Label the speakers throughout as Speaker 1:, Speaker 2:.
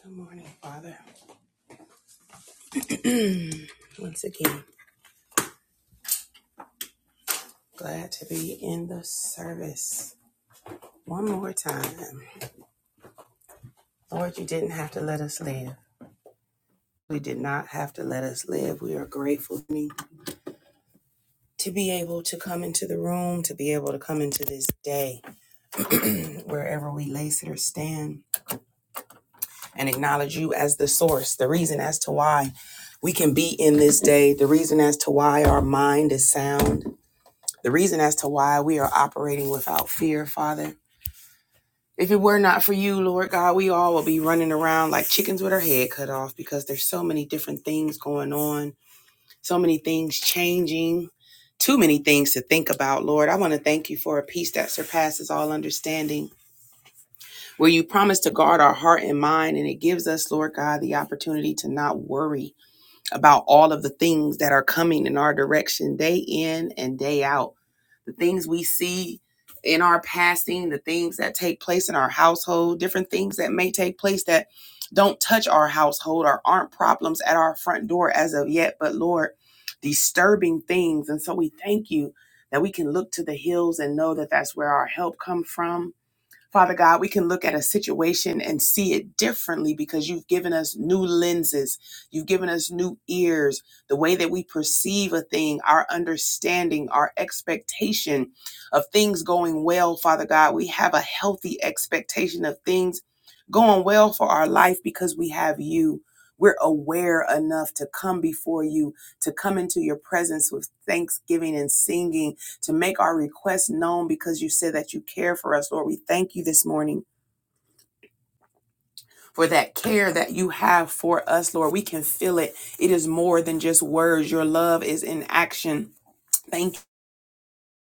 Speaker 1: Good morning, Father. Once again, glad to be in the service. One more time. Lord, you didn't have to let us live. We did not have to let us live. We are grateful to be able to come into the room, to be able to come into this day, wherever we lay, sit, or stand, and acknowledge you as the source, the reason as to why we can be in this day, the reason as to why our mind is sound, the reason as to why we are operating without fear, Father. If it were not for you, Lord God, we all would be running around like chickens with our head cut off because there's so many different things going on, so many things changing, too many things to think about, Lord. I want to thank you for a peace that surpasses all understanding, where you promise to guard our heart and mind, and it gives us, Lord God, the opportunity to not worry about all of the things that are coming in our direction day in and day out. The things we see in our passing, the things that take place in our household, different things that may take place that don't touch our household or aren't problems at our front door as of yet, but Lord, disturbing things. And so we thank you that we can look to the hills and know that that's where our help comes from Father God, we can look at a situation and see it differently because you've given us new lenses. You've given us new ears, the way that we perceive a thing, our understanding, our expectation of things going well, Father God. We have a healthy expectation of things going well for our life because we have you. We're aware enough to come before you, to come into your presence with thanksgiving and singing to make our requests known because you said that you care for us, Lord. We thank you this morning for that care that you have for us, Lord. We can feel it. It is more than just words. Your love is in action. Thank you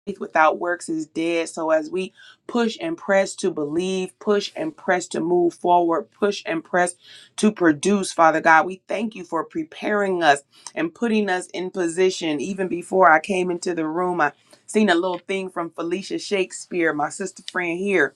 Speaker 1: faith without works is dead. So as we push and press to believe, push and press to move forward, push and press to produce, Father God, we thank you for preparing us and putting us in position. Even before I came into the room, I seen a little thing from Felicia Shakespeare, my sister friend here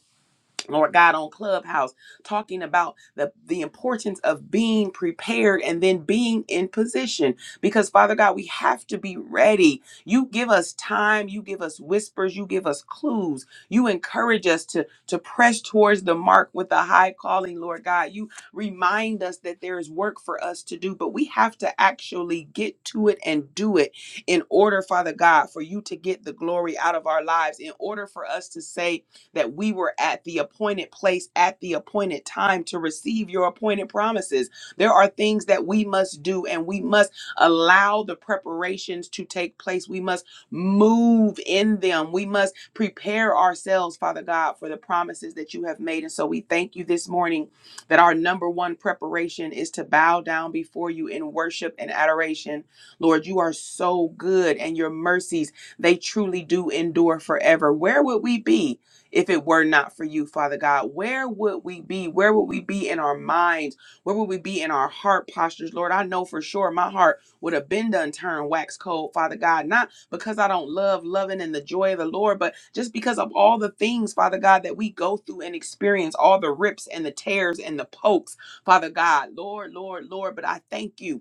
Speaker 1: Lord God, on Clubhouse, talking about the, the importance of being prepared and then being in position. Because, Father God, we have to be ready. You give us time, you give us whispers, you give us clues, you encourage us to, to press towards the mark with a high calling, Lord God. You remind us that there is work for us to do, but we have to actually get to it and do it in order, Father God, for you to get the glory out of our lives, in order for us to say, that we were at the appointed place at the appointed time to receive your appointed promises. There are things that we must do, and we must allow the preparations to take place. We must move in them. We must prepare ourselves, Father God, for the promises that you have made. And so we thank you this morning that our number one preparation is to bow down before you in worship and adoration. Lord, you are so good, and your mercies, they truly do endure forever. Where would we be? if it were not for you, Father God? Where would we be? Where would we be in our minds? Where would we be in our heart postures, Lord? I know for sure my heart would have been done turned wax cold, Father God, not because I don't love loving and the joy of the Lord, but just because of all the things, Father God, that we go through and experience, all the rips and the tears and the pokes, Father God, Lord, Lord, Lord. But I thank you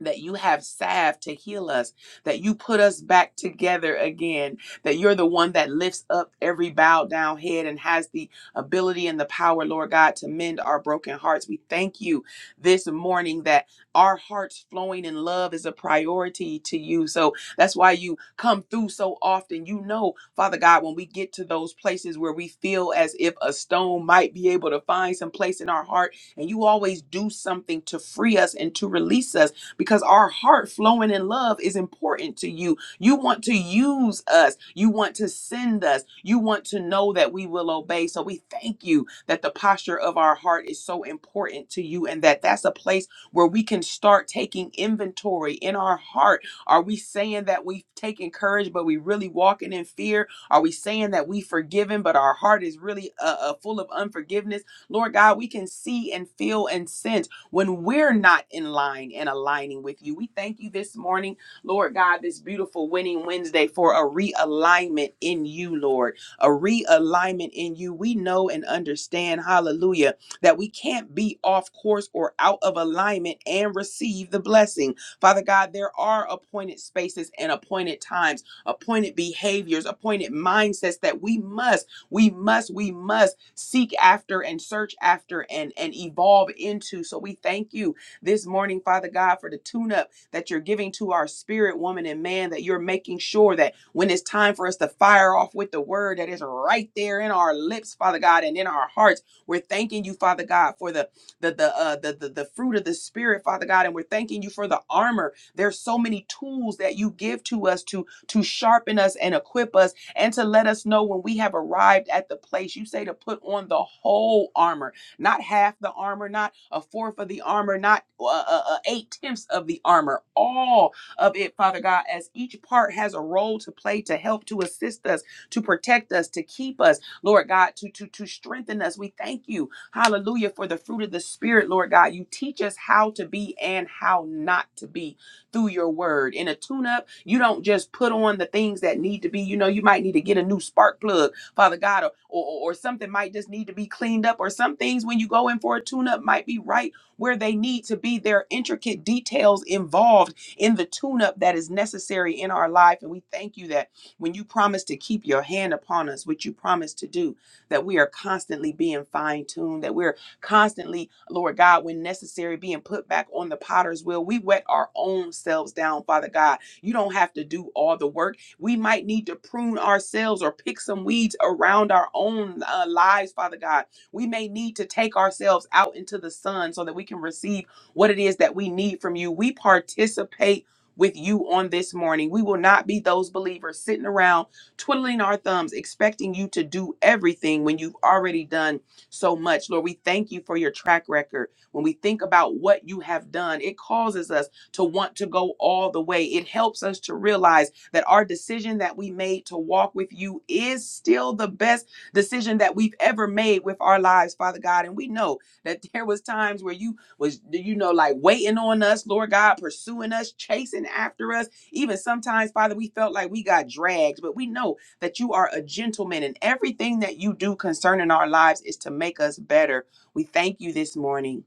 Speaker 1: that you have salve to heal us, that you put us back together again, that you're the one that lifts up every bowed down head and has the ability and the power, Lord God, to mend our broken hearts. We thank you this morning that our hearts flowing in love is a priority to you. So that's why you come through so often. You know, Father God, when we get to those places where we feel as if a stone might be able to find some place in our heart, and you always do something to free us and to release us because our heart flowing in love is important to you. You want to use us, you want to send us, you want to know that we will obey. So we thank you that the posture of our heart is so important to you and that that's a place where we can start taking inventory in our heart. Are we saying that we've taken courage, but we really walking in fear? Are we saying that we forgiven, but our heart is really uh, uh, full of unforgiveness? Lord God, we can see and feel and sense when we're not in line and aligning with you. We thank you this morning, Lord God, this beautiful winning Wednesday for a realignment in you, Lord, a realignment in you. We know and understand, hallelujah, that we can't be off course or out of alignment and receive the blessing. Father God, there are appointed spaces and appointed times, appointed behaviors, appointed mindsets that we must we must, we must seek after and search after and, and evolve into. So we thank you this morning, Father God, for the tune up that you're giving to our spirit, woman, and man, that you're making sure that when it's time for us to fire off with the word that is right there in our lips, Father God, and in our hearts. We're thanking you, Father God, for the the the uh, the, the the fruit of the spirit, Father God, and we're thanking you for the armor. There's so many tools that you give to us to to sharpen us and equip us and to let us know when we have arrived at the place. You say to put on the whole armor, not half the armor, not a fourth of the armor, not uh, uh, uh, eight tenths of the armor, all of it, Father God, as each part has a role to play to help, to assist us, to protect us, to keep us, Lord God, to, to, to strengthen us. We thank you, hallelujah, for the fruit of the Spirit, Lord God. You teach us how to be and how not to be through your word. In a tune up, you don't just put on the things that need to be, you know, you might need to get a new spark plug, Father God, or, or, or something might just need to be cleaned up, or some things when you go in for a tune up might be right where they need to be. There are intricate details involved in the tune up that is necessary in our life. And we thank you that when you promise to keep your hand upon us, which you promise to do, that we are constantly being fine tuned, that we're constantly, Lord God, when necessary, being put back on the potter's wheel. We wet our own selves down, Father God. You don't have to do all the work. We might need to prune ourselves or pick some weeds around our own uh, lives, Father God. We may need to take ourselves out into the sun so that we can receive what it is that we need from you. We participate. With you on this morning. We will not be those believers sitting around twiddling our thumbs, expecting you to do everything when you've already done so much. Lord, we thank you for your track record. When we think about what you have done, it causes us to want to go all the way. It helps us to realize that our decision that we made to walk with you is still the best decision that we've ever made with our lives, Father God. And we know that there was times where you was you know like waiting on us, Lord God, pursuing us, chasing after us. Even sometimes, Father, we felt like we got dragged, but we know that you are a gentleman and everything that you do concerning our lives is to make us better. We thank you this morning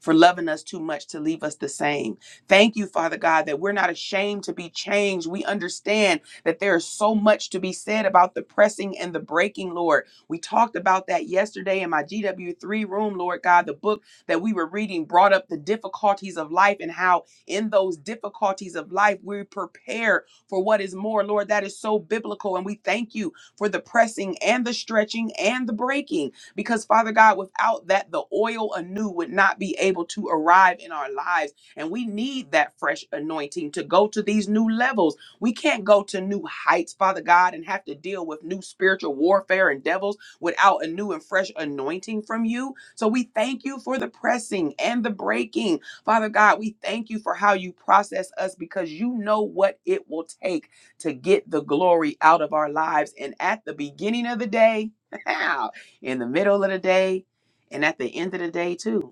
Speaker 1: for loving us too much to leave us the same. Thank you, Father God, that we're not ashamed to be changed. We understand that there is so much to be said about the pressing and the breaking, Lord. We talked about that yesterday in my GW3 room, Lord God. The book that we were reading brought up the difficulties of life and how in those difficulties of life we prepare for what is more. Lord, that is so biblical. And we thank you for the pressing and the stretching and the breaking. Because, Father God, without that, the oil anew would not be able to arrive in our lives. And we need that fresh anointing to go to these new levels. We can't go to new heights, Father God, and have to deal with new spiritual warfare and devils without a new and fresh anointing from you. So we thank you for the pressing and the breaking Father God, we thank you for how you process us because you know what it will take to get the glory out of our lives. And at the beginning of the day, in the middle of the day, and at the end of the day, too.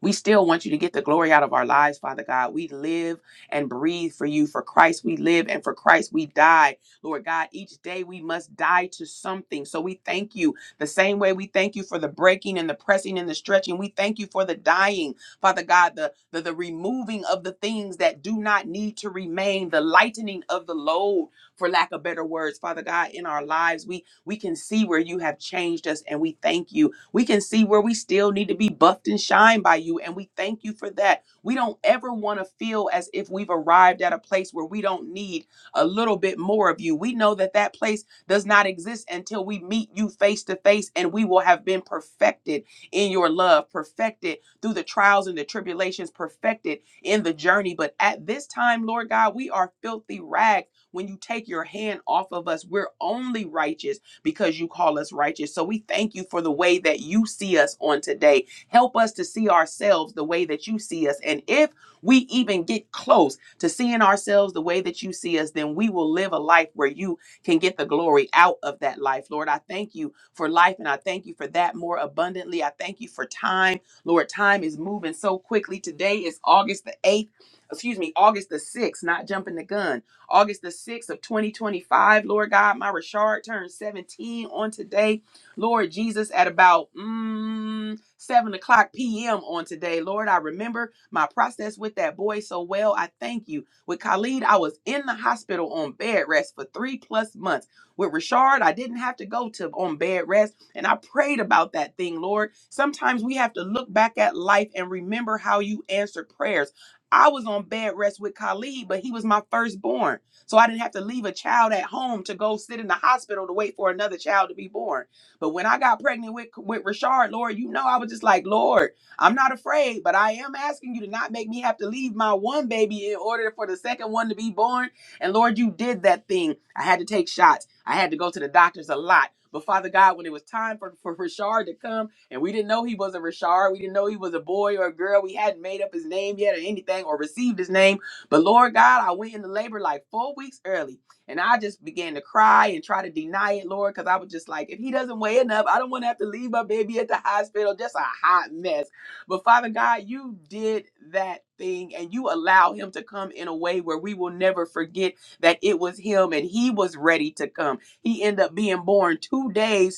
Speaker 1: We still want you to get the glory out of our lives, Father God. We live and breathe for you. For Christ, we live and for Christ, we die. Lord God, each day we must die to something. So we thank you the same way we thank you for the breaking and the pressing and the stretching. We thank you for the dying, Father God, the, the, the removing of the things that do not need to remain, the lightening of the load, for lack of better words, Father God, in our lives. We we can see where you have changed us and we thank you. We can see where we still need to be buffed and shined by you. And we thank you for that. We don't ever want to feel as if we've arrived at a place where we don't need a little bit more of you. We know that that place does not exist until we meet you face to face and we will have been perfected in your love, perfected through the trials and the tribulations, perfected in the journey. But at this time, Lord God, we are filthy rags. When you take your hand off of us, we're only righteous because you call us righteous. So we thank you for the way that you see us on today. Help us to see ourselves the way that you see us. And if we even get close to seeing ourselves the way that you see us, then we will live a life where you can get the glory out of that life. Lord, I thank you for life and I thank you for that more abundantly. I thank you for time. Lord, time is moving so quickly. Today is August the 8th. Excuse me, August the 6th, not jumping the gun. August the 6th of 2025. Lord God, my Richard turned 17 on today. Lord Jesus, at about mm, 7 o'clock p.m. on today. Lord, I remember my process with that boy so well. I thank you. With Khalid, I was in the hospital on bed rest for three plus months. With Richard, I didn't have to go to on bed rest. And I prayed about that thing, Lord. Sometimes we have to look back at life and remember how you answered prayers. I was on bed rest with Khalid, but he was my firstborn. So I didn't have to leave a child at home to go sit in the hospital to wait for another child to be born. But when I got pregnant with, with Rashard, Lord, you know, I was just like, Lord, I'm not afraid, but I am asking you to not make me have to leave my one baby in order for the second one to be born. And Lord, you did that thing. I had to take shots. I had to go to the doctors a lot. But Father God, when it was time for, for Rashard to come, and we didn't know he was a Rashard, we didn't know he was a boy or a girl, we hadn't made up his name yet or anything or received his name. But Lord God, I went into labor like four weeks early and I just began to cry and try to deny it, Lord, because I was just like, if he doesn't weigh enough, I don't want to have to leave my baby at the hospital. Just a hot mess. But Father God, you did that thing and you allowed him to come in a way where we will never forget that it was him and he was ready to come. He ended up being born two days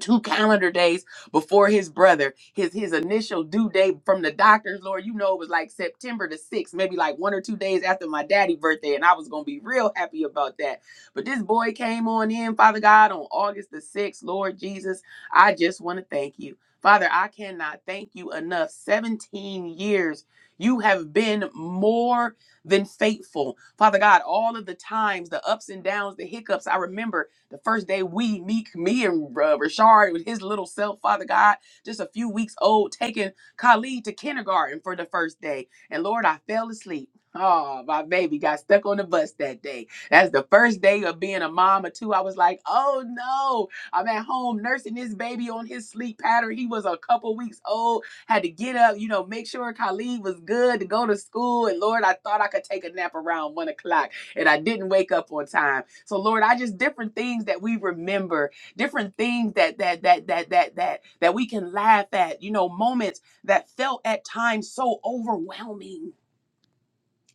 Speaker 1: two calendar days before his brother his his initial due date from the doctors lord you know it was like september the 6th maybe like one or two days after my daddy birthday and i was gonna be real happy about that but this boy came on in father god on august the 6th lord jesus i just want to thank you father i cannot thank you enough 17 years you have been more than faithful. Father God, all of the times, the ups and downs, the hiccups, I remember the first day we, Meek, me and uh, Rashard with his little self, Father God, just a few weeks old, taking Khalid to kindergarten for the first day. And Lord, I fell asleep. Oh, my baby got stuck on the bus that day. That's the first day of being a mom or two. I was like, oh no, I'm at home nursing this baby on his sleep pattern. He was a couple weeks old, had to get up, you know, make sure Khalid was good to go to school. And Lord, I thought I could take a nap around one o'clock and I didn't wake up on time. So Lord, I just different things that we remember, different things that that that that that that that we can laugh at, you know, moments that felt at times so overwhelming.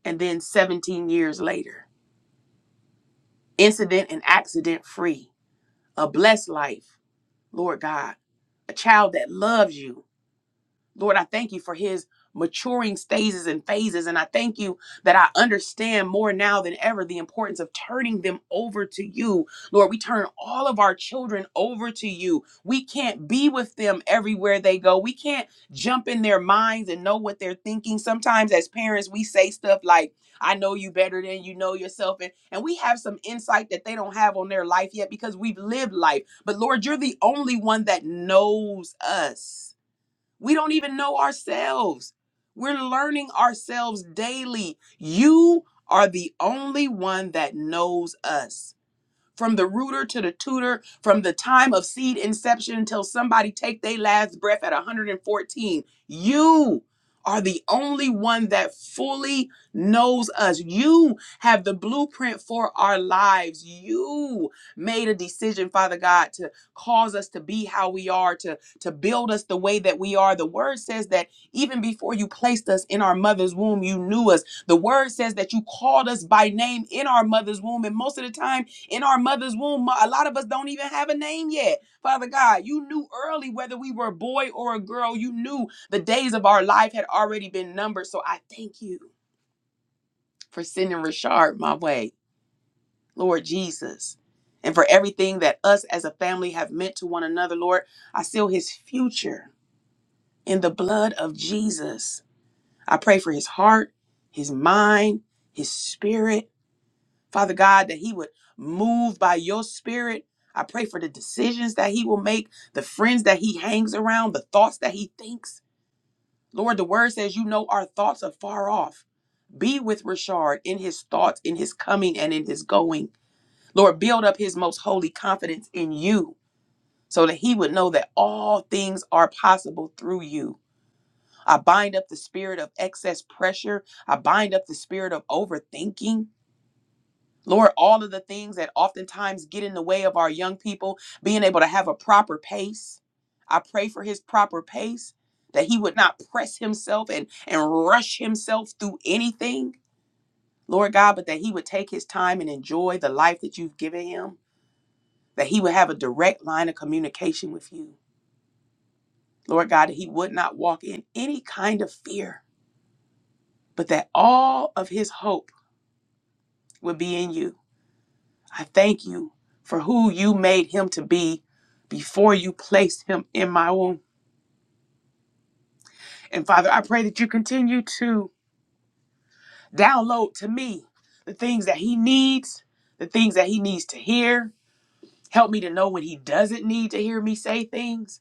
Speaker 1: And then 17 years later, incident and accident free, a blessed life, Lord God, a child that loves you Lord, I thank you for his maturing stages and phases. And I thank you that I understand more now than ever the importance of turning them over to you. Lord, we turn all of our children over to you. We can't be with them everywhere they go. We can't jump in their minds and know what they're thinking. Sometimes as parents, we say stuff like, I know you better than you know yourself. And, and we have some insight that they don't have on their life yet because we've lived life. But Lord, you're the only one that knows us. We don't even know ourselves. We're learning ourselves daily. You are the only one that knows us from the rooter to the tutor, from the time of seed inception until somebody take their last breath at 114. You are the only one that fully knows us. You have the blueprint for our lives. You made a decision, Father God, to cause us to be how we are, to, to build us the way that we are. The word says that even before you placed us in our mother's womb, you knew us. The word says that you called us by name in our mother's womb. And most of the time, in our mother's womb. A lot of us don't even have a name yet. Father God, you knew early whether we were a boy or a girl. You knew the days of our life had already been numbered. So I thank you for sending Richard my way, Lord Jesus, and for everything that us as a family have meant to one another, Lord. I seal his future in the blood of Jesus. I pray for his heart, his mind, his spirit. Father God, that He would move by your spirit. I pray for the decisions that He will make, the friends that He hangs around, the thoughts that He thinks. Lord, the word says, You know, our thoughts are far off. Be with Rashard in his thoughts, in his coming, and in his going. Lord, build up his most holy confidence in you so that he would know that all things are possible through you. I bind up the spirit of excess pressure. I bind up the spirit of overthinking. Lord, all of the things that oftentimes get in the way of our young people being able to have a proper pace. I pray for his proper pace, that he would not press himself and, and rush himself through anything, Lord God, but that he would take his time and enjoy the life that you've given him, that he would have a direct line of communication with you. Lord God, that he would not walk in any kind of fear, but that all of his hope would be in you I thank you for who you made him to be before you placed him in my womb. And Father, I pray that you continue to download to me the things that he needs, the things that he needs to hear. Help me to know when he doesn't need to hear me say things.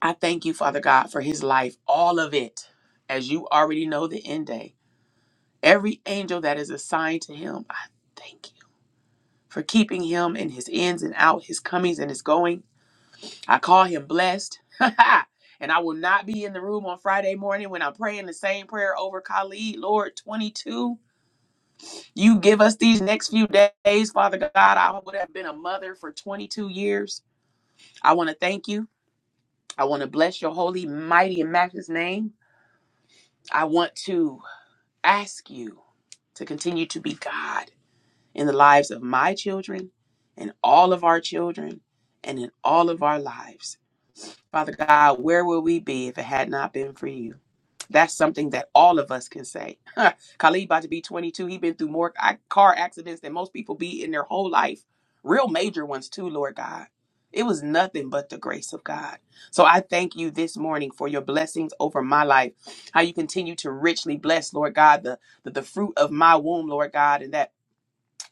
Speaker 1: I thank you, Father God, for his life, all of it, as you already know the end day. Every angel that is assigned to him, I thank you for keeping him in his ins and out, his comings and his going. I call him blessed. and I will not be in the room on Friday morning when I'm praying the same prayer over Khalid. Lord, 22, you give us these next few days, Father God. I would have been a mother for 22 years. I want to thank you. I want to bless your holy, mighty, and matchless name. I want to ask you to continue to be God in the lives of my children and all of our children and in all of our lives. Father God, where would we be if it had not been for you? That's something that all of us can say. Huh. Khalid about to be 22. He been through more ac- car accidents than most people be in their whole life. Real major ones too, Lord God. It was nothing but the grace of God. So I thank you this morning for your blessings over my life. How you continue to richly bless, Lord God, the, the, the fruit of my womb, Lord God, and that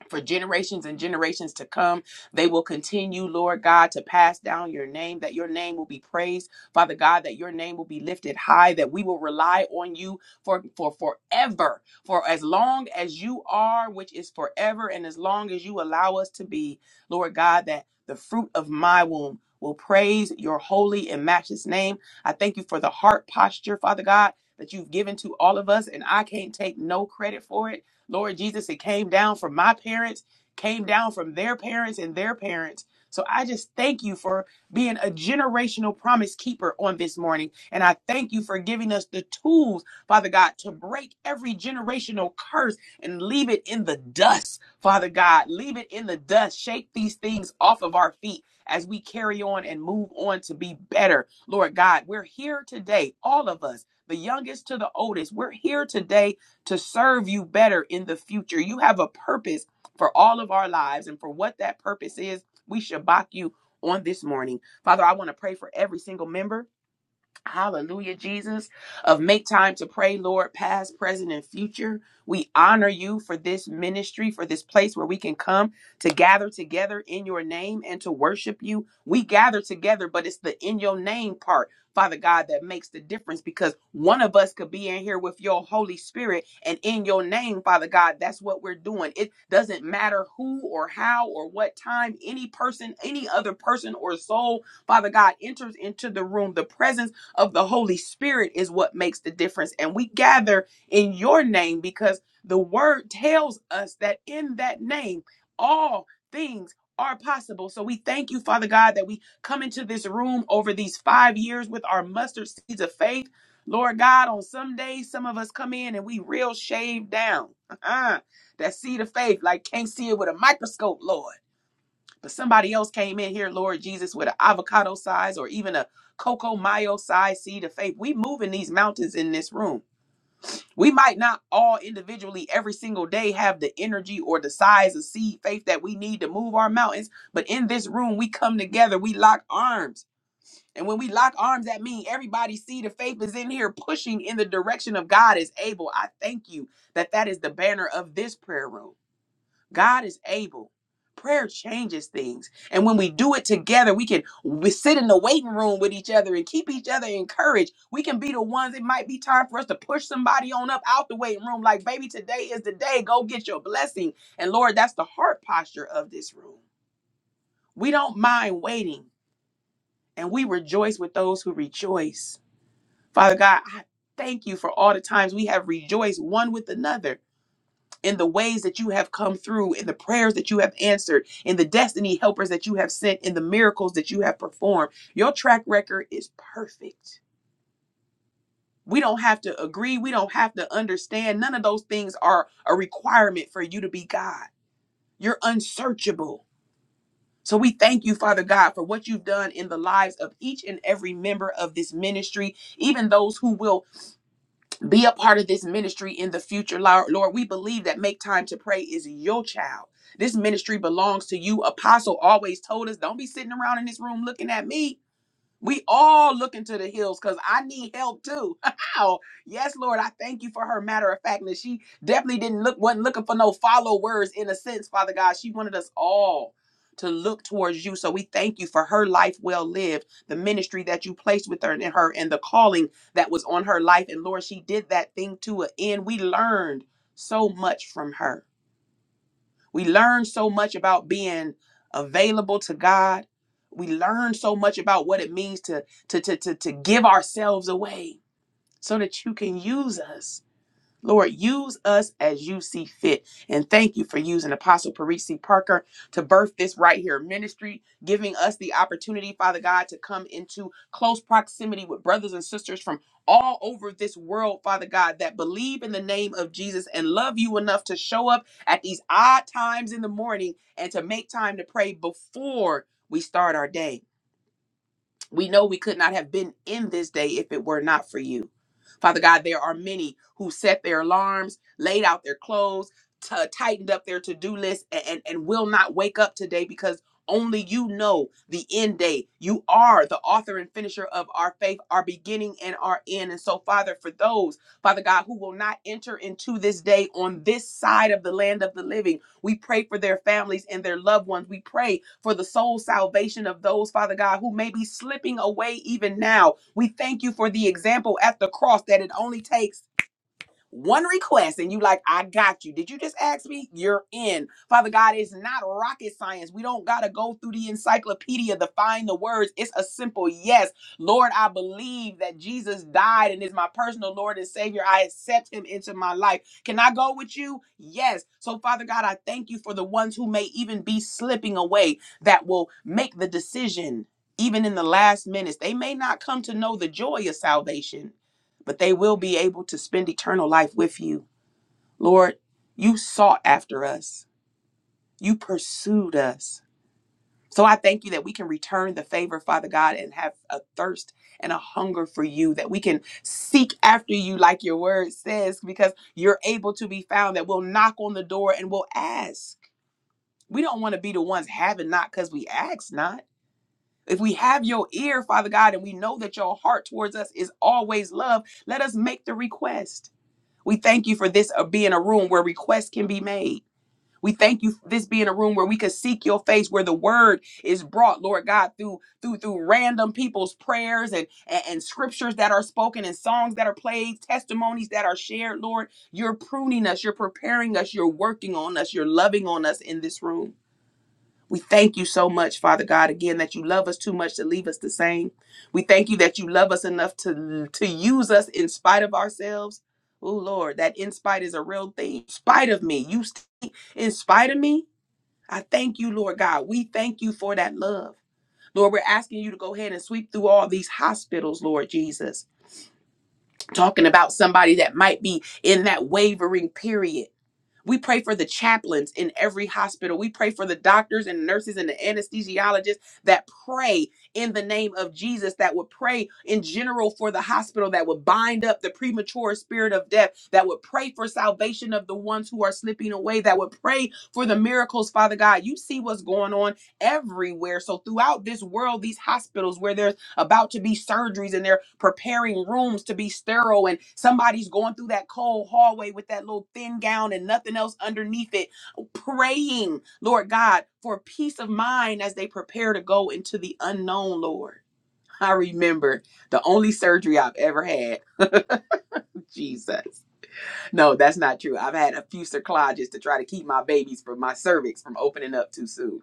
Speaker 1: for generations and generations to come. They will continue, Lord God, to pass down your name, that your name will be praised, Father God, that your name will be lifted high, that we will rely on you for, for forever, for as long as you are, which is forever, and as long as you allow us to be, Lord God, that the fruit of my womb will praise your holy and matchless name. I thank you for the heart posture, Father God. That you've given to all of us, and I can't take no credit for it. Lord Jesus, it came down from my parents, came down from their parents and their parents. So I just thank you for being a generational promise keeper on this morning. And I thank you for giving us the tools, Father God, to break every generational curse and leave it in the dust, Father God. Leave it in the dust. Shake these things off of our feet as we carry on and move on to be better. Lord God, we're here today, all of us, the youngest to the oldest. We're here today to serve you better in the future. You have a purpose for all of our lives, and for what that purpose is, we shabak you on this morning. Father, I want to pray for every single member Hallelujah, Jesus, of make time to pray, Lord, past, present, and future. We honor you for this ministry, for this place where we can come to gather together in your name and to worship you. We gather together, but it's the in your name part, Father God, that makes the difference because one of us could be in here with your Holy Spirit and in your name, Father God, that's what we're doing. It doesn't matter who or how or what time any person, any other person or soul Father God, enters into the room. The presence of the Holy Spirit is what makes the difference. And we gather in your name because the word tells us that in that name, all things are possible. So we thank you, Father God, that we come into this room over these five years with our mustard seeds of faith. Lord God, on some days, some of us come in and we real shaved down. That seed of faith, like can't see it with a microscope, Lord. But somebody else came in here, Lord Jesus, with an avocado size or even a cocoa mayo size seed of faith. We moving these mountains in this room. We might not all individually every single day have the energy or the size of seed faith that we need to move our mountains, but in this room we come together, we lock arms. And when we lock arms, that means everybody's seed of faith is in here pushing in the direction of God is able. I thank you that that is the banner of this prayer room. God is able. Prayer changes things. And when we do it together, we can we sit in the waiting room with each other and keep each other encouraged. We can be the ones. It might be time for us to push somebody on up out the waiting room, like, baby, today is the day. Go get your blessing. And Lord, that's the heart posture of this room. We don't mind waiting, and we rejoice with those who rejoice. Father God, I thank you for all the times we have rejoiced one with another in the ways that you have come through, in the prayers that you have answered, in the destiny helpers that you have sent, in the miracles that you have performed. Your track record is perfect. We don't have to agree. We don't have to understand. None of those things are a requirement for you to be God. You're unsearchable. So we thank you, Father God, for what you've done in the lives of each and every member of this ministry, even those who will be a part of this ministry in the future lord Lord, we believe that make time to pray is your child this ministry belongs to you apostle always told us don't be sitting around in this room looking at me we all look into the hills because I need help too. How? Yes, Lord, I thank you for her matter of factness. She definitely didn't look, wasn't looking for no followers in a sense, Father God. She wanted us all to look towards you. So we thank you for her life well lived, the ministry that you placed with her and her and the calling that was on her life. And Lord, she did that thing to an end. We learned so much from her. We learn so much about being available to God. We learn so much about what it means to, to, to, to, to give ourselves away so that you can use us. Lord, use us as you see fit. And thank you for using Apostle Parisi Parker to birth this right here ministry, giving us the opportunity, Father God, to come into close proximity with brothers and sisters from all over this world, Father God, that believe in the name of Jesus and love you enough to show up at these odd times in the morning and to make time to pray before we start our day. We know we could not have been in this day if it were not for you. Father God, there are many who set their alarms, laid out their clothes, t- tightened up their to do list, a- and, and will not wake up today because only you know the end day. You are the author and finisher of our faith, our beginning and our end. And so, Father, for those, Father God, who will not enter into this day on this side of the land of the living, we pray for their families and their loved ones. We pray for the soul salvation of those, Father God, who may be slipping away even now. We thank you for the example at the cross that it only takes one request and you like i got you did you just ask me you're in father god it's not rocket science we don't gotta go through the encyclopedia to find the words it's a simple yes lord i believe that jesus died and is my personal lord and savior i accept him into my life can i go with you yes so father god i thank you for the ones who may even be slipping away that will make the decision even in the last minutes they may not come to know the joy of salvation but they will be able to spend eternal life with you. Lord, you sought after us, you pursued us. So I thank you that we can return the favor, Father God, and have a thirst and a hunger for you, that we can seek after you, like your word says, because you're able to be found, that we'll knock on the door and we'll ask. We don't want to be the ones having not because we ask not. If we have your ear, Father God, and we know that your heart towards us is always love, let us make the request. We thank you for this uh, being a room where requests can be made. We thank you for this being a room where we could seek your face, where the word is brought, Lord God, through through through random people's prayers and, and, and scriptures that are spoken and songs that are played, testimonies that are shared, Lord. You're pruning us, you're preparing us, you're working on us, you're loving on us in this room. We thank you so much, Father God, again, that you love us too much to leave us the same. We thank you that you love us enough to, to use us in spite of ourselves. Oh, Lord, that in spite is a real thing. In spite of me, you st- in spite of me, I thank you, Lord God. We thank you for that love. Lord, we're asking you to go ahead and sweep through all these hospitals, Lord Jesus. Talking about somebody that might be in that wavering period we pray for the chaplains in every hospital. We pray for the doctors and nurses and the anesthesiologists that pray in the name of Jesus, that would pray in general for the hospital, that would bind up the premature spirit of death, that would pray for salvation of the ones who are slipping away, that would pray for the miracles, Father God. You see what's going on everywhere. So throughout this world, these hospitals where there's about to be surgeries and they're preparing rooms to be sterile and somebody's going through that cold hallway with that little thin gown and nothing else underneath it praying lord god for peace of mind as they prepare to go into the unknown lord i remember the only surgery i've ever had jesus no that's not true i've had a few cerclages to try to keep my babies from my cervix from opening up too soon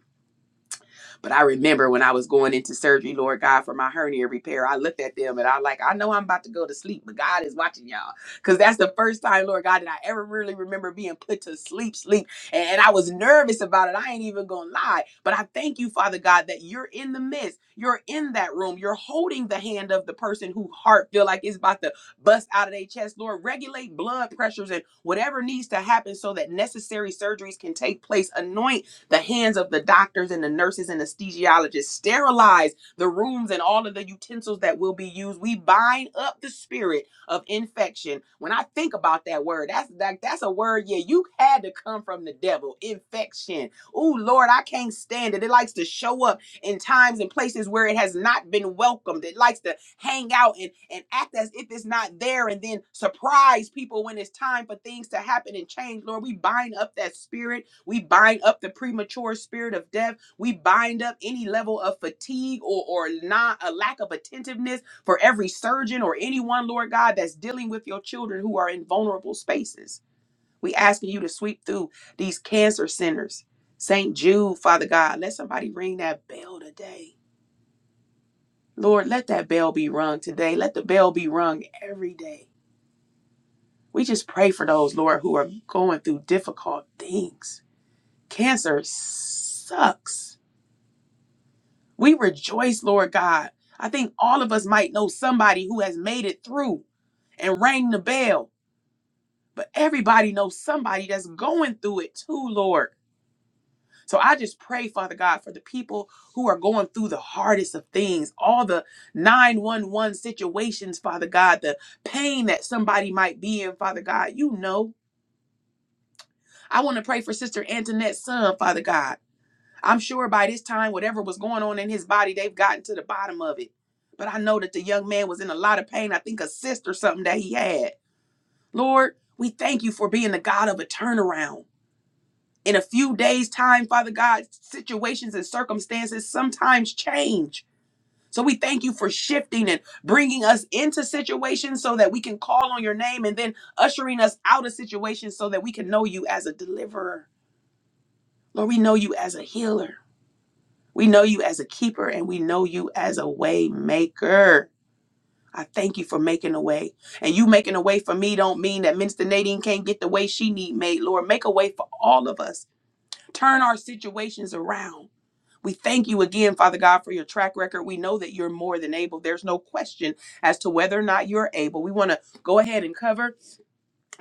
Speaker 1: But I remember when I was going into surgery, Lord God, for my hernia repair, I looked at them and I like, I know I'm about to go to sleep, but God is watching y'all. Because that's the first time, Lord God, that I ever really remember being put to sleep, sleep. And, and I was nervous about it. I ain't even gonna lie. But I thank you, Father God, that you're in the midst. You're in that room. You're holding the hand of the person whose heart feel like it's about to bust out of their chest. Lord, regulate blood pressures and whatever needs to happen so that necessary surgeries can take place. Anoint the hands of the doctors and the nurses and anesthesiologists sterilize the rooms and all of the utensils that will be used. We bind up the spirit of infection. When I think about that word, that's that, that's a word. Yeah, you had to come from the devil. Infection. Oh Lord, I can't stand it. It likes to show up in times and places where it has not been welcomed. It likes to hang out and, and act as if it's not there and then surprise people when it's time for things to happen and change. Lord, we bind up that spirit we bind up the premature spirit of death. We bind up any level of fatigue or, or not a lack of attentiveness for every surgeon or anyone, Lord God, that's dealing with your children who are in vulnerable spaces. We asking you to sweep through these cancer centers. St. Jude, Father God, let somebody ring that bell today. Lord, let that bell be rung today. Let the bell be rung every day. We just pray for those, Lord, who are going through difficult things. Cancer sucks We rejoice, Lord God. I think all of us might know somebody who has made it through and rang the bell, but everybody knows somebody that's going through it too, Lord. So I just pray, Father God, for the people who are going through the hardest of things, all the 911 situations, Father God, the pain that somebody might be in, Father God, you know. I want to pray for Sister Antoinette's son, Father God. I'm sure by this time, whatever was going on in his body, they've gotten to the bottom of it. But I know that the young man was in a lot of pain. I think a cyst or something that he had. Lord, we thank you for being the God of a turnaround. In a few days' time, Father God, situations and circumstances sometimes change. So we thank you for shifting and bringing us into situations so that we can call on your name and then ushering us out of situations so that we can know you as a deliverer. Lord, we know you as a healer. We know you as a keeper and we know you as a way maker. I thank you for making a way. And you making a way for me don't mean that Minister Nadine can't get the way she need made. Lord, make a way for all of us. Turn our situations around. We thank you again, Father God, for your track record. We know that you're more than able. There's no question as to whether or not you're able. We want to go ahead and cover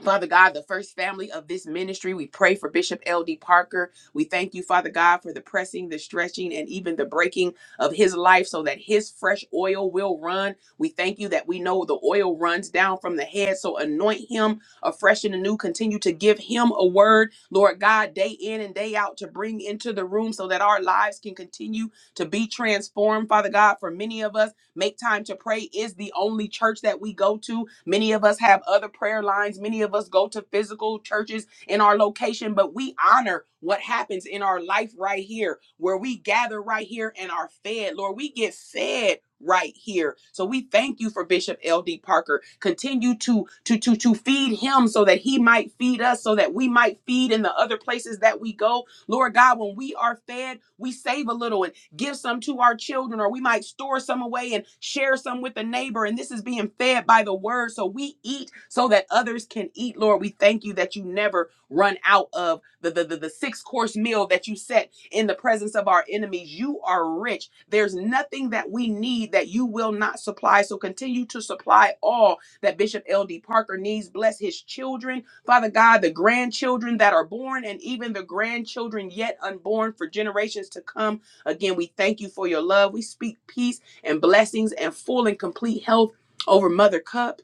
Speaker 1: Father God, the first family of this ministry, we pray for Bishop L.D. Parker. We thank you, Father God, for the pressing, the stretching, and even the breaking of his life so that his fresh oil will run. We thank you that we know the oil runs down from the head. So anoint him afresh and anew. Continue to give him a word, Lord God, day in and day out to bring into the room so that our lives can continue to be transformed, Father God, for many of us. Make Time to Pray is the only church that we go to. Many of us have other prayer lines, many of us go to physical churches in our location, but we honor what happens in our life right here, where we gather right here and are fed. Lord, we get fed right here. So we thank you for Bishop LD Parker. Continue to to to to feed him so that he might feed us so that we might feed in the other places that we go. Lord God, when we are fed, we save a little and give some to our children, or we might store some away and share some with a neighbor. And this is being fed by the word. So we eat so that others can eat. Lord, we thank you that you never run out of the, the, the, the six course meal that you set in the presence of our enemies. You are rich. There's nothing that we need that you will not supply. So continue to supply all that Bishop L.D. Parker needs. Bless his children. Father God, the grandchildren that are born and even the grandchildren yet unborn for generations to come. Again, we thank you for your love. We speak peace and blessings and full and complete health over Mother Cup.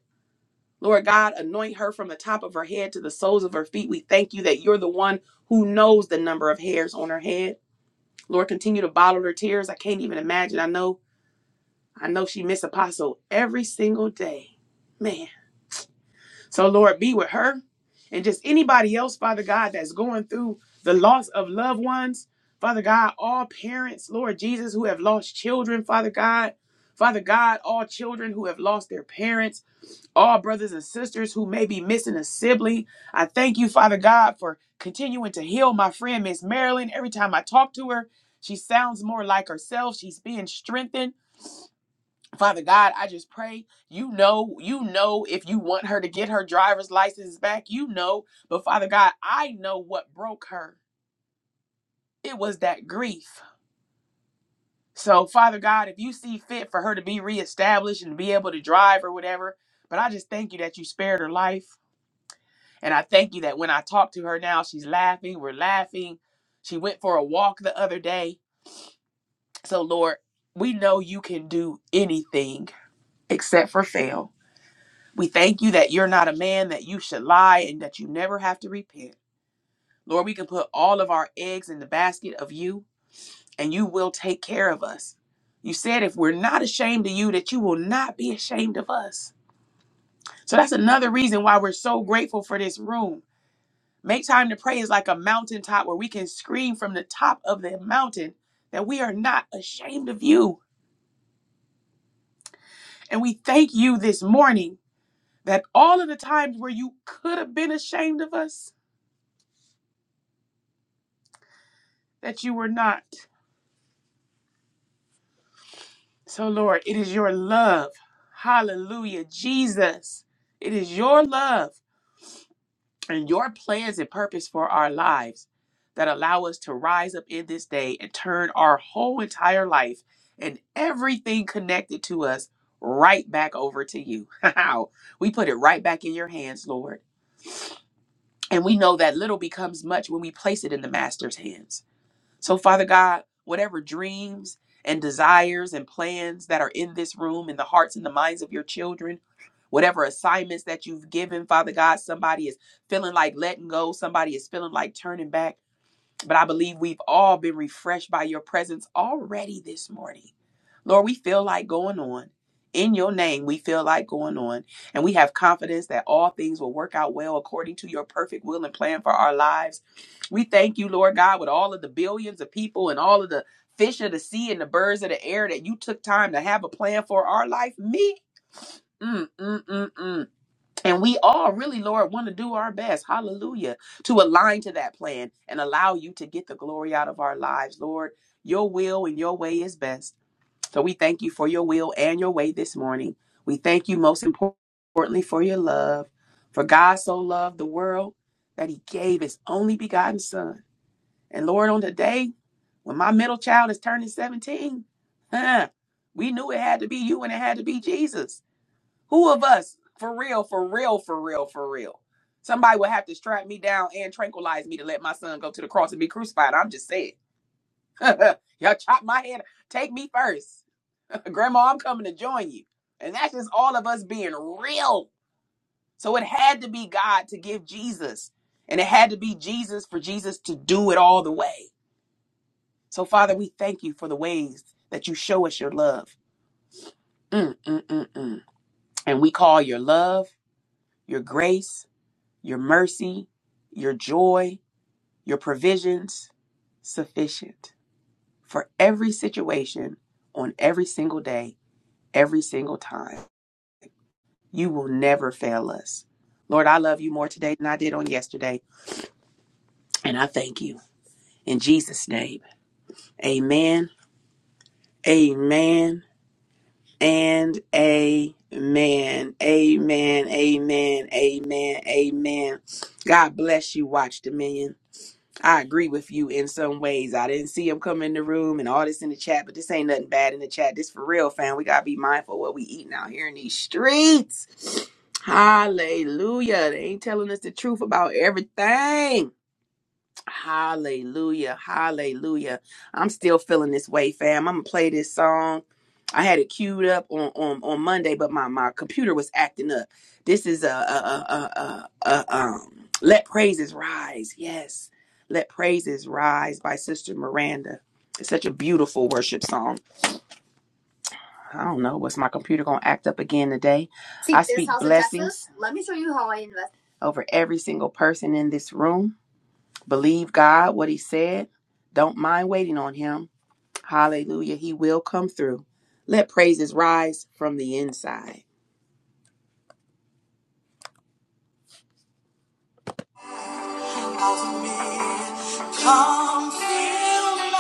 Speaker 1: Lord God, anoint her from the top of her head to the soles of her feet. We thank you that you're the one who knows the number of hairs on her head. Lord, continue to bottle her tears. I can't even imagine. I know, I know she miss Apostle every single day. Man. So, Lord, be with her and just anybody else, Father God, that's going through the loss of loved ones. Father God, all parents, Lord Jesus, who have lost children, Father God. Father God, all children who have lost their parents, all brothers and sisters who may be missing a sibling. I thank you, Father God, for continuing to heal my friend, Miss Marilyn. Every time I talk to her, she sounds more like herself. She's being strengthened. Father God, I just pray you know, you know, if you want her to get her driver's license back, you know. But Father God, I know what broke her. It was that grief. So, Father God, if you see fit for her to be reestablished and be able to drive or whatever, but I just thank you that you spared her life. And I thank you that when I talk to her now, she's laughing. We're laughing. She went for a walk the other day. So, Lord, we know you can do anything except for fail. We thank you that you're not a man that you should lie and that you never have to repent. Lord, we can put all of our eggs in the basket of you and you will take care of us. You said if we're not ashamed of you, that you will not be ashamed of us. So that's another reason why we're so grateful for this room. Make time to pray is like a mountaintop where we can scream from the top of the mountain that we are not ashamed of you. And we thank you this morning that all of the times where you could have been ashamed of us, that you were not. So, Lord, it is your love. Hallelujah. Jesus, it is your love and your plans and purpose for our lives that allow us to rise up in this day and turn our whole entire life and everything connected to us right back over to you. How? we put it right back in your hands, Lord. And we know that little becomes much when we place it in the Master's hands. So, Father God, whatever dreams and desires and plans that are in this room, in the hearts and the minds of your children, whatever assignments that you've given, Father God, somebody is feeling like letting go, somebody is feeling like turning back. But I believe we've all been refreshed by your presence already this morning. Lord, we feel like going on. In your name, we feel like going on. And we have confidence that all things will work out well according to your perfect will and plan for our lives. We thank you, Lord God, with all of the billions of people and all of the fish of the sea and the birds of the air that you took time to have a plan for our life. Me? Mm, mm, mm, mm. And we all really, Lord, want to do our best, hallelujah, to align to that plan and allow you to get the glory out of our lives, Lord. Your will and your way is best. So we thank you for your will and your way this morning. We thank you most importantly for your love. For God so loved the world that he gave his only begotten son. And Lord, on the day when my middle child is turning 17, huh, we knew it had to be you and it had to be Jesus. Who of us, for real, for real, for real, for real? Somebody would have to strap me down and tranquilize me to let my son go to the cross and be crucified. I'm just saying. Y'all chop my head. Take me first. Grandma, I'm coming to join you. And that's just all of us being real. So it had to be God to give Jesus. And it had to be Jesus for Jesus to do it all the way. So, Father, we thank you for the ways that you show us your love. Mm, mm, mm, mm. And we call your love, your grace, your mercy, your joy, your provisions sufficient for every situation on every single day, every single time. You will never fail us. Lord, I love you more today than I did on yesterday, and I thank you. In Jesus' name, amen, amen, and amen, amen, amen, amen, amen. God bless you, Watch Dominion. I agree with you in some ways. I didn't see him come in the room and all this in the chat, but this ain't nothing bad in the chat. This for real, fam. We gotta be mindful of what we eating out here in these streets. Hallelujah. They ain't telling us the truth about everything. Hallelujah. Hallelujah. I'm still feeling this way, fam. I'm gonna play this song. I had it queued up on, on, on Monday, but my, my computer was acting up. This is a, a, a, a, a um Let Praises Rise. Yes. Let Praises Rise by Sister Miranda. It's such a beautiful worship song. I don't know. Was my computer gonna act up again today? Seek I this speak house blessings Let me show you how I invest over every single person in this room. Believe God, what He said. Don't mind waiting on Him. Hallelujah. He will come through. Let praises rise from the inside. From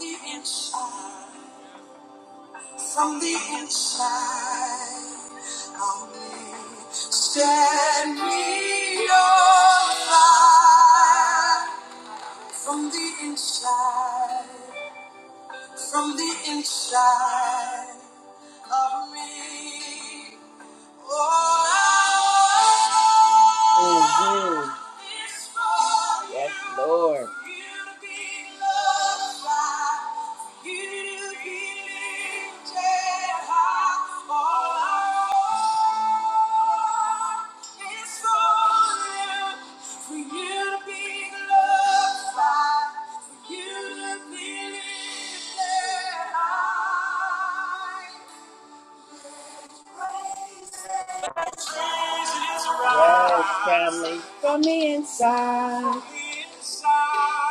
Speaker 1: the inside, from the inside, of me, stand me alive. From the inside, from the inside of me. Oh, you. Yes, Lord. Yes, family. From the inside.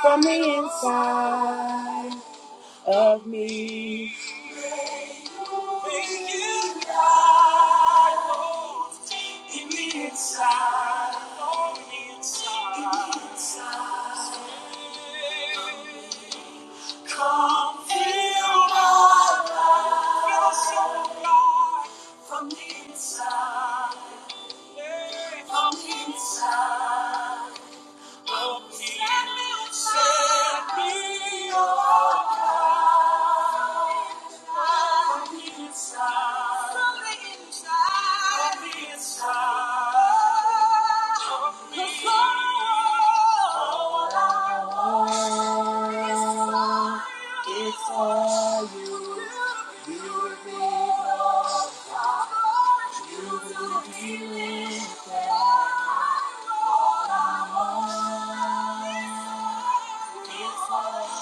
Speaker 1: From the inside of me. Come feel my life. Feel the soul God from the inside. Yeah. From the inside. Set me on fire. From the inside. From the inside. From the inside. Of me. all I want all you. You will be the you will be all I want is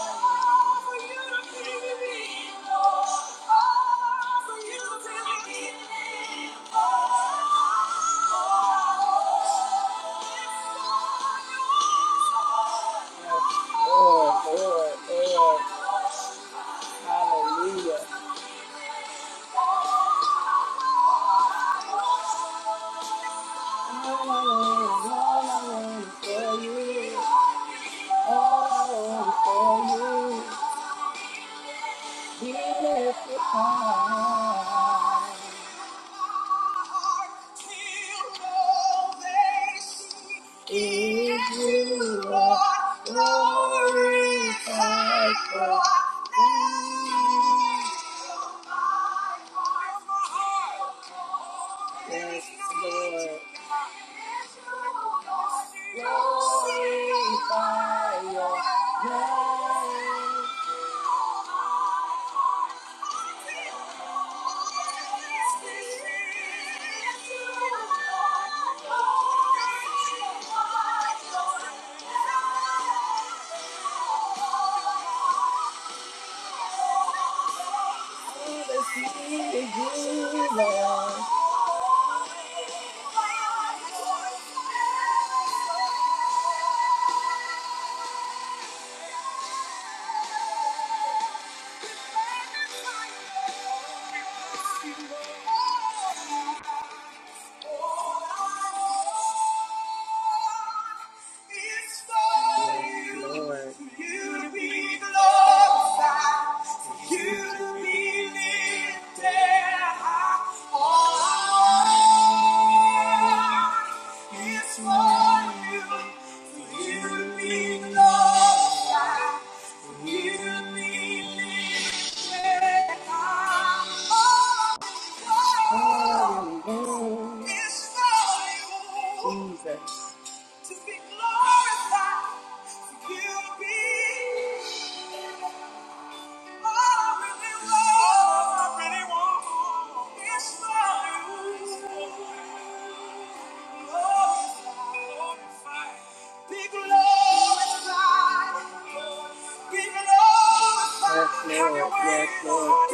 Speaker 1: for you. Yes, Lord. Glorify your name. Thank you. Oh, is for you Jesus. to be glorified, for you be. Yes, Lord. Yes,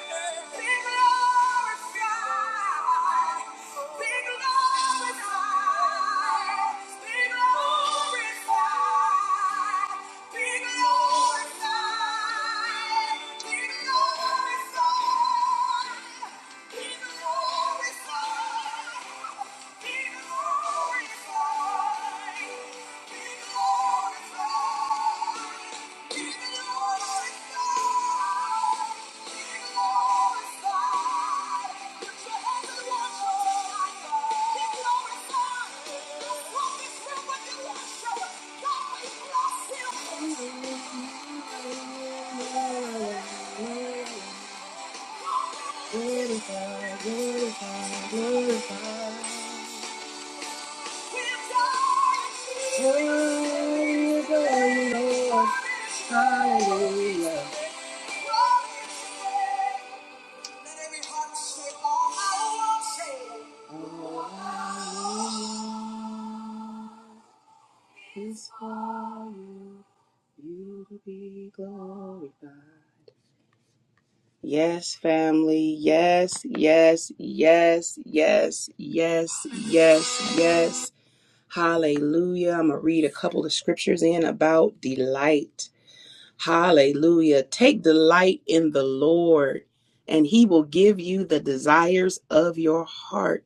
Speaker 1: Lord. Be glorified. Glorify, glorify, glorify. Hallelujah, glory, Lord. Hallelujah. Let every heart say, all I want, say. All I want is for you, you to be glorified. Yes, family. Yes, yes, yes, yes, yes, yes, yes, yes, Hallelujah. I'm going to read a couple of scriptures in about delight. Hallelujah. Take delight in the Lord, and he will give you the desires of your heart.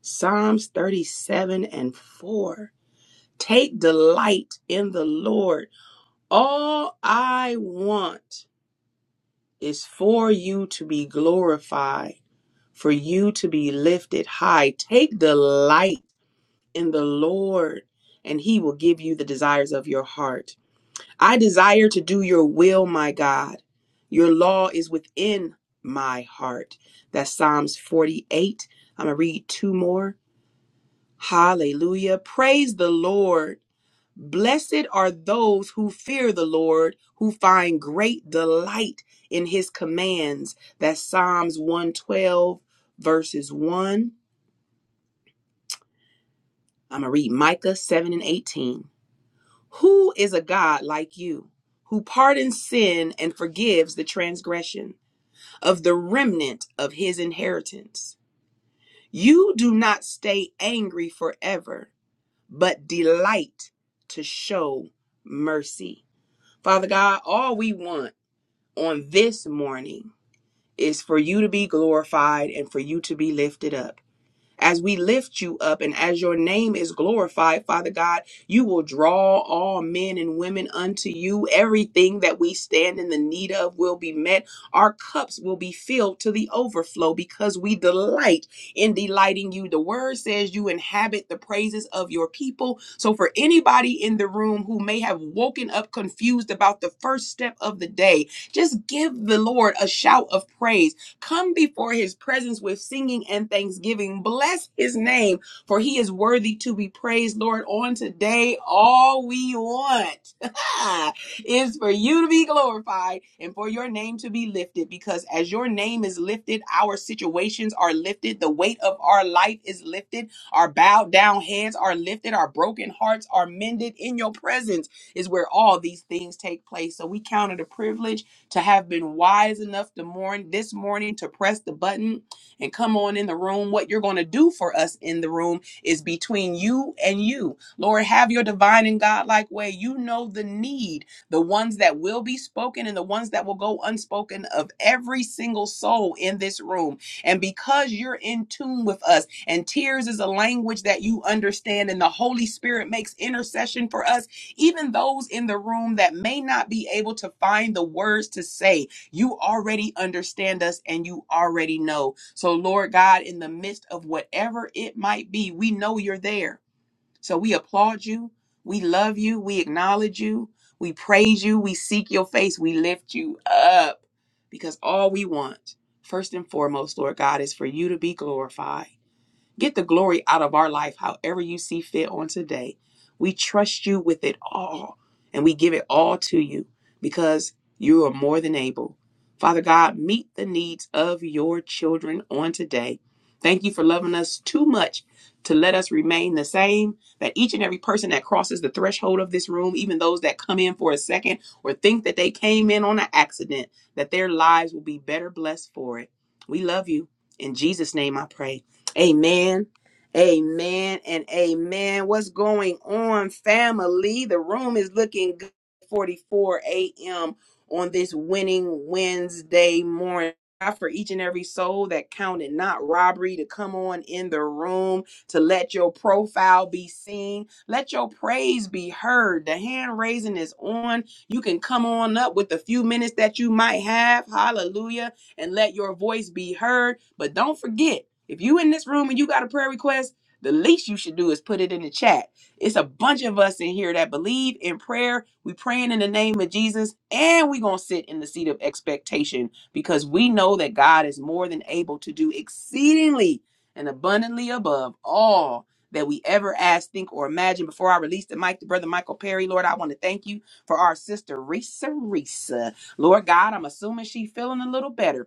Speaker 1: Psalms 37 and 4. Take delight in the Lord. All I want is for you to be glorified, for you to be lifted high. Take delight in the Lord, and He will give you the desires of your heart. I desire to do your will, my God. Your law is within my heart. That's Psalms 48. I'm going to read two more. Hallelujah. Praise the Lord. Blessed are those who fear the Lord, who find great delight in his commands. That's Psalms 112, verses 1. I'm going to read Micah 7 and 18. Who is a God like you, who pardons sin and forgives the transgression of the remnant of his inheritance? You do not stay angry forever, but delight to show mercy. Father God, all we want on this morning is for you to be glorified and for you to be lifted up. As we lift you up and as your name is glorified, Father God, you will draw all men and women unto you. Everything that we stand in the need of will be met. Our cups will be filled to the overflow because we delight in delighting you. The word says you inhabit the praises of your people. So, for anybody in the room who may have woken up confused about the first step of the day, just give the Lord a shout of praise Come before his presence with singing and thanksgiving. Bless his name, for he is worthy to be praised. Lord, on today, all we want is for you to be glorified and for your name to be lifted, because as your name is lifted, our situations are lifted, the weight of our life is lifted, our bowed down heads are lifted, our broken hearts are mended. In your presence is where all these things take place. So we count it a privilege to have been wise enough to morn this morning to press the button and come on in the room. What you're going to do for us in the room is between you and you. Lord, have your divine and godlike way. You know the need, the ones that will be spoken and the ones that will go unspoken of every single soul in this room. And because you're in tune with us, and tears is a language that you understand, and the Holy Spirit makes intercession for us even those in the room that may not be able to find the words to say, you already understand us and you already know. So, Lord God, in the midst of whatever it might be, we know you're there. So, we applaud you. We love you. We acknowledge you. We praise you. We seek your face. We lift you up because all we want, first and foremost, Lord God, is for you to be glorified. Get the glory out of our life however you see fit on today. We trust you with it all and we give it all to you because you are more than able. Father God, meet the needs of your children on today. Thank you for loving us too much to let us remain the same. That each and every person that crosses the threshold of this room, even those that come in for a second or think that they came in on an accident, that their lives will be better blessed for it. We love you. In Jesus' name I pray. Amen. Amen and amen. What's going on, family? The room is looking good. 44 a.m. on this winning Wednesday morning. God For each and every soul that counted not robbery to come on in the room, to let your profile be seen, let your praise be heard. The hand raising is on. You can come on up with the few minutes that you might have. Hallelujah. And let your voice be heard. But don't forget, if you in this room and you got a prayer request, the least you should do is put it in the chat. It's a bunch of us in here that believe in prayer. We praying in the name of Jesus, and we gonna sit in the seat of expectation because we know that God is more than able to do exceedingly and abundantly above all that we ever ask, think, or imagine. Before I release the mic to Brother Michael Perry, Lord, I want to thank you for our sister Risa Risa. Lord God, I'm assuming she feeling a little better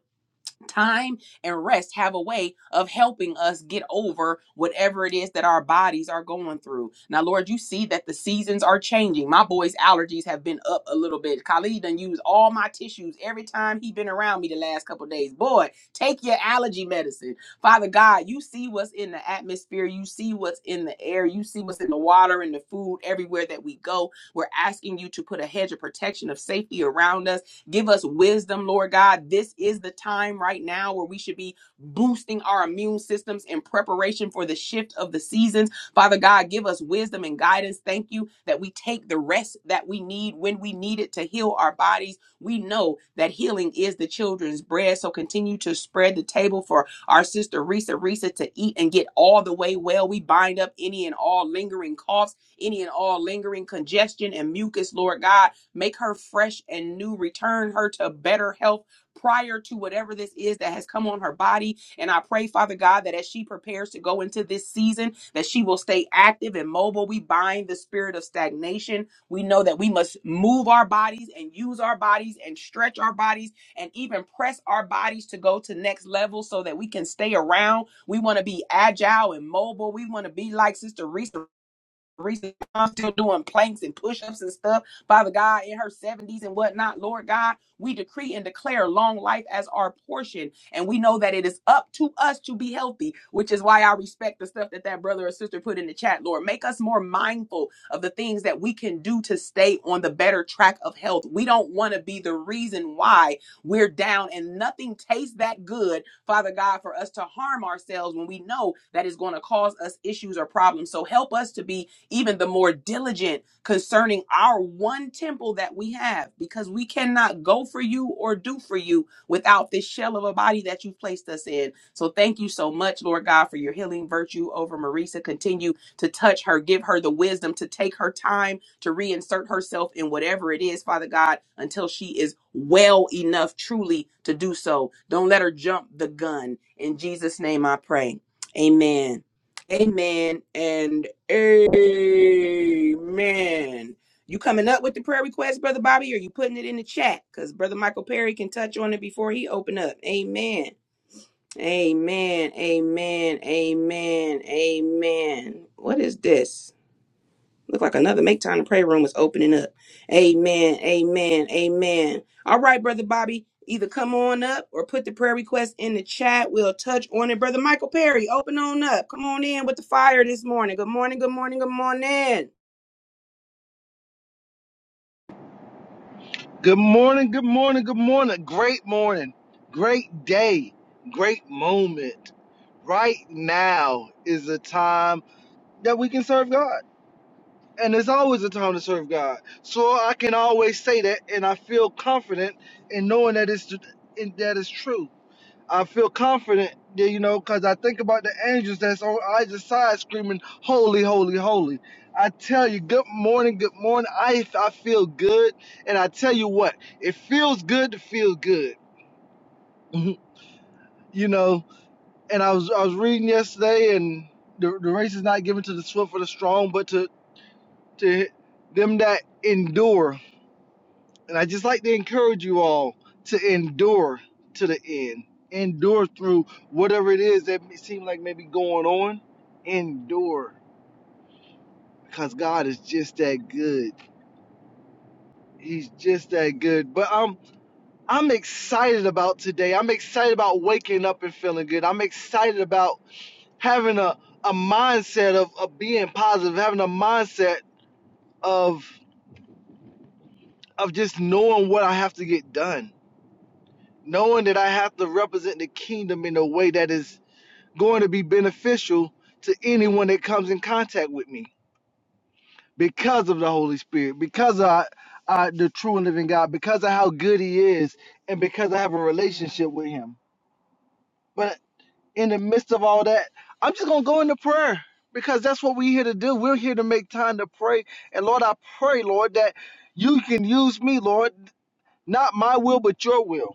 Speaker 1: time and rest have a way of helping us get over whatever it is that our bodies are going through. Now, Lord, you see that the seasons are changing. My boy's allergies have been up a little bit. Khalid done used all my tissues every time he been around me the last couple of days. Boy, take your allergy medicine. Father God, you see what's in the atmosphere. You see what's in the air. You see what's in the water and the food everywhere that we go. We're asking you to put a hedge of protection of safety around us Give us wisdom, Lord God. This is the time right now where we should be boosting our immune systems in preparation for the shift of the seasons. Father God, give us wisdom and guidance. Thank you that we take the rest that we need when we need it to heal our bodies. We know that healing is the children's bread. So continue to spread the table for our sister Risa Risa to eat and get all the way well. We bind up any and all lingering coughs, any and all lingering congestion and mucus, Lord God. Make her fresh and new. Return her to better health prior to whatever this is that has come on her body. And I pray, Father God, that as she prepares to go into this season, that she will stay active and mobile. We bind the spirit of stagnation. We know that we must move our bodies and use our bodies and stretch our bodies and even press our bodies to go to next level so that we can stay around. We want to be agile and mobile. We want to be like Sister Reese reason I'm still doing planks and push-ups and stuff. Father God, in her 70s and whatnot, Lord God, we decree and declare long life as our portion. And we know that it is up to us to be healthy, which is why I respect the stuff that that brother or sister put in the chat, Lord. Make us more mindful of the things that we can do to stay on the better track of health. We don't want to be the reason why we're down and nothing tastes that good Father God, for us to harm ourselves when we know that is going to cause us issues or problems. So help us to be even the more diligent concerning our one temple that we have, because we cannot go for you or do for you without this shell of a body that you've placed us in. So thank you so much, Lord God, for your healing virtue over Marisa. Continue to touch her, give her the wisdom to take her time to reinsert herself in whatever it is, Father God, until she is well enough truly to do so. Don't let her jump the gun. In Jesus' name I pray. Amen. Amen and amen. You coming up with the prayer request, Brother Bobby, or you putting it in the chat? Because Brother Michael Perry can touch on it before he open up. Amen. Amen. Amen. Amen. Amen. What is this? Look like another make time to pray room is opening up. Amen. Amen. Amen. All right, brother Bobby, either come on up or put the prayer request in the chat. We'll touch on it. Brother Michael Perry, open on up. Come on in with the fire this morning. Good morning. Good morning. Good morning.
Speaker 2: Good morning, good morning, good morning. Great morning, great day, great moment. Right now is a time that we can serve God. And there's always a time to serve God. So I can always say that and I feel confident in knowing that it's and that is true. I feel confident, you know, because I think about the angels that's on either side screaming, Holy, holy, holy. I tell you, good morning, good morning. I, I feel good. And I tell you what, it feels good to feel good, you know. And I was I was reading yesterday, and the, the race is not given to the swift or the strong, but to, to them that endure And I just like to encourage you all to endure to the end. Endure through whatever it is that may seem like maybe going on. Endure because God is just that good. He's just that good. But I'm I'm excited about today. I'm excited about waking up and feeling good. I'm excited about having a, a mindset of, of being positive, having a mindset of of just knowing what I have to get done knowing that I have to represent the kingdom in a way that is going to be beneficial to anyone that comes in contact with me because of the Holy Spirit, because of I the true and living God, because of how good He is, and because I have a relationship with Him. But in the midst of all that, I'm just gonna go into prayer because that's what we're here to do. We're here to make time to pray. And Lord, I pray, Lord, that you can use me, Lord, not my will but your will.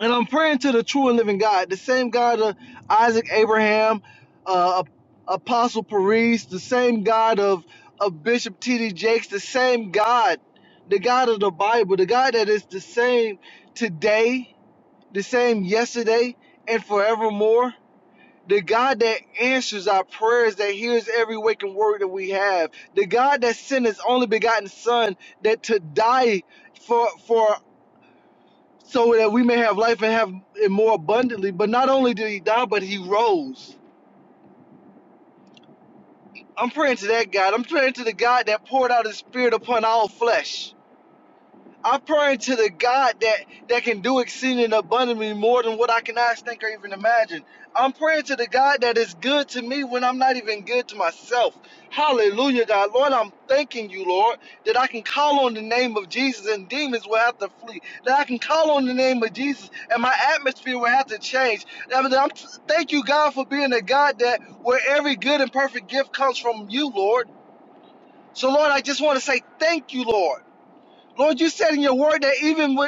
Speaker 2: And I'm praying to the true and living God, the same God of Isaac, Abraham, uh, Apostle Paris, the same God of, of Bishop T.D. Jakes, the same God, the God of the Bible, the God that is the same today, the same yesterday, and forevermore. The God that answers our prayers, that hears every waking word that we have. The God that sent his only begotten Son that to die for for so that we may have life and have it more abundantly. But not only did he die, but he rose. I'm praying to that God. I'm praying to the God that poured out his spirit upon all flesh. I'm praying to the God that that can do exceeding abundantly more than what I can ask, think, or even imagine. I'm praying to the God that is good to me when I'm not even good to myself. Hallelujah, God. Lord, I'm thanking you, Lord, that I can call on the name of Jesus and demons will have to flee. That I can call on the name of Jesus and my atmosphere will have to change. that I'm, thank you, God, for being a God that where every good and perfect gift comes from you, Lord. So, Lord, I just want to say thank you, Lord. Lord, you said in your word that even when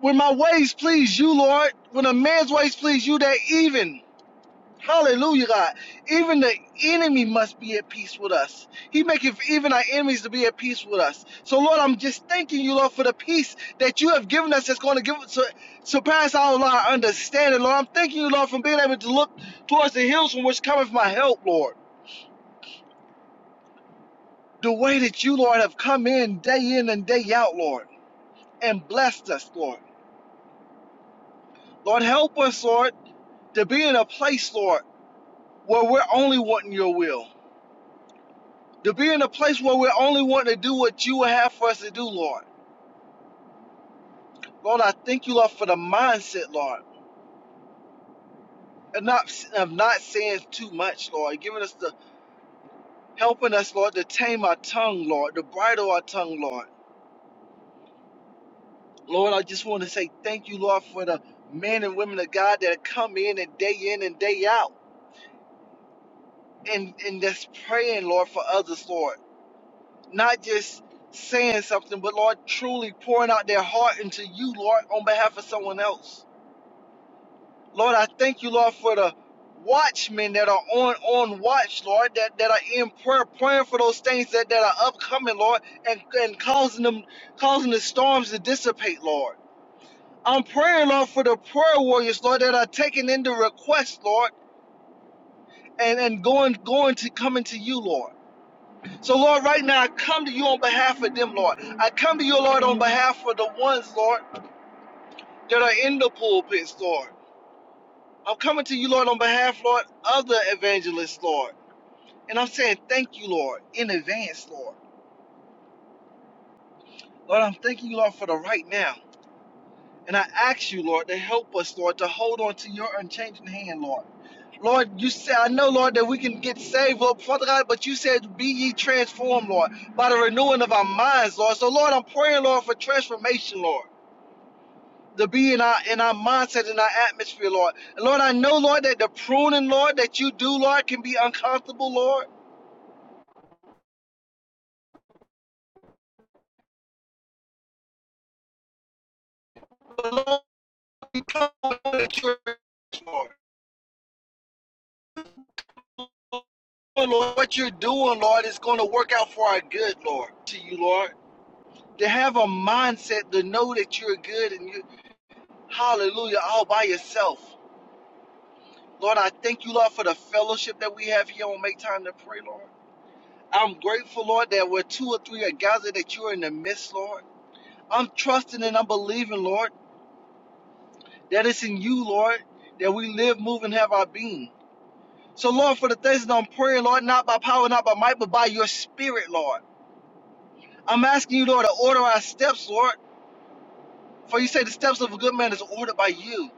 Speaker 2: when my ways please you, Lord, when a man's ways please you, that even, hallelujah, God, even the enemy must be at peace with us. He maketh even our enemies to be at peace with us. So, Lord, I'm just thanking you, Lord, for the peace that you have given us that's going to give us surpass all our understanding, Lord. I'm thanking you, Lord, for being able to look towards the hills from which cometh my help, Lord. The way that you, Lord, have come in day in and day out, Lord, and blessed us, Lord. Lord, help us, Lord, to be in a place, Lord. where we're only wanting your will, to be in a place where we're only wanting to do what you would have for us to do, Lord. Lord, I thank you, Lord, for the mindset, Lord, and not of not saying too much, Lord, giving us the helping us, Lord, to tame our tongue, Lord, to bridle our tongue, Lord. Lord, I just want to say thank you, Lord, for the men and women of God that come in and day in and day out and and that's praying, Lord, for others, Lord not just saying something, but Lord, truly pouring out their heart into you, Lord, on behalf of someone else. Lord, I thank you, Lord, for the watchmen that are on on watch, Lord, that, that are in prayer, praying for those things that, that are upcoming, Lord, and, and causing them causing the storms to dissipate, Lord. I'm praying, Lord, for the prayer warriors, Lord, that are taking in the request, Lord, and, and going going to coming to you, Lord. So, Lord, right now I come to you on behalf of them, Lord. I come to you, Lord, on behalf of the ones, Lord, that are in the pulpits, Lord. I'm coming to you, Lord, on behalf, Lord, of the evangelists, Lord. And I'm saying thank you, Lord, in advance, Lord. Lord, I'm thanking you, Lord, for the right now. And I ask you, Lord, to help us, Lord, to hold on to your unchanging hand, Lord. Lord, you said, I know, Lord, that we can get saved, Lord, Father God, but you said, be ye transformed, Lord, by the renewing of our minds, Lord. So, Lord, I'm praying, Lord, for transformation, Lord. to be in our in our mindset, in our atmosphere, Lord. And Lord, I know, Lord, that the pruning, Lord, that you do, Lord, can be uncomfortable, Lord. But Lord, we come to you, Lord. Lord, what you're doing, Lord, is going to work out for our good, Lord. To you, Lord, to have a mindset to know that you're good and you, Hallelujah, all by yourself, Lord. I thank you, Lord, for the fellowship that we have here on Make Time to Pray, Lord. I'm grateful, Lord, that where two or three are gathered, that you're in the midst, Lord. I'm trusting and I'm believing, Lord, that it's in you, Lord, that we live, move, and have our being. So, Lord, for the things that I'm praying, Lord, not by power, not by might, but by your spirit, Lord. I'm asking you, Lord, to order our steps, Lord. For you say the steps of a good man is ordered by you.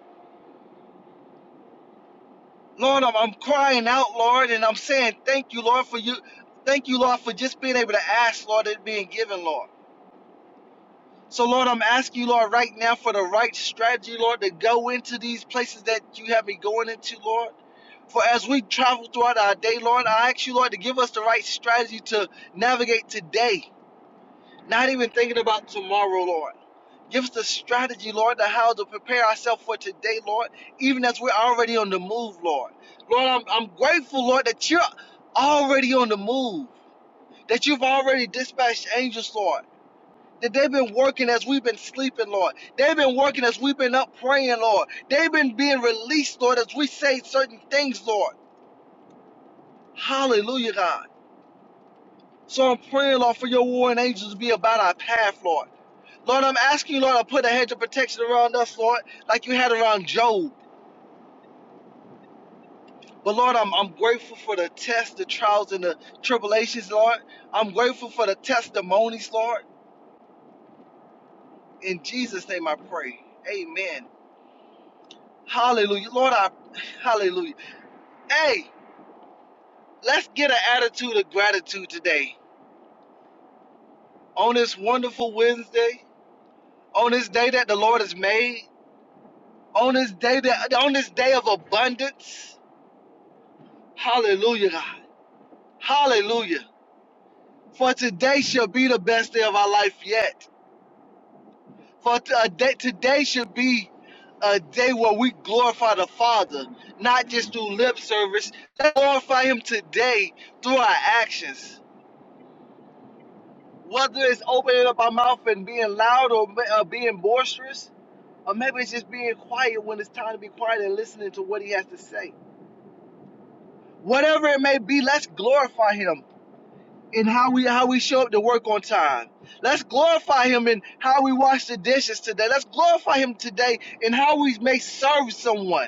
Speaker 2: Lord, I'm, I'm crying out, Lord, and I'm saying thank you, Lord, for you. Thank you, Lord, for just being able to ask, Lord, and being given, Lord. So, Lord, I'm asking you, Lord, right now for the right strategy, Lord, to go into these places that you have me going into, Lord. For as we travel throughout our day, Lord, I ask you, Lord, to give us the right strategy to navigate today, not even thinking about tomorrow, Lord. Give us the strategy, Lord, to how to prepare ourselves for today, Lord, even as we're already on the move, Lord. Lord, I'm, I'm grateful, Lord, that you're already on the move, that you've already dispatched angels, Lord that they've been working as we've been sleeping, Lord. They've been working as we've been up praying, Lord. They've been being released, Lord, as we say certain things, Lord. Hallelujah, God. So I'm praying, Lord, for your warring angels to be about our path, Lord. Lord, I'm asking you, Lord, to put a hedge of protection around us, Lord, like you had around Job. But Lord, I'm, I'm grateful for the tests, the trials, and the tribulations, Lord. I'm grateful for the testimonies, Lord. In Jesus' name I pray. Amen. Hallelujah. Lord, I hallelujah. Hey, let's get an attitude of gratitude today. On this wonderful Wednesday, on this day that the Lord has made, on this day that on this day of abundance. Hallelujah, God. Hallelujah. For today shall be the best day of our life yet. For t- a day, today should be a day where we glorify the Father, not just through lip service. Let's glorify Him today through our actions. Whether it's opening up our mouth and being loud or uh, being boisterous, or maybe it's just being quiet when it's time to be quiet and listening to what He has to say. Whatever it may be, let's glorify Him in how we how we show up to work on time. Let's glorify Him in how we wash the dishes today. Let's glorify Him today in how we may serve someone.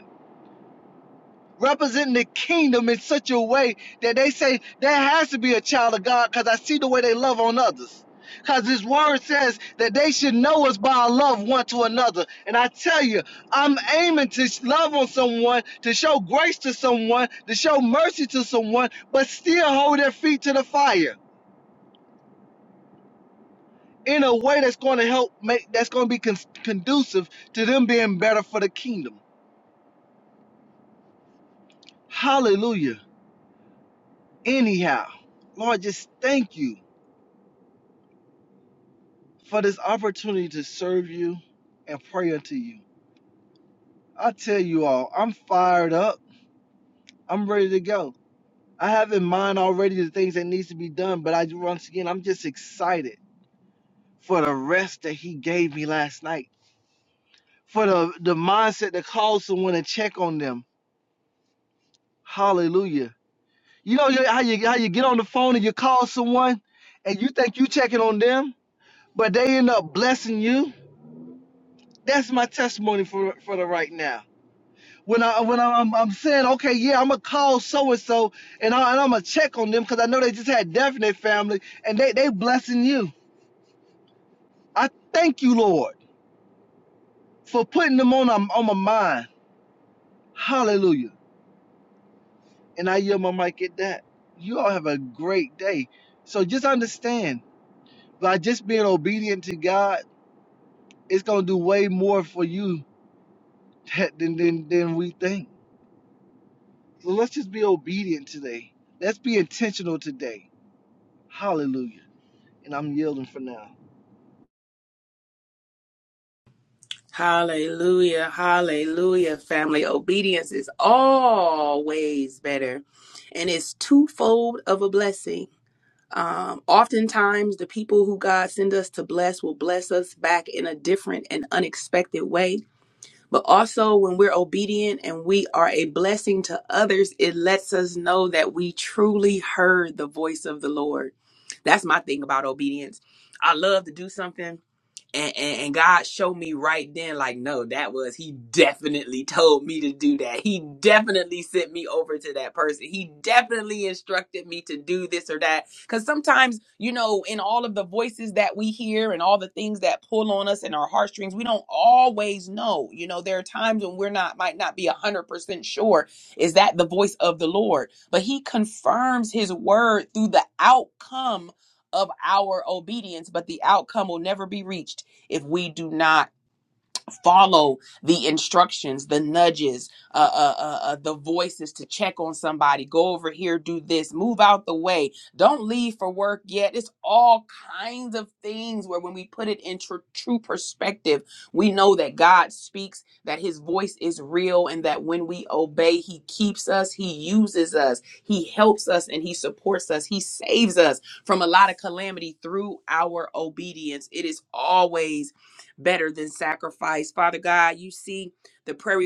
Speaker 2: representing the kingdom in such a way that they say there has to be a child of God because I see the way they love on others. Because his word says that they should know us by our love one to another. And I tell you, I'm aiming to sh- love on someone, to show grace to someone, to show mercy to someone, but still hold their feet to the fire in a way that's going to help make, that's going to be con- conducive to them being better for the kingdom. Hallelujah. Anyhow, Lord, just thank you for this opportunity to serve you and pray unto you. I tell you all, I'm fired up. I'm ready to go. I have in mind already the things that needs to be done, but I once again, I'm just excited for the rest that he gave me last night, for the the mindset that calls someone and check on them. Hallelujah. You know you- how you how you get on the phone and you call someone and you think you checking on them, but they end up blessing you. That's my testimony for for the right now. when I when I- am I'm saying okay, yeah, I'm gonna call so and so, and I and I'm gonna check on them because I know they just had death in their family, and they they blessing you. I thank you, Lord, for putting them on my- on my mind. Hallelujah. And I yield my mic at that. You all have a great day. So just understand by just being obedient to God, it's gonna do way more for you than than than we think. So let's just be obedient today. Let's be intentional today. Hallelujah. And I'm yielding for now.
Speaker 1: Hallelujah. Hallelujah. Family obedience is always better and it's twofold of a blessing. Um, oftentimes, the people who God send us to bless will bless us back in a different and unexpected way. But also, when we're obedient and we are a blessing to others, it lets us know that we truly heard the voice of the Lord. That's my thing about obedience. I love to do something and, and and God showed me right then, like, no, that was he definitely told me to do that. He definitely sent me over to that person. He definitely instructed me to do this or that. Because sometimes, you know, in all of the voices that we hear and all the things that pull on us and our heartstrings, we don't always know. You know, there are times when we're not might not be one hundred percent sure is that the voice of the Lord, but He confirms His word through the outcome of our obedience, but the outcome will never be reached if we do not follow the instructions, the nudges, uh, uh, uh, uh, the voices to check on somebody, go over here, do this, move out the way, don't leave for work yet. It's all kinds of things where when we put it in tr- true perspective, we know that God speaks, that his voice is real, and that when we obey, he keeps us, he uses us, he helps us, and he supports us, he saves us from a lot of calamity through our obedience. It is always better than sacrifice. Father God, you see the prayer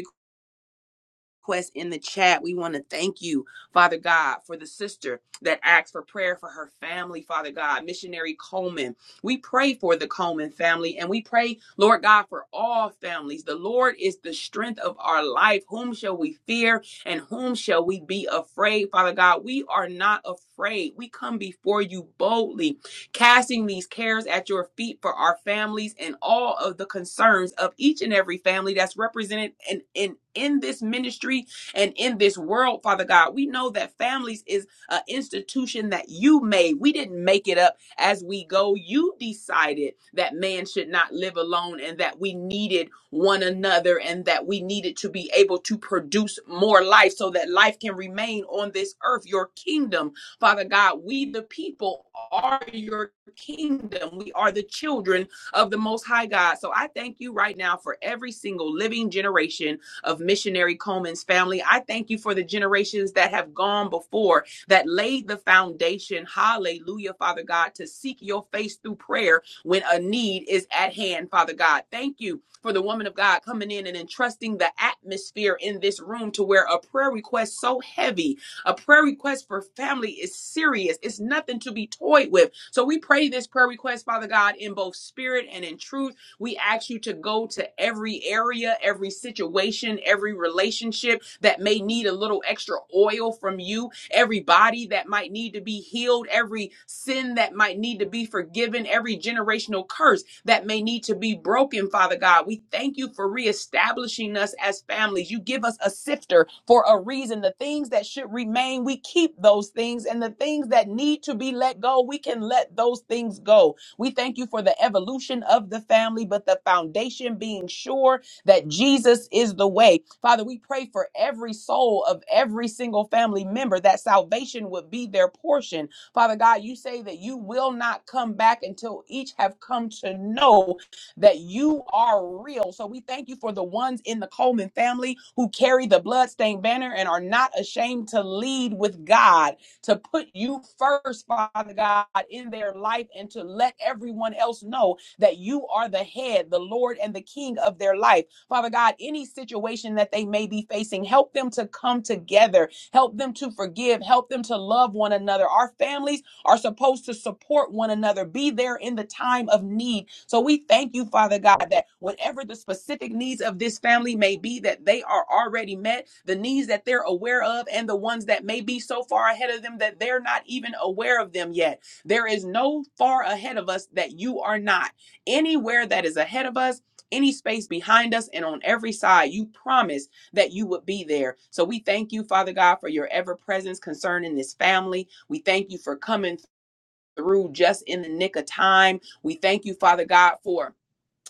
Speaker 1: request in the chat. We want to thank you, Father God, for the sister that asked for prayer for her family, Father God, missionary Coleman. We pray for the Coleman family and we pray, Lord God, for all families. The Lord is the strength of our life. Whom shall we fear and whom shall we be afraid? Father God, we are not afraid. We come before you boldly casting these cares at your feet for our families and all of the concerns of each and every family that's represented in, in, in this ministry and in this world, Father God. We know that families is an institution that you made. We didn't make it up as we go. You decided that man should not live alone and that we needed one another and that we needed to be able to produce more life so that life can remain on this earth, your kingdom Father God, we the people are your kingdom. We are the children of the Most High God. So I thank you right now for every single living generation of missionary Coleman's family. I thank you for the generations that have gone before that laid the foundation. Hallelujah, Father God, to seek your face through prayer when a need is at hand, Father God. Thank you for the woman of God coming in and entrusting the atmosphere in this room to where a prayer request so heavy a prayer request for family is serious, it's nothing to be toyed with. So we pray this prayer request, Father God, in both spirit and in truth. We ask you to go to every area, every situation, every relationship that may need a little extra oil from you every body that might need to be healed, every sin that might need to be forgiven, every generational curse that may need to be broken, Father God. We thank you for reestablishing us as families. You give us a sifter for a reason. The things that should remain, we keep those things, and the things that need to be let go, we can let those things go. We thank you for the evolution of the family, but the foundation being sure that Jesus is the way. Father, we pray for every soul of every single family member that salvation would be their portion. Father God, you say that you will not come back until each have come to know that you are real. So we thank you for the ones in the Coleman family who carry the bloodstained banner and are not ashamed to lead with God, to put you first, Father God, in their life and to let everyone else know that you are the head, the Lord, and the King of their life. Father God, any situation that they may be facing, help them to come together, help them to forgive, help them to love one another. Our families are supposed to support one another, be there in the time of need. So we thank you, Father God, that whatever the specific needs of this family may be, that they are already met, the needs that they're aware of, and the ones that may be so far ahead of them that they're not even aware of them yet. There is no far ahead of us that you are not. Anywhere that is ahead of us, any space behind us and on every side. You promised that you would be there. So we thank you, Father God, for your ever presence concerning this family. We thank you for coming through just in the nick of time. We thank you, Father God, for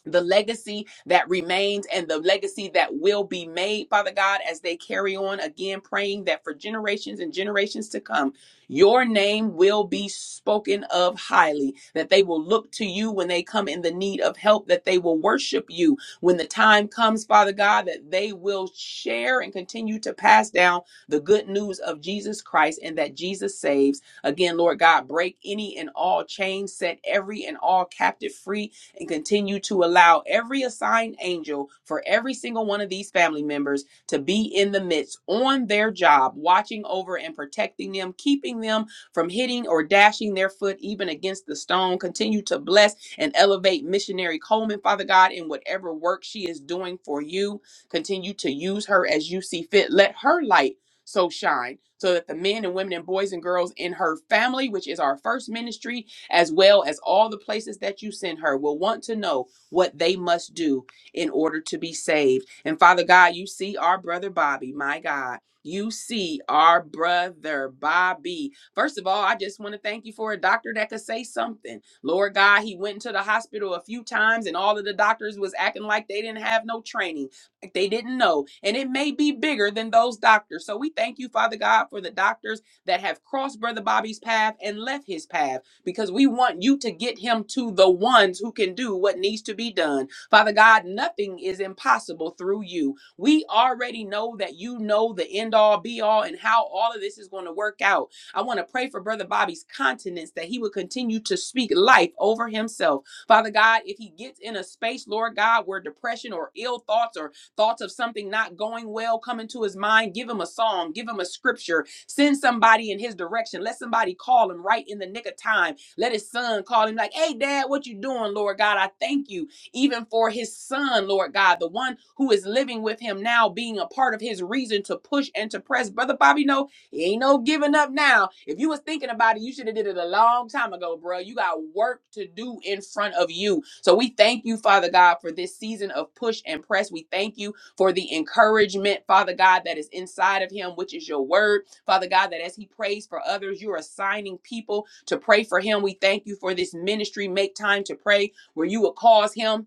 Speaker 1: the legacy that remains and the legacy that will be made, Father God, as they carry on again, praying that for generations and generations to come, your name will be spoken of highly, that they will look to you when they come in the need of help, that they will worship you when the time comes, Father God, that they will share and continue to pass down the good news of Jesus Christ and that Jesus saves. Again, Lord God, break any and all chains, set every and all captive free and continue to allow every assigned angel for every single one of these family members to be in the midst on their job, watching over and protecting them, keeping them from hitting or dashing their foot even against the stone. Continue to bless and elevate missionary Coleman, Father God, in whatever work she is doing for you. Continue to use her as you see fit. Let her light so shine so that the men and women and boys and girls in her family, which is our first ministry, as well as all the places that you send her, will want to know what they must do in order to be saved. And Father God, you see our brother Bobby, my God. You see our brother Bobby. First of all, I just want to thank you for a doctor that could say something. Lord God, he went into the hospital a few times and all of the doctors was acting like they didn't have no training, like they didn't know. And it may be bigger than those doctors. So we thank you, Father God, for the doctors that have crossed Brother Bobby's path and left his path because we want you to get him to the ones who can do what needs to be done. Father God, nothing is impossible through you. We already know that you know the end all be all and how all of this is going to work out. I want to pray for Brother Bobby's continence that he would continue to speak life over himself. Father God, if he gets in a space, Lord God, where depression or ill thoughts or thoughts of something not going well come into his mind, give him a song, give him a scripture, send somebody in his direction, let somebody call him right in the nick of time let his son call him like, hey, dad, what you doing, Lord God? I thank you even for his son, Lord God, the one who is living with him now, being a part of his reason to push and to press. Brother Bobby, no, it ain't no giving up now. If you was thinking about it, you should have did it a long time ago, bro. You got work to do in front of you. So we thank you, Father God, for this season of push and press. We thank you for the encouragement, Father God, that is inside of him, which is your word. Father God, that as he prays for others, you're assigning people to pray for him. We thank you for this ministry, Make Time to Pray, where you will cause him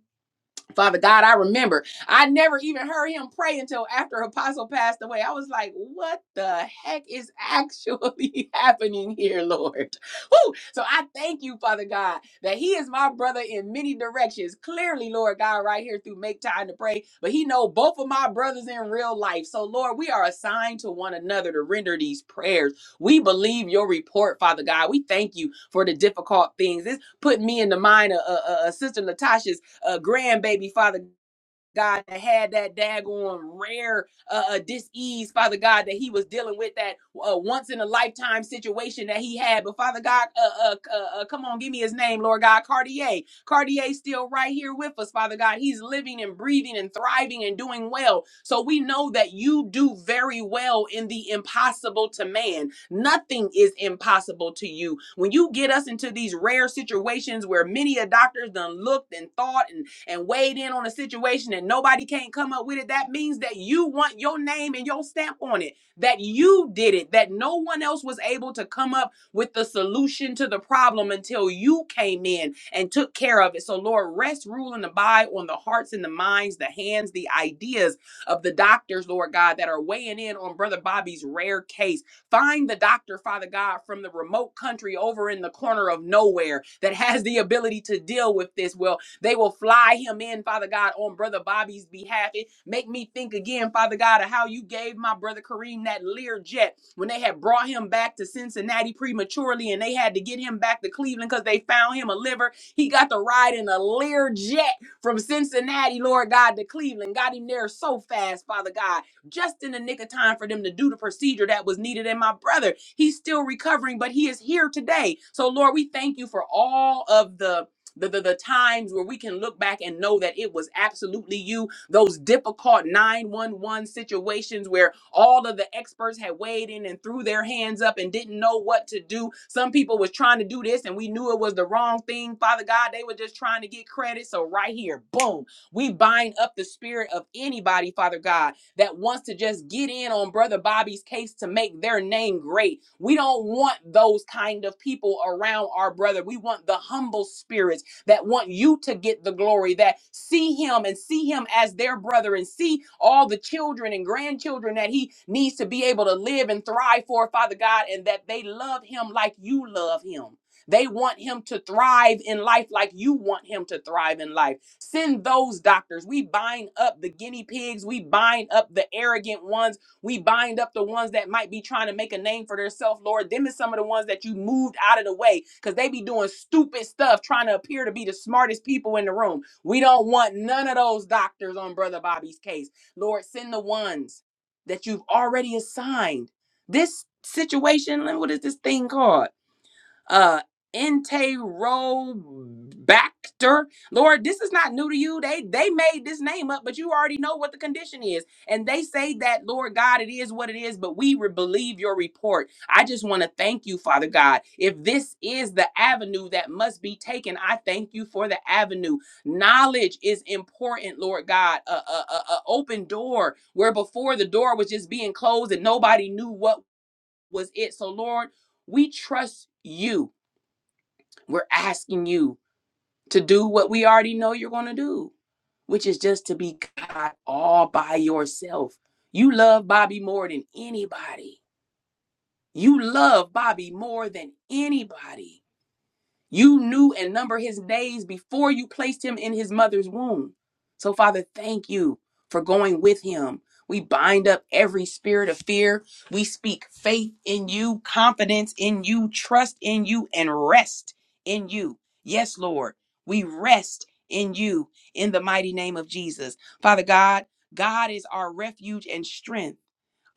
Speaker 1: Father God, I remember I never even heard him pray until after Apostle passed away. I was like, what the heck is actually happening here, Lord? Woo! So I thank you, Father God, that he is my brother in many directions. Clearly, Lord God, right here through Make Time to Pray, but he know both of my brothers in real life. So, Lord, we are assigned to one another to render these prayers. We believe your report, Father God. We thank you for the difficult things. This put me in the mind of uh, uh, uh, Sister Latasha's uh, grandbaby, Father God, that had that daggone rare uh, uh, dis-ease, Father God, that he was dealing with that uh, once in a lifetime situation that he had. But Father God, uh, uh, uh, uh, come on, give me his name, Lord God, Cartier. Cartier's still right here with us, Father God. He's living and breathing and thriving and doing well. So we know that you do very well in the impossible to man. Nothing is impossible to you. When you get us into these rare situations where many a doctor's done looked and thought and and weighed in on a situation and nobody can't come up with it, that means that you want your name and your stamp on it, that you did it, that no one else was able to come up with the solution to the problem until you came in and took care of it. So, Lord, rest, rule, and abide on the hearts and the minds, the hands, the ideas of the doctors, Lord God, that are weighing in on Brother Bobby's rare case. Find the doctor, Father God, from the remote country over in the corner of nowhere that has the ability to deal with this. Well, they will fly him in, Father God, on Brother Bobby's behalf. It make me think again, Father God, of how you gave my brother Kareem that Lear jet when they had brought him back to Cincinnati prematurely and they had to get him back to Cleveland because they found him a liver. He got to ride in a Lear jet from Cincinnati, Lord God, to Cleveland. Got him there so fast, Father God, just in the nick of time for them to do the procedure that was needed. And my brother, he's still recovering, but he is here today. So, Lord, we thank you for all of the the, the, the times where we can look back and know that it was absolutely you, those difficult 911 situations where all of the experts had weighed in and threw their hands up and didn't know what to do. Some people was trying to do this and we knew it was the wrong thing. Father God, they were just trying to get credit. So right here, boom, we bind up the spirit of anybody, Father God, that wants to just get in on Brother Bobby's case to make their name great. We don't want those kind of people around our brother. We want the humble spirits that want you to get the glory, that see him and see him as their brother and see all the children and grandchildren that he needs to be able to live and thrive for, Father God, and that they love him like you love him. They want him to thrive in life like you want him to thrive in life. Send those doctors. We bind up the guinea pigs. We bind up the arrogant ones we bind up the ones that might be trying to make a name for themselves, Lord. Them is some of the ones that you moved out of the way because they be doing stupid stuff, trying to appear to be the smartest people in the room. We don't want none of those doctors on Brother Bobby's case. Lord, send the ones that you've already assigned. This situation, what is this thing called? uh Enterobacter. Lord, this is not new to you. They they made this name up, but you already know what the condition is. And they say that, Lord God, it is what it is, but we re- believe your report. I just want to thank you, Father God. If this is the avenue that must be taken, I thank you for the avenue. Knowledge is important, Lord God. A, a, a a open door where before the door was just being closed and nobody knew what was it. So, Lord, we trust you. We're asking you to do what we already know you're going to do, which is just to be God all by yourself. You love Bobby more than anybody. You love Bobby more than anybody. You knew and numbered his days before you placed him in his mother's womb. So, Father, thank you for going with him. We bind up every spirit of fear. We speak faith in you, confidence in you, trust in you, and rest in you. Yes, Lord, we rest in you in the mighty name of Jesus. Father God, God is our refuge and strength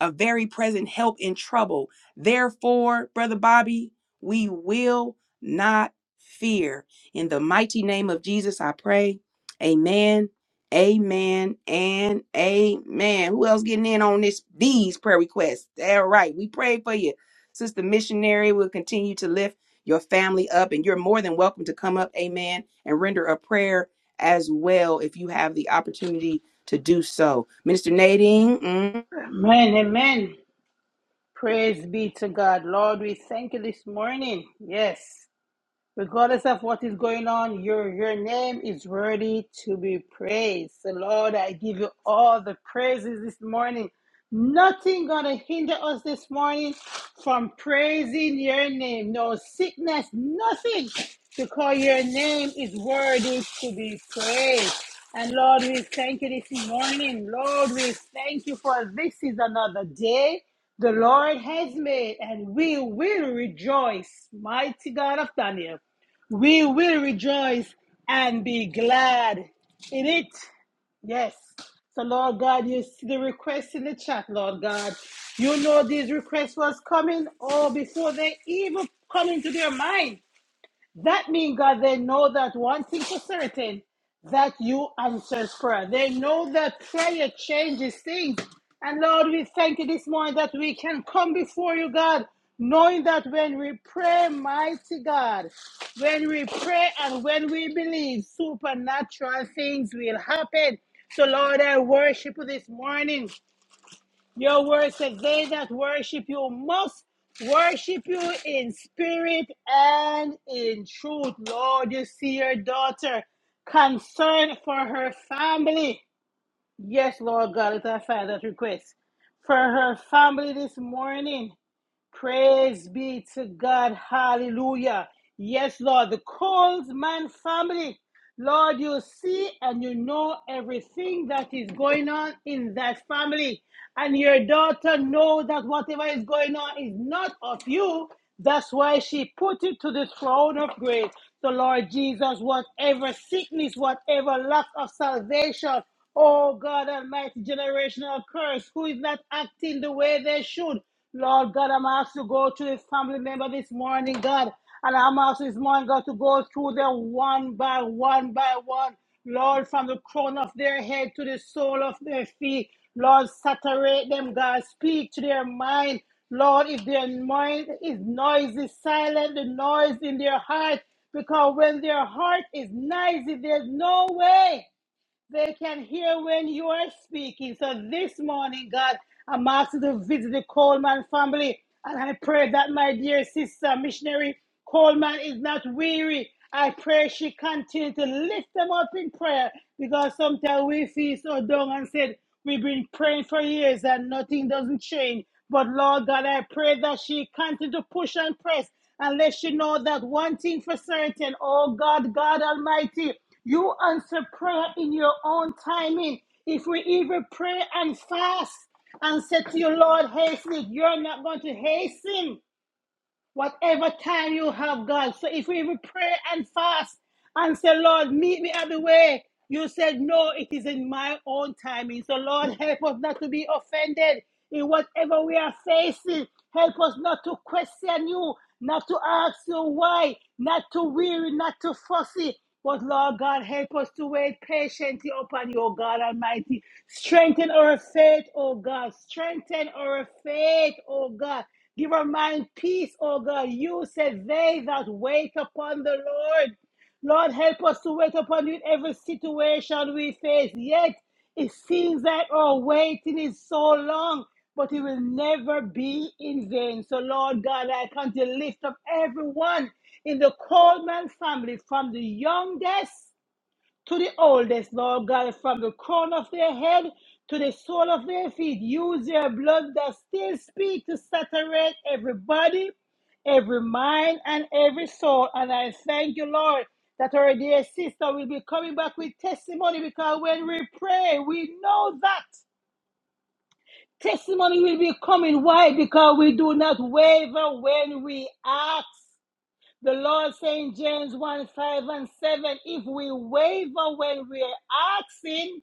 Speaker 1: a very present help in trouble. Therefore, Brother Bobby, we will not fear. In the mighty name of Jesus, I pray. Amen. Amen and amen. Who else getting in on this? These prayer requests. All right, we pray for you, sister missionary. We'll continue to lift your family up, and you're more than welcome to come up, amen, and render a prayer as well if you have the opportunity to do so. Minister Nadine. mm,
Speaker 3: Amen, amen. Praise be to God. Lord, we thank you this morning. Yes. Regardless of what is going on, your, your name is worthy to be praised. So Lord, I give you all the praises this morning. Nothing gonna hinder us this morning from praising your name. No sickness, nothing, because your name is worthy to be praised. And Lord, we thank you this morning. Lord, we thank you for this is another day the Lord has made, and we will rejoice. Mighty God of Daniel. We will rejoice and be glad in it. Yes. So, Lord God, you see the requests in the chat, Lord God. You know these requests was coming, or before they even come into their mind. That means, God, they know that one thing for certain, that you answer prayer. They know that prayer changes things. And Lord, we thank you this morning that we can come before you, God, knowing that when we pray, mighty God, when we pray and when we believe, supernatural things will happen. So, Lord, I worship you this morning. Your word says, They that worship you must worship you in spirit and in truth. Lord, you see your daughter concerned for her family. Yes, Lord God, let us find that request. For her family this morning. Praise be to God. Hallelujah. Yes, Lord, the Colesman family. Lord, you see and you know everything that is going on in that family. And your daughter knows that whatever is going on is not of you. That's why she put it to the throne of grace. So, Lord Jesus, whatever sickness, whatever lack of salvation, oh God Almighty, generational curse, who is not acting the way they should. Lord God, I'm asked to go to this family member this morning, God. And I'm asked this morning, God, to go through them one by one by one. Lord, from the crown of their head to the sole of their feet. Lord, saturate them, God. Speak to their mind. Lord, if their mind is noisy, silent the noise in their heart. Because when their heart is noisy, there's no way. They can hear when you are speaking. So this morning, God, I'm asked to visit the Coleman family. And I pray that my dear sister, missionary Coleman, is not weary. I pray she continue to lift them up in prayer because sometimes we feel so down and said, We've been praying for years and nothing doesn't change. But Lord God, I pray that she continue to push and press and let you know that one thing for certain, oh God, God Almighty, you answer prayer in your own timing. If we even pray and fast and say to your Lord, hasten it, you're not going to hasten whatever time you have, God. So if we even pray and fast and say, Lord, meet me at the way, you said, no, it is in my own timing. So, Lord, help us not to be offended in whatever we are facing. Help us not to question you, not to ask you why, not to weary, not to fussy. But Lord God, help us to wait patiently upon you, O God Almighty. Strengthen our faith, O God. Strengthen our faith, O God. Give our mind peace, O God. You said, They that wait upon the Lord. Lord, help us to wait upon you in every situation we face. Yet, it seems that our waiting is so long, but it will never be in vain. So, Lord God, I come to lift up everyone in the Coleman family from the youngest to the oldest, Lord God, from the crown of their head to the sole of their feet. Use your blood that still speaks to saturate every body, every mind, and every soul. And I thank you, Lord, that our dear sister will be coming back with testimony because when we pray, we know that testimony will be coming. Why? Because we do not waver when we ask. The Lord saying James 1 5 and 7 if we waver when we are asking,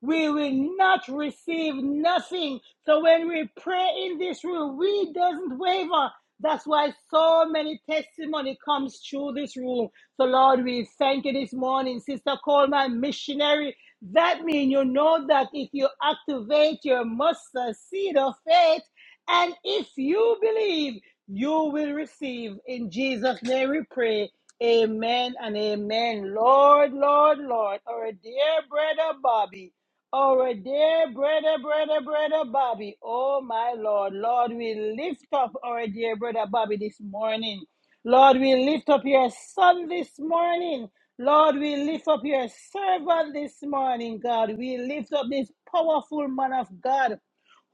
Speaker 3: we will not receive nothing. So when we pray in this room, we doesn't waver. That's why so many testimony comes through this room. So Lord, we thank you this morning, Sister Coleman, missionary. That means you know that if you activate your mustard seed of faith, and if you believe, you will receive. In Jesus' name we pray. Amen and amen. Lord, Lord, Lord, our dear brother Bobby, our dear brother, brother, brother Bobby. Oh, my Lord, Lord, we lift up our dear brother Bobby this morning. Lord, we lift up your son this morning. Lord, we lift up your servant this morning, God. We lift up this powerful man of God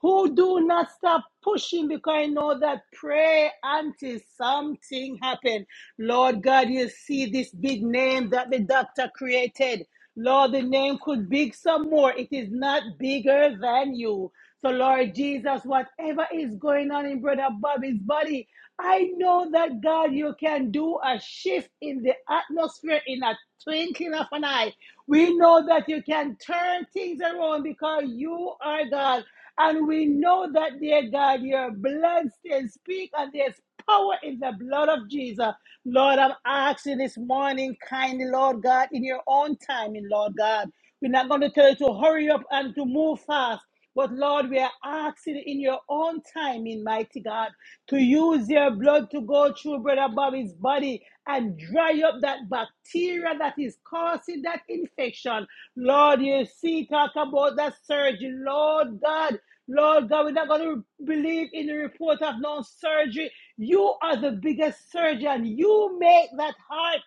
Speaker 3: who do not stop pushing because I know that pray until something happens, Lord God, you see this big name that the doctor created. Lord, the name could big some more. It is not bigger than you. So Lord Jesus, whatever is going on in Brother Bobby's body, I know that God, you can do a shift in the atmosphere in a twinkling of an eye. We know that you can turn things around because you are God. And we know that, dear God, your blood still speaks, and there's power in the blood of Jesus. Lord, I'm asking this morning, kindly, Lord God, in your own timing, Lord God. We're not going to tell you to hurry up and to move fast. But Lord, we are asking in your own timing, mighty God, to use use their blood to go through Brother Bobby's body and dry up that bacteria that is causing that infection. Lord, you see, talk about that surgery. Lord God, Lord God, we're not going to believe in the report of no surgery. You are the biggest surgeon. You make that heart.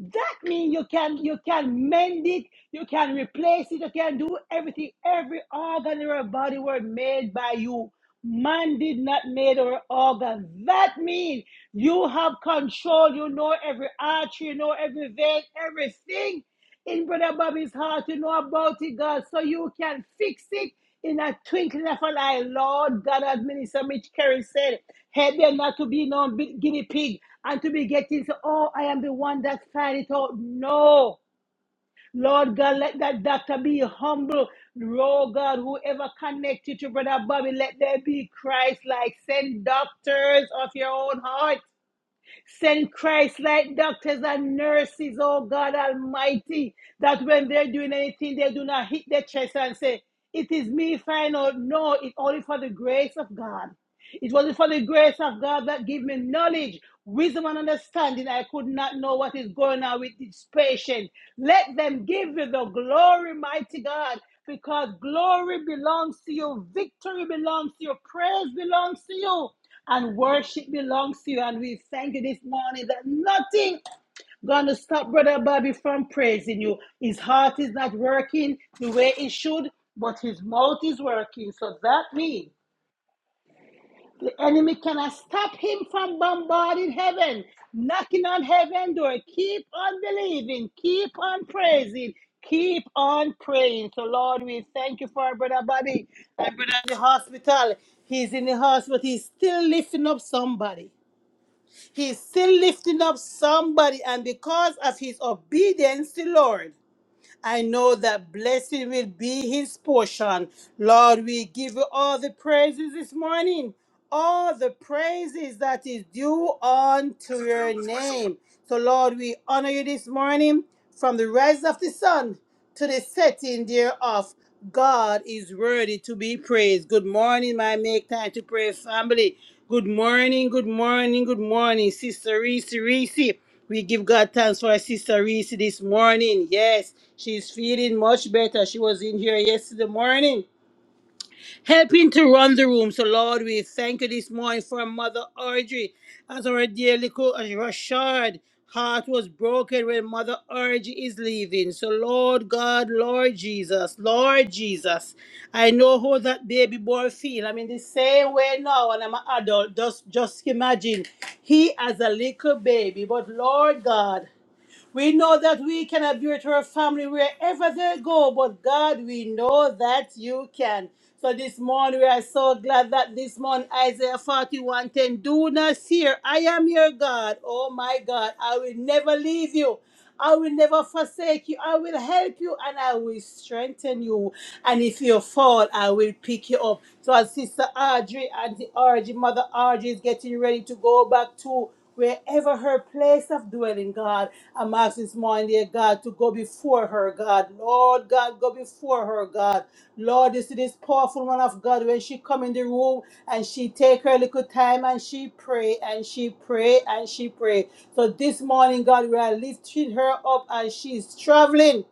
Speaker 3: That means you can you can mend it, you can replace it, you can do everything. Every organ in our body were made by you. Man did not made our organs. That means you have control. You know every artery, you know every vein, everything in Brother Bobby's heart you know about it, God, so you can fix it in a twinkling of an eye. Lord God, as Minister Mitch Carey said, help them not to be no bi- guinea pig and to be getting, so, oh, I am the one that found it out. No. Lord God, let that doctor be humble. Lord God, whoever connected to Brother Bobby, let there be Christ like. Send doctors of your own heart. Send Christ like doctors and nurses, oh God Almighty, that when they're doing anything, they do not hit their chest and say, It is me, final. No, it's only for the grace of God. It was for the grace of God that gave me knowledge, wisdom, and understanding. I could not know what is going on with this patient. Let them give you the glory, mighty God, because glory belongs to you, victory belongs to you, praise belongs to you and worship belongs to you. And we thank you this morning that nothing gonna stop Brother Bobby from praising you. His heart is not working the way it should, but his mouth is working. So that means the enemy cannot stop him from bombarding heaven, knocking on heaven door. Keep on believing, keep on praising. Keep on praying. So, Lord, we thank you for our brother Bobby and brother in the hospital. He's in the hospital, but he's still lifting up somebody. He's still lifting up somebody, and because of his obedience to Lord, I know that blessing will be his portion. Lord, we give you all the praises this morning, all the praises that is due unto your name. So, Lord, we honor you this morning from the rise of the sun to the setting thereof. God is worthy to be praised. Good morning, my make time to pray family. Good morning, good morning, good morning, Sister Reese Reese. We give God thanks for our Sister Reese this morning. Yes, she's feeling much better. She was in here yesterday morning Help him to run the room. So, Lord, we thank you this morning for Mother Audrey. As our dear little Rashard heart was broken when Mother Audrey is leaving. So, Lord God, Lord Jesus, Lord Jesus, I know how that baby boy feel. I'm in the same way now, and I'm an adult. Just, just imagine he as a little baby. But, Lord God, we know that we cannot be with her family wherever they go, but God, we know that you can. So this morning, we are so glad that this morning, Isaiah 41 10 do not fear. I am your God. Oh my God, I will never leave you. I will never forsake you. I will help you and I will strengthen you. And if you fall, I will pick you up. So as Sister Audrey and the Audrey, Mother Audrey is getting ready to go back to wherever her place of dwelling, God. I'm asking this morning, dear God. God, to go before her, God. Lord God, go before her, God. Lord, you see this powerful one of God when she come in the room and she take her little time and she pray and she pray and she pray. So this morning, God, we are lifting her up as she's traveling.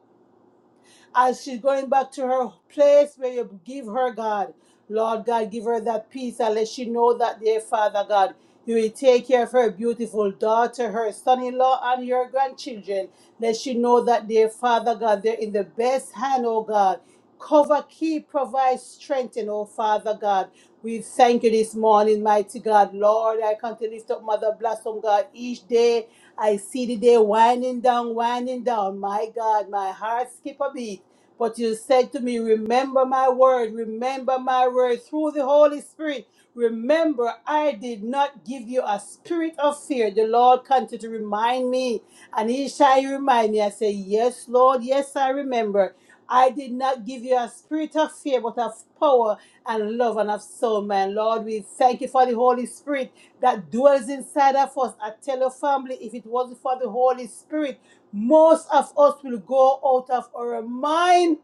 Speaker 3: As she's going back to her place where you give her, God, Lord God, give her that peace and let she know that, dear Father God, you will take care of her beautiful daughter, her son in law, and your grandchildren. Let she know that, dear Father God, they're in the best hand, oh God. Cover, keep, provide, strengthen, oh Father God. We thank you this morning, mighty God. Lord, I come to lift up Mother Blossom, God. Each day I see the day winding down, winding down. My God, my heart skip a beat. But you said to me, Remember my word, remember my word through the Holy Spirit. Remember, I did not give you a spirit of fear. The Lord continued to remind me, and He shall remind me. I say, Yes, Lord, yes, I remember. I did not give you a spirit of fear, but of power and love and of soul, man. Lord, we thank you for the Holy Spirit that dwells inside of us. I tell your family, if it wasn't for the Holy Spirit, most of us will go out of our mind,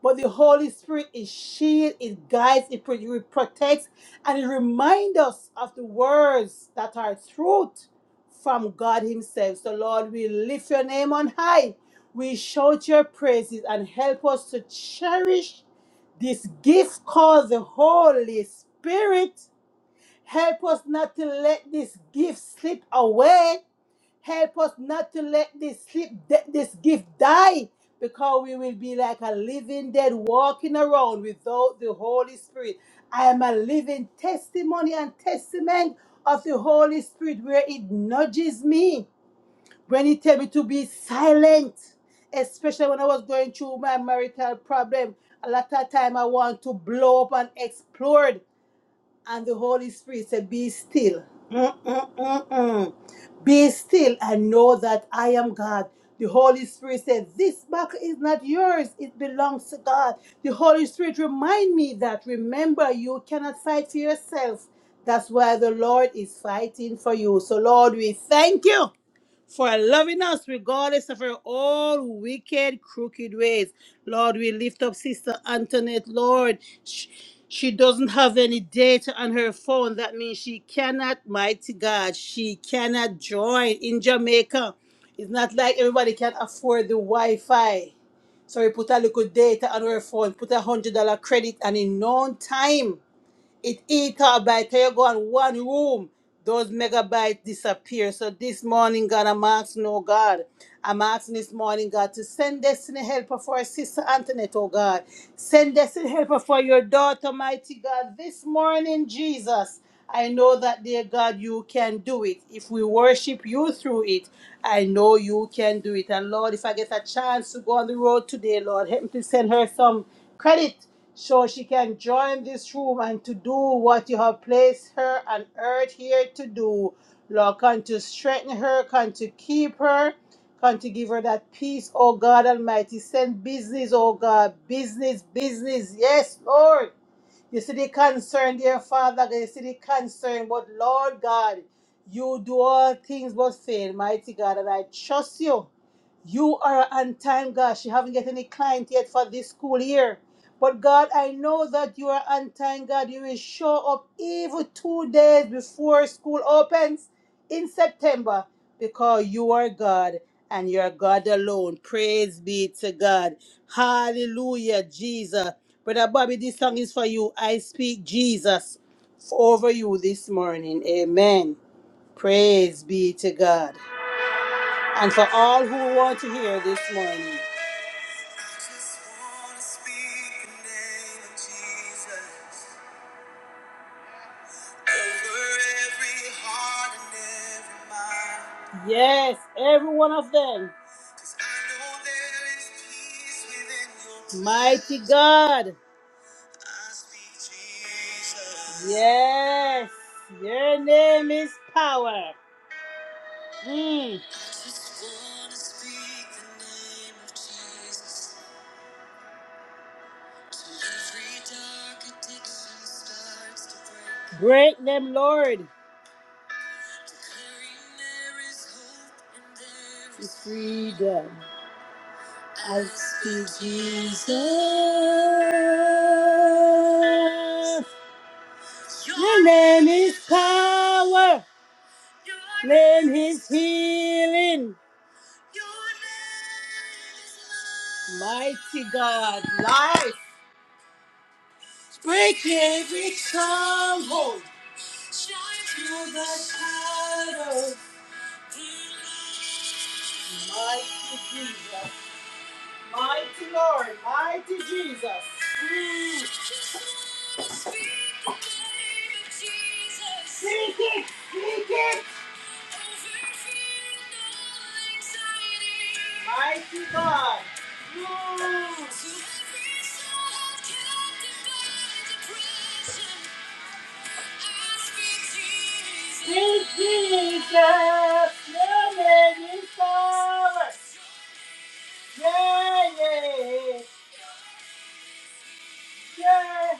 Speaker 3: but the Holy Spirit is shield, it guides, it pro- it protects, and it reminds us of the words that are truth from God Himself. So, Lord, we lift your name on high. We shout your praises and help us to cherish this gift called the Holy Spirit. Help us not to let this gift slip away Help us not to let this slip, th- this gift die, because we will be like a living dead walking around without the Holy Spirit. I am a living testimony and testament of the Holy Spirit where it nudges me when it tells me to be silent, especially when I was going through my marital problem. A lot of time I want to blow up and explode and the Holy Spirit said, Be still. Mm-mm-mm-mm. Be still and know that I am God. The Holy Spirit said, This battle is not yours, it belongs to God. The Holy Spirit remind me that remember you cannot fight for yourself. That's why the Lord is fighting for you. So Lord, we thank you for loving us regardless of our own wicked, crooked ways. Lord, we lift up Sister Antoinette, Lord. She, she doesn't have any data on her phone. That means she cannot, mighty God, she cannot join in Jamaica. It's not like everybody can afford the Wi Fi. So we put a little data on her phone, put a $100 credit, and in no time it eat by the you go in one room, those megabytes disappear. So this morning, God, I'm asking, oh God, I'm asking this morning, God, to send destiny helper for our sister Antoinette, oh God. Send destiny helper for your daughter, mighty God. This morning, Jesus, I know that, dear God, you can do it. If we worship you through it, I know you can do it. And Lord, if I get a chance to go on the road today, Lord, help me to send her some credit so she can join this room and to do what you have placed her on earth here to do. Lord, come to strengthen her, come to keep her, come to give her that peace, oh God Almighty. Send business, oh God, business, business. Yes, Lord. You see the concern, dear Father God. You see the concern, but Lord God, you do all things but fail, mighty God, and I trust you. You are on time, God. She haven't get any client yet for this school year. But God, I know that you are on time, God. You will show up even two days before school opens in September because you are God and you are God alone. Praise be to God. Hallelujah, Jesus. Brother Bobby, this song is for you. I speak Jesus over you this morning. Amen. Praise be to God. And for all who want to hear this morning. Just wanna speak the name of Jesus over every heart and every mind. Yes, every one of them. 'Cause I know there is peace within your presence. Mighty God. Yes, your name is power. Mm. Break them, Lord. To freedom. I speak Jesus. Your name is power. name is healing. Mighty God, life. Break every stronghold. Shine through the shadows. Mighty Jesus. Mighty Lord. Mighty Jesus. Speak it. Speak it. Mighty God. Move. In Jesus, your name is power. Yeah, yeah, yeah.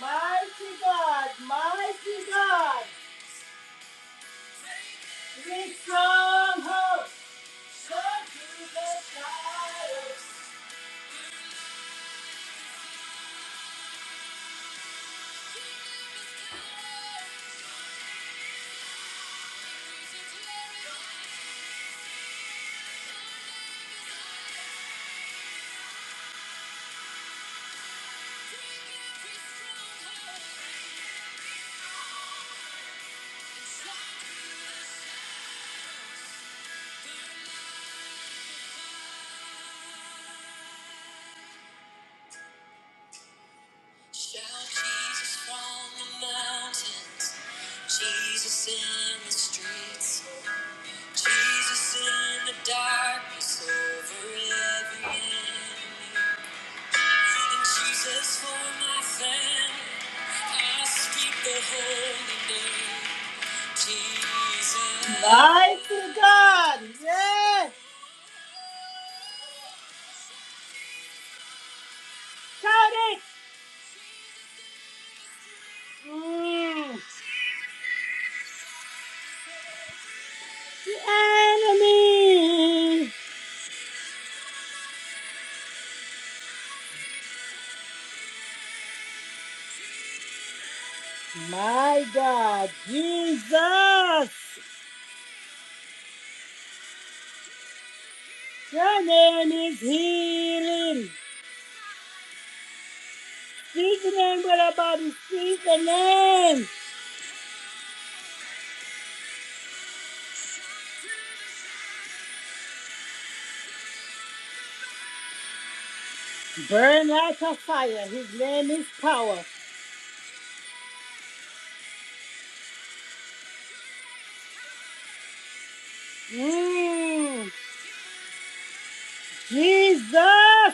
Speaker 3: Mighty God, mighty God, we stronghold, go to the fire. Shout Jesus from the mountains, Jesus in the streets. Jesus in the darkness over every enemy. And Jesus for my family, I speak the holy name. Jesus. Mighty God, yes, shout it. Mm, the enemy. My God, Jesus, your name is healing. Speak the name, brother Bobby, speak the name. Burn like a fire. His name is power. Mm, Jesus. I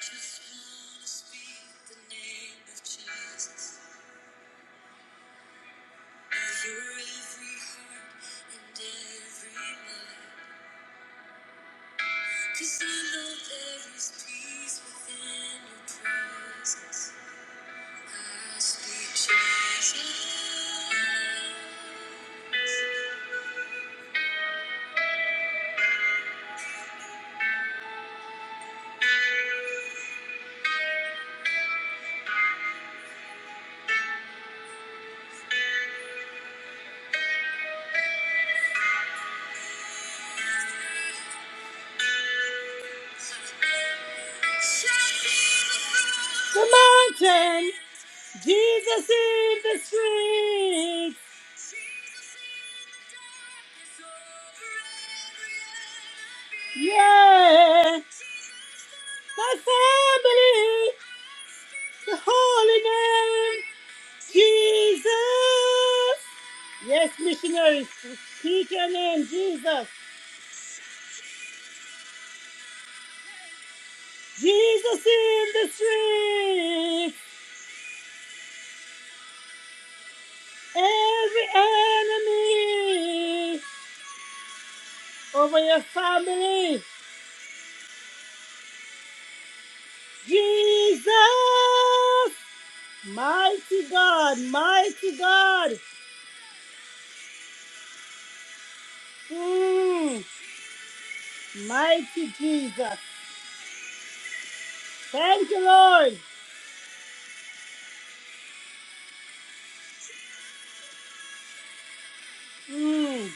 Speaker 3: just want to speak The name of Jesus over every heart and every mind. Cause I know there is peace within your presence. I speak Jesus. The mountain. Jesus in the streets, yeah. My family, the holy name, Jesus. Yes, missionaries, speak your name, Jesus. Jesus in the streets, every enemy over your family, Jesus. Mighty God, mighty God. Mm. Mighty Jesus. Thank you, Lord. Mm.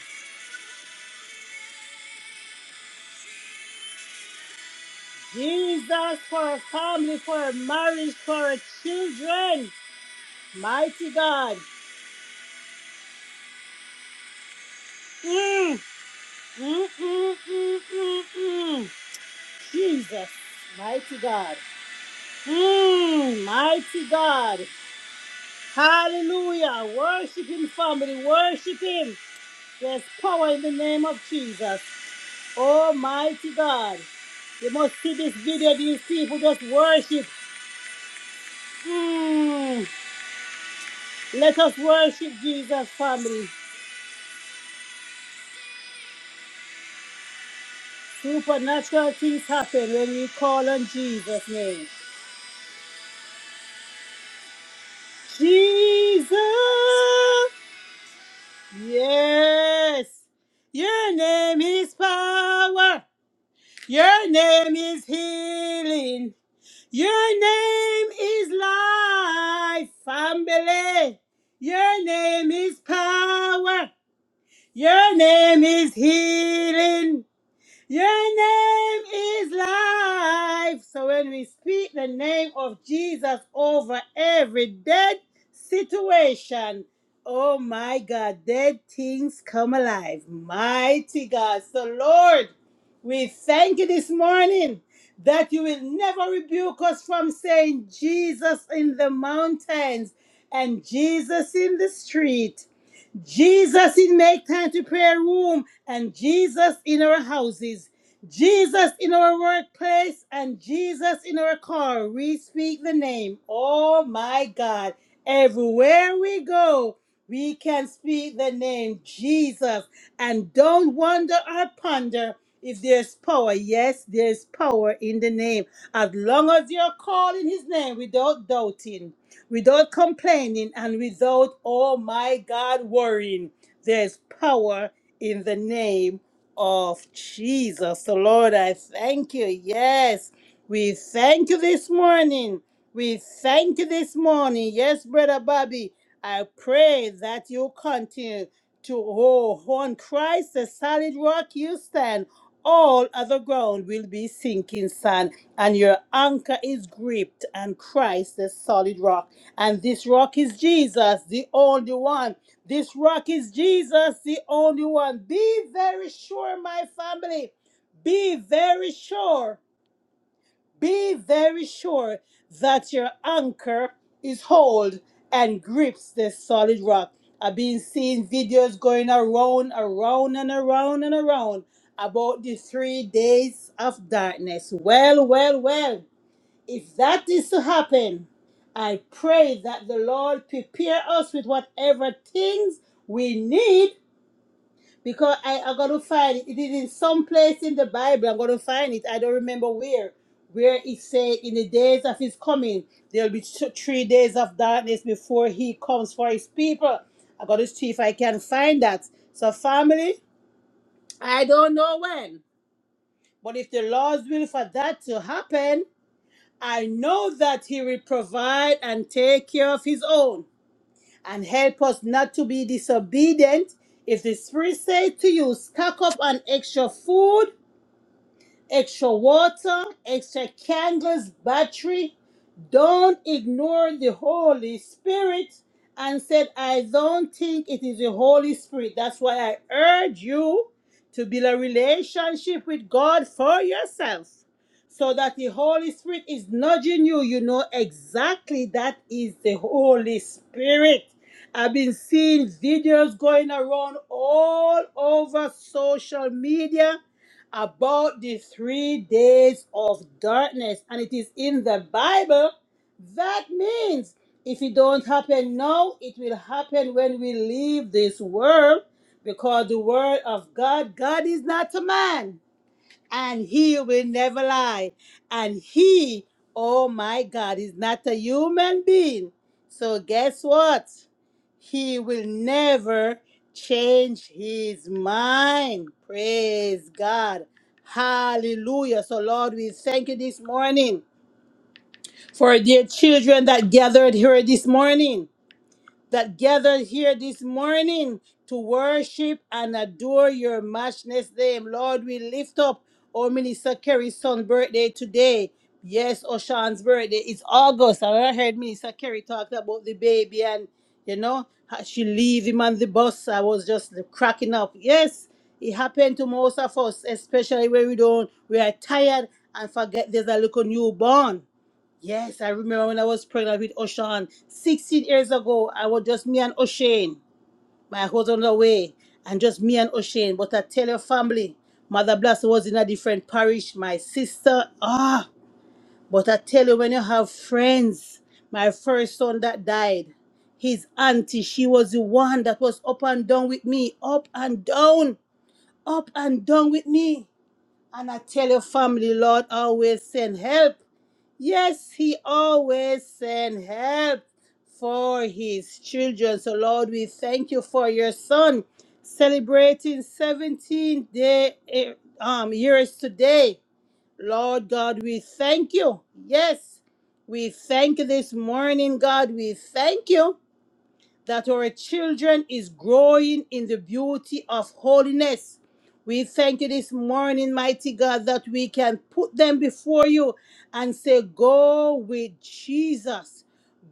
Speaker 3: Jesus for our family, for our marriage, for our children. Mighty God. Mm. Mm, mm, mm, mm, mm. Jesus. Mighty God. Mm. Mighty God. Hallelujah. Worship Him, family. Worship Him. There's power in the name of Jesus. Almighty God. You must see this video, these people just worship. Hmm. Let us worship Jesus, family. Supernatural things happen when we call on Jesus' name. Jesus! Yes! Your name is power. Your name is healing. Your name is life, family. Your name is power. Your name is healing. Your name is life. So when we speak the name of Jesus over every dead situation, oh my God, dead things come alive. Mighty God. So, Lord, we thank you this morning that you will never rebuke us from saying Jesus in the mountains and Jesus in the street. Jesus in Make Time to Prayer Room and Jesus in our houses. Jesus in our workplace and Jesus in our car. We speak the name. Oh my God. Everywhere we go, we can speak the name Jesus and don't wonder or ponder if there's power. Yes, there's power in the name. As long as you're calling his name without doubting without complaining and without, oh my God, worrying. There's power in the name of Jesus. So, Lord, I thank you. Yes, we thank you this morning. We thank you this morning. Yes, Brother Bobby, I pray that you continue to, oh, on Christ, the solid rock you stand. All other ground will be sinking sand, and your anchor is gripped, and Christ, the solid rock. And this rock is Jesus, the only one. This rock is Jesus, the only one. Be very sure, my family. Be very sure. Be very sure that your anchor is hold and grips the solid rock. I've been seeing videos going around, around, and around, and around about the three days of darkness. Well, well, well if that is to happen, I pray that the Lord prepare us with whatever things we need because I am going to find it. It is in some place in the Bible. I'm going to find it. I don't remember where. Where it said, in the days of his coming, there'll be th- three days of darkness before he comes for his people. I got to see if I can find that. So, family, I don't know when, but if the Lord's will for that to happen, I know that He will provide and take care of His own and help us not to be disobedient. If the Spirit says to you, stock up on extra food, extra water, extra candles, battery, don't ignore the Holy Spirit and said, I don't think it is the Holy Spirit. That's why I urge you to build a relationship with God for yourself so that the Holy Spirit is nudging you. You know exactly that is the Holy Spirit. I've been seeing videos going around all over social media about the three days of darkness, and it is in the Bible that means if it don't happen now, it will happen when we leave this world because the word of God, God is not a man and he will never lie. And he, oh my God, is not a human being. So guess what? He will never change his mind. Praise God. Hallelujah. So Lord, we thank you this morning for dear children that gathered here this morning, that gathered here this morning to worship and adore your matchless name. Lord, we lift up our Minister Kerry's son's birthday today. Yes, Oshan's birthday. It's August. And I heard Minister Kerry talk about the baby and, you know, how she leave him on the bus. I was just cracking up. Yes, it happened to most of us, especially when we don't, we are tired and forget there's a little newborn. Yes, I remember when I was pregnant with Oshan 16 years ago. I was just me and Oshane. My husband was away, and just me and Oshane. But I tell your family, Mother Blast was in a different parish. My sister, ah. But I tell you, when you have friends, my first son that died, his auntie, she was the one that was up and down with me, up and down, up and down with me. And I tell your family, Lord always send help. Yes, he always send help for his children. So Lord, we thank you for your son celebrating 17 day eh, um years today. Lord God, we thank you. Yes, we thank you this morning, God. We thank you that our children is growing in the beauty of holiness. We thank you this morning, mighty God, that we can put them before you and say, Go with Jesus.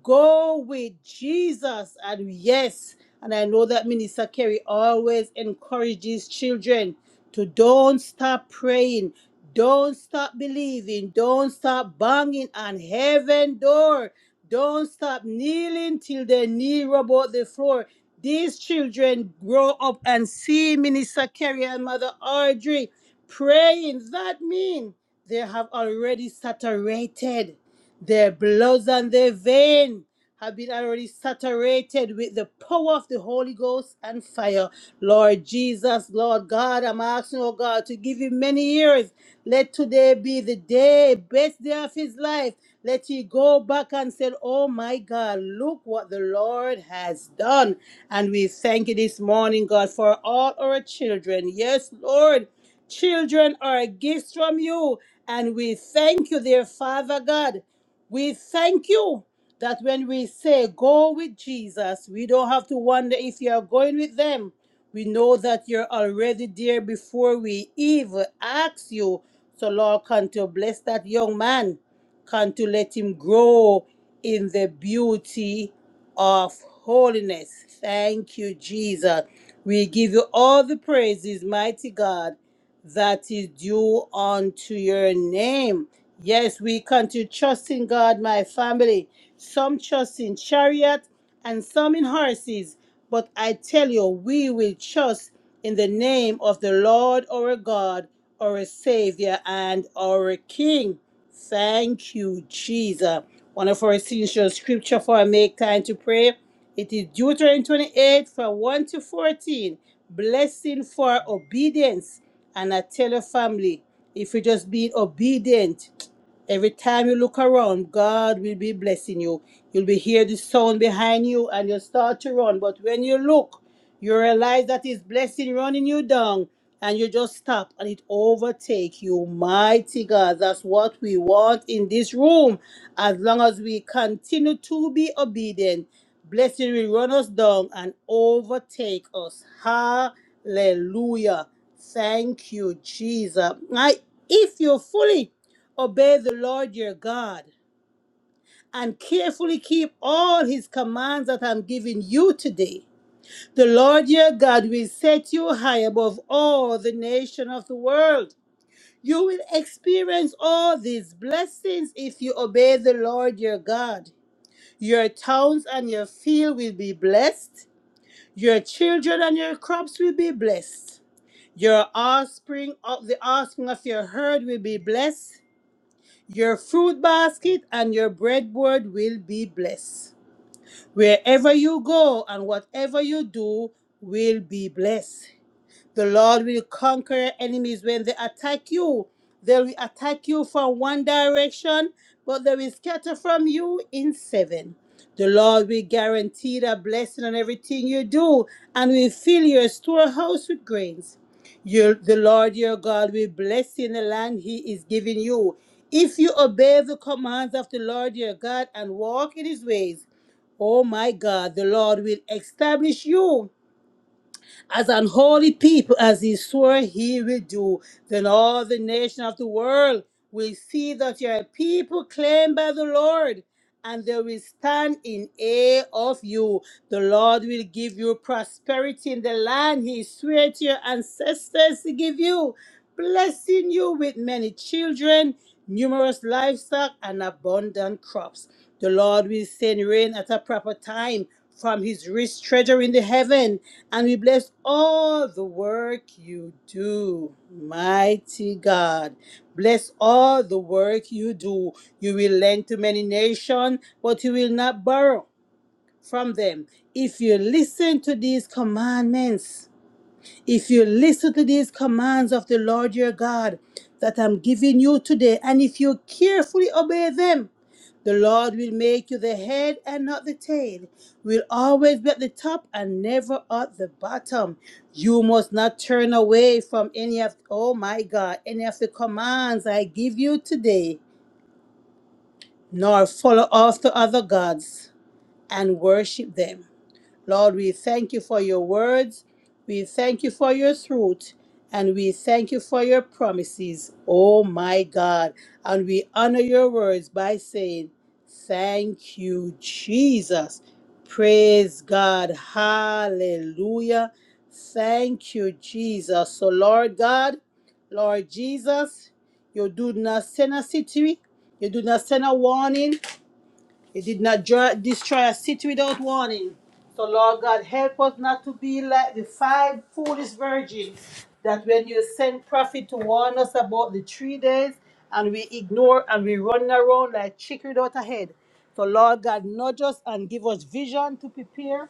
Speaker 3: Go with Jesus. And yes, and I know that Minister Kerry always encourages children to don't stop praying, don't stop believing, don't stop banging on heaven door don't stop kneeling till their knee rub out the floor. These children grow up and see Minister Kerry and Mother Audrey praying. That means they have already saturated their bloods and their veins have been already saturated with the power of the Holy Ghost and fire. Lord Jesus, Lord God, I'm asking, oh God, to give him many years. Let today be the day, best day of his life. Let he go back and say, Oh my God, look what the Lord has done. And we thank you this morning, God, for all our children. Yes, Lord, children are gifts from you. And we thank you, dear Father God. We thank you that when we say go with Jesus, we don't have to wonder if you are going with them. We know that you're already there before we even ask you. So, Lord, come to bless that young man. Come to let him grow in the beauty of holiness. Thank you, Jesus. We give you all the praises, mighty God that is due unto your name. Yes, we continue trusting God, my family. Some trust in chariot and some in horses. But I tell you, we will trust in the name of the Lord our God, our Savior, and our King. Thank you, Jesus. One of our essential scripture for our make time to pray. It is Deuteronomy 28 from 1 to 14. Blessing for obedience. And I tell your family, if you just be obedient, Every time you look around, God will be blessing you. You'll be hear the sound behind you and you'll start to run. But when you look, you realize that his blessing running you down and you just stop and it overtake you. Mighty God, that's what we want in this room. As long as we continue to be obedient, blessing will run us down and overtake us. Hallelujah. Thank you, Jesus. I, if you fully Obey the Lord your God and carefully keep all his commands that I'm giving you today. The Lord your God will set you high above all the nation of the world. You will experience all these blessings if you obey the Lord your God. Your towns and your field will be blessed. Your children and your crops will be blessed. Your offspring of the offspring of your herd will be blessed. Your fruit basket and your breadboard will be blessed. Wherever you go and whatever you do will be blessed. The Lord will conquer your enemies when they attack you. They will attack you from one direction, but they will scatter from you in seven. The Lord will guarantee the blessing on everything you do and will fill your storehouse with grains. Your, the Lord your God will bless you in the land he is giving you. If you obey the commands of the Lord your God and walk in his ways, oh my God, the Lord will establish you as an holy people, as he swore he would do, then all the nations of the world will see that you are a people claimed by the Lord, and they will stand in awe of you. The Lord will give you prosperity in the land he swore to your ancestors to give you blessing you with many children, numerous livestock, and abundant crops. The Lord will send rain at a proper time from his rich treasure in the heaven, and we bless all the work you do. Mighty God, bless all the work you do. You will lend to many nations, but you will not borrow from them. If you listen to these commandments, if you listen to these commands of the Lord your God that I'm giving you today, and if you carefully obey them, the Lord will make you the head and not the tail, will always be at the top and never at the bottom. You must not turn away from any of, oh my God, any of the commands I give you today, nor follow after other gods and worship them. Lord, we thank you for your words. We thank you for your truth. And we thank you for your promises, oh my God. And we honor your words by saying, Thank you, Jesus. Praise God. Hallelujah. Thank you, Jesus. So, Lord God, Lord Jesus, you do not send a city, you do not send a warning, it did not dra- destroy a city without warning. So, Lord God, help us not to be like the five foolish virgins that when you send prophet to warn us about the three days and we ignore and we run around like chicken without a head. So, Lord God, nudge us and give us vision to prepare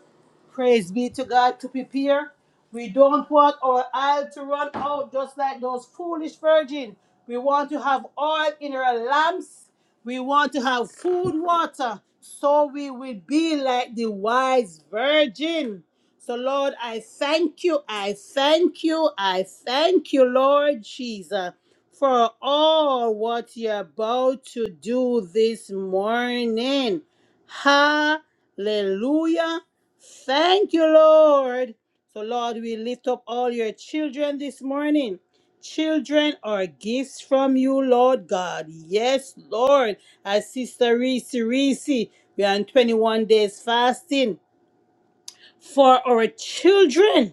Speaker 3: Praise be to God to prepare. We don't want our oil to run out just like those foolish virgins. We want to have oil in our lamps. We want to have food, water, so we will be like the wise virgin. So, Lord, I thank you, I thank you, I thank you, Lord Jesus, for all what you're about to do this morning. Hallelujah. Thank you, Lord. So, Lord, we lift up all your children this morning. Children are gifts from you, Lord God. Yes, Lord. As Sister Reese Reese, we are on 21 days fasting for our children.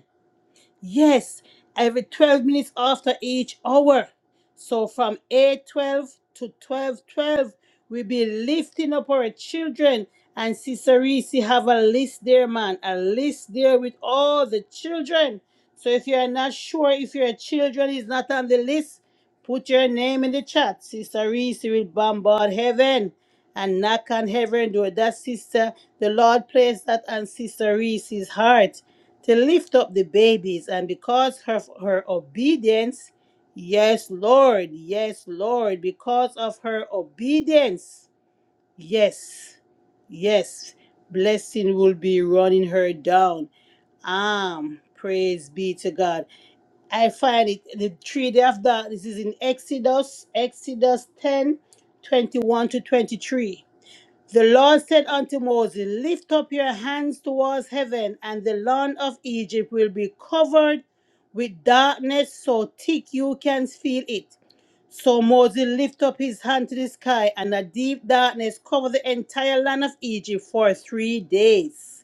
Speaker 3: Yes, every 12 minutes after each hour. So from 8:12 to 12:12, we be lifting up our children. And Sister Reese have a list there, man, a list there with all the children. So if you are not sure if your children is not on the list, put your name in the chat. Sister Reese will bombard heaven and knock on heaven door. That sister, the Lord placed that on Sister Reese's heart to lift up the babies, and because of her obedience, yes, Lord, yes, Lord, because of her obedience, yes, yes, blessing will be running her down. Um, praise be to God. I find it the three day of that. This is in Exodus, Exodus 10, 21 to 23. The Lord said unto Moses, Lift up your hands towards heaven, and the land of Egypt will be covered with darkness so thick you can feel it. So Moses lifted up his hand to the sky, and a deep darkness covered the entire land of Egypt for three days.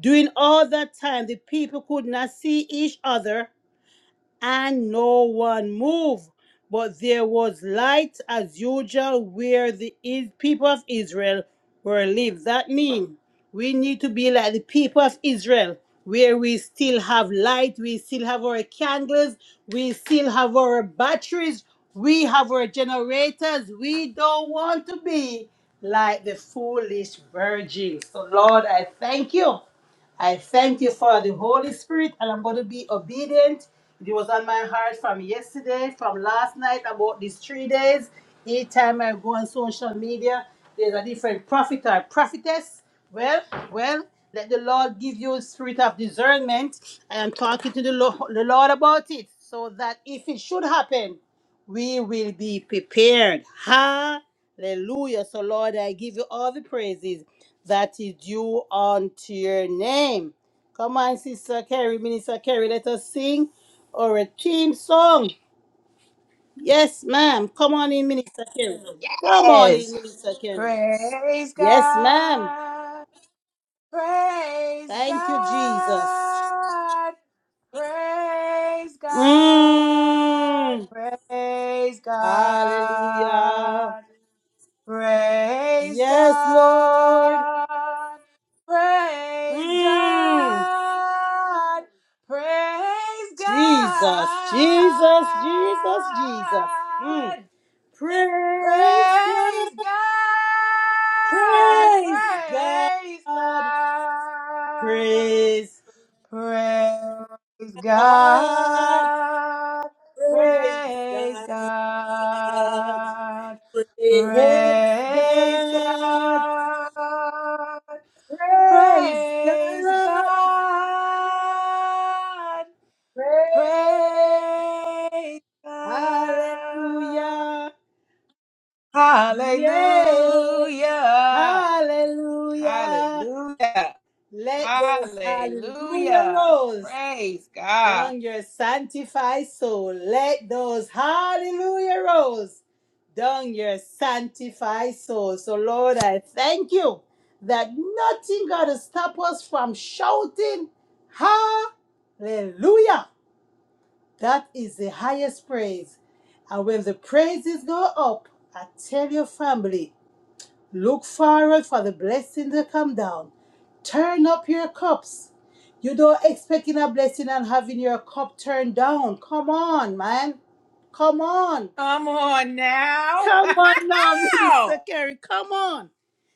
Speaker 3: During all that time, the people could not see each other and no one moved. But there was light as usual where the is- people of Israel were live. That means we need to be like the people of Israel, where we still have light, we still have our candles, we still have our batteries, we have our generators. We don't want to be like the foolish virgins. So, Lord, I thank you I thank you for the Holy Spirit, and I'm going to be obedient. It was on my heart from yesterday, from last night, about these three days. Each time I go on social media, there's a different prophet or prophetess. Well, well, let the Lord give you a spirit of discernment. I am talking to the Lo- the Lord about it, so that if it should happen, we will be prepared. Hallelujah. So, Lord, I give you all the praises that is due unto your name. Come on, Sister Carrie, Minister Carrie, let us sing our theme song. Yes, ma'am. Come on in, Minister Carrie. Come on
Speaker 1: Yes.
Speaker 3: in, Minister Carrie.
Speaker 1: Praise
Speaker 3: Yes, ma'am.
Speaker 1: God. Praise
Speaker 3: Thank you, Jesus.
Speaker 1: God. Praise God.
Speaker 3: Mm.
Speaker 1: Praise
Speaker 3: Hallelujah.
Speaker 1: God. Praise
Speaker 3: Yes, Lord.
Speaker 1: God. Praise
Speaker 3: Mm.
Speaker 1: God. Praise God.
Speaker 3: Jesus, Jesus, Jesus, Jesus. Mm. Praise God,
Speaker 1: Praise God,
Speaker 3: praise God,
Speaker 1: praise God,
Speaker 3: praise
Speaker 1: praise
Speaker 3: God,
Speaker 1: God,
Speaker 3: praise
Speaker 1: praise
Speaker 3: God,
Speaker 1: God,
Speaker 3: praise
Speaker 1: praise
Speaker 3: God,
Speaker 1: God,
Speaker 3: praise
Speaker 1: praise
Speaker 3: God,
Speaker 1: God,
Speaker 3: praise.
Speaker 1: praise God.
Speaker 3: Hallelujah, yes,
Speaker 1: Hallelujah.
Speaker 3: hallelujah.
Speaker 1: Hallelujah.
Speaker 3: Let those hallelujah
Speaker 1: Hallelujah.
Speaker 3: rolls
Speaker 1: Praise God.
Speaker 3: down your sanctified soul. Let those hallelujah rolls down your sanctified soul. So, Lord, I thank you that nothing got to stop us from shouting hallelujah. That is the highest praise. And when the praises go up, I tell your family, Look forward for the blessing to come down. Turn up your cups. You don't expecting a blessing and having your cup turned down. Come on, man. Come on.
Speaker 1: Come on now.
Speaker 3: Come on now, Minister
Speaker 1: Wow.
Speaker 3: Kerry. Come on.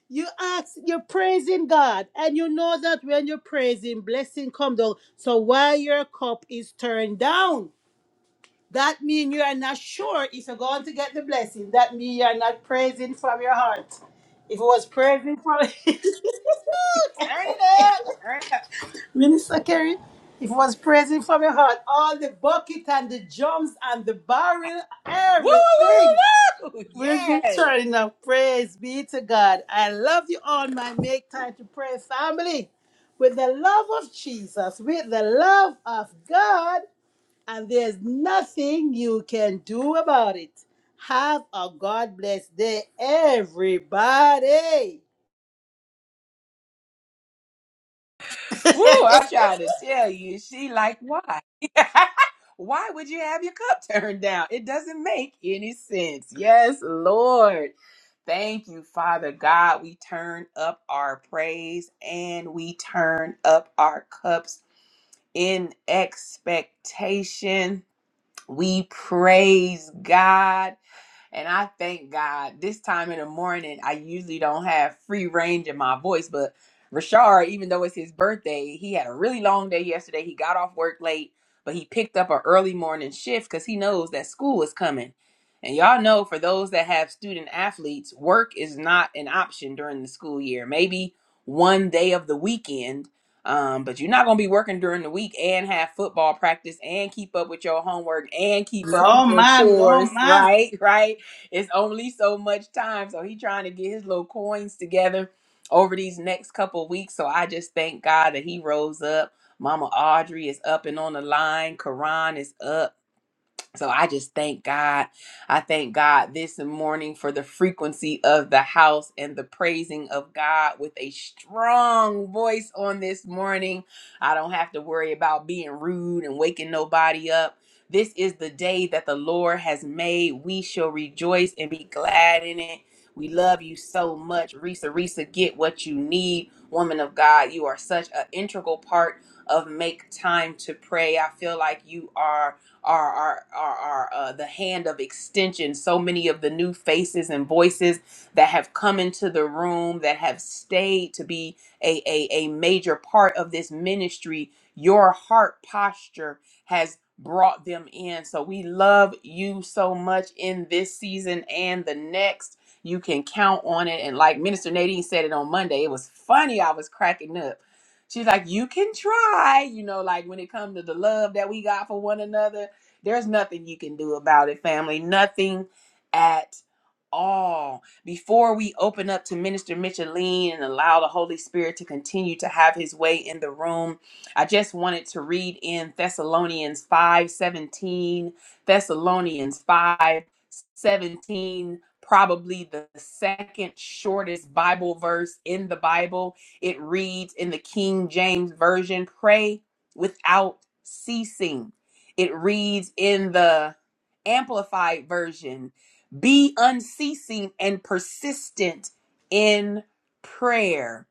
Speaker 3: You ask, you're praising God, and you know that when you're praising, blessing come down. So while your cup is turned down, that means you are not sure if you're going to get the blessing. That means you are not praising from your heart. If it was praising from
Speaker 1: Turn it up. Turn it up.
Speaker 3: Minister Kerry, it was praising from your heart. All the bucket and the drums and the barrel,
Speaker 1: Woo, woo,
Speaker 3: everything.
Speaker 1: woo, woo.
Speaker 3: We're just
Speaker 1: Yes.
Speaker 3: turning up. Praise be to God. I love you all, my make time to pray family. With the love of Jesus, with the love of God, and there's nothing you can do about it. Have a God bless day, everybody.
Speaker 1: Woo, I tried to tell you. She like, why? why would you have your cup turned down? It doesn't make any sense. Yes, Lord. Thank you, Father God. We turn up our praise and we turn up our cups in expectation. We praise God. And I thank God this time in the morning, I usually don't have free range in my voice, but Rashard, even though it's his birthday, he had a really long day yesterday. He got off work late, but he picked up an early morning shift because he knows that school is coming. And y'all know for those that have student athletes, work is not an option during the school year. Maybe one day of the weekend, um, but you're not going to be working during the week and have football practice and keep up with your homework and keep up
Speaker 3: No,
Speaker 1: with your
Speaker 3: ma'am. No,
Speaker 1: chores,
Speaker 3: ma'am.
Speaker 1: right? Right? it's only so much time. So he trying to get his little coins together over these next couple weeks. So I just thank God that he rose up. Mama Audrey is up and on the line. Karan is up. So I just thank God. I thank God this morning for the frequency of the house and the praising of God with a strong voice on this morning. I don't have to worry about being rude and waking nobody up. This is the day that the Lord has made. We shall rejoice and be glad in it. We love you so much. Risa, Risa, get what you need. Woman of God, you are such an integral part of Make Time to Pray. I feel like you are are are are, are uh, the hand of extension. So many of the new faces and voices that have come into the room that have stayed to be a, a, a major part of this ministry. Your heart posture has brought them in. So we love you so much in this season and the next. You can count on it. And like Minister Nadine said it on Monday, it was funny. I was cracking up. She's like, you can try, you know, like when it comes to the love that we got for one another there's nothing you can do about it, family. Nothing at all. Before we open up to Minister Micheline and allow the Holy Spirit to continue to have his way in the room, I just wanted to read in Thessalonians five seventeen. Thessalonians 5 17, probably the second shortest Bible verse in the Bible. It reads in the King James Version, pray without ceasing. It reads in the amplified version be unceasing and persistent in prayer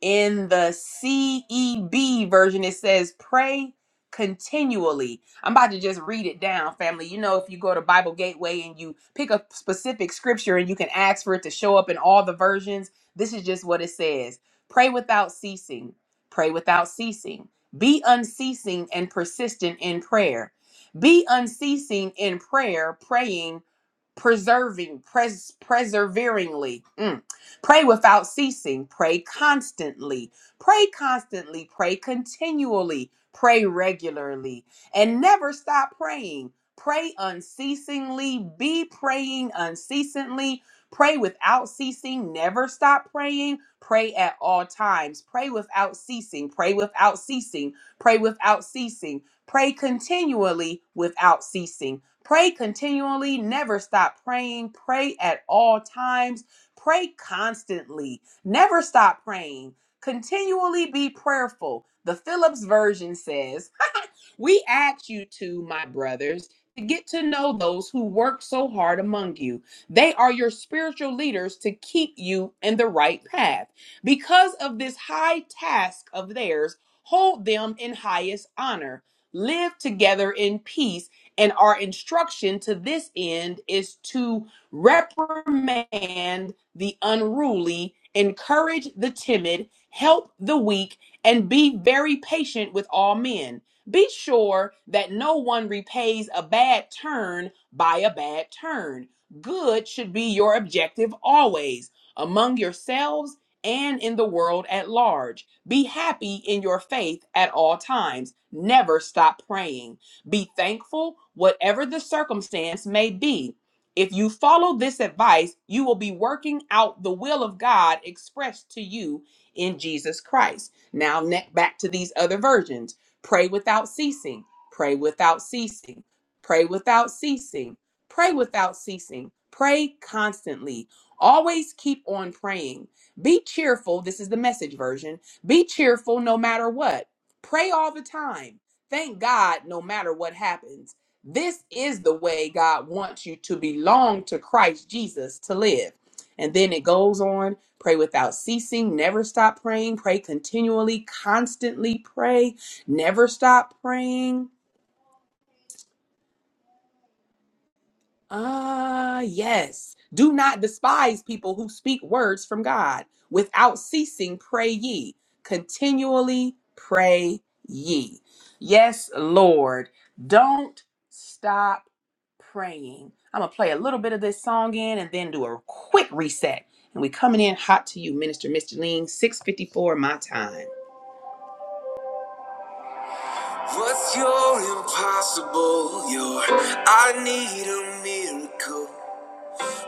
Speaker 1: in the CEB version, it says, pray continually. I'm about to just read it down, family. You know, if you go to Bible Gateway and you pick a specific scripture and you can ask for it to show up in all the versions, this is just what it says Pray without ceasing. Pray without ceasing. Be unceasing and persistent in prayer. Be unceasing in prayer, praying preserving, pres- perseveringly. Mm. Pray without ceasing. Pray constantly. Pray constantly. Pray continually. Pray regularly. And never stop praying. Pray unceasingly. Be praying unceasingly. Pray without ceasing. Never stop praying. Pray at all times. Pray without ceasing. Pray without ceasing. Pray without ceasing. Pray continually without ceasing Pray continually, never stop praying. Pray at all times. Pray constantly. Never stop praying. Continually be prayerful. The Phillips version says, we ask you to, my brothers, to get to know those who work so hard among you. They are your spiritual leaders to keep you in the right path. Because of this high task of theirs, hold them in highest honor. Live together in peace and our instruction to this end is to reprimand the unruly, encourage the timid, help the weak, and be very patient with all men. Be sure that no one repays a bad turn by a bad turn. Good should be your objective always, among yourselves and in the world at large. Be happy in your faith at all times. Never stop praying. Be thankful, whatever the circumstance may be. If you follow this advice, you will be working out the will of God expressed to you in Jesus Christ. Now, ne- back to these other versions pray without ceasing, pray without ceasing, pray without ceasing, pray without ceasing, pray constantly. Always keep on praying. Be cheerful. This is the message version. Be cheerful no matter what. Pray all the time. Thank God, no matter what happens, this is the way God wants you to belong to Christ Jesus to live. And then it goes on pray without ceasing, never stop praying, pray continually, constantly pray, never stop praying Ah, yes. Do not despise people who speak words from God. Without ceasing, pray ye. Continually pray ye. Yes, Lord. Don't stop praying. I'm going to play a little bit of this song in and then do a quick reset. And we coming in hot to you, Minister Mr. Lean, 654 my time. Oh, impossible, you're, I need a miracle.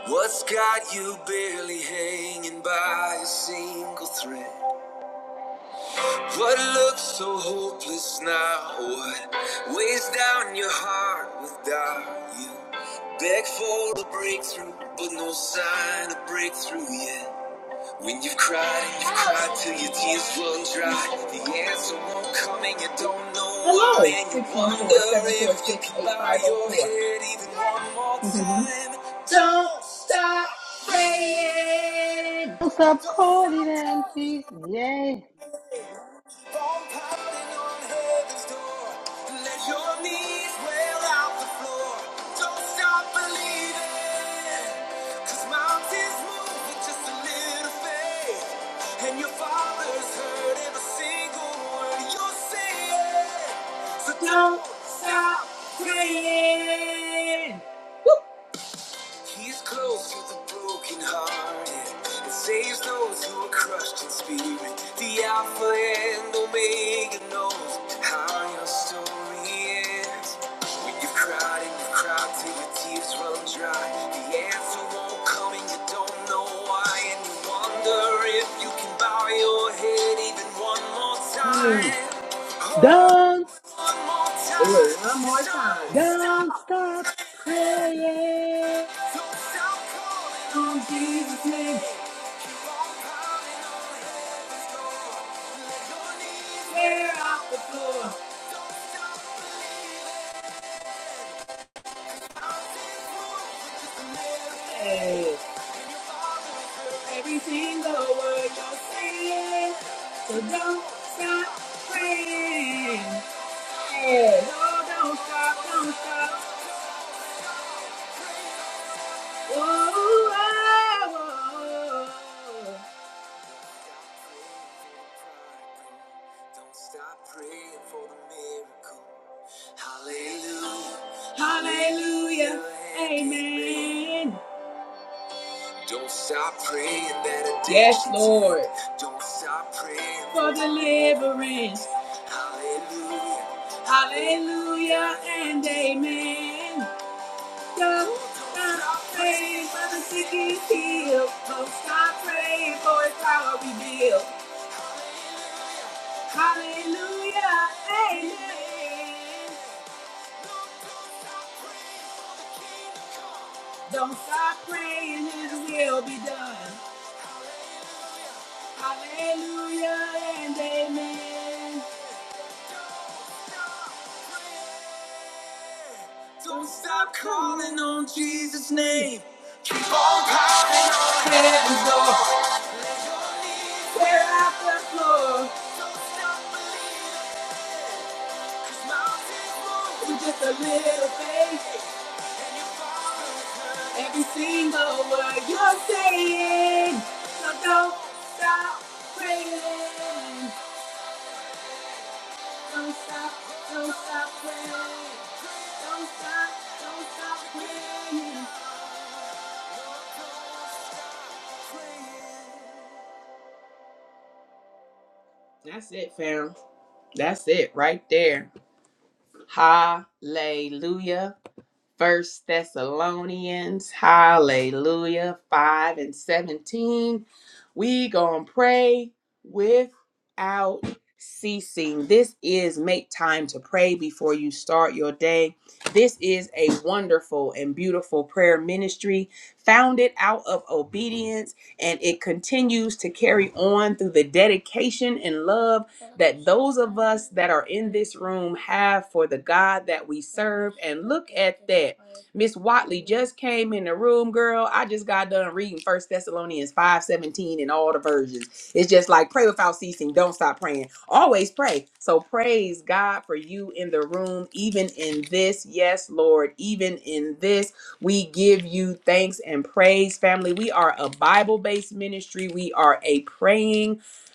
Speaker 1: What's got you barely hanging by a single thread? What looks so hopeless now? What weighs down your heart without you? Beg for a breakthrough, but no sign of breakthrough yet. When you've cried you've cried till your tears run dry, the answer won't come and you don't know Hello. when you 614-746-8504. wonder if you can bow your head even one more time.
Speaker 3: Don't stop calling and seeking, yeah.
Speaker 1: Don't stop believing. 'Cause mountains So don't stop praying. Woo! He's close to the broken hearted and saves those who are crushed in spirit. The Alpha and Omega knows how your story ends. When you've cried and you've cried till your tears run dry, the answer won't come and you don't know why. And you wonder if you can bow your head even one more time. Mm. Oh,
Speaker 3: Don't,
Speaker 1: one more time. Do one more time. Don't
Speaker 3: don't
Speaker 1: stop.
Speaker 3: stop praying.
Speaker 1: Don't stop calling. Don't stop praying for the miracle. Hallelujah. Hallelujah. Amen. Don't stop praying that Yes, Lord. Don't stop praying for deliverance. Hallelujah. Hallelujah and amen. Don't stop praying for the sick is healed. Don't stop praying for his power revealed. Hallelujah. Amen. Hallelujah. Don't stop calling on Jesus' name. Every single word you're saying. That's it, fam. That's it right there. Hallelujah. First Thessalonians, hallelujah, 5 and 17. We gonna pray without ceasing. This is make time to pray before you start your day. This is a wonderful and beautiful prayer ministry founded out of obedience, and it continues to carry on through the dedication and love that those of us that are in this room have for the God that we serve. And look at that. Miss Watley just came in the room, girl. I just got done reading First Thessalonians 5 17 in all the versions. It's just like pray without ceasing. Don't stop praying. Always pray. So praise God for you in the room, even in this. Yes, Lord, even in this. We give you thanks and praise, family. We are a Bible based ministry. We are a praying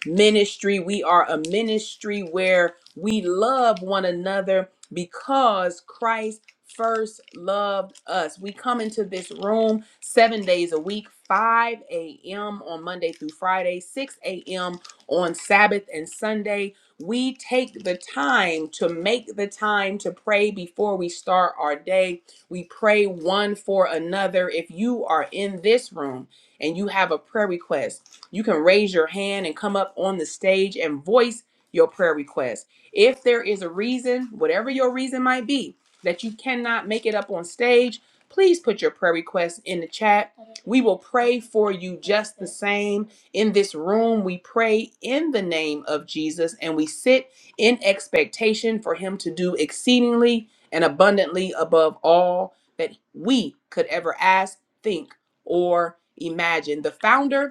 Speaker 1: ministry. We are a ministry where we love one another because Christ first loved us. We come into this room seven days a week, 5 a.m. on Monday through Friday, 6 a.m. on Sabbath and Sunday. We take the time to make the time to pray before we start our day. We pray one for another. If you are in this room and you have a prayer request, you can raise your hand and come up on the stage and voice your prayer request. If there is a reason, whatever your reason might be, that you cannot make it up on stage, please put your prayer request in the chat. We will pray for you just the same. In this room, we pray in the name of Jesus and we sit in expectation for him to do exceedingly and abundantly above all that we could ever ask, think, or imagine. The founder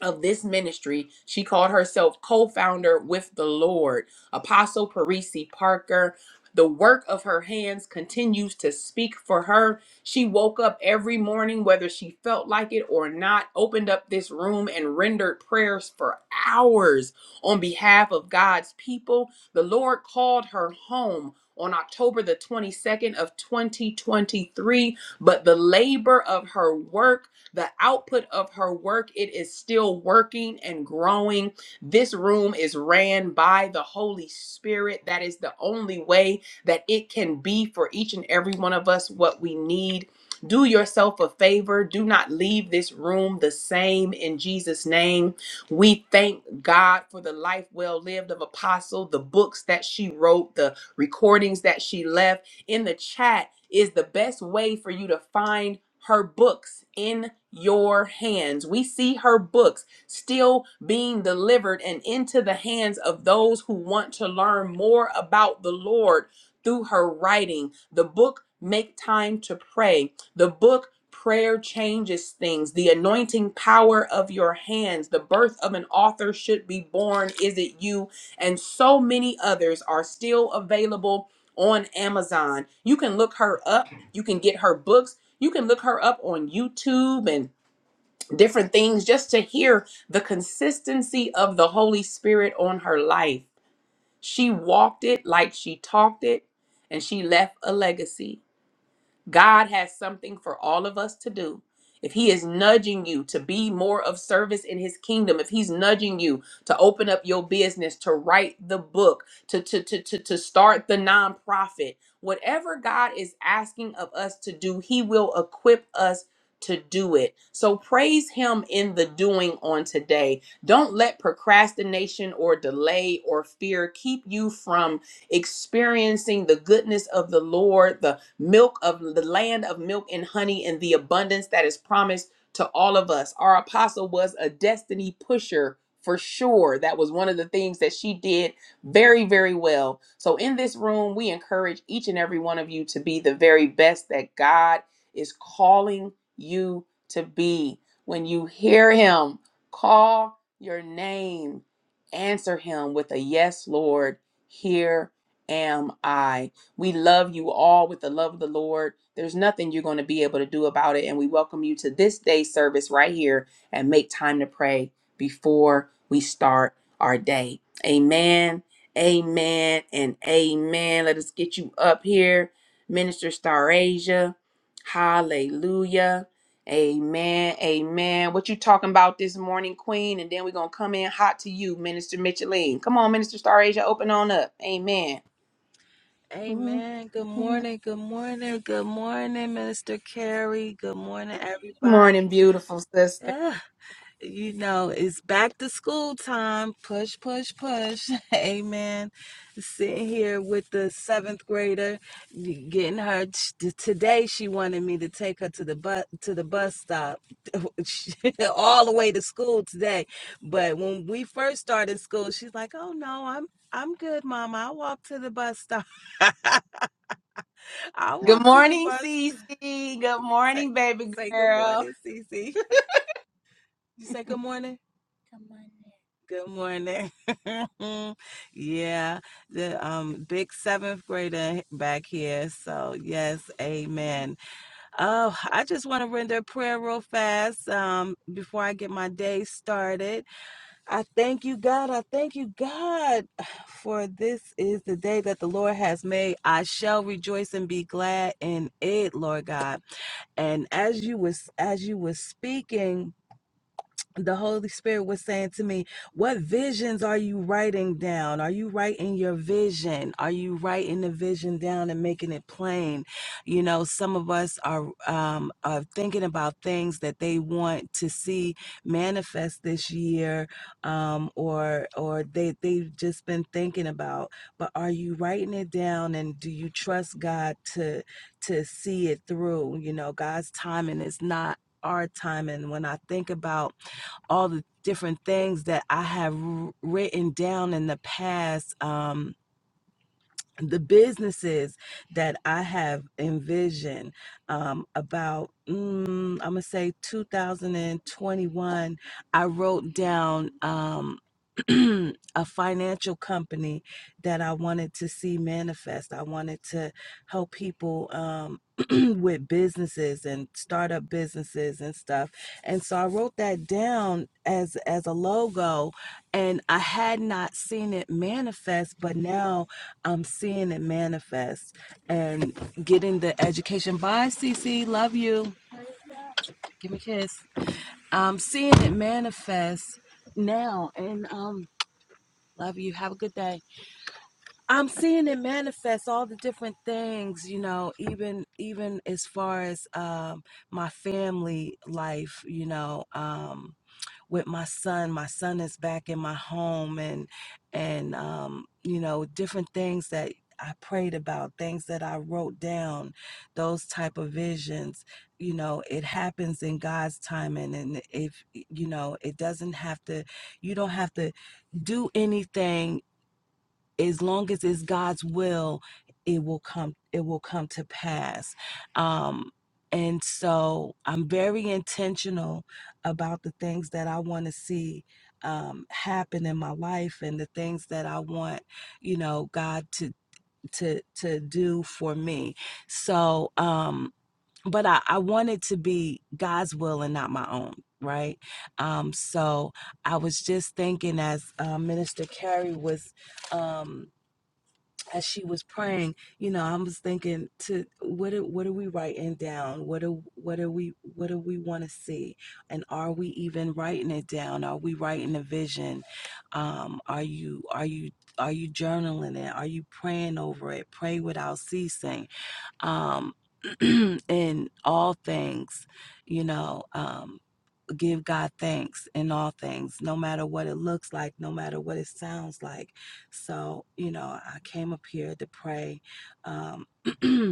Speaker 1: of this ministry. She called herself co founder with the Lord. Apostle Parisi Parker. The work of her hands continues to speak for her. She woke up every morning, whether she felt like it or not, opened up this room and rendered prayers for hours on behalf of God's people. The Lord called her home on October the 22nd of 2023, but the labor of her work the output of her work it is still working and growing this room is ran by the holy spirit that is the only way that it can be for each and every one of us what we need do yourself a favor. Do not leave this room the same in Jesus' name. We thank God for the life well lived of Apostle, the books that she wrote, the recordings that she left in the chat is the best way for you to find her books in your hands. We see her books still being delivered and into the hands of those who want to learn more about the Lord through her writing. The book, Make Time to Pray. The book, Prayer Changes Things. The Anointing Power of Your Hands. The Birth of an Author Should Be Born. Is It You? And so many others are still available on Amazon. You can look her up. You can get her books. You can look her up on YouTube and different things just to hear the consistency of the Holy Spirit on her life. She walked it like she talked it, and she left a legacy. God has something for all of us to do. If He is nudging you to be more of service in His kingdom, if He's nudging you to open up your business, to write the book, to, to, to, to, to start the nonprofit, whatever God is asking of us to do, He will equip us to do it. So praise Him in the doing on today. Don't let procrastination or delay or fear keep you from experiencing the goodness of the Lord, the milk of the land of milk and honey, and the abundance that is promised to all of us. Our apostle was a destiny pusher for sure. That was one of the things that she did very, very well. So, in this room, we encourage each and every one of you to be the very best that God is calling you to be. When you hear Him call your name, answer Him with a yes, Lord. Here am I. We love you all with the love of the Lord. There's nothing you're going to be able to do about it. And we welcome you to this day's service right here and make time to pray before we start our day. Amen, amen, and amen. Let us get you up here, Minister Star Asia. Hallelujah. Amen. Amen. What you talking about this morning, Queen? And then we're gonna come in hot to you, Minister Micheline. Come on, Minister Star Asia, open on up. Amen. Mm-hmm.
Speaker 4: Amen. Good morning. Good morning. Good morning, Minister Carey. Good morning, everybody.
Speaker 1: Morning, beautiful sister.
Speaker 4: Ah, you know, it's back to school time. Push, push, push. Amen. Sitting here with the seventh grader, getting her t- today. She wanted me to take her to the bus to the bus stop, she- all the way to school today. But when we first started school, she's like, "Oh no, I'm I'm good, Mama. I walk to the bus stop." I
Speaker 1: Good
Speaker 4: walk to the
Speaker 1: morning,
Speaker 4: bus to
Speaker 1: Cece. Good
Speaker 4: say,
Speaker 1: morning, baby
Speaker 4: say good
Speaker 1: girl.
Speaker 4: morning, Cece. You say good morning? Good morning. Good morning. yeah, the um big seventh grader back here. So yes, amen. Oh, I just want to render a prayer real fast um before I get my day started. I thank you, God. I thank you, God, for this is the day that the Lord has made. I shall rejoice and be glad in it, Lord God. And as you was as you was speaking, the Holy Spirit was saying to me, What visions are you writing down? Are you writing your vision? Are you writing the vision down and making it plain? You know, some of us are, um, are thinking about things that they want to see manifest this year um, or or they, they've just been thinking about. But are you writing it down and do you trust God to, to see it through? You know, God's timing is not our timing. When I think about all the different things that I have written down in the past. Um, the businesses that I have envisioned um, about, mm, I'm gonna say 2021, I wrote down um, a financial company that I wanted to see manifest. I wanted to help people um, with businesses and startup businesses and stuff. And so I wrote that down as as a logo, and I had not seen it manifest, but now I'm seeing it manifest and getting the education. Bye, Cece. Love you. Give me a kiss. I'm seeing it manifest now, and um, love you. Have a good day. I'm seeing it manifest all the different things, you know, even even as far as um my family life, you know, um. with my son. My son is back in my home, and and um, you know different things that I prayed about, things that I wrote down, those type of visions. You know, it happens in God's timing, and if you know, it doesn't have to. You don't have to do anything as long as it's God's will, it will come it will come to pass. Um and so I'm very intentional about the things that I want to see um happen in my life and the things that I want, you know, God to to to do for me. So um but I, I want it to be God's will and not my own, right? Um so I was just thinking as uh, Minister Carey was um as she was praying, you know, I was thinking to what are, what are we writing down? What do what are we what do we want to see? And are we even writing it down? Are we writing a vision? Um, are you are you are you journaling it? Are you praying over it? Pray without ceasing. Um in all things, you know. Um give God thanks in all things, no matter what it looks like, no matter what it sounds like. So, you know, I came up here to pray. Um,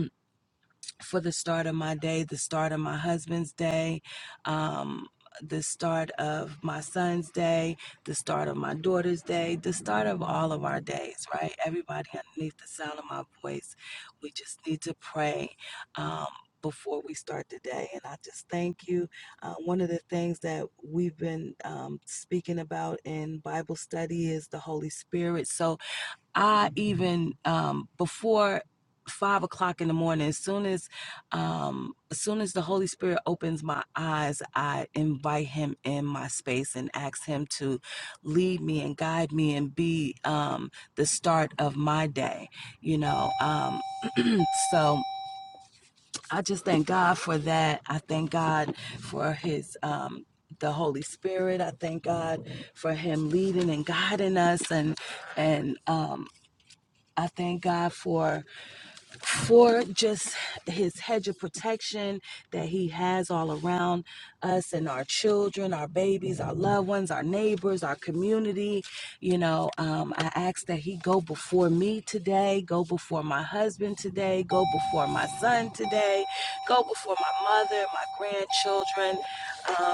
Speaker 4: for the start of my day, the start of my husband's day, um, the start of my son's day, the start of my daughter's day, the start of all of our days, right? Everybody underneath the sound of my voice, we just need to pray. Um, before we start the day, and I just thank you. Uh, one of the things that we've been um, speaking about in Bible study is the Holy Spirit. So, I even um, before five o'clock in the morning, as soon as um, as soon as the Holy Spirit opens my eyes, I invite Him in my space and ask Him to lead me and guide me and be um, the start of my day. You know, um, so I just thank God for that. I thank God for His. Um, the Holy Spirit. I thank God for Him leading and guiding us, and and um, I thank God for for just his hedge of protection that he has all around us and our children, our babies, our loved ones, our neighbors, our community. You know, um, I ask that he go before me today, go before my husband today, go before my son today, go before my mother, my grandchildren. um,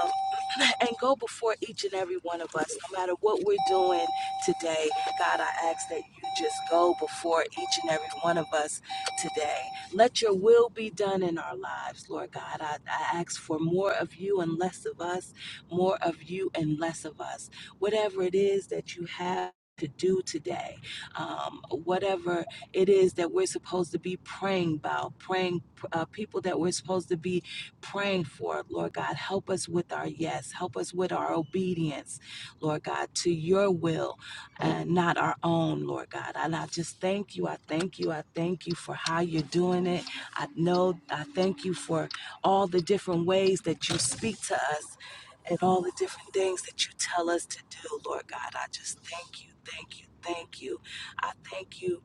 Speaker 4: and go before each and every one of us, no matter what we're doing today. God, I ask that you just go before each and every one of us today. Let your will be done in our lives, Lord God. I, I ask for more of you and less of us, more of you and less of us. Whatever it is that you have. To do today, um, whatever it is that we're supposed to be praying about, praying uh, people that we're supposed to be praying for. it, Lord God, help us with our yes. Help us with our obedience, Lord God, to your will and not our own, Lord God. And I just thank you. I thank you. I thank you for how you're doing it. I know I thank you for all the different ways that you speak to us and all the different things that you tell us to do, Lord God. I just thank you. Thank you. Thank you. I thank you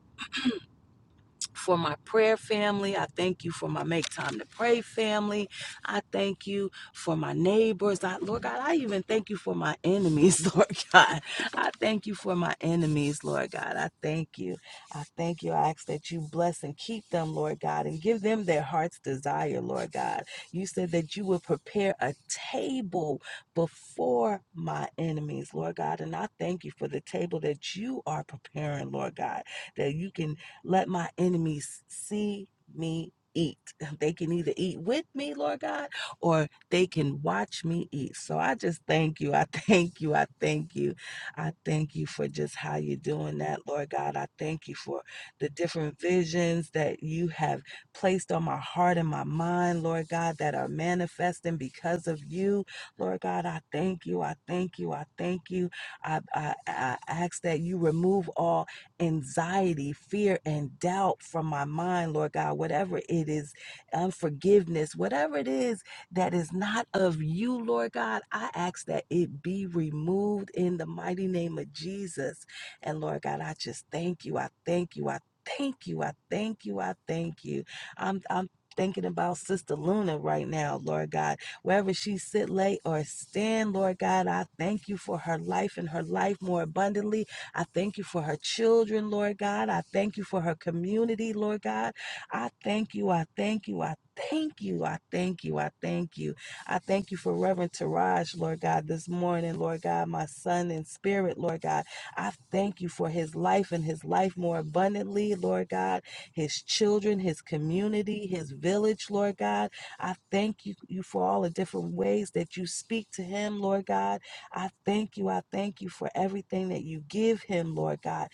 Speaker 4: for my prayer family. I thank you for my make time to pray family. I thank you for my neighbors. I, Lord God, I even thank you for my enemies, Lord God. I thank you for my enemies, Lord God. I thank you. I thank you. I ask that you bless and keep them, Lord God, and give them their heart's desire, Lord God. You said that you would prepare a table before my enemies, Lord God. And I thank you for the table that you are preparing, Lord God, that you can let my enemies see me eat. They can either eat with me, Lord God, or they can watch me eat. So I just thank you. I thank you. I thank you. I thank you for just how you're doing that, Lord God. I thank you for the different visions that you have placed on my heart and my mind, Lord God, that are manifesting because of you. Lord God, I thank you. I thank you. I thank you. I, I, I ask that you remove all anxiety, fear, and doubt from my mind, Lord God, whatever it is, unforgiveness, whatever it is that is not of you, Lord God, I ask that it be removed in the mighty name of Jesus. And Lord God, I just thank you. I thank you. I thank you. I thank you. I thank you. I'm I'm thinking about Sister Luna right now, Lord God. Wherever she sit, lay, or stand, Lord God, I thank you for her life and her life more abundantly. I thank you for her children, Lord God. I thank you for her community, Lord God. I thank you. I thank you. I thank you. I thank you. I thank you. I thank you for Reverend Taraj, Lord God, this morning, Lord God, my son in spirit, Lord God. I thank you for his life and his life more abundantly, Lord God, his children, his community, his village, Lord God. I thank you, you for all the different ways that you speak to him, Lord God. I thank you. I thank you for everything that you give him, Lord God.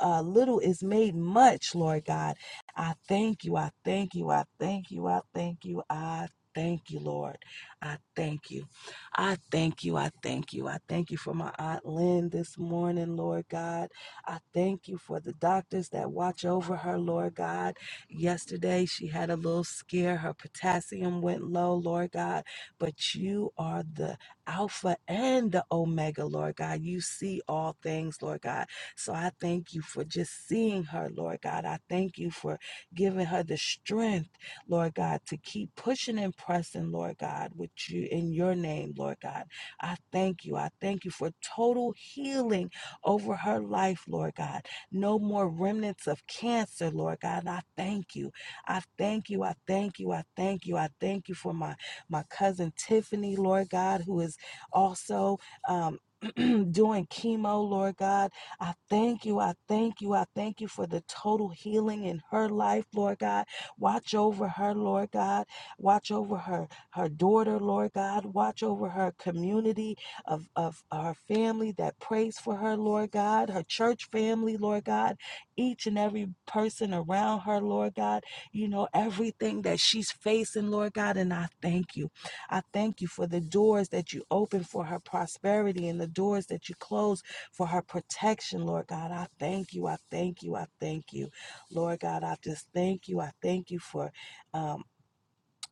Speaker 4: uh, little is made much, Lord God. I thank you. I thank you. I thank you. I thank you. I thank you, Lord. I thank you. I thank you. I thank you. I thank you for my Aunt Lynn this morning, Lord God. I thank you for the doctors that watch over her, Lord God. Yesterday, she had a little scare. Her potassium went low, Lord God. But you are the Alpha and the Omega, Lord God. You see all things, Lord God. So I thank you for just seeing her, Lord God. I thank you for giving her the strength, Lord God, to keep pushing and pressing, Lord God, with you in your name, Lord God. I thank you. I thank you for total healing over her life, Lord God. No more remnants of cancer, Lord God. And I thank you. I thank you. I thank you. I thank you. I thank you for my my cousin Tiffany, Lord God, who is also um, doing chemo, Lord God. I thank you. I thank you. I thank you for the total healing in her life, Lord God. Watch over her, Lord God. Watch over her, her daughter, Lord God. Watch over her community of, of her family that prays for her, Lord God. Her church family, Lord God. Each and every person around her, Lord God. You know, everything that she's facing, Lord God. And I thank you. I thank you for the doors that you open for her prosperity and the doors that you close for her protection, Lord God. I thank you. I thank you. I thank you. Lord God, I just thank you. I thank you for. Um,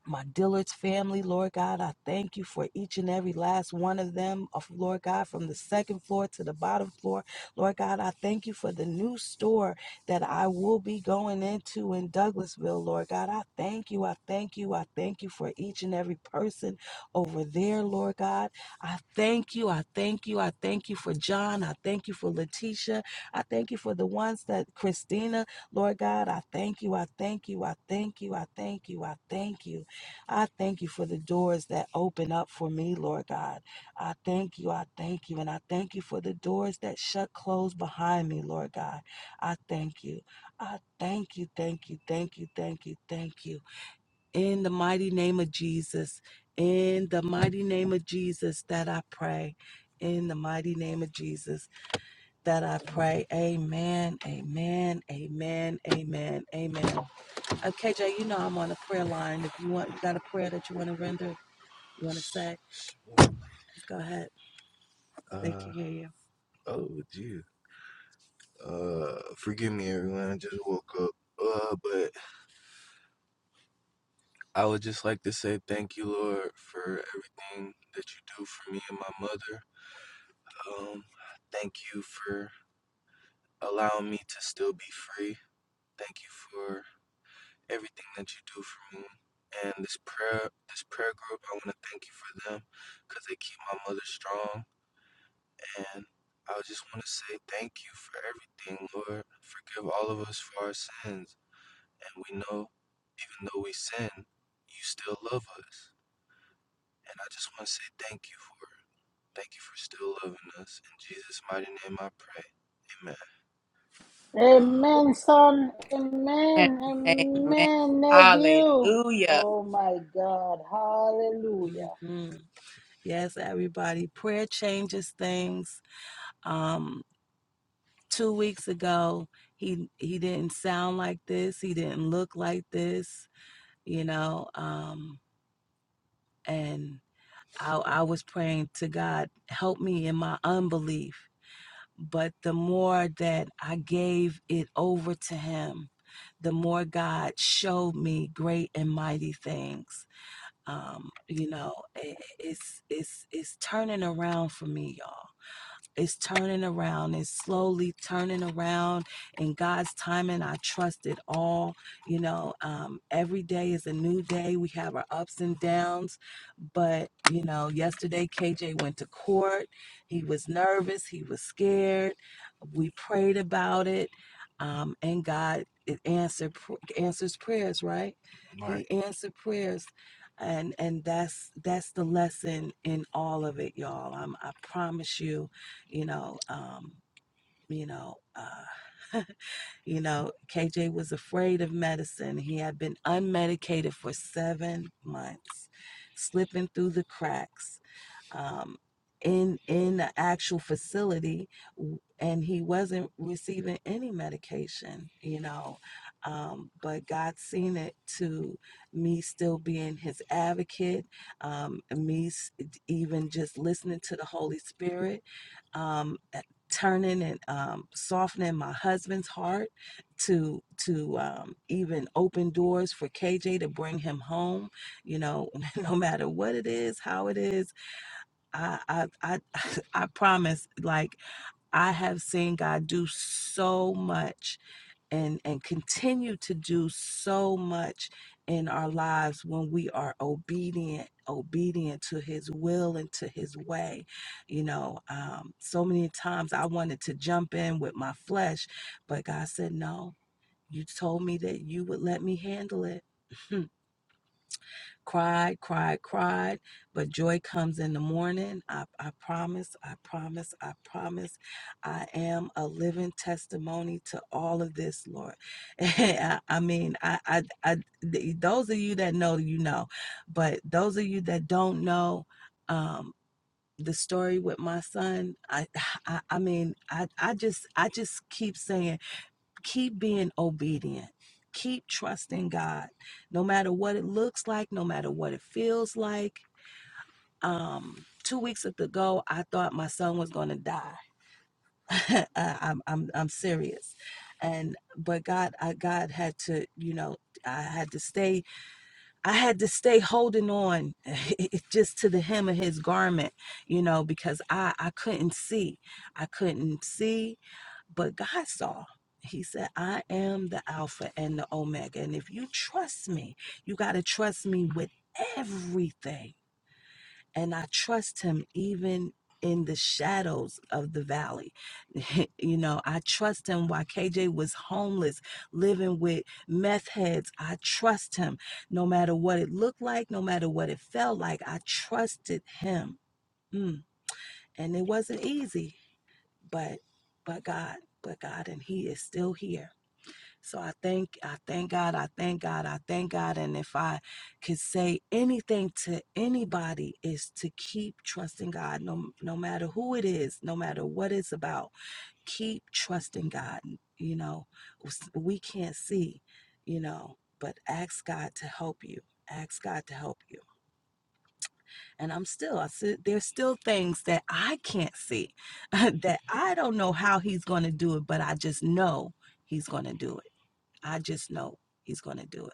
Speaker 4: my Dillard's family, Lord God, I thank you for each and every last one of them, of Lord God, from the second floor to the bottom floor. Lord God, I thank you for the new store that I will be going into in Douglasville, Lord God. I thank you, I thank you, I thank you for each and every person over there, Lord God. I thank you, I thank you, I thank you for John, I thank you for Letitia, I thank you for the ones that Christina, Lord God, I thank you, I thank you, I thank you, I thank you, I thank you. I thank you for the doors that open up for me, Lord God. I thank you. I thank you. And I thank you for the doors that shut closed behind me, Lord God. I thank you. I thank you. Thank you. Thank you. Thank you. Thank you. In the mighty name of Jesus. In the mighty name of Jesus that I pray. In the mighty name of Jesus that I pray. Amen. Amen. Amen. Amen. Amen. Okay, Jay, you know I'm on a prayer line. If you want, you got a prayer that you want to render, you want to say? Go ahead. They they can hear
Speaker 3: Amen, son. Amen.
Speaker 1: Amen.
Speaker 3: Amen, nephew.
Speaker 1: Hallelujah.
Speaker 3: Oh my God.
Speaker 4: you.
Speaker 3: Hallelujah.
Speaker 4: hmm Yes, everybody. Prayer changes things. Um, two weeks ago, he he didn't sound like this. He didn't look like this. You know, um, and I, I was praying to God, help me in my unbelief. But the more that I gave it over to Him, the more God showed me great and mighty things Um, you know, it, it's it's it's turning around for me, y'all. It's turning around. It's slowly turning around in God's timing. I trust it all. You know, um, every day is a new day. We have our ups and downs. But, you know, yesterday KJ went to court. He was nervous. He was scared. We prayed about it. Um, and God it answered pr- answers prayers, right? He answered prayers and and that's that's the lesson in all of it y'all um, i promise you you know, um, you know, uh, you know, KJ was afraid of medicine. He had been unmedicated for seven months, slipping through the cracks um, in in the actual facility, w- and he wasn't receiving any medication, you know. Um, but God seen it to me still being His advocate, um, and me s- even just listening to the Holy Spirit, um, a- turning and um, softening my husband's heart to to um, even open doors for KJ to bring him home you know, no matter what it is, how it is, I, I I I promise like I have seen God do so much and and continue to do so much in our lives when we are obedient obedient to his will and to his way you know um so many times I wanted to jump in with my flesh but God said no you told me that you would let me handle it cried, cried, cried, but joy comes in the morning. I, I promise, I promise, I promise. I am a living testimony to all of this, Lord. I, I mean, I, I, I, th- those of you that know, you know, but those of you that don't know, um, the story with my son, I, I, I mean, I, I just, I just keep saying keep being obedient. Keep trusting God, no matter what it looks like, no matter what it feels like. Um, two weeks ago, I thought my son was going to die. I- I'm, I'm, I'm serious, and but God, I, God had to, you know, I had to stay I had to stay holding on it just to the hem of his garment, you know, because I, I couldn't see. I couldn't see, but God saw. He said, I am the Alpha and the Omega. And if you trust me, you got to trust me with everything and I trust him even in the shadows of the valley. you know, I trust him while KJ was homeless, living with meth heads. I trust him no matter what it looked like, no matter what it felt like. I trusted him. Mm. And it wasn't easy, but but God, but God and he is still here so I thank I thank God, I thank God, I thank God. And if I could say anything to anybody is to keep trusting God, no no matter who it is, no matter what it's about, keep trusting God. You know, we can't see, you know, but ask God to help you. Ask God to help you. And I'm still, I said, there's still things that I can't see that I don't know how He's going to do it, but I just know He's going to do it. I just know He's going to do it.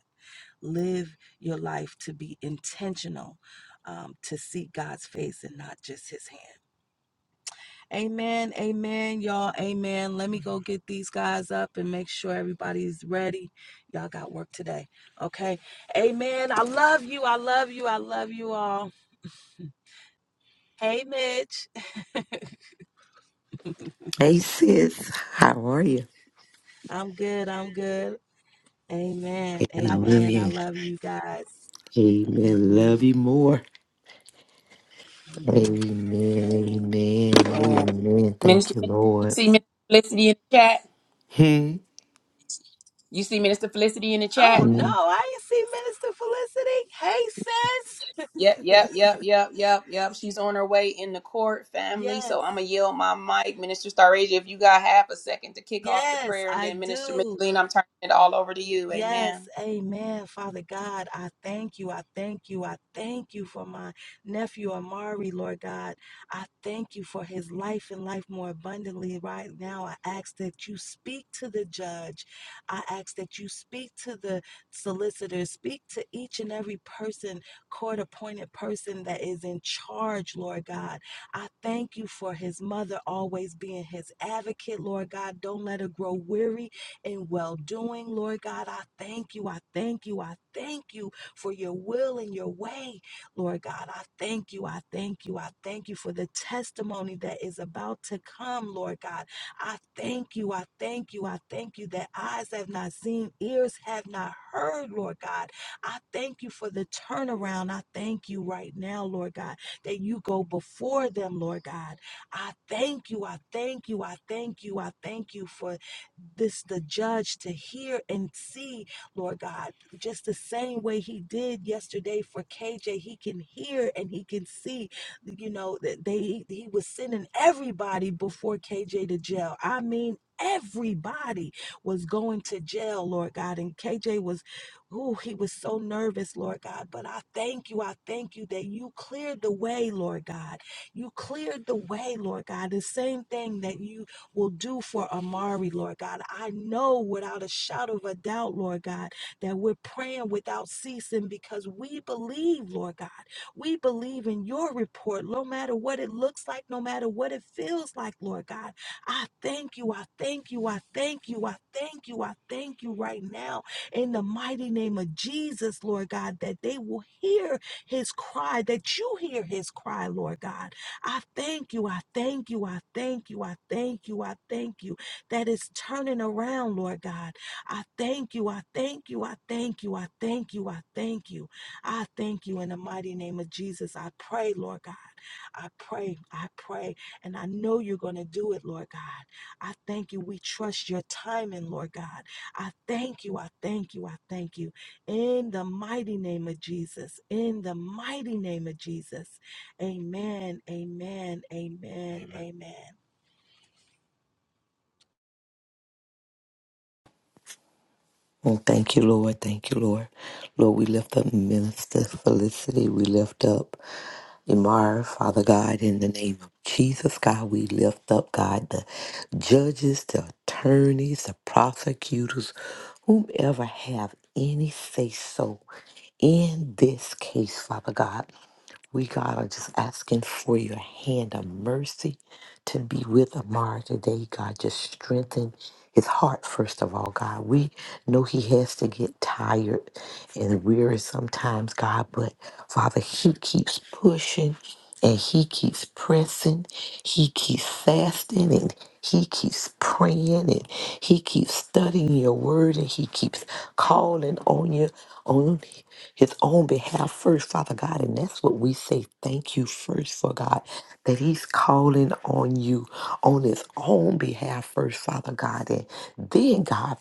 Speaker 4: Live your life to be intentional, um, to see God's face and not just His hand. Amen. Amen. Y'all, amen. Let me go get these guys up and make sure everybody's ready. Y'all got work today. Okay. Amen. I love you. I love you. I love you all. Hey, Mitch.
Speaker 5: Hey sis, how are you?
Speaker 4: I'm good. I'm good. Amen.
Speaker 5: And I love
Speaker 4: Amen. I
Speaker 5: you.
Speaker 4: love you guys.
Speaker 5: Amen. Love
Speaker 4: hmm
Speaker 5: you more. Amen. Amen.
Speaker 1: Amen.
Speaker 5: Amen. Thank
Speaker 1: Minister,
Speaker 5: you,
Speaker 1: Felicity, you
Speaker 5: Lord.
Speaker 1: see Minister Felicity in the chat?
Speaker 5: Hmm.
Speaker 1: You see Minister Felicity in the chat?
Speaker 4: Oh no, I ain't see Minister
Speaker 1: Yep,
Speaker 4: Felicity. Hey
Speaker 1: yep,
Speaker 4: sis.
Speaker 1: yep, yep, yep, yep. She's on her way in the court, family.
Speaker 4: Yes.
Speaker 1: So I'm gonna yield my mic, Minister Starasia. If you got half a second to kick off the
Speaker 4: Yes,
Speaker 1: prayer, and
Speaker 4: I
Speaker 1: then Minister
Speaker 4: do.
Speaker 1: Micheline, I'm turning it all over to you.
Speaker 4: Yes,
Speaker 1: Amen.
Speaker 4: amen. Father God, I thank you. I thank you. I thank you for my nephew Amari, Lord God. I thank you for his life and life more abundantly right now. I ask that you speak to the judge. I ask that you speak to the solicitor. Speak to each and every person, court appointed person that is in charge, Lord God. I thank you for his mother always being his advocate, Lord God. Don't let her grow weary and well doing. Lord God, I thank you. I thank you. I thank you for your will and your way. Lord God, I thank you. I thank you. I thank you for the testimony that is about to come, Lord God. I thank you. I thank you. I thank you that eyes have not seen, ears have not heard, Lord God. I thank you for the turnaround. I thank you right now, Lord God, that you go before them, Lord God. I thank you. I thank you. I thank you. I thank you for this the judge to hear and see, Lord God, just the same way he did yesterday for KJ. He can hear and he can see, you know, that they he he was sending everybody before KJ to jail. I mean everybody was going to jail, Lord God. And KJ was Oh, he was so nervous, Lord God. But I thank you. I thank you that you cleared the way, Lord God. You cleared the way, Lord God. The same thing that you will do for Amari, Lord God. I know without a shadow of a doubt, Lord God, that we're praying without ceasing because we believe, Lord God. We believe in your report, no matter what it looks like, no matter what it feels like, Lord God. I thank you. I thank you. I thank you. I thank you. I thank you right now in the mighty name of Jesus, Lord God, that they will hear his cry, that you hear his cry, Lord God I thank you. I thank you. I thank you. I thank you. I thank you that it's turning around, Lord God. I thank you. I thank you. I thank you. I thank you. I thank you. I thank you in the mighty name of Jesus. I pray, Lord God. I pray. I pray. And I know you're going to do it, Lord God. I thank you. We trust your timing, Lord God. I thank you. I thank you. I thank you. In the mighty name of Jesus. In the mighty name of Jesus. Amen. Amen. Amen. Amen. amen.
Speaker 5: Oh, thank you, Lord. Thank you, Lord. Lord, we lift up Minister Felicity. We lift up Imar, Father God, in the name of Jesus, God. We lift up, God, the judges, the attorneys, the prosecutors, whomever have any say so in this case, Father God. We, God, are just asking for your hand of mercy to be with Amara today, God. Just strengthen his heart, first of all, God. We know he has to get tired and weary sometimes, God, but Father, he keeps pushing and he keeps pressing, he keeps fasting and he keeps praying and he keeps studying your word and he keeps calling on you on his own behalf first, Father God. And that's what we say. Thank you thank you first for God that He's calling on you on His own behalf first, Father God. And then, God,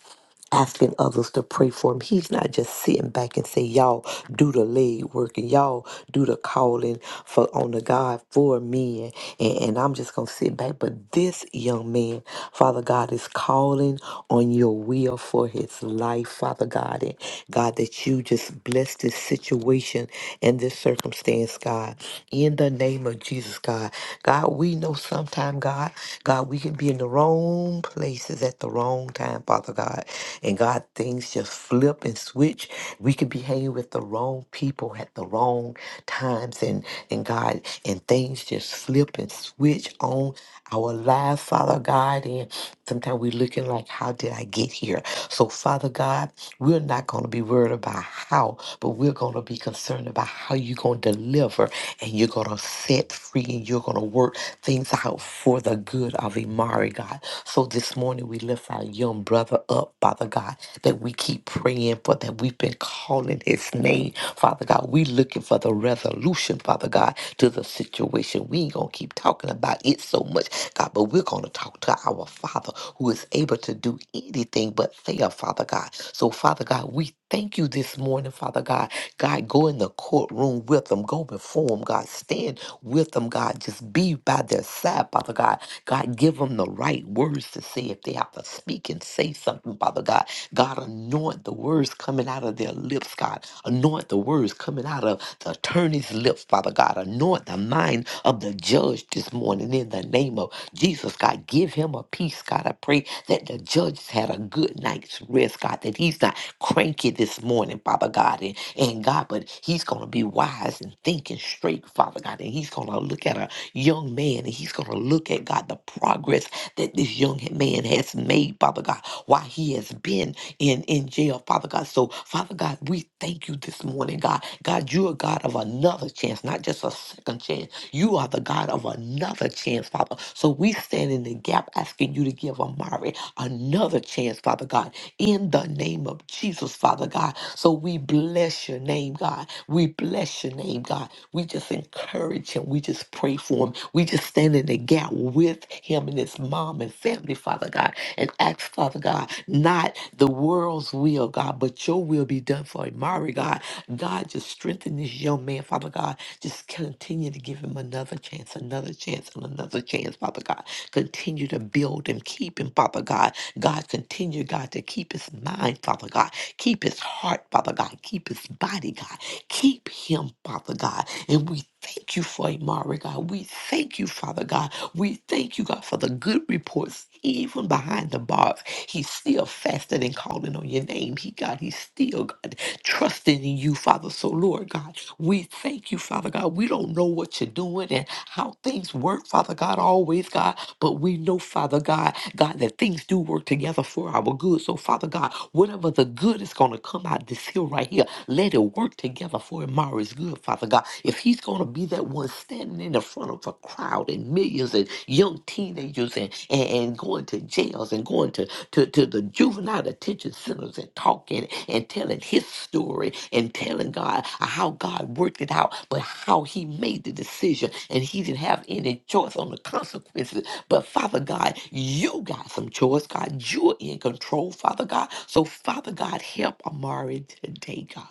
Speaker 5: asking others to pray for him. He's not just sitting back and say, Y'all do the leg work and y'all do the calling for on the God for me and, and, and I'm just gonna sit back. But this young man, Father God, is calling on your will for his life, Father God. And God that you just bless this situation situation and this circumstance, God. In the name of Jesus, God. God, we know sometime, God, God, we can be in the wrong places at the wrong time, Father God. And God, things just flip and switch. We could be hanging with the wrong people at the wrong times and and God and things just flip and switch on our lives, Father God. And sometimes we're looking like, how did I get here? So Father God. God, we're not going to be worried about how, but we're going to be concerned about how you're going to deliver and you're going to set free and you're going to work things out for the good of Imari, God. So this morning we lift our young brother up, Father God, that we keep praying for, that we've been calling his name, Father God. we looking for the resolution, Father God, to the situation. We ain't going to keep talking about it so much, God, but we're going to talk to our Father who is able to do anything but fail, Father God. So, Father God, we thank you this morning, Father God. God, go in the courtroom with them, go before them, God. Stand with them, God. Just be by their side, Father God. God, give them the right words to say if they have to speak and say something, Father God. God, anoint the words coming out of their lips, God. Anoint the words coming out of the attorney's lips, Father God. Anoint the mind of the judge this morning in in the name of Jesus, God. Give him a peace, God. I pray that the judge had a good night's rest, God, that he's not cranky this morning, Father God. And, and God, but he's going to be wise and thinking straight, Father God. And he's going to look at a young man and he's going to look at, God, the progress that this young man has made, Father God, while he has been in, in jail, Father God. So, Father God, we thank you this morning, God. God, you are a God of another chance, not just just a second chance. You are the God of another chance, Father. So we stand in the gap asking you to give Amari another chance, Father God, in the name of Jesus, Father God. So we bless your name, God. We bless your name, God. We just encourage him. We just pray for him. We just stand in the gap with him and his mom and family, Father God, and ask, Father God, not the world's will, God, but your will be done for Amari, God. God, just strengthen this young man, Father God. Just continue to give him another chance, another chance, and another chance, Father God. Continue to build him, keep him, Father God. God, continue, God, to keep his mind, Father God. Keep his heart, Father God. Keep his body, God. Keep him, Father God. And we thank you for Amari, God. We thank you, Father God. We thank you, God, for the good reports, even behind the bars. He's still fasting and calling on your name. He, God, he's still, God, trusting in you, Father. So, Lord God, we thank you, Father God. We don't know what you're doing and how things work, Father God, always, God, but we know, Father God, God, that things do work together for our good. So, Father God, whatever the good is going to come out this hill right here, let it work together for Amari's good, Father God. If he's going to be that one standing in the front of a crowd and millions and young teenagers and, and, and going to jails and going to to, to the juvenile detention centers and talking and telling his story and telling God how God worked it out, but how he made the decision and he didn't have any choice on the consequences. But Father God, you got some choice, God. You're in control, Father God. So, Father God, help Amari today, God.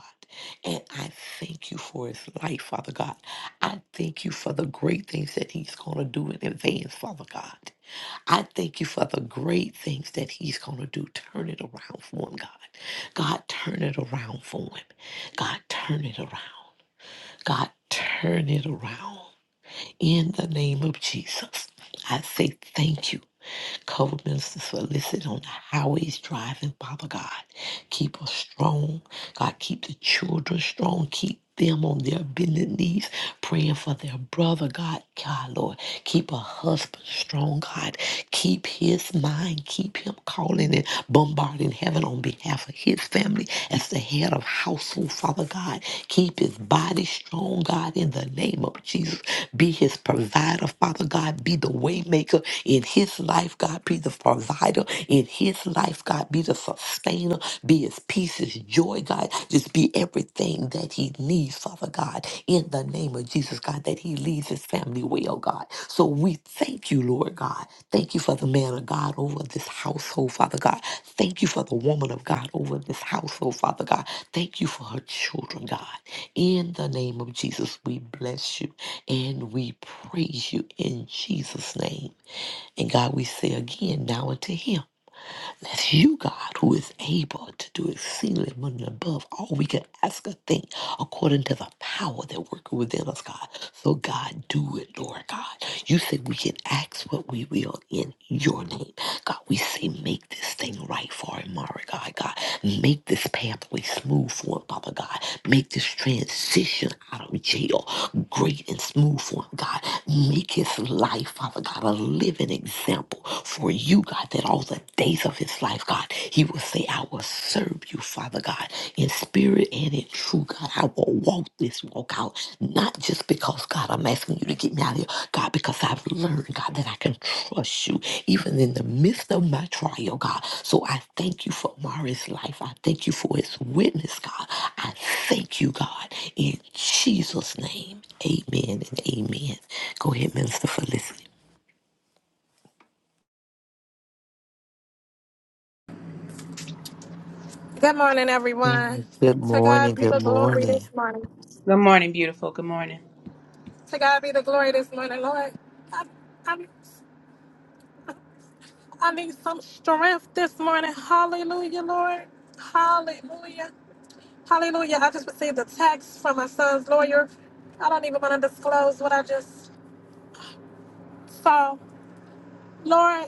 Speaker 5: And I thank you for his life, Father God. I thank you for the great things that he's going to do in advance, Father God. I thank you for the great things that he's going to do. Turn it around for him, God. God, turn it around for him. God, turn it around. God, turn it around. In the name of Jesus, I say thank you. Cover ministers for listening on the highways driving, Father God. Keep us strong. God, keep the children strong. Keep them on their bended knees, praying for their brother, God. God, Lord, keep a husband strong, God. Keep his mind. Keep him calling and bombarding heaven on behalf of his family as the head of household, Father God. Keep his body strong, God, in the name of Jesus. Be his provider, Father God. Be the waymaker in his life, God. Be the provider in his life life, God. Be the sustainer, be his peace, his joy, God. Just be everything that he needs, Father God, in the name of Jesus, God, that he leads his family well, God. So we thank you, Lord God. Thank you for the man of God over this household, Father God. Thank you for the woman of God over this household, Father God. Thank you for her children, God. In the name of Jesus, we bless you and we praise you in Jesus' name. And God, we say again now unto him. That's you, God, who is able to do exceedingly abundantly above all we can ask or think according to the power that works within us, God. So, God, do it, Lord God. You said we can ask what we will in your name. God, we say, make this thing right for him, Mara, God. God, make this pathway smooth for him, Papa God. Make this transition out of jail great and smooth for him, God. Make his life, Father God, a living example for you, God, that all the days of his life, God, he will say, I will serve you, Father God, in spirit and in truth, God. I will walk this walk out, not just because, God, I'm asking you to get me out of here, God, because I've learned, God, that I can trust you even in the midst of my trial, God. So I thank you for Mari's life. I thank you for his witness, God. I thank you, God, in Jesus' name. Amen and amen. Go ahead, Minister Felicity.
Speaker 6: Good morning, everyone.
Speaker 5: Mm, Good
Speaker 6: To
Speaker 5: morning.
Speaker 6: God be
Speaker 5: Good
Speaker 6: the glory.
Speaker 5: morning.
Speaker 6: This,
Speaker 1: Good morning, beautiful. Good morning.
Speaker 6: to God be the glory this morning, Lord. I, I, I need some strength this morning. Hallelujah, Lord. Hallelujah. Hallelujah. I just received a text from my son's lawyer. I don't even want to disclose what I just saw. Lord,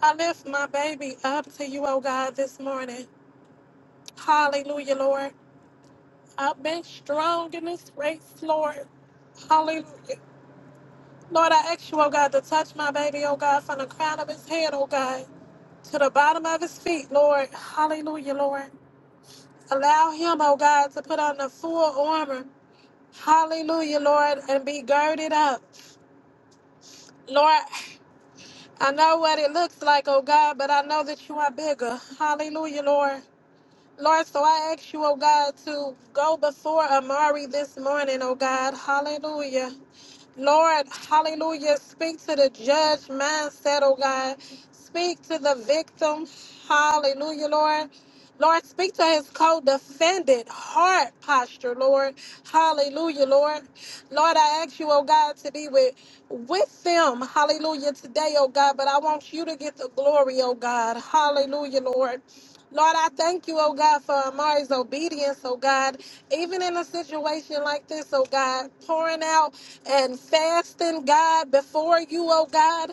Speaker 6: I lift my baby up to you, oh God, this morning. Hallelujah, Lord. I've been strong in this race, Lord. Hallelujah. Lord, I ask you, oh God, to touch my baby, oh God, from the crown of his head, oh God, to the bottom of his feet, Lord. Hallelujah, Lord. Allow him, oh God, to put on the full armor. Hallelujah, Lord, and be girded up. Lord, I know what it looks like, oh God, but I know that you are bigger. Hallelujah, Lord. Lord, so I ask you, oh God, to go before Amari this morning, oh God. Hallelujah. Lord, hallelujah. Speak to the judge mindset, oh God. Speak to the victim. Hallelujah, Lord. Lord, speak to his co defendant heart posture, Lord. Hallelujah, Lord. Lord, I ask you, oh God, to be with with them. Hallelujah, today, oh God. But I want you to get the glory, oh God. Hallelujah, Lord. Lord, I thank you, oh God, for Amari's obedience, oh God, even in a situation like this, oh God, pouring out and fasting, God, before you, oh God.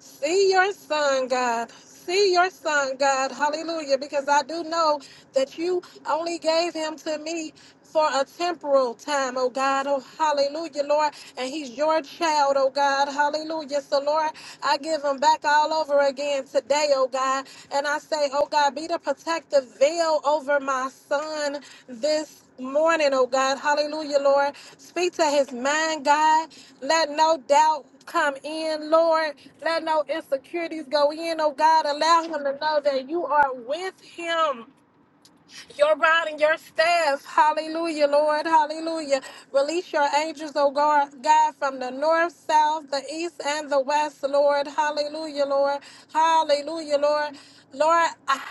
Speaker 6: See your son, God. See your son, God. Hallelujah. Because I do know that you only gave him to me for a temporal time, oh God. Oh, hallelujah, Lord. And he's your child, oh God. Hallelujah. So, Lord, I give him back all over again today, oh God. And I say, oh God, be the protective veil over my son this morning, oh God. Hallelujah, Lord. Speak to his mind, God. Let no doubt come in, Lord. Let no insecurities go in, oh God. Allow him to know that you are with him your rod and your staff. Hallelujah, Lord. Hallelujah. Release your angels, oh God, God, from the north, south, the east, and the west, Lord. Hallelujah, Lord. Hallelujah, Lord. Lord, I,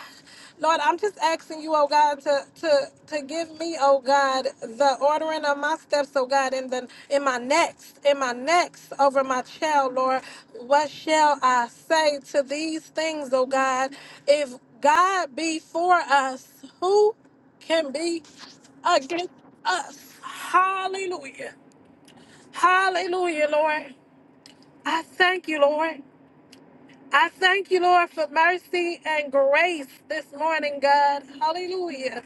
Speaker 6: Lord, I'm just asking you, oh God, to to to give me, oh God, the ordering of my steps, oh God, in the in my next, in my next over my child, Lord. What shall I say to these things, oh God? if? God be for us. Who can be against us? Hallelujah. Hallelujah, Lord. I thank you, Lord. I thank you, Lord, for mercy and grace this morning, God. Hallelujah.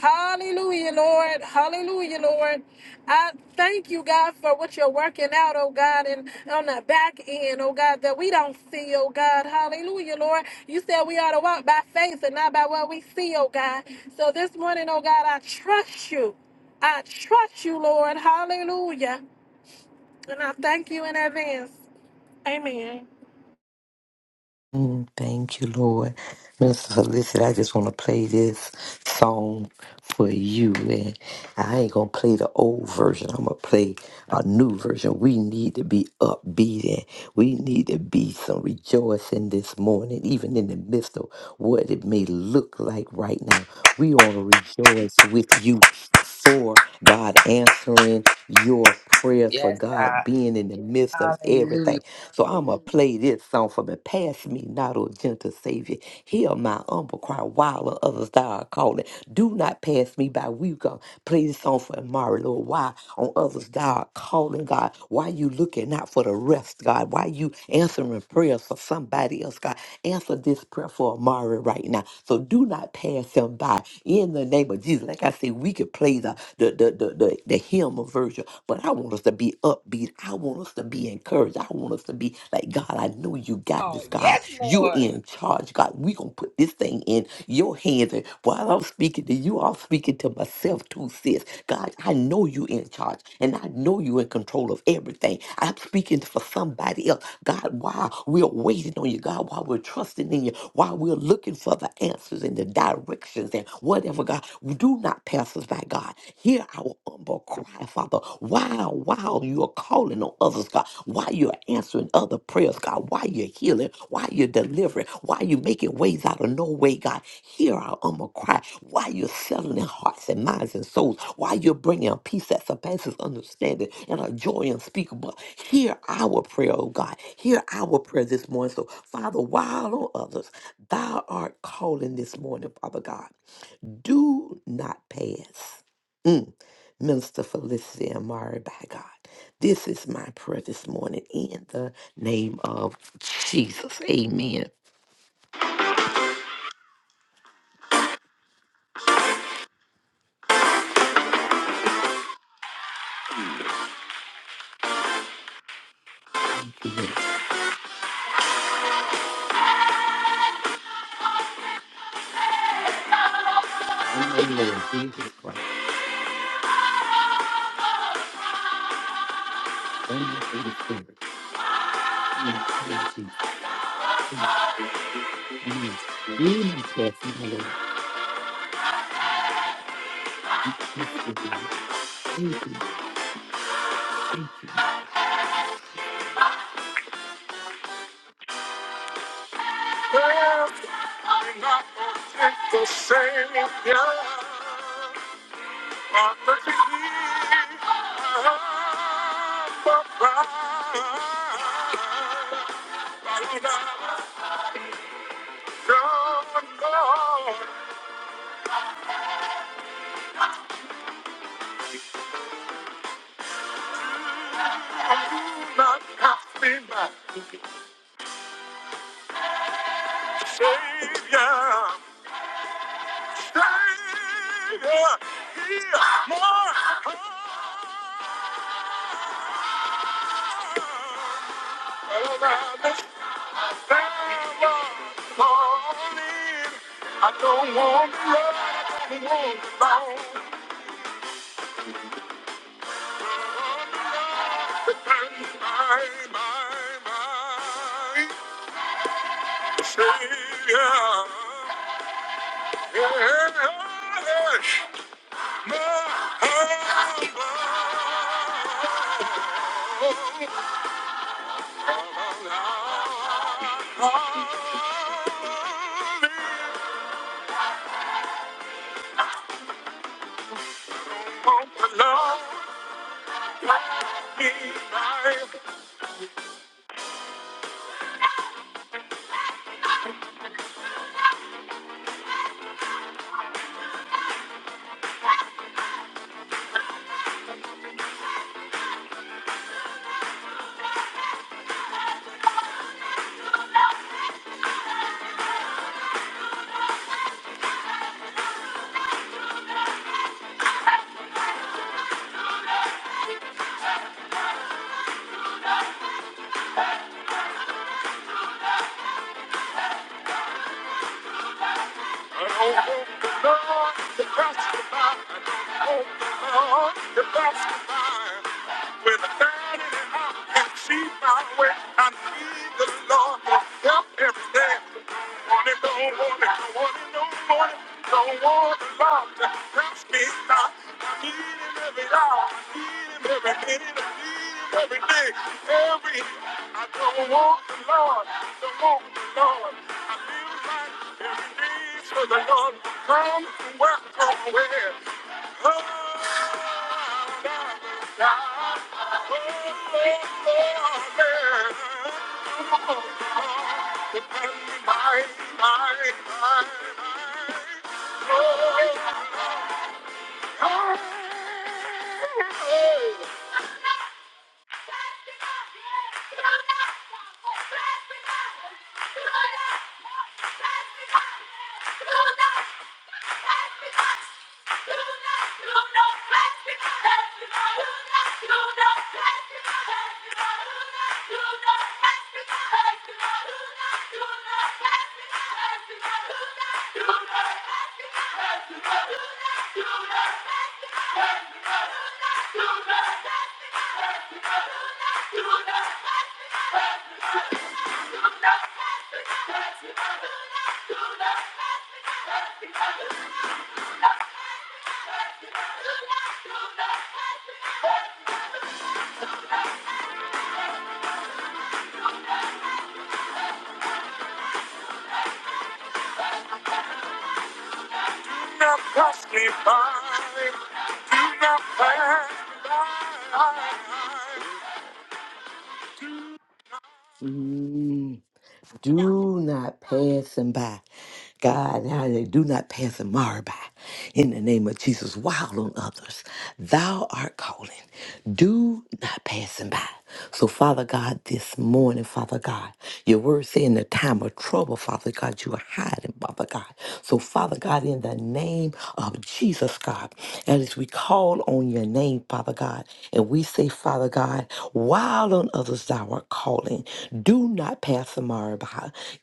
Speaker 6: Hallelujah, Lord. Hallelujah, Lord. I thank you, God, for what you're working out, oh God, and on the back end, oh God, that we don't see, oh God. Hallelujah, Lord. You said we ought to walk by faith and not by what we see, oh God. So this morning, oh God, I trust you. I trust you, Lord. Hallelujah. And I thank you in advance. Amen.
Speaker 5: Mm, Thank you, Lord. Minister Felicity, I just want to play this song for you. And I ain't going to play the old version. I'm going to play a new version. We need to be upbeat and we need to be some rejoicing this morning, even in the midst of what it may look like right now. We want to rejoice with you for God answering your prayers, for God being in the midst of everything. So I'ma play this song for me. Pass me not, O gentle Savior. Hear my humble cry while the others thou art calling. Do not pass me by. We gonna play this song for Amari, Lord. Why on others thou art calling, God? Why you looking out for the rest, God? Why you answering prayers for somebody else, God? Answer this prayer for Amari right now. So do not pass him by. In the name of Jesus, like I said, we could play the the the the, the, the hymn version worship, but I want us to be upbeat. I want us to be encouraged. I want us to be like, God, I know you got
Speaker 1: Oh,
Speaker 5: this, God.
Speaker 1: yes,
Speaker 5: You're
Speaker 1: Lord.
Speaker 5: in charge, God. We're going to put this thing in your hands. And while I'm speaking to you, I'm speaking to myself too, sis. God, I know you're in charge and I know you're in control of everything. I'm speaking for somebody else. God, while we're waiting on you, God, while we're trusting in you, while we're looking for the answers and the directions and whatever, God. God. Do not pass us by, God. Hear our humble cry, Father. While, while you are calling on others, God, while you're answering other prayers, God, while you're healing, while you're delivering, while you're making ways out of no way, God, hear our humble cry. While you're settling hearts and minds and souls, while you're bringing a peace that surpasses understanding and a joy unspeakable, hear our prayer, oh God. Hear our prayer this morning. So, Father, while on others, thou art calling this morning, Father God do not pass. Mm. Minister Felicity Amari, by God. This is my prayer this morning in the name of Jesus. Amen. Thank you, Lord. Amen, Lord Jesus Christ. Do not pass my Lord. Thank you. Savior, Savior, He is more. I don't want to run, I don't want to long. My, my, my Savior, yes. With a bad in the heart, and she found where I need the Lord to help every day. Want it, don't want it, want it, don't want it, don't want Come from where, come where? Oh, Do not Do not pass me by. Do not pass me by. Mm, Do not pass him by. God, now they do not pass him by. In the name of Jesus, wild on others. Thou art calling. Do not pass him by. So, Father God, this morning, Father God, your word say in the time of trouble, Father God, you are hiding, Father God. So, Father God, in the the name of Jesus, God. And as we call on your name, Father God, and we say, Father God, while on others thou art calling, do not pass them by.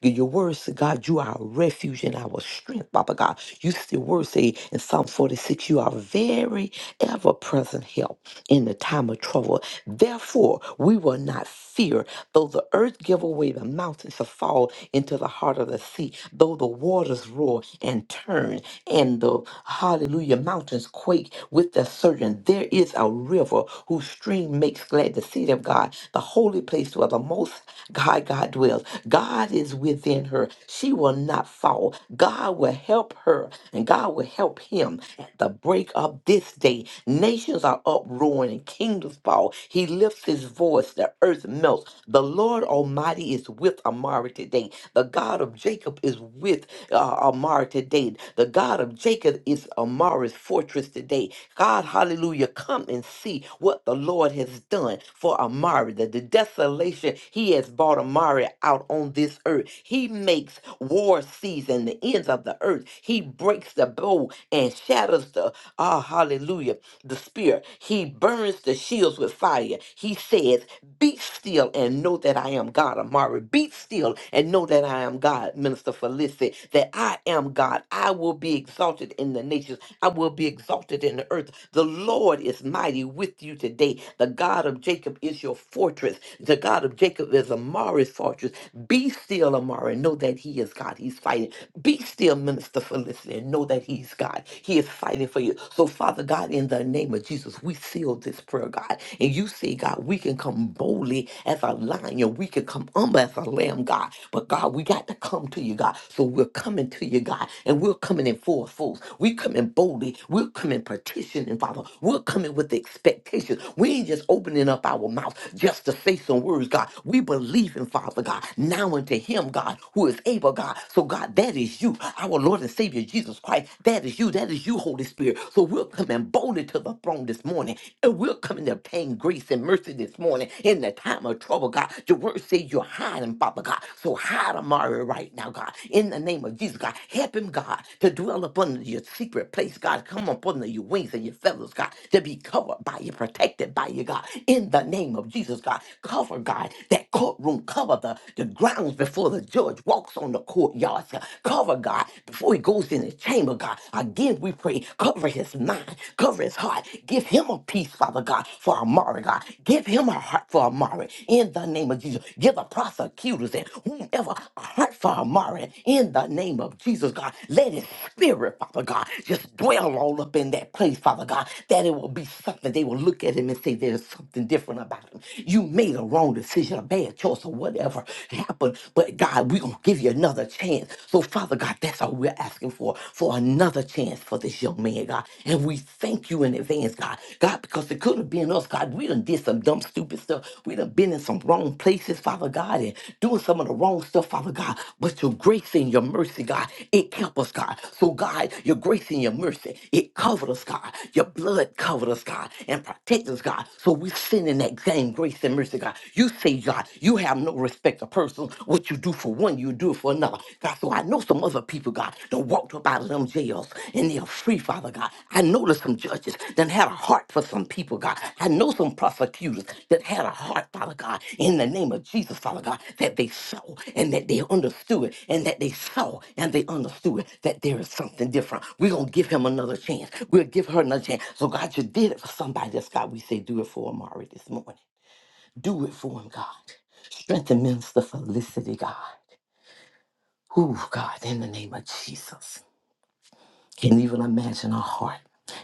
Speaker 5: Your words, God, you are our refuge and our strength, Father God. You still word say in Psalm 46, you are very ever present help in the time of trouble. Therefore, we will not fear, though the earth give away the mountains to fall into the heart of the sea, though the waters roar and turn, and the hallelujah mountains quake with their surging. There is a river whose stream makes glad the city of God, the holy place where the most high God dwells. God is within her. She will not fall. God will help her, and God will help him at the break of this day day. Nations are uproaring and kingdoms fall. He lifts his voice, the earth melts. The Lord Almighty is with Amari today. The God of Jacob is with uh, Amari today. The God of Jacob is Amari's fortress today. God, hallelujah, come and see what the Lord has done for Amari, the, the desolation he has brought Amari out on this earth. He makes war cease and the ends of the earth. He breaks the bow and shatters scatters the, ah, hallelujah, the spear. He burns the shields with fire. He says, Be still and know that I am God, Amari. Be still and know that I am God, Minister Felicity, that I am God. I will be exalted in the nations. I will be exalted in the earth. The Lord is mighty with you today. The God of Jacob is your fortress. The God of Jacob is Amari's fortress. Be still, Amari. Know that he is God. He's fighting. Be still, Minister Felicity and know that He's God. He is fighting for you. So, Father God, in the name of Jesus, we seal this prayer, God. And you say, God, we can come boldly as a lion, we can come humble as a lamb, God. But, God, we got to come to you, God. So, we're coming to you, God, and we're coming in full force. We're coming boldly. We're coming petitioning, Father. We're coming with expectation. We ain't just opening up our mouth just to say some words, God. We believe in Father, God, now unto Him, God, who is able, God. So, God, that is that is you, our Lord and Savior Jesus Christ. That is you. That is you, Holy Spirit. So we're coming boldly to the throne this morning, and we're coming to obtain grace and mercy this morning in the time of trouble, God. Your word says you're hiding, Father God. So hide Amari right now, God. In the name of Jesus, God, help him, God, to dwell upon your secret place, God. Come up under your wings and your feathers, God, to be covered by you, protected by you, God. In the name of Jesus, God, cover, God, that courtroom, cover the, the grounds before the judge walks on the courtyards. God. Cover God before he goes in his chamber, God. Again, we pray, cover his mind, cover his heart. Give him a peace, Father God, for Amari, God. Give him a heart for Amari in the name of Jesus. Give the prosecutors and whomever a heart for Amari in the name of Jesus, God. Let his spirit, Father God, just dwell all up in that place, Father God, that it will be something they will look at him and say, There's something different about him. You made a wrong decision, a bad choice, or whatever happen. But God, we're going to give you another chance. So, Father God, that's all we're asking for, for another chance for this young man, God. And we thank you in advance, God. God, because it could have been us, God. We done did some dumb, stupid stuff. We done been in some wrong places, Father God, and doing some of the wrong stuff, Father God. But your grace and your mercy, God, it kept us, God. So, God, your grace and your mercy, it covered us, God. Your blood covered us, God, and protected us, God. So we sin in that same grace and mercy, God. You say say, God, you have no respect of person. What you do for one, you do it for another. God, so I know some other people, God, done walked up out of them jails and they're free, Father God. I know there's some judges that had a heart for some people, God. I know some prosecutors that had a heart, Father God, in the name of Jesus, Father God, that they saw and that they understood and that they saw and they understood that there is something different. We're going to give him another chance. We'll give her another chance. So, God, you did it for somebody. That's God, we say, do it for Amari this morning. Do it for him, God. Strengthen Minister Felicity, God. Ooh, God, in the name of Jesus. Can even imagine her heart.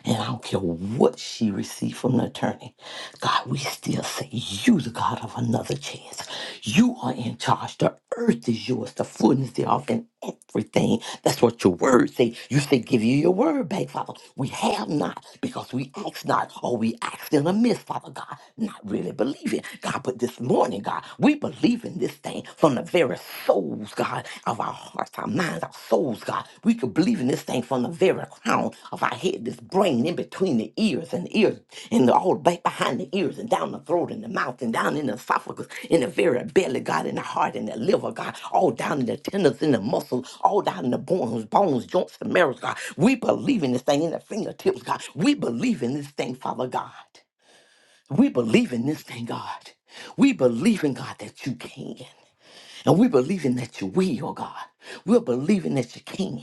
Speaker 5: And I don't care what she received from the attorney. God, we still say you the God of another chance. You are in charge. The earth is yours, the fullness thereof, and everything. That's what your word say. You say, give you your word back, Father. We have not because we ask not, or we ask in a miss, Father God, not really believing. God, but this morning, God, we believe in this thing from from the very souls, God, of our hearts, our minds, our souls, God. We could believe in this thing from the very crown of our head, this brain in between the ears and the ears and the, all back behind the ears and down the throat and the mouth and down in the esophagus, in the very belly, God, in the heart and the liver, God, all down in the tendons, in the muscles, all down in the bones, bones, joints, and marrows, God. We believe in this thing in the fingertips, God. We believe in this thing, Father God. We believe in this thing, God. We believe in God that you can. And we're believing that you will, oh God. We're believing that you can.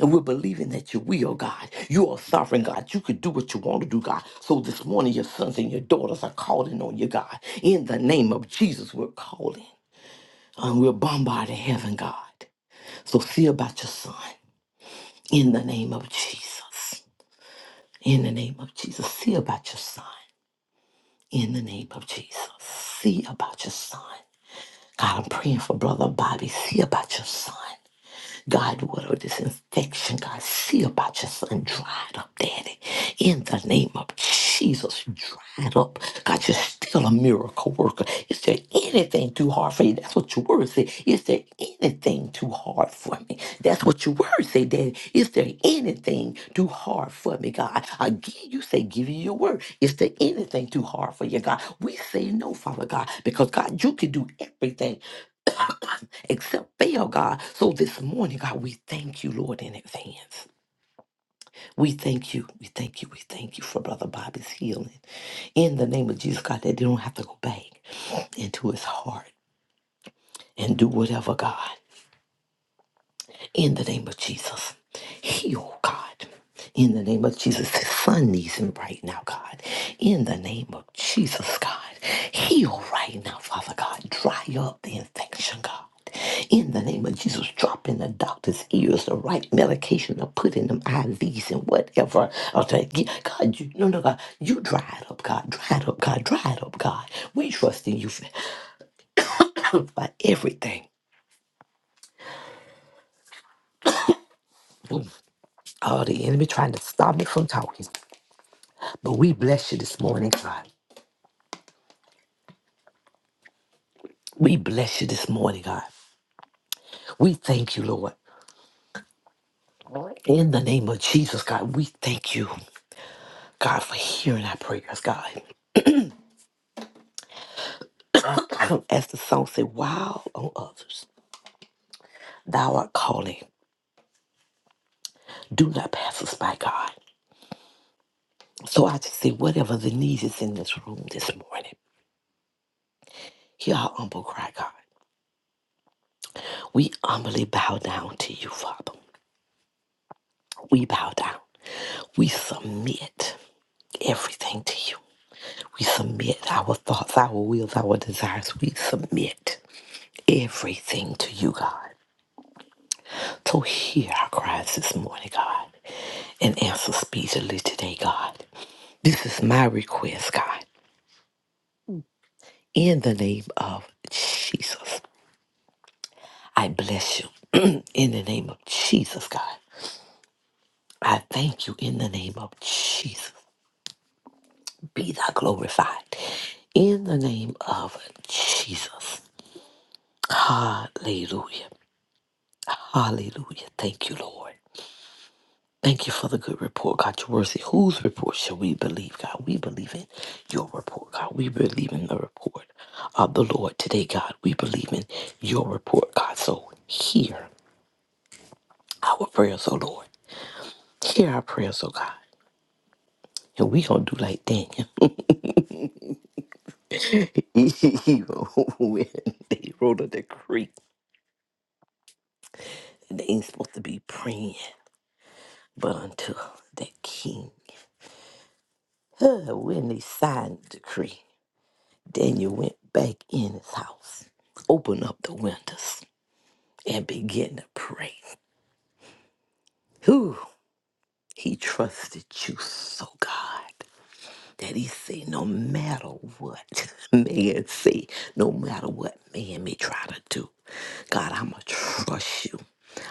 Speaker 5: And we're believing that you will, God. You are sovereign, God. You can do what you want to do, God. So this morning, your sons and your daughters are calling on you, God. In the name of Jesus, we're calling. And we're bombarding heaven, God. So see about your son. In the name of Jesus. In the name of Jesus. See about your son. In the name of Jesus. See about your son. God, I'm praying for Brother Bobby. See about your son. God, whatever this infection, God, see about your son dried up, Daddy. In the name of Jesus, dried up. God, you're still a miracle worker. Is there anything too hard for you? That's what your word say. Is there anything too hard for me? That's what your word say, Daddy. Is there anything too hard for me, God? Again, you say, give you your word. Is there anything too hard for you, God? We say no, Father God, because God, you can do everything except fail, God. So this morning, God, we thank you, Lord, in advance. We thank you. We thank you. We thank you for Brother Bobby's healing. In the name of Jesus, God, that they don't have to go back into his heart and do whatever, God. in the name of Jesus. Heal, God. In the name of Jesus. His son needs him right now, God. In the name of Jesus, God. Heal right now, Father God. Dry up the infection, God. In the name of Jesus, drop in the doctor's ears the right medication to put in them IVs and whatever. Or to get- God, you, no, no, God, you dry it up, God. Dry it up, God. Dry it up, God. We trust in you for, for everything. Oh, the enemy trying to stop me from talking. But we bless you this morning, God. We bless you this morning, God. We thank you, Lord. In the name of Jesus, God, we thank you, God, for hearing our prayers, God. As the song said, wow on others, thou art calling. Do not pass us by, God. So I just say, whatever the need is in this room this morning, hear our humble cry, God. We humbly bow down to you, Father. We bow down. We submit everything to you. We submit our thoughts, our wills, our desires. We submit everything to you, God. So hear our cries this morning, God, and answer speedily today, God. This is my request, God. In the name of Jesus, I bless you. in the name of Jesus, God. I thank you in the name of Jesus. Be thou glorified. In the name of Jesus. Hallelujah. Hallelujah. Thank you, Lord. Thank you for the good report, God. You're worthy. Whose report shall we believe, God? We believe in your report, God. We believe in the report of the Lord today, God. We believe in your report, God. So hear our prayers, oh Lord. Hear our prayers, oh God. And we gonna do like Daniel. when they wrote a decree. And they ain't supposed to be praying, but until the king. When they signed the decree. Daniel went back in his house, opened up the windows, and began to pray. Who he trusted you so, God. that he say, no matter what man say, no matter what man may try to do, God, I'ma trust you.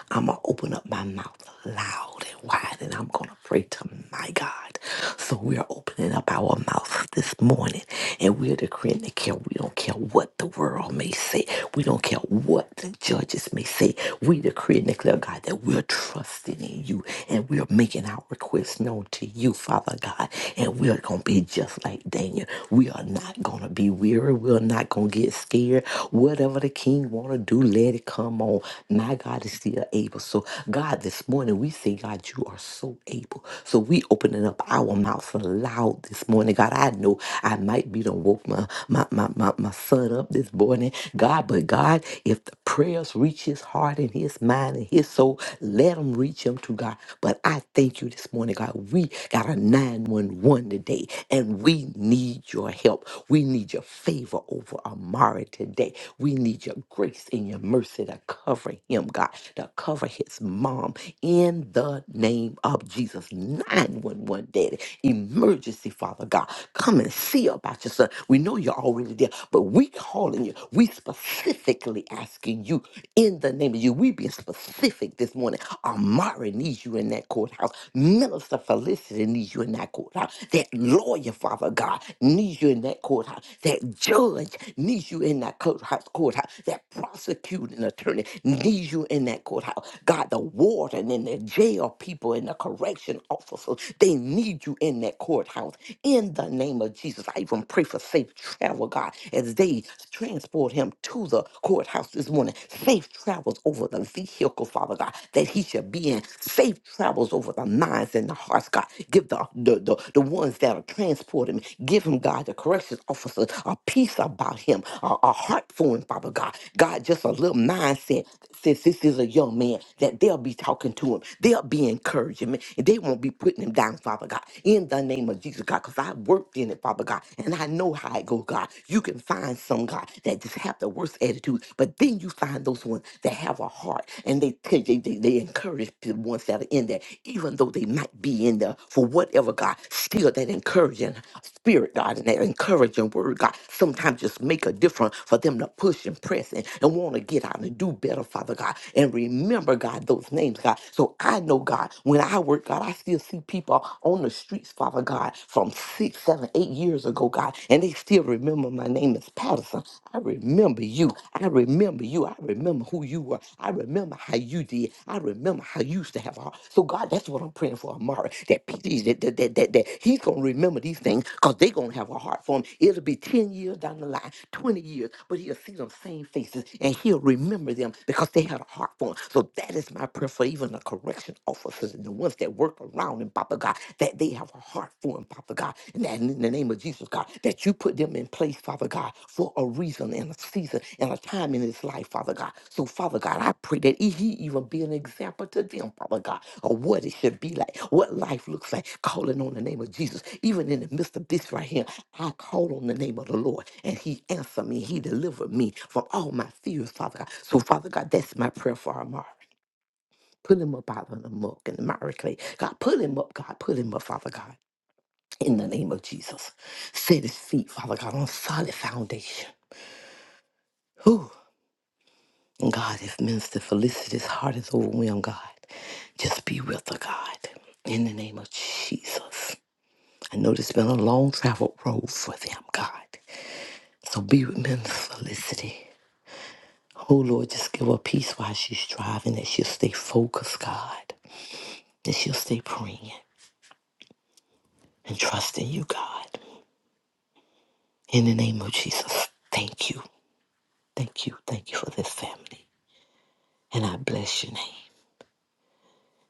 Speaker 5: I'ma open up my mouth loud and wide and I'm gonna pray to my God. So we are opening up our mouth this morning and we're decreeing that care. We don't care what the world may say. We don't care what the judges may say. We decree and declare, God, that we're trusting in you and we're making our requests known to you, Father God. And we're going to be just like Daniel. We are not going to be weary. We're not going to get scared. Whatever the king want to do, let it come on. My God is still able. So, God, this morning we say, God, you are so able. So we opening up our mouths loud this morning. God, I know I might be done woke my, my, my, my, my son up this morning. God, but God, if the prayers reach his heart in his mind and his soul. Let him reach him to God. But I thank you this morning, God. We got a 911 today, and we need your help. We need your favor over Amari today. We need your grace and your mercy to cover him, God, to cover his mom in the name of Jesus. 911, Daddy. Emergency, Father God. Come and see about your son. We know you're already there, but we call calling you. We specifically asking you in the name of you. We being specific this morning. Amari needs you in that courthouse. Minister Felicity needs you in that courthouse. That lawyer, Father God, needs you in that courthouse. That judge needs you in that courthouse. courthouse. That prosecuting attorney needs you in that courthouse. God, the warden and the jail people and the correction officers, they need you in that courthouse. In the name name of Jesus. I even pray for safe travel, God, as they transport him to the courthouse this morning. Safe travels over the vehicle, Father God, that he should be in. Safe travels over the minds and the hearts, God. Give the, the, the, the ones that are transporting, give him, God, the corrections officer a peace about him, a, a heart for him, Father God. God, just a little mindset that says this is a young man, that they'll be talking to him, they'll be encouraging him, they won't be putting him down, Father God, in the name of Jesus, God, because I worked in it, Father God, and I know how it goes, God. You can find some, God, that just have the worst attitude, but then you find those ones that have a heart and they, tell- they, they, they encourage the ones that are in there, even though they might be in there for whatever, God, still that encouraging spirit, God, and that encouraging word, God, sometimes just make a difference for them to push and press and, and want to get out and do better, Father God, and remember, God, those names, God. So I know, God, when I work, God, I still see people on the streets, Father God, from six, seven, eight years ago, God, and they still remember my name is Patterson. I remember you. I remember you. I remember who you were. I remember how you did. I remember how you used to have heart. So, God, that's what I'm praying for Amari, That, PT that, that, that, that, that he's going to remember these things because they're going to have a heart for him. It'll be 10 years down the line, 20 years, but he'll to see them same faces and he'll remember them because they had a heart for him. So that is my prayer for even the correction officers and the ones that work around him, Papa God, that they have a heart for him, Papa God. And that in the name of Jesus, God, that you put them in place, Father God, for a reason and a season and a time in his life, Father God. So, Father God, I pray that he he even be an example to them, Father God, of what it should be like, what life looks like, calling on the name of Jesus, even in the midst of this right here I called on the name of the Lord and he answered me. He delivered me from all my fears, Father God. So, Father God, that's my prayer for Amari. Put him up out of the muck and the miry clay. God, put him up, God. Put him up, Father God. In the name of Jesus. Set his feet, Father God, on solid foundation. Whew. And God, if Minister Felicity's heart is overwhelmed, God, just be with her, God. In the name of Jesus. I know this has been a long travel road for them, God. So be with Minister Felicity. Oh Lord, just give her peace while she's driving, that she'll stay focused, God, that she'll stay praying and trusting you, God. In the name of Jesus, thank you, thank you, thank you for this family. And I bless your name.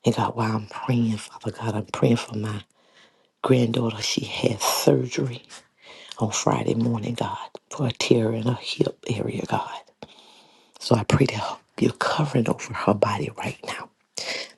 Speaker 5: And God, while I'm praying, Father God, I'm praying for my granddaughter. She had surgery on Friday morning, God, for a tear in her hip area, God. So I pray that her- you're covering over her body right now,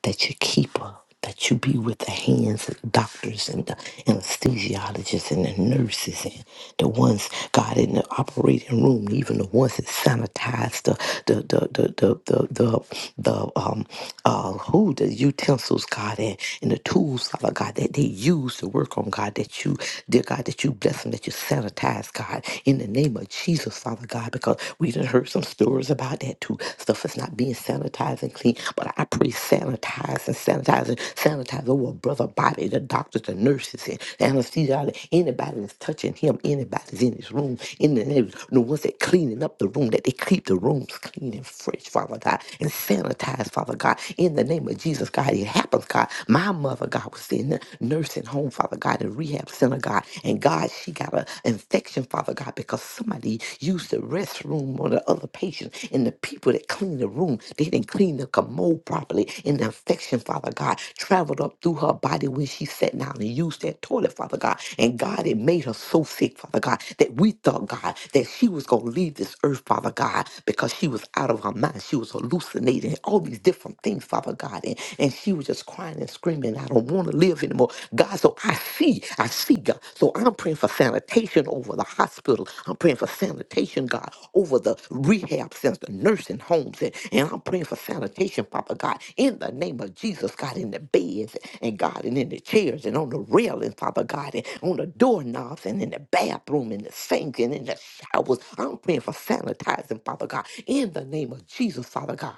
Speaker 5: that you keep her, that you be with the hands of the doctors and the anesthesiologists and the nurses and the ones, God, in the operating room, even the ones that sanitize the, the, the, the, the, the, the, the um, uh, who, the utensils, God, and, and the tools, Father God, that they use to work on, God, that you, dear God, that you bless them, that you sanitize, God, in the in the name of Jesus, Father God, because we done heard some stories about that too. Stuff is not being sanitized and clean, but I pray sanitize and sanitize and sanitize over brother Bobby, the doctors, the nurses, and the anesthesiologist, anybody that's touching him, anybody's in his room, in the name, the ones that cleaning up the room, that they keep the rooms clean and fresh, Father God, and sanitize, Father God, in the name of Jesus, God, it happens, God. My mother, God, was in the nursing home, Father God, in rehab Rahab's synagogue. And God, she got an infection, Father God, because somebody used the restroom on the other patient. And the people that cleaned the room, they didn't clean the commode properly. And the infection, Father God, traveled up through her body when she sat down and used that toilet, Father God. And God, it made her so sick, Father God, that we thought, God, that she was going to leave this earth, Father God, because she was out of her mind. She was hallucinating, and all these different things, Father God. And, and she was just crying and and screaming, I don't want to live anymore. God, so I see, I see God. So I'm praying for sanitation over the hospital. I'm praying for sanitation, God, over the rehab centers, the nursing homes. And, and I'm praying for sanitation, Papa God, in the name of Jesus, God, in the beds and God, and in the chairs and on the railing, Father God, and on the doorknobs and in the bathroom and the sinks and in the showers. I'm praying for sanitizing, Father God, in the name of Jesus, Father God.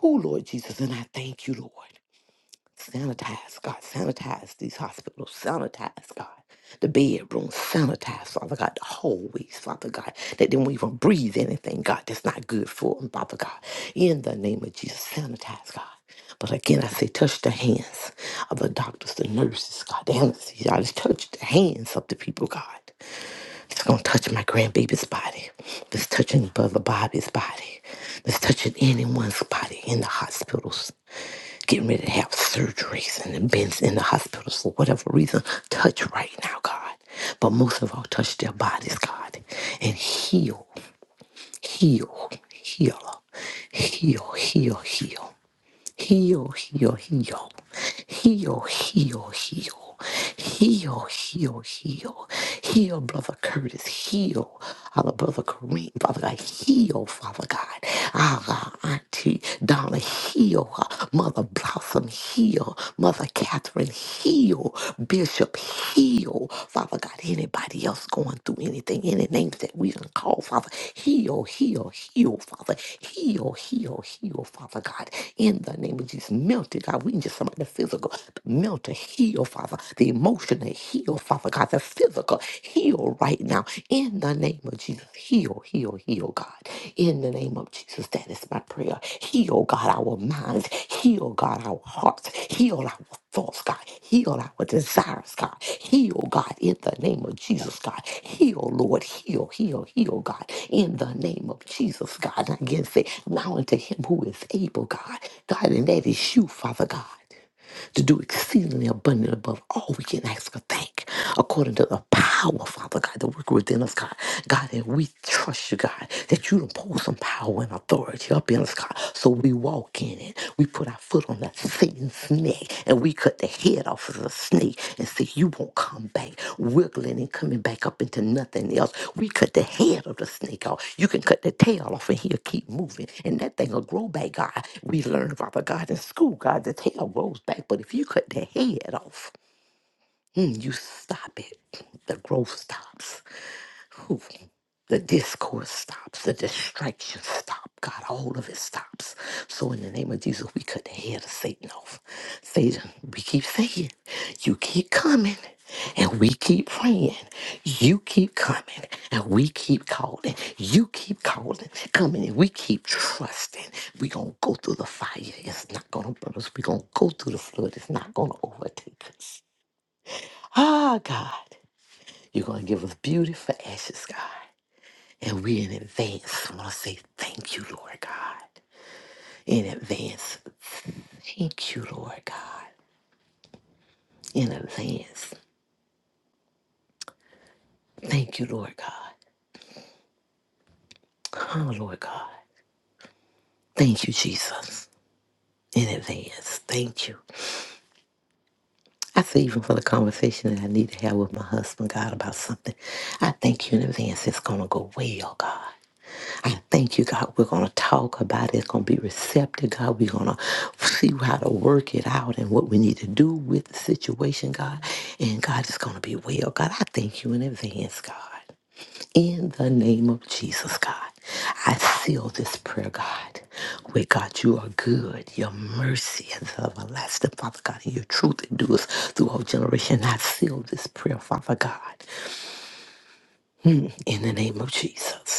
Speaker 5: Who, Lord Jesus, and I thank you, Lord. Sanitize, God. Sanitize these hospitals. Sanitize, God. The bedrooms. Sanitize, Father God. The hallways, Father God. That they won't even breathe anything, God, that's not good for them, Father God. In the name of Jesus, sanitize, God. But again, I say, touch the hands of the doctors, the nurses, God, the anesthesiologists. Touch the hands of the people, God. It's gonna touch my grandbaby's body. It's touching Brother Bobby's body. It's touching anyone's body in the hospitals. Getting ready to have surgeries and have been in the hospitals for whatever reason. Touch right now, God. But most of all, touch their bodies, God. And heal, heal, heal, heal, heal, heal. Heal, heal, heal. Heal, heal, heal. Heal, heal, heal. Heal, Brother Curtis. Heal, our Brother Kareem. Father God, heal, Father God. Our Auntie Donna, heal. her. Mother Blossom, heal. Mother Catherine, heal. Bishop, heal know, Father God, anybody else going through anything, any names that we can call, Father. Heal, heal, heal, Father. Heal, heal, heal, Father God. In the name of Jesus, melt it, God. We can just somebody the physical, but melt to heal, Father. The emotional heal, Father God. The physical heal right now. In the name of Jesus, heal, heal, heal, God. In the name of Jesus, that is my prayer. Heal, God, our minds. Heal, God, our hearts. Heal our thoughts, God. Heal our desires, God. Heal, God, in the name of Jesus, God. Heal, Lord. Heal, heal, heal, God, in the name of Jesus, God. And again, say, now unto him who is able, God. God, and that is you, Father God to do exceedingly abundantly above all we can ask or think, according to the power, Father God, that work within us, God. God, that we trust you, God, that you don't pour some power and authority up in us, God. So we walk in it. We put our foot on that Satan's neck and we cut the head off of the snake and say, You won't come back, wiggling and coming back up into nothing else. We cut the head of the snake off. You can cut the tail off and he'll keep moving. And that thing will grow back, God. We learned, Father God, in school, God, the tail grows back. But if you cut the head off, mm, you stop it. The growth stops. Whew. The discourse stops, the distractions stop. God, all of it stops. So, in the name of Jesus, we cut the head of Satan off. Satan, we keep saying, you keep coming, and we keep praying. You keep coming, and we keep calling. You keep calling, coming, and we keep trusting. We're going to go through the fire. It's not going to burn us. We're going to go through the flood. It's not going to overtake us. Ah, God, you're going to give us beauty for ashes, God. And we in advance want to say thank you, Lord God. In advance, thank you, Lord God. In advance, thank you, Lord God. Oh, Lord God. Thank you, Jesus. In advance, thank you. I say, even for the conversation that I need to have with my husband, God, about something, I thank you in advance. It's going to go well, God. I thank you, God. We're going to talk about it. It's going to be receptive, God. We're going to see how to work it out and what we need to do with the situation, God. And God, it's going to be well. God, I thank you in advance, God. In the name of Jesus, God, I seal this prayer, God. Where God, you are good, your mercy is everlasting, Father God, and your truth endures through all generation. I seal this prayer, Father God, in the name of Jesus.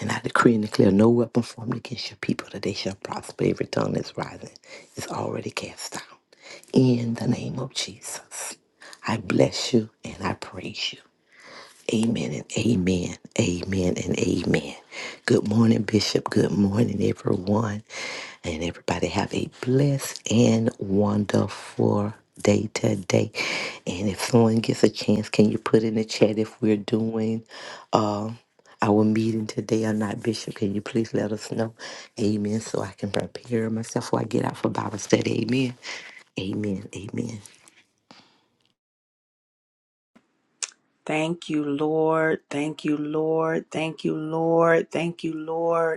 Speaker 5: And I decree and declare no weapon formed against your people that they shall prosper. Every tongue that's rising is already cast down. In the name of Jesus, I bless you and I praise you. Amen and amen. Amen and amen. Good morning, Bishop. Good morning, everyone. And everybody have a blessed and wonderful day today. And if someone gets a chance, can you put in the chat if we're doing uh, our meeting today or not, Bishop? Can you please let us know? Amen. So I can prepare myself before I get out for Bible study. Amen. Amen. Amen.
Speaker 1: Thank you, Lord. Thank you, Lord. Thank you, Lord. Thank you, Lord.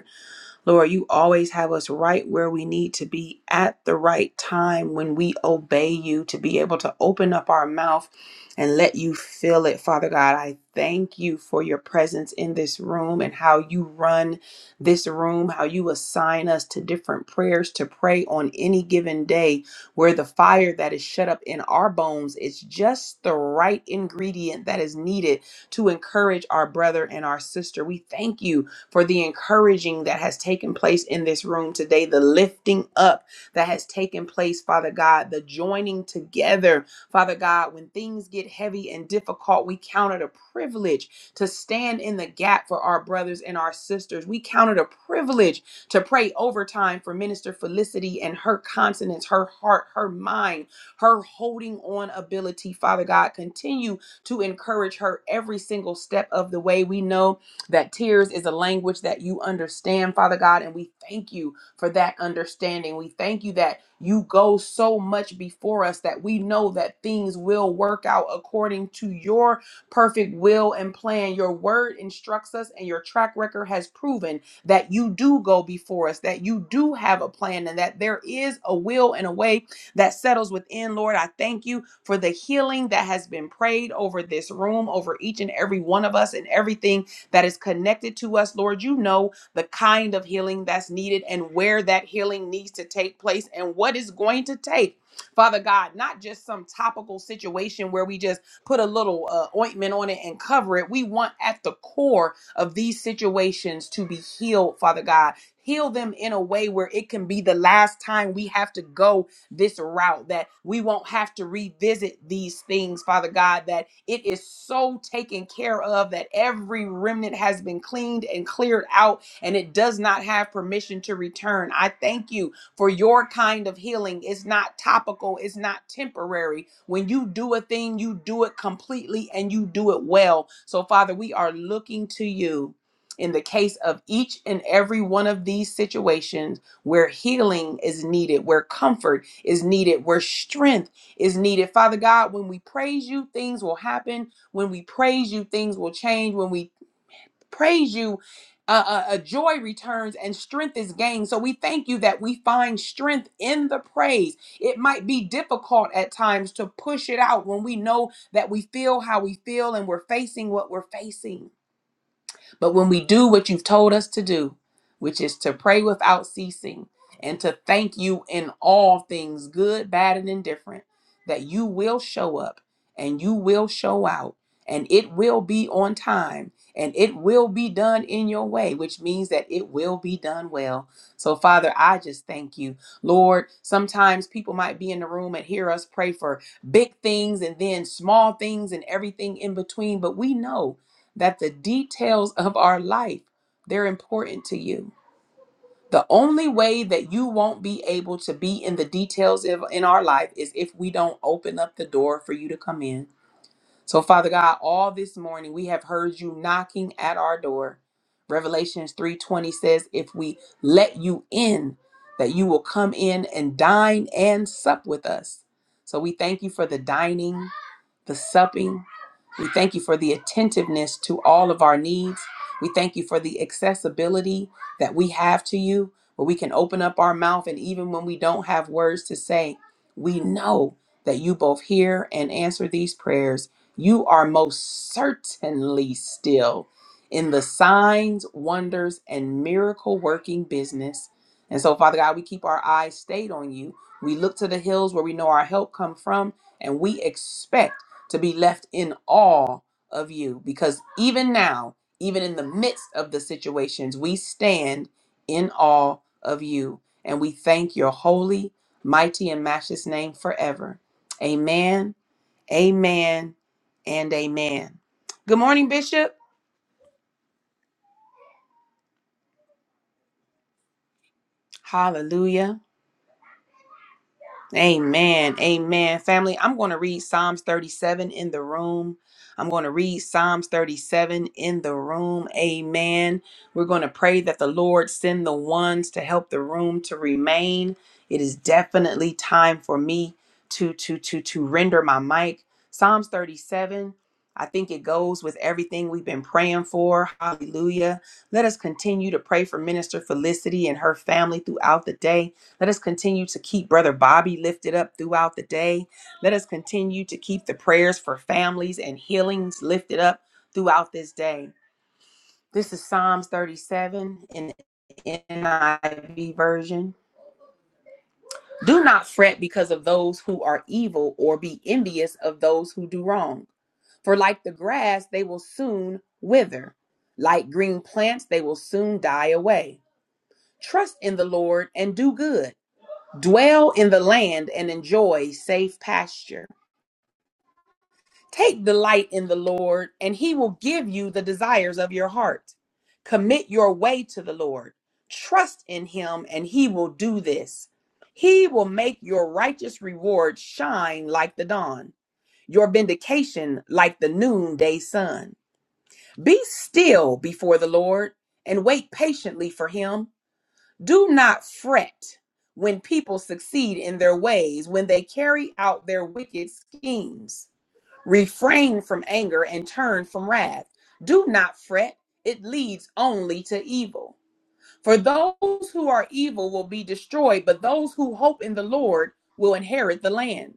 Speaker 1: Lord, you always have us right where we need to be at the right time when we obey you to be able to open up our mouth and let you fill it. Father God, I thank you for your presence in this room and how you run this room, how you assign us to different prayers to pray on any given day, where the fire that is shut up in our bones is just the right ingredient that is needed to encourage our brother and our sister. We thank you for the encouraging that has taken place in this room today, the lifting up that has taken place, Father God, the joining together, Father God. When things get heavy and difficult, we count it a privilege to stand in the gap for our brothers and our sisters. We count it a privilege to pray overtime for Minister Felicity and her consonance, her heart, her mind, her holding on ability, Father God. Continue to encourage her every single step of the way. We know that tears is a language that you understand, Father God, and we thank you for that understanding. We thank you that you go so much before us that we know that things will work out according to your perfect will and plan. Your word instructs us, and your track record has proven that you do go before us, that you do have a plan, and that there is a will and a way that settles within. Lord, I thank you for the healing that has been prayed over this room, over each and every one of us, and everything that is connected to us. Lord, you know the kind of healing that's needed and where that healing needs to take place and what is going to take. Father God, not just some topical situation where we just put a little uh, ointment on it and cover it. We want at the core of these situations to be healed, Father God. Heal them in a way where it can be the last time we have to go this route, that we won't have to revisit these things, Father God, that it is so taken care of that every remnant has been cleaned and cleared out and it does not have permission to return. I thank you for your kind of healing. It's not topical, it's not temporary. When you do a thing, you do it completely and you do it well. So, Father, we are looking to you in the case of each and every one of these situations where healing is needed, where comfort is needed, where strength is needed. Father God, when we praise you, things will happen. When we praise you, things will change. When we praise you, uh, uh, uh, joy returns and strength is gained. So we thank you that we find strength in the praise. It might be difficult at times to push it out when we know that we feel how we feel and we're facing what we're facing. But when we do what you've told us to do, which is to pray without ceasing and to thank you in all things, good, bad, and indifferent, that you will show up and you will show out and it will be on time and it will be done in your way, which means that it will be done well. So, Father, I just thank you. Lord, sometimes people might be in the room and hear us pray for big things and then small things and everything in between, but we know that the details of our life they're important to you. The only way that you won't be able to be in the details of, in our life is if we don't open up the door for you to come in. So Father God, all this morning we have heard you knocking at our door. Revelations 3:20 says if we let you in that you will come in and dine and sup with us. So we thank you for the dining the supping. We thank you for the attentiveness to all of our needs. We thank you for the accessibility that we have to you, where we can open up our mouth, and even when we don't have words to say, we know that you both hear and answer these prayers. You are most certainly still in the signs, wonders, and miracle working business. And so, Father God, we keep our eyes stayed on you. We look to the hills where we know our help come from, and we expect to be left in awe of you because even now, even in the midst of the situations, we stand in awe of you and we thank your holy, mighty, and matchless name forever. Amen, amen, and amen. Good morning, Bishop. Hallelujah. Amen. Amen. Family, I'm going to read Psalms 37 in the room. I'm going to read Psalms 37 in the room. Amen. We're going to pray that the Lord send the ones to help the room to remain. It is definitely time for me to to to to render my mic. Psalms 37 I think it goes with everything we've been praying for. Hallelujah. Let us continue to pray for Minister Felicity and her family throughout the day. Let us continue to keep Brother Bobby lifted up throughout the day. Let us continue to keep the prayers for families and healings lifted up throughout this day. This is Psalms 37 in the NIV version. Do not fret because of those who are evil or be envious of those who do wrong. For like the grass, they will soon wither. Like green plants, they will soon die away. Trust in the Lord and do good Dwell in the land and enjoy safe pasture. Take delight in the Lord, and he will give you the desires of your heart. Commit your way to the Lord. Trust in him, and he will do this. He will make your righteous reward shine like the dawn, your vindication like the noonday sun. Be still before the Lord and wait patiently for him. Do not fret when people succeed in their ways, when they carry out their wicked schemes. Refrain from anger and turn from wrath. Do not fret, it leads only to evil. For those who are evil will be destroyed, but those who hope in the Lord will inherit the land.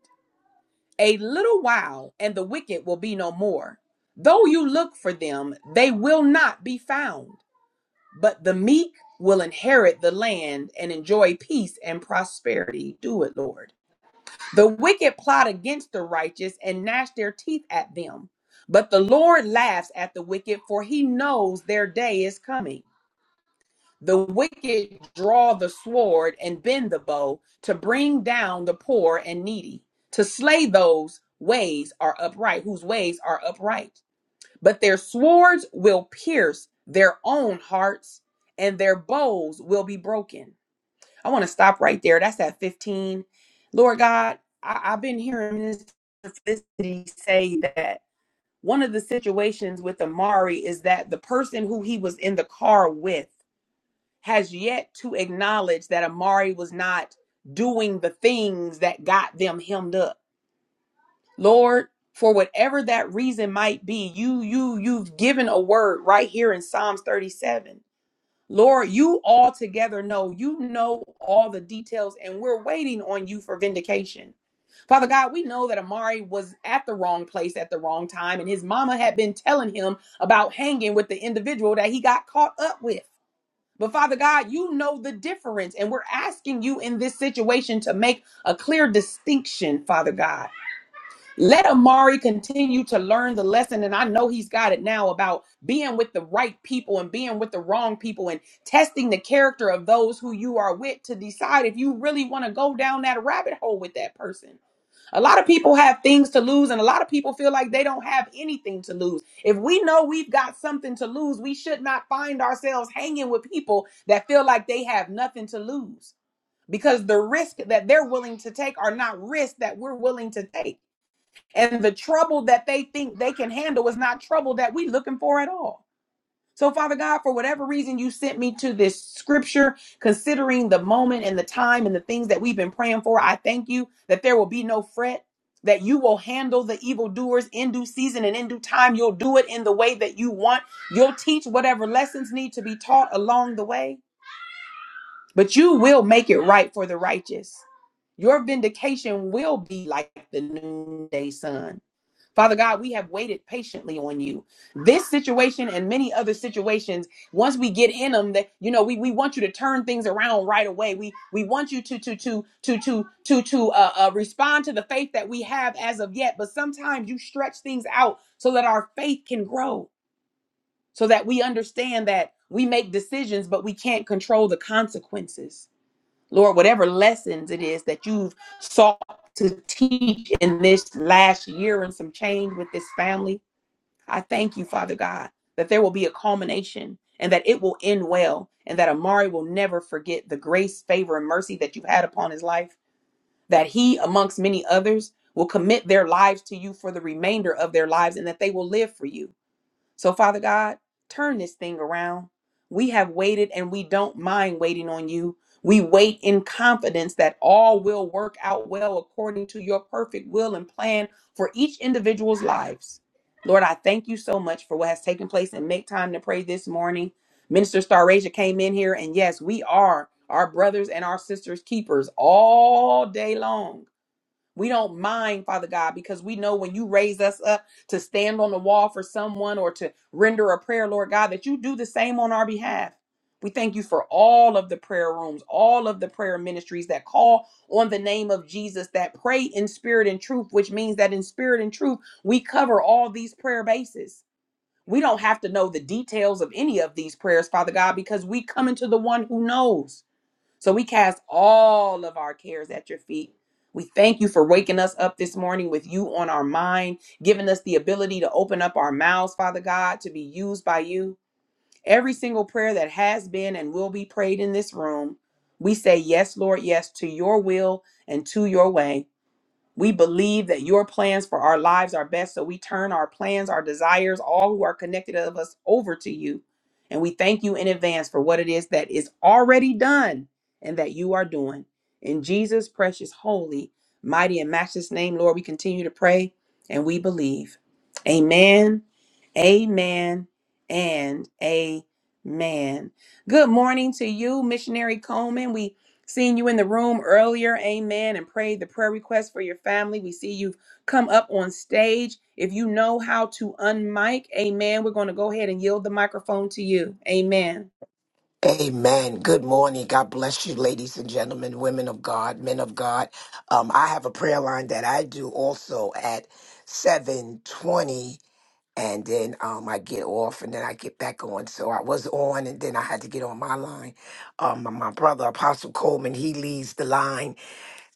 Speaker 1: A little while, and the wicked will be no more. Though you look for them, they will not be found. But the meek will inherit the land and enjoy peace and prosperity. Do it, Lord. The wicked plot against the righteous and gnash their teeth at them. But the Lord laughs at the wicked, for he knows their day is coming. The wicked draw the sword and bend the bow to bring down the poor and needy, to slay those ways are upright, whose ways are upright but their swords will pierce their own hearts and their bows will be broken. I want to stop right there. That's at 15. Lord God, I, I've been hearing this Felicity say that one of the situations with Amari is that the person who he was in the car with has yet to acknowledge that Amari was not doing the things that got them hemmed up Lord, for whatever that reason might be, you you you've given a word right here in Psalms 37. Lord, you altogether know. You know all the details, and we're waiting on you for vindication. Father God, we know that Amari was at the wrong place at the wrong time, and his mama had been telling him about hanging with the individual that he got caught up with. But Father God, you know the difference, and we're asking you in this situation to make a clear distinction, Father God. Let Amari continue to learn the lesson, and I know he's got it now about being with the right people and being with the wrong people and testing the character of those who you are with to decide if you really want to go down that rabbit hole with that person. A lot of people have things to lose, and a lot of people feel like they don't have anything to lose. If we know we've got something to lose, we should not find ourselves hanging with people that feel like they have nothing to lose because the risk that they're willing to take are not risks that we're willing to take. And the trouble that they think they can handle is not trouble that we are looking for at all. So, Father God, for whatever reason you sent me to this scripture, considering the moment and the time and the things that we've been praying for, I thank you that there will be no fret, that you will handle the evildoers in due season and in due time. You'll do it in the way that you want. You'll teach whatever lessons need to be taught along the way, but you will make it right for the righteous. Your vindication will be like the noonday sun Father God, we have waited patiently on you. This situation and many other situations, once we get in them, that you know, we, we want you to turn things around right away. We we want you to to to to to to to uh, uh, respond to the faith that we have as of yet. But sometimes you stretch things out so that our faith can grow, so that we understand that we make decisions, but we can't control the consequences. Lord, whatever lessons it is that you've sought to teach in this last year and some change with this family, I thank you, Father God, that there will be a culmination and that it will end well and that Amari will never forget the grace, favor, and mercy that you've had upon his life, that he, amongst many others, will commit their lives to you for the remainder of their lives and that they will live for you. So, Father God, turn this thing around. We have waited and we don't mind waiting on you. We wait in confidence that all will work out well according to your perfect will and plan for each individual's lives. Lord, I thank you so much for what has taken place and make time to pray this morning. Minister Starasia came in here, and yes, we are our brothers and our sisters' keepers all day long. We don't mind, Father God, because we know when you raise us up to stand on the wall for someone or to render a prayer, Lord God, that you do the same on our behalf. We thank you for all of the prayer rooms, all of the prayer ministries that call on the name of Jesus, that pray in spirit and truth, which means that in spirit and truth, we cover all these prayer bases. We don't have to know the details of any of these prayers, Father God, because we come into the one who knows. So we cast all of our cares at your feet. We thank you for waking us up this morning with you on our mind, giving us the ability to open up our mouths, Father God, to be used by you. Every single prayer that has been and will be prayed in this room, we say, Yes, Lord, yes, to your will and to your way. We believe that your plans for our lives are best, so we turn our plans, our desires, all who are connected of us over to you. And we thank you in advance for what it is that is already done and that you are doing. In Jesus' precious, holy, mighty, and matchless name, Lord, we continue to pray and we believe. Amen, amen, and amen. Good morning to you, Missionary Coleman. We Seeing you in the room earlier, amen, and prayed the prayer request for your family. We see you've come up on stage. If you know how to unmic, amen, we're going to go ahead and yield the microphone to you. Amen.
Speaker 7: Amen. Good morning. God bless you, ladies and gentlemen, women of God, men of God. Um, I have a prayer line that I do also at 720 and then um, I get off and then I get back on. So I was on and then I had to get on my line. Um, my my brother, Apostle Coleman, he leads the line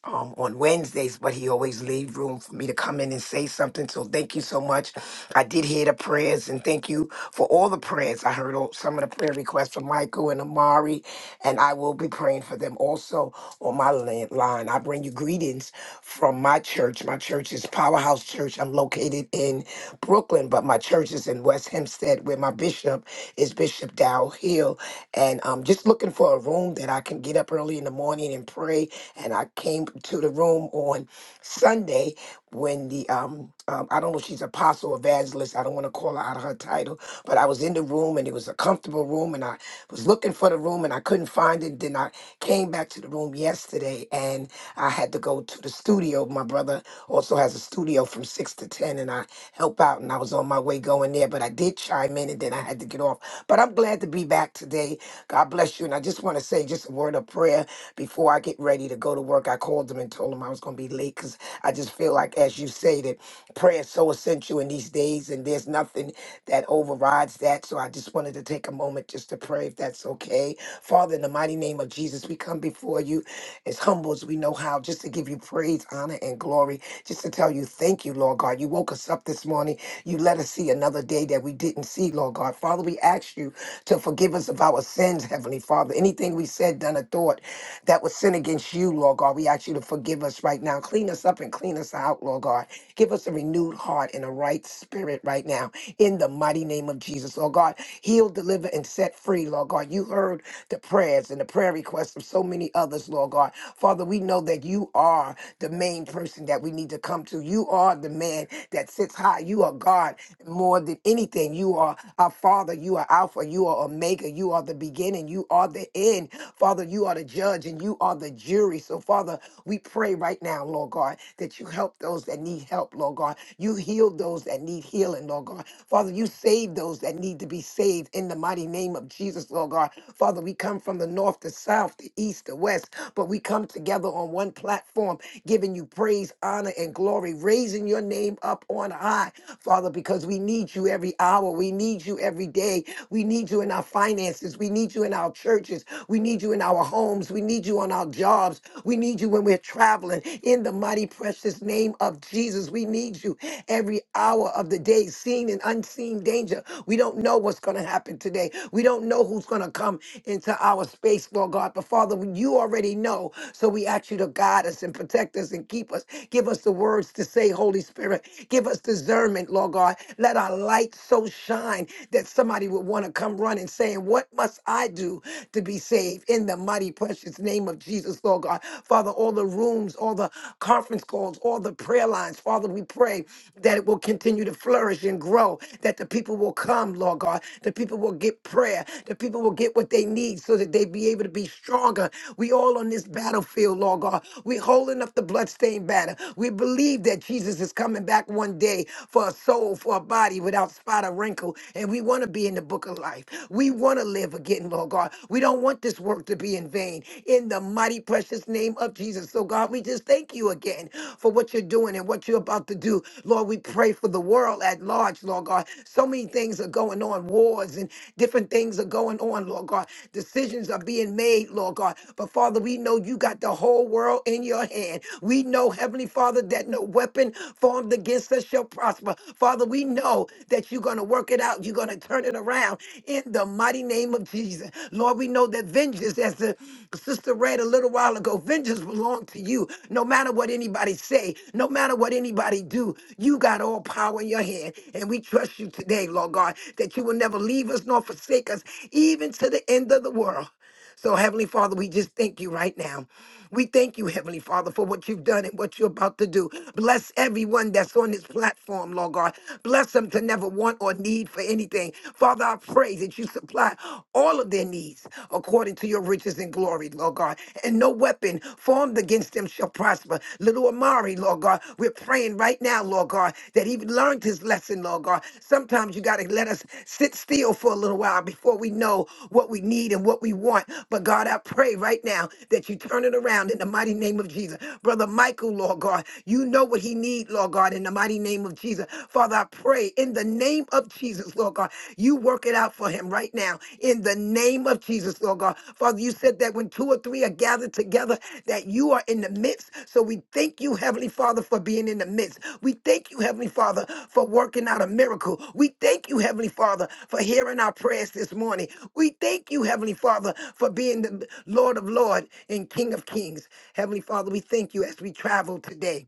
Speaker 7: um, on Wednesdays, but he always leave room for me to come in and say something. So thank you so much. I did hear the prayers, and thank you for all the prayers. I heard all, some of the prayer requests from Michael and Amari, and I will be praying for them also on my la- line. I bring you greetings from my church. My church is Powerhouse Church. I'm located in Brooklyn, but my church is in West Hempstead, where my bishop is Bishop Dow Hill. And I'm just looking for a room that I can get up early in the morning and pray and I came to the room on Sunday when the um, um I don't know if she's apostle evangelist. I don't want to call her out of her title, but I was in the room and it was a comfortable room, and I was looking for the room and I couldn't find it. Then I came back to the room yesterday and I had to go to the studio. My brother also has a studio from six to ten, and I help out. And I was on my way going there, but I did chime in and then I had to get off. But I'm glad to be back today. God bless you, and I just want to say just a word of prayer before I get ready to go to work, I called them and told them I was going to be late because I just feel like, as you say, that prayer is so essential in these days, and there's nothing that overrides that. So I just wanted to take a moment just to pray, if that's okay. Father, in the mighty name of Jesus, we come before you as humble as we know how, just to give you praise, honor, and glory, just to tell you thank you, Lord God. You woke us up this morning. You let us see another day that we didn't see, Lord God. Father, we ask you to forgive us of our sins, Heavenly Father. Anything we said, done, or thought that was sin against you, Lord God. We ask you to forgive us right now. Clean us up and clean us out, Lord God. Give us a renewed heart and a right spirit right now in the mighty name of Jesus, Lord God. Heal, deliver, and set free, Lord God. You heard the prayers and the prayer requests of so many others, Lord God. Father, we know that you are the main person that we need to come to. You are the man that sits high. You are God more than anything. You are our Father. You are Alpha. You are Omega. You are the beginning. You are the end. Father, you are the judge and you are the jury weary. So, Father, we pray right now, Lord God, that you help those that need help, Lord God. You heal those that need healing, Lord God. Father, you save those that need to be saved in the mighty name of Jesus, Lord God. Father, we come from the north, the south, the east, the west, but we come together on one platform, giving you praise, honor, and glory, raising your name up on high, Father, because we need you every hour. We need you every day. We need you in our finances. We need you in our churches. We need you in our homes. We need you on our jobs. We need you when we're traveling. In the mighty, precious name of Jesus, we need you every hour of the day, seen and unseen danger. We don't know what's going to happen today. We don't know who's going to come into our space, Lord God. But Father, you already know. So we ask you to guide us and protect us and keep us. Give us the words to say, Holy Spirit. Give us discernment, Lord God. Let our light so shine mind that somebody would want to come running saying, What must I do to be saved? In the mighty, precious name of Jesus, Lord God. Father, all the rooms, all the conference calls, all the prayer lines, Father, we pray that it will continue to flourish and grow, that the people will come, Lord God. The people will get prayer. The people will get what they need so that they be able to be stronger. We all on this battlefield, Lord God. We're holding up the bloodstained banner. We believe that Jesus is coming back one day for a soul, for a body without without spot or wrinkle, and we want to be in the book of life. We want to live again, Lord God. We don't want this work to be in vain. In the mighty, precious name of Jesus. So, God, we just thank you again for what you're doing and what you're about to do. Lord, we pray for the world at large, Lord God. So many things are going on, wars and different things are going on, Lord God. Decisions are being made, Lord God. But Father, we know you got the whole world in your hand. We know, Heavenly Father, that no weapon formed against us shall prosper. Father, we know that you're going to work it out. You're going to turn it around in the mighty name of Jesus. Lord, we know that vengeance, as the sister read a little while ago, vengeance belongs to you. No matter what anybody say, no matter what anybody do, you got all power in your hand. And we trust you today, Lord God, that you will never leave us nor forsake us, even to the end of the world. So, Heavenly Father, we just thank you right now. We thank you, Heavenly Father, for what you've done and what you're about to do. Bless everyone that's on this platform, Lord God. Bless them to never want or need for anything. Father, I pray that you supply all of their needs according to your riches and glory, Lord God. And no weapon formed against them shall prosper. Little Amari, Lord God, we're praying right right now, Lord God, that he learned his lesson, Lord God. Sometimes you got to let us sit still for a little while before we know what we need and what we want. But God, I pray right now that you turn it around in the mighty name of Jesus. Brother Michael, Lord God, you know what he need, Lord God, in the mighty name of Jesus. Father, I pray in the name of Jesus, Lord God, you work it out for him right now in the name of Jesus, Lord God. Father, you said that when two or three are gathered together, that you are in the midst. So we thank you, Heavenly Father, for being in the midst. We thank you, Heavenly Father, for working out a miracle. We thank you, Heavenly Father, for hearing our prayers this morning. We thank you, Heavenly Father, for being the Lord of Lords and King of Kings. Heavenly Father, we thank you as we travel today.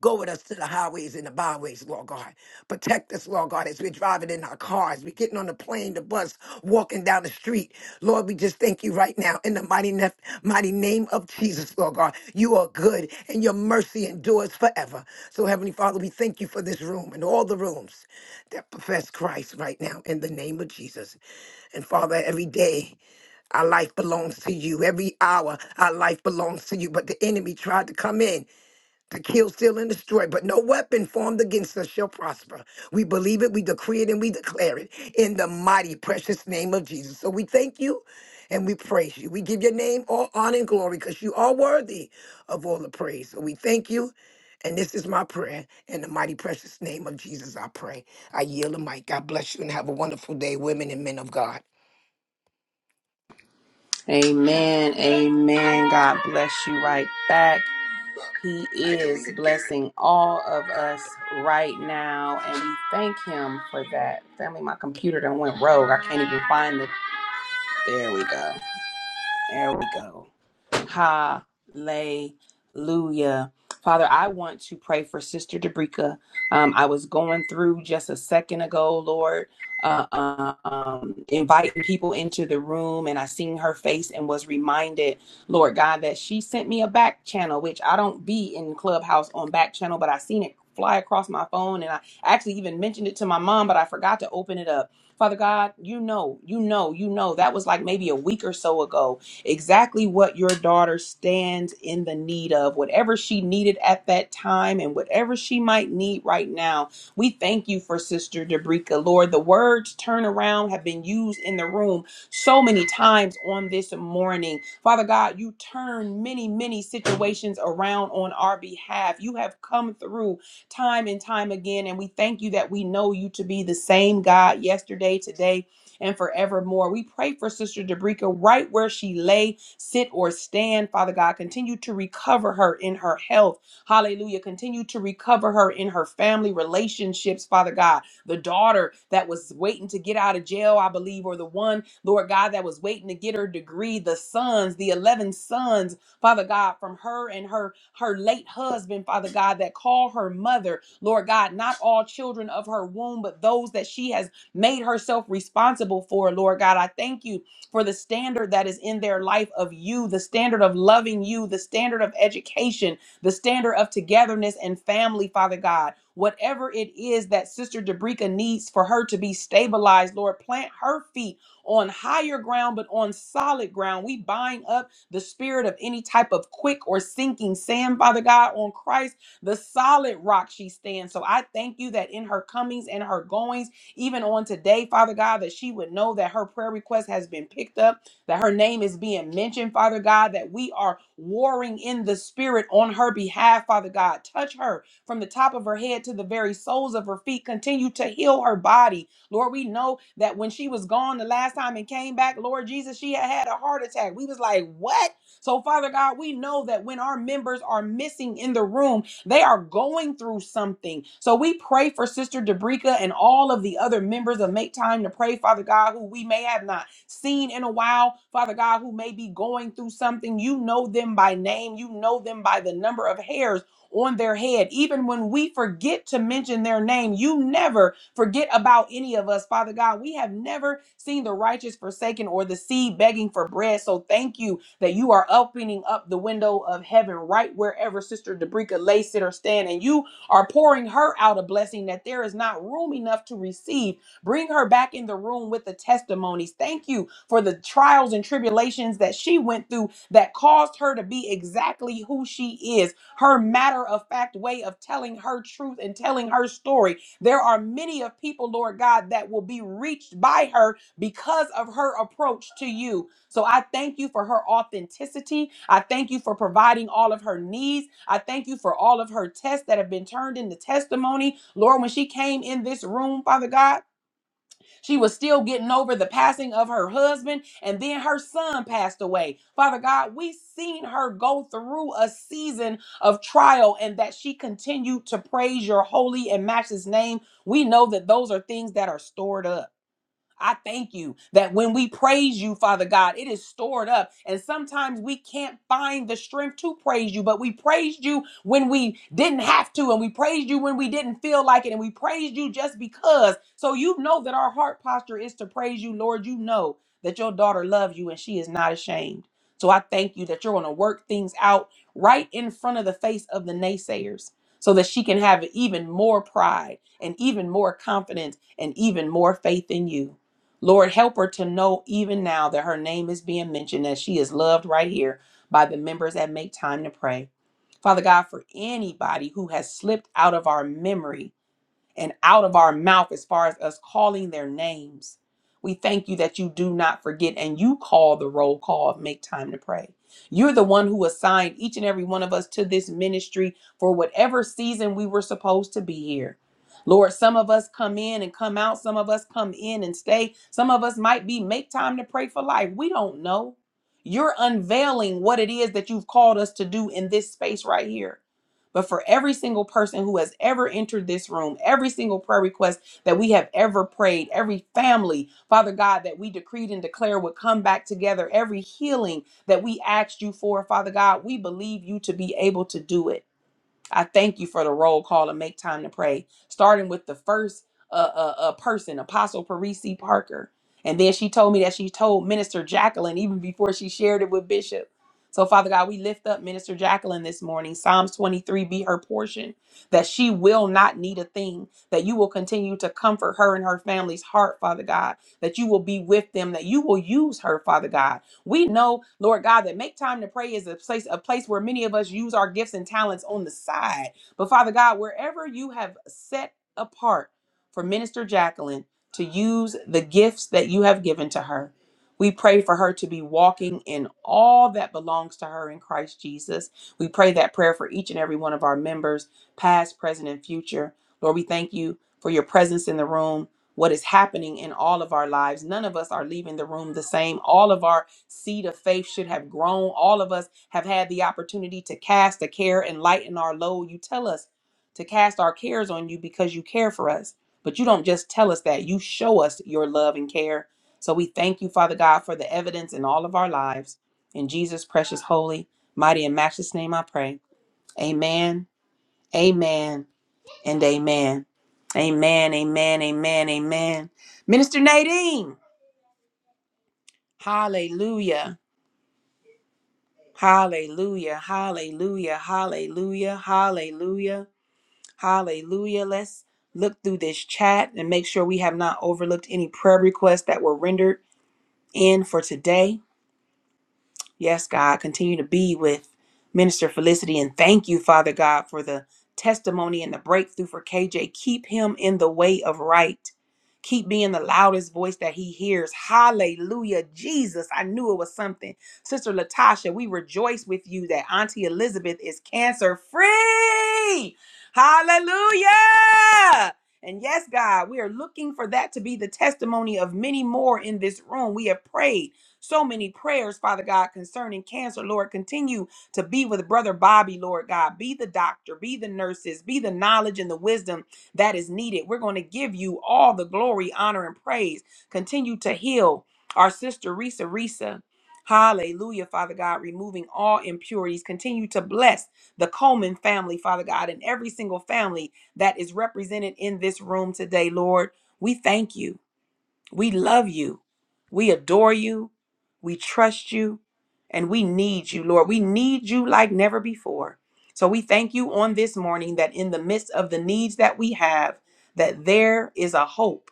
Speaker 7: Go with us to the highways and the byways, Lord God. Protect us, Lord God, as we're driving in our cars, we're getting on the plane, the bus, walking down the street. Lord, we just thank you right now in the mighty, nef- mighty name of Jesus, Lord God. You are good and your mercy endures forever. So, Heavenly Father, we thank you for this room and all the rooms that profess Christ right now in the name of Jesus. And Father, every day our life belongs to you. Every hour our life belongs to you. But the enemy tried to come in to kill, steal, and destroy, but no weapon formed against us shall prosper. We believe it, we decree it, and we declare it in the mighty, precious name of Jesus. So we thank you and we praise you. We give your name all honor and glory because you are worthy of all the praise. So we thank you. And this is my prayer in the mighty, precious name of Jesus. I pray. I yield the mic. God bless you and have a wonderful day, women and men of God.
Speaker 1: Amen. Amen. God bless you right back. He is blessing all of us right now, and we thank Him for that. Family, my computer done went rogue. I can't even find the. There we go. There we go. Hallelujah. Father, I want to pray for Sister Dabrika. Um, I was going through just a second ago, Lord, uh, uh, um, inviting people into the room, and I seen her face and was reminded, Lord God, that she sent me a back channel, which I don't be in Clubhouse on back channel, but I seen it fly across my phone, and I actually even mentioned it to my mom, but I forgot to open it up. Father God, you know, you know, you know, that was like maybe a week or so ago exactly what your daughter stands in the need of, whatever she needed at that time and whatever she might need right now. We thank you for Sister Dabrika. Lord, the words turn around have been used in the room so many times on this morning. Father God, you turn many, many situations around on our behalf. You have come through time and time again, and we thank you that we know you to be the same God yesterday, today, and forevermore. We pray for Sister Dabrika right where she lay, sit, or stand. Father God, continue to recover her in her health. Hallelujah. Continue to recover her in her family relationships, Father God. The daughter that was waiting to get out of jail, I believe, or the one, Lord God, that was waiting to get her degree, the sons, the 11 sons, Father God, from her and her her late husband, Father God, that call her mother, Lord God, not all children of her womb, but those that she has made herself responsible for. Lord God, I thank you for the standard that is in their life of you, the standard of loving you, the standard of education, the standard of togetherness and family, Father God. Whatever it is that Sister Dabrika needs for her to be stabilized, Lord, plant her feet on higher ground, but on solid ground. We bind up the spirit of any type of quick or sinking sand, Father God, on Christ, the solid rock she stands. So I thank you that in her comings and her goings, even on today, Father God, that she would know that her prayer request has been picked up, that her name is being mentioned, Father God, that we are warring in the spirit on her behalf, Father God. Touch her from the top of her head to the very soles of her feet. Continue to heal her body. Lord, we know that when she was gone the last time and came back, Lord Jesus, she had had a heart attack. We was like, what? So, Father God, we know that when our members are missing in the room, they are going through something. So we pray for Sister Dabrika and all of the other members of Make Time to Pray, Father God, who we may have not seen in a while, Father God, who may be going through something. You know them by name, you know them by the number of hairs on their head. Even when we forget to mention their name, you never forget about any of us, Father God. We have never seen the righteous forsaken or the seed begging for bread. So thank you that you are opening up the window of heaven right wherever Sister Dabrika lay, sit, or stand, and you are pouring her out a blessing that there is not room enough to receive. Bring her back in the room with the testimonies. Thank you for the trials and tribulations that she went through that caused her to be exactly who she is. Her matter of fact way of telling her truth and telling her story. There are many of people, Lord God, that will be reached by her because of her approach to you. So I thank you for her authenticity. I thank you for providing all of her needs. I thank you for all of her tests that have been turned into testimony. Lord, when she came in this room, Father God, she was still getting over the passing of her husband, and then her son passed away. Father God, we seen her go through a season of trial and that she continued to praise your holy and matchless name. We know that those are things that are stored up. I thank you that when we praise you, Father God, it is stored up. And sometimes we can't find the strength to praise you, but we praised you when we didn't have to, and we praised you when we didn't feel like it, and we praised you just because. So you know that our heart posture is to praise you, Lord. You know that your daughter loves you and she is not ashamed. So I thank you that you're going to work things out right in front of the face of the naysayers so that she can have even more pride and even more confidence and even more faith in you. Lord, help her to know even now that her name is being mentioned, that she is loved right here by the members that make time to pray. Father God, for anybody who has slipped out of our memory and out of our mouth as far as us calling their names. We thank you that you do not forget and you call the roll call of make time to pray. You're the one who assigned each and every one of us to this ministry for whatever season we were supposed to be here. Lord, some of us come in and come out. Some of us come in and stay. Some of us might be make time to pray for life. We don't know. You're unveiling what it is that you've called us to do in this space right here but for every single person who has ever entered this room, every single prayer request that we have ever prayed, every family, Father God, that we decreed and declare would come back together, every healing that we asked you for, Father God, we believe you to be able to do it. I thank you for the roll call and make time to pray, starting with the first uh, uh, uh, person, Apostle Parisi Parker. And then she told me that she told Minister Jacqueline even before she shared it with Bishop. So, Father God, we lift up Minister Jacqueline this morning. Psalms 23 be her portion, that she will not need a thing, that you will continue to comfort her and her family's heart, Father God, that you will be with them, that you will use her, Father God. We know, Lord God, that make time to pray is a place a place where many of us use our gifts and talents on the side. But Father God, wherever you have set apart for Minister Jacqueline to use the gifts that you have given to her, we pray for her to be walking in all that belongs to her in Christ Jesus. We pray that prayer for each and every one of our members, past, present, and future. Lord, we thank you for your presence in the room what is happening in all of our lives. None of us are leaving the room the same. All of our seed of faith should have grown. All of us have had the opportunity to cast a care and lighten our load. You tell us to cast our cares on you because you care for us. But you don't just tell us that, you show us your love and care. So we thank you, Father God, for the evidence in all of our lives. In Jesus' precious, holy, mighty, and matchless name, I pray. Amen, amen, and amen. Amen, amen, amen, amen. Minister Nadine, hallelujah. Hallelujah, hallelujah, hallelujah, hallelujah, hallelujah. Let's look through this chat and make sure we have not overlooked any prayer requests that were rendered in for today. Yes, God, continue to be with Minister Felicity and thank you, Father God, for the testimony and the breakthrough for KJ. Keep him in the way of right. Keep being the loudest voice that he hears. Hallelujah. Jesus, I knew it was something. Sister Latasha, we rejoice with you that Auntie Elizabeth is cancer free. Hallelujah. And yes, God, we are looking for that to be the testimony of many more in this room. We have prayed. So many prayers, Father God, concerning cancer. Lord, continue to be with Brother Bobby, Lord God. Be the doctor, be the nurses, be the knowledge and the wisdom that is needed. We're going to give you all the glory, honor, and praise. Continue to heal our sister, Risa Risa. Hallelujah, Father God, removing all impurities. Continue to bless the Coleman family, Father God, and every single family that is represented in this room today, Lord. We thank you. We love you. We adore you. We trust you. And we need you, Lord. We need you like never before. So we thank you on this morning that in the midst of the needs that we have, that there is a hope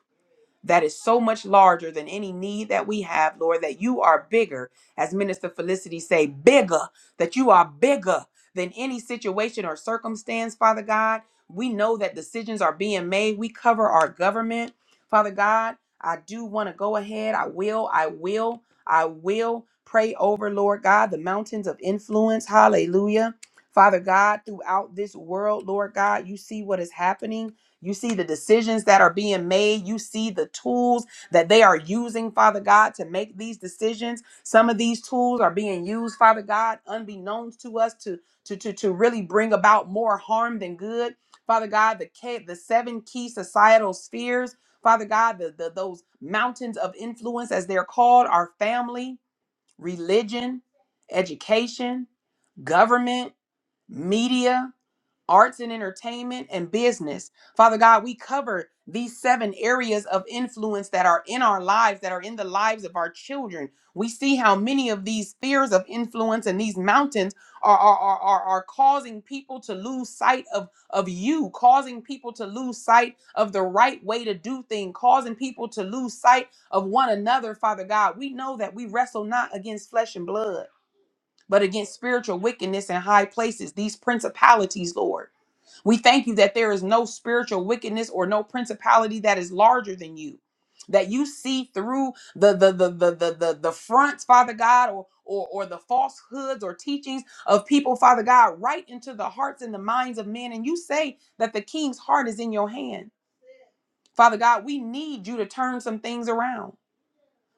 Speaker 1: that is so much larger than any need that we have, Lord, that you are bigger, as Minister Felicity say, bigger, that you are bigger than any situation or circumstance, Father God. We know that decisions are being made. We cover our government, Father God. I do want to go ahead. I will, I will, I will pray over, Lord God, the mountains of influence. Hallelujah. Father God, throughout this world, Lord God, you see what is happening. You see the decisions that are being made. You see the tools that they are using, Father God, to make these decisions. Some of these tools are being used, Father God, unbeknownst to us to to to, to really bring about more harm than good. Father God, the ca- the seven key societal spheres, Father God, the, the those mountains of influence as they're called are family, religion, education, government, media, arts and entertainment, and business. Father God, we cover these seven areas of influence that are in our lives, that are in the lives of our children. We see how many of these spheres of influence and these mountains are, are, are, are, are causing people to lose sight of, of you, causing people to lose sight of the right way to do things, causing people to lose sight of one another, Father God. We know that we wrestle not against flesh and blood, but against spiritual wickedness in high places, these principalities, Lord. We thank you that there is no spiritual wickedness or no principality that is larger than you. That you see through the the the the the the, the fronts, Father God, or, or or the falsehoods or teachings of people, Father God, right into the hearts and the minds of men. And you say that the king's heart is in your hand. Father God, we need you to turn some things around.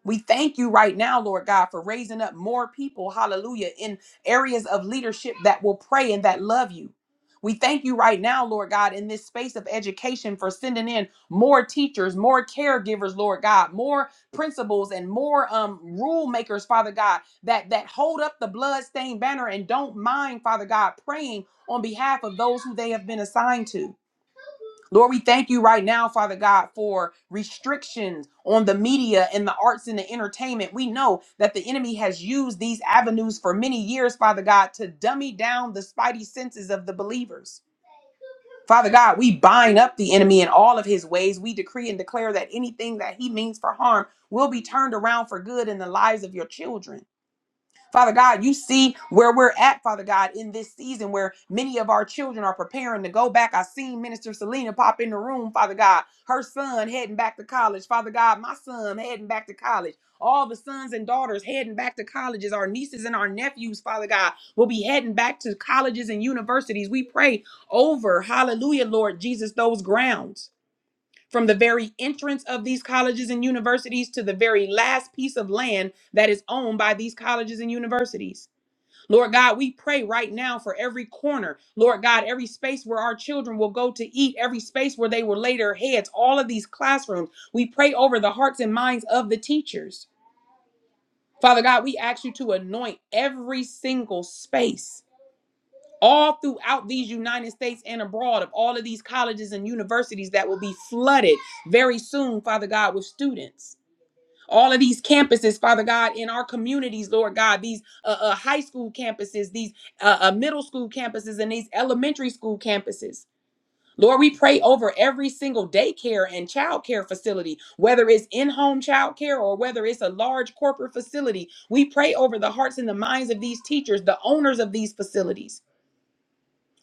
Speaker 1: We thank you right now, Lord God, for raising up more people, hallelujah, in areas of leadership that will pray and that love you. We thank you right now, Lord God, in this space of education for sending in more teachers, more caregivers, Lord God, more principals and more um, rule makers, Father God, that that hold up the bloodstained banner and don't mind, Father God, praying on behalf of those who they have been assigned to. Lord, we thank you right now, Father God, for restrictions on the media and the arts and the entertainment. We know that the enemy has used these avenues for many years, Father God, to dummy down the spidey senses of the believers. Father God, we bind up the enemy in all of his ways. We decree and declare that anything that he means for harm will be turned around for good in the lives of your children. Father God, you see where we're at, Father God, in this season where many of our children are preparing to go back. I seen Minister Selena pop in the room, Father God, her son heading back to college, Father God, my son heading back to college. All the sons and daughters heading back to colleges, our nieces and our nephews, Father God, will be heading back to colleges and universities. We pray over, hallelujah, Lord Jesus, those grounds. From the very entrance of these colleges and universities to the very last piece of land that is owned by these colleges and universities. Lord God, we pray right now for every corner. Lord God, every space where our children will go to eat, every space where they will lay their heads, all of these classrooms. We pray over the hearts and minds of the teachers. Father God, we ask you to anoint every single space all throughout these United States and abroad of all of these colleges and universities that will be flooded very soon, Father God, with students. All of these campuses, Father God, in our communities, Lord God, these uh, uh, high school campuses, these uh, uh, middle school campuses, and these elementary school campuses. Lord, we pray over every single daycare and childcare facility, whether it's in home childcare or whether it's a large corporate facility. We pray over the hearts and the minds of these teachers, the owners of these facilities.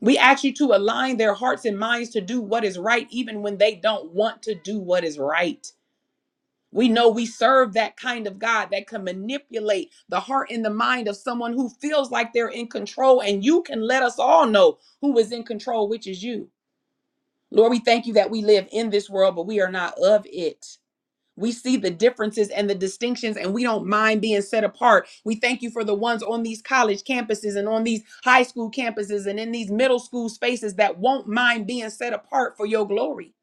Speaker 1: We ask you to align their hearts and minds to do what is right, even when they don't want to do what is right. We know we serve that kind of God that can manipulate the heart and the mind of someone who feels like they're in control, and you can let us all know who is in control, which is you. Lord, we thank you that we live in this world, but we are not of it. We see the differences and the distinctions, and we don't mind being set apart. We thank you for the ones on these college campuses and on these high school campuses and in these middle school spaces that won't mind being set apart for your glory.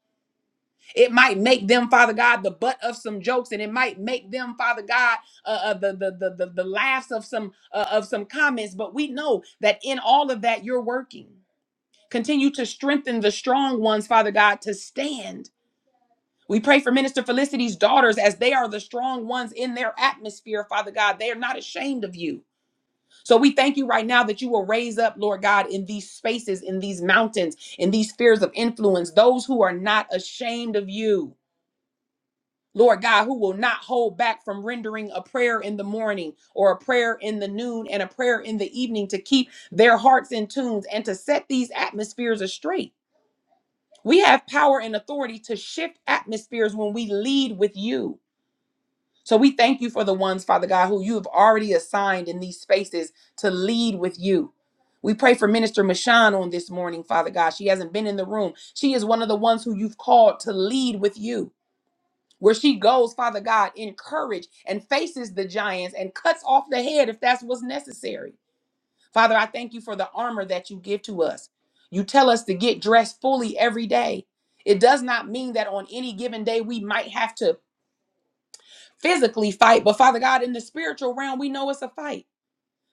Speaker 1: It might make them, Father God, the butt of some jokes, and it might make them, Father God, uh, uh, the, the the the the laughs of some uh, of some comments. But we know that in all of that, you're working. Continue to strengthen the strong ones, Father God, to stand we pray for Minister Felicity's daughters as they are the strong ones in their atmosphere, Father God. They are not ashamed of you. So we thank you right now that you will raise up, Lord God, in these spaces, in these mountains, in these spheres of influence, those who are not ashamed of you. Lord God, who will not hold back from rendering a prayer in the morning or a prayer in the noon and a prayer in the evening to keep their hearts in tune and to set these atmospheres astray. We have power and authority to shift atmospheres when we lead with you. So we thank you for the ones, Father God, who you have already assigned in these spaces to lead with you. We pray for Minister Mashan on this morning, Father God. She hasn't been in the room. She is one of the ones who you've called to lead with you. Where she goes, Father God, in courage and faces the giants and cuts off the head if that's what's necessary. Father, I thank you for the armor that you give to us. You tell us to get dressed fully every day. It does not mean that on any given day we might have to physically fight, but Father God, in the spiritual realm, we know it's a fight.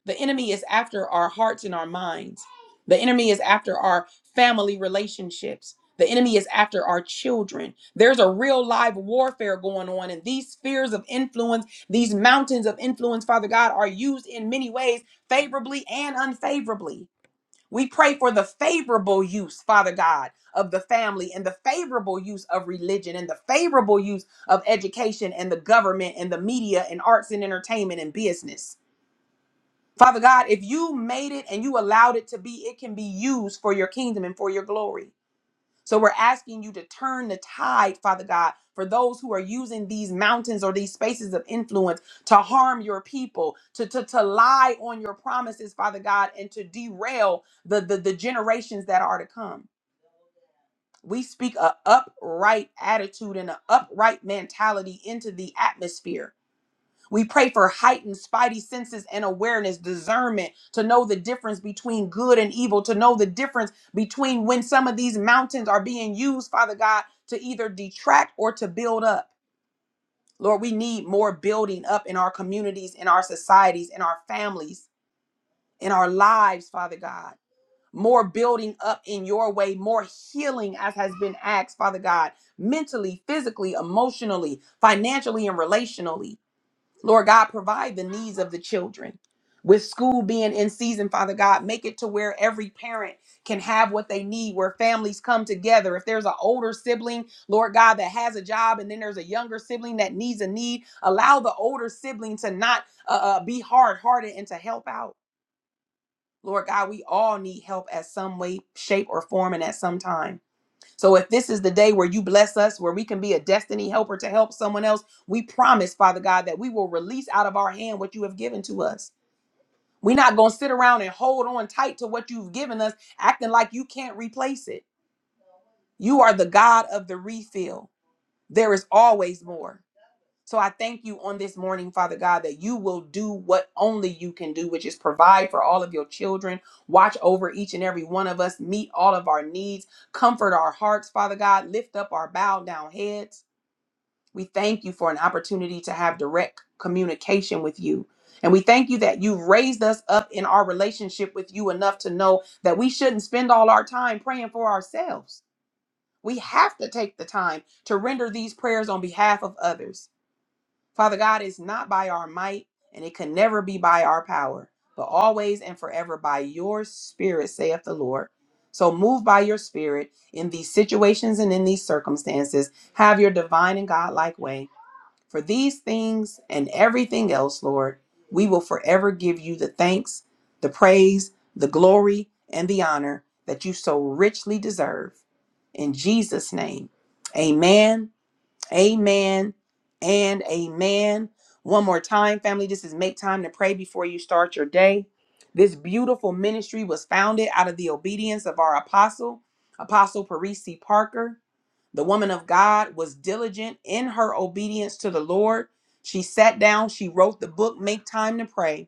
Speaker 1: The enemy is after our hearts and our minds. The enemy is after our family relationships. The enemy is after our children. There's a real live warfare going on, and these spheres of influence, these mountains of influence, Father God, are used in many ways, favorably and unfavorably. We pray for the favorable use, Father God, of the family and the favorable use of religion and the favorable use of education and the government and the media and arts and entertainment and business. Father God, if you made it and you allowed it to be, it can be used for your kingdom and for your glory. So we're asking you to turn the tide, Father God, for those who are using these mountains or these spaces of influence to harm your people, to, to, to lie on your promises, Father God, and to derail the, the, the generations that are to come. We speak a upright attitude and an upright mentality into the atmosphere we pray for heightened spidey senses and awareness, discernment to know the difference between good and evil, to know the difference between when some of these mountains are being used, Father God, to either detract or to build up. Lord, we need more building up in our communities, in our societies, in our families, in our lives, Father God. More building up in your way, more healing as has been asked, Father God, mentally, physically, emotionally, financially, and relationally. Lord God, provide the needs of the children. With school being in season, Father God, make it to where every parent can have what they need, where families come together. If there's an older sibling, Lord God, that has a job, and then there's a younger sibling that needs a need, allow the older sibling to not uh, uh, be hard hearted and to help out. Lord God, we all need help at some way, shape, or form, and at some time. So if this is the day where you bless us, where we can be a destiny helper to help someone else, we promise, Father God, that we will release out of our hand what you have given to us. We're not going to sit around and hold on tight to what you've given us, acting like you can't replace it. You are the God of the refill. There is always more. So I thank you on this morning, Father God, that you will do what only you can do, which is provide for all of your children, watch over each and every one of us, meet all of our needs, comfort our hearts, Father God, lift up our bowed down heads. We thank you for an opportunity to have direct communication with you. And we thank you that you've raised us up in our relationship with you enough to know that we shouldn't spend all our time praying for ourselves. We have to take the time to render these prayers on behalf of others. Father God, it's not by our might and it can never be by our power, but always and forever by your spirit, saith the Lord. So move by your spirit in these situations and in these circumstances. Have your divine and godlike way. For these things and everything else, Lord, we will forever give you the thanks, the praise, the glory, and the honor that you so richly deserve. In Jesus' name, amen Amen and amen. One more time, family. This is Make Time to Pray Before You Start Your Day. This beautiful ministry was founded out of the obedience of our apostle, Apostle Parisi Parker. The woman of God was diligent in her obedience to the Lord. She sat down, she wrote the book, Make Time to Pray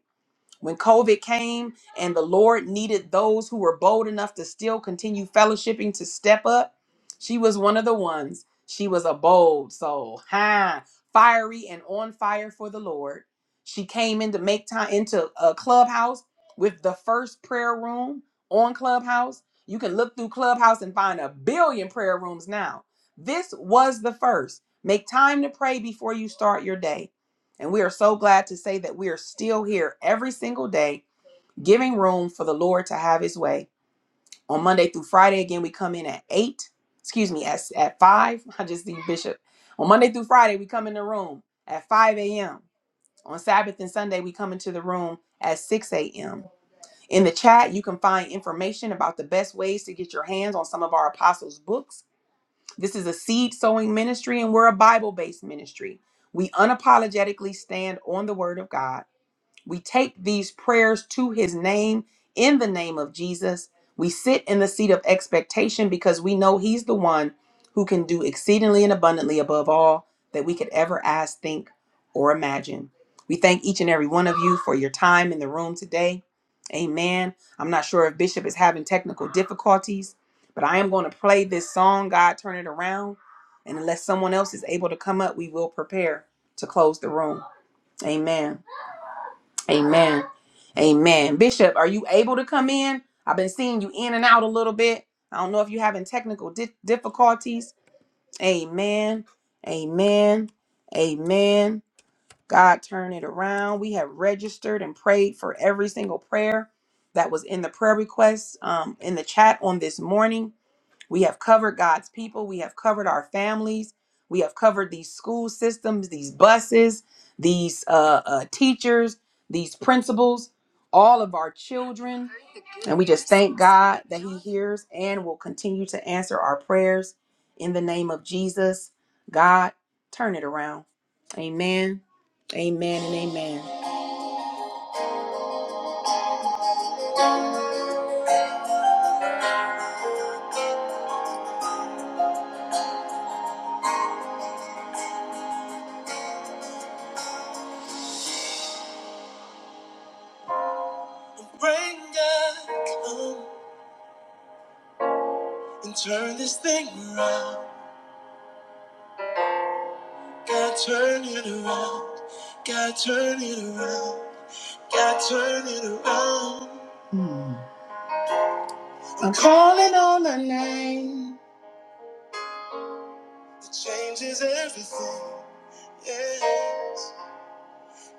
Speaker 1: when COVID came and the Lord needed those who were bold enough to still continue fellowshipping to step up, she was one of the ones. She was a bold soul, ha, fiery and on fire for the Lord. She came in to make time into a clubhouse with the first prayer room on Clubhouse. You can look through Clubhouse and find a billion prayer rooms now. This was the first. Make time to pray before you start your day. And we are so glad to say that we are still here every single day, giving room for the Lord to have his way. On Monday through Friday, again, we come in at eight, excuse me, at, at five. I just see Bishop. On Monday through Friday, we come in the room at 5 a.m. On Sabbath and Sunday, we come into the room at 6 a.m. In the chat, you can find information about the best ways to get your hands on some of our apostles' books. This is a seed sowing ministry, and we're a Bible based ministry. We unapologetically stand on the word of God we take these prayers to his name in the name of Jesus. We sit in the seat of expectation because we know he's the one who can do exceedingly and abundantly above all that we could ever ask, think, or imagine. We thank each and every one of you for your time in the room today. Amen. I'm not sure if Bishop is having technical difficulties, but I am going to play this song, God Turn It Around. And unless someone else is able to come up, we will prepare to close the room. Amen. Amen. Amen. Bishop, are you able to come in? I've been seeing you in and out a little bit. I don't know if you're having technical di- difficulties. Amen. Amen. Amen. God, turn it around. We have registered and prayed for every single prayer that was in the prayer requests um, in the chat on this morning. We have covered God's people. We have covered our families. We have covered these school systems, these buses, these uh, uh, teachers, these principals, all of our children. And we just thank God that He hears and will continue to answer our prayers in the name of Jesus. God, turn it around. Amen. Amen and amen. Rain God, come and turn this thing around. God turn it around. God turn it around. God turn it around. I'm calling on the name. It changes everything. Yeah.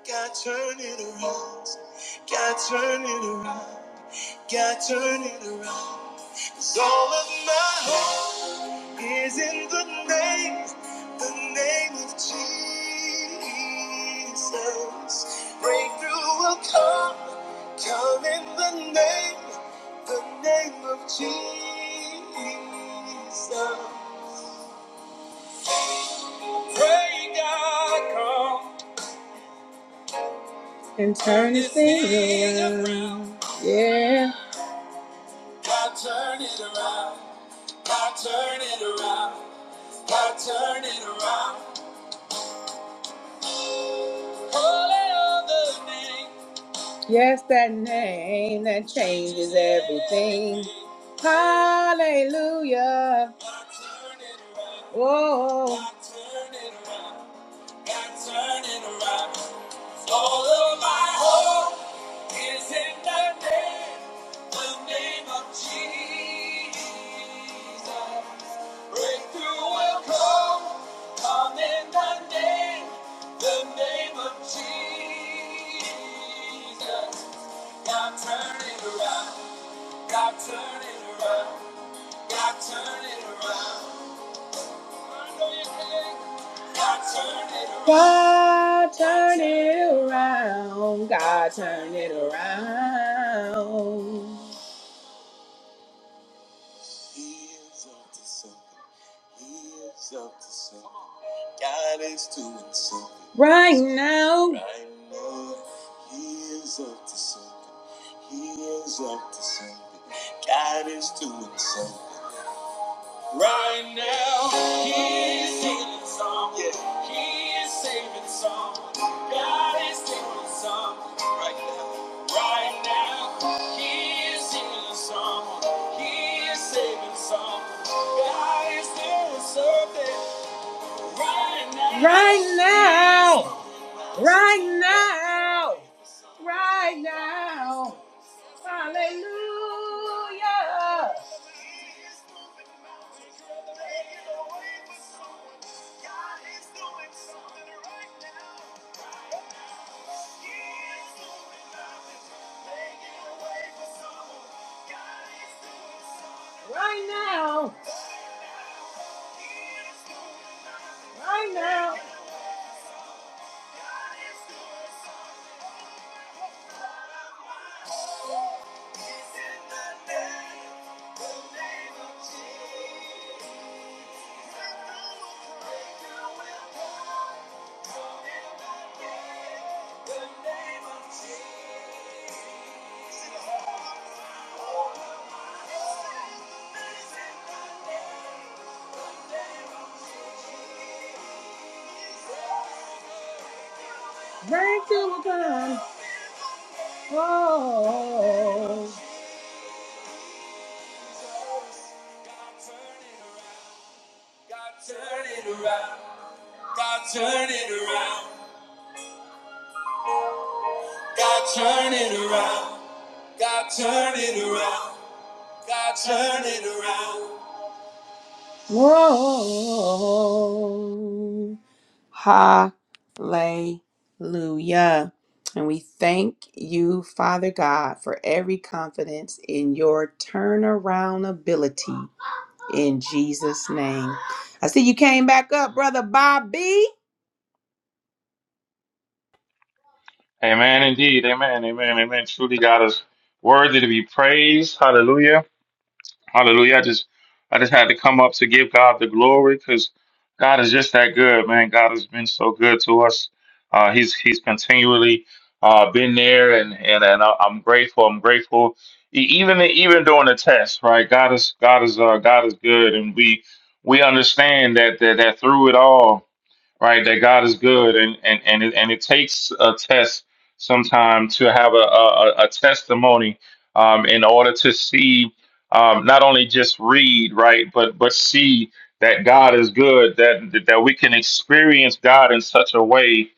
Speaker 1: God turn it around. God turn it around. God turn it around. 'Cause all of my hope is in the name, the name of Jesus. Breakthrough will come, come in the name, the name of Jesus. Pray God come. and turn this thing around. Yeah. God turn it around. God turn it around. God turn it around. Holy on name. Yes, that name that changes everything. Hallelujah. God, turn it around. Whoa. God, turn it around. i turning around. All of my hope is in the name, the name of Jesus. Breakthrough will come, come in the name, the name of Jesus. God turn it around, God turn it around, God turn it around. God turn it around. God turn it around. He is up to something. He is up to something. God is doing something. Right now. Right now. He is up to something. He is up to something. God is doing something. Right now, he is singing song. Yeah, he is saving song. God is doing something right now. Right now, he is singing a song. He is saving song. God is doing something right now. Right now. Right now. Right now. Right now, right now. Thank you, God. Oh. God turn it around. God turn it around. God turn it around. God turn it around. God turn it around. Whoa. Hallelujah. And we thank you, Father God, for every confidence in your turnaround ability in Jesus' name. I see you came back up, Brother Bobby.
Speaker 8: Amen, indeed. Amen, amen, amen. Truly, God is worthy to be praised. Hallelujah, hallelujah. I just, I just had to come up to give God the glory because God is just that good, man. God has been so good to us. Uh, he's He's continually uh, been there, and and and I- I'm grateful. I'm grateful. E- Even even during the test, right? God is God is uh, God is good, and we we understand that that, that through it all right? That God is good, and and and it, and it takes a test sometime to have a a, a a testimony um, in order to see um, not only just read right, but but see that God is good. That that we can experience God in such a way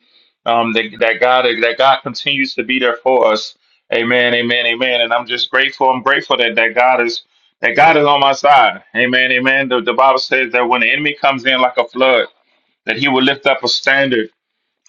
Speaker 8: um, that that God that God continues to be there for us. Amen, amen, amen. And I'm just grateful. I'm grateful that that God is. That God is on my side. Amen. Amen. The, the Bible says that when the enemy comes in like a flood, that he would lift up a standard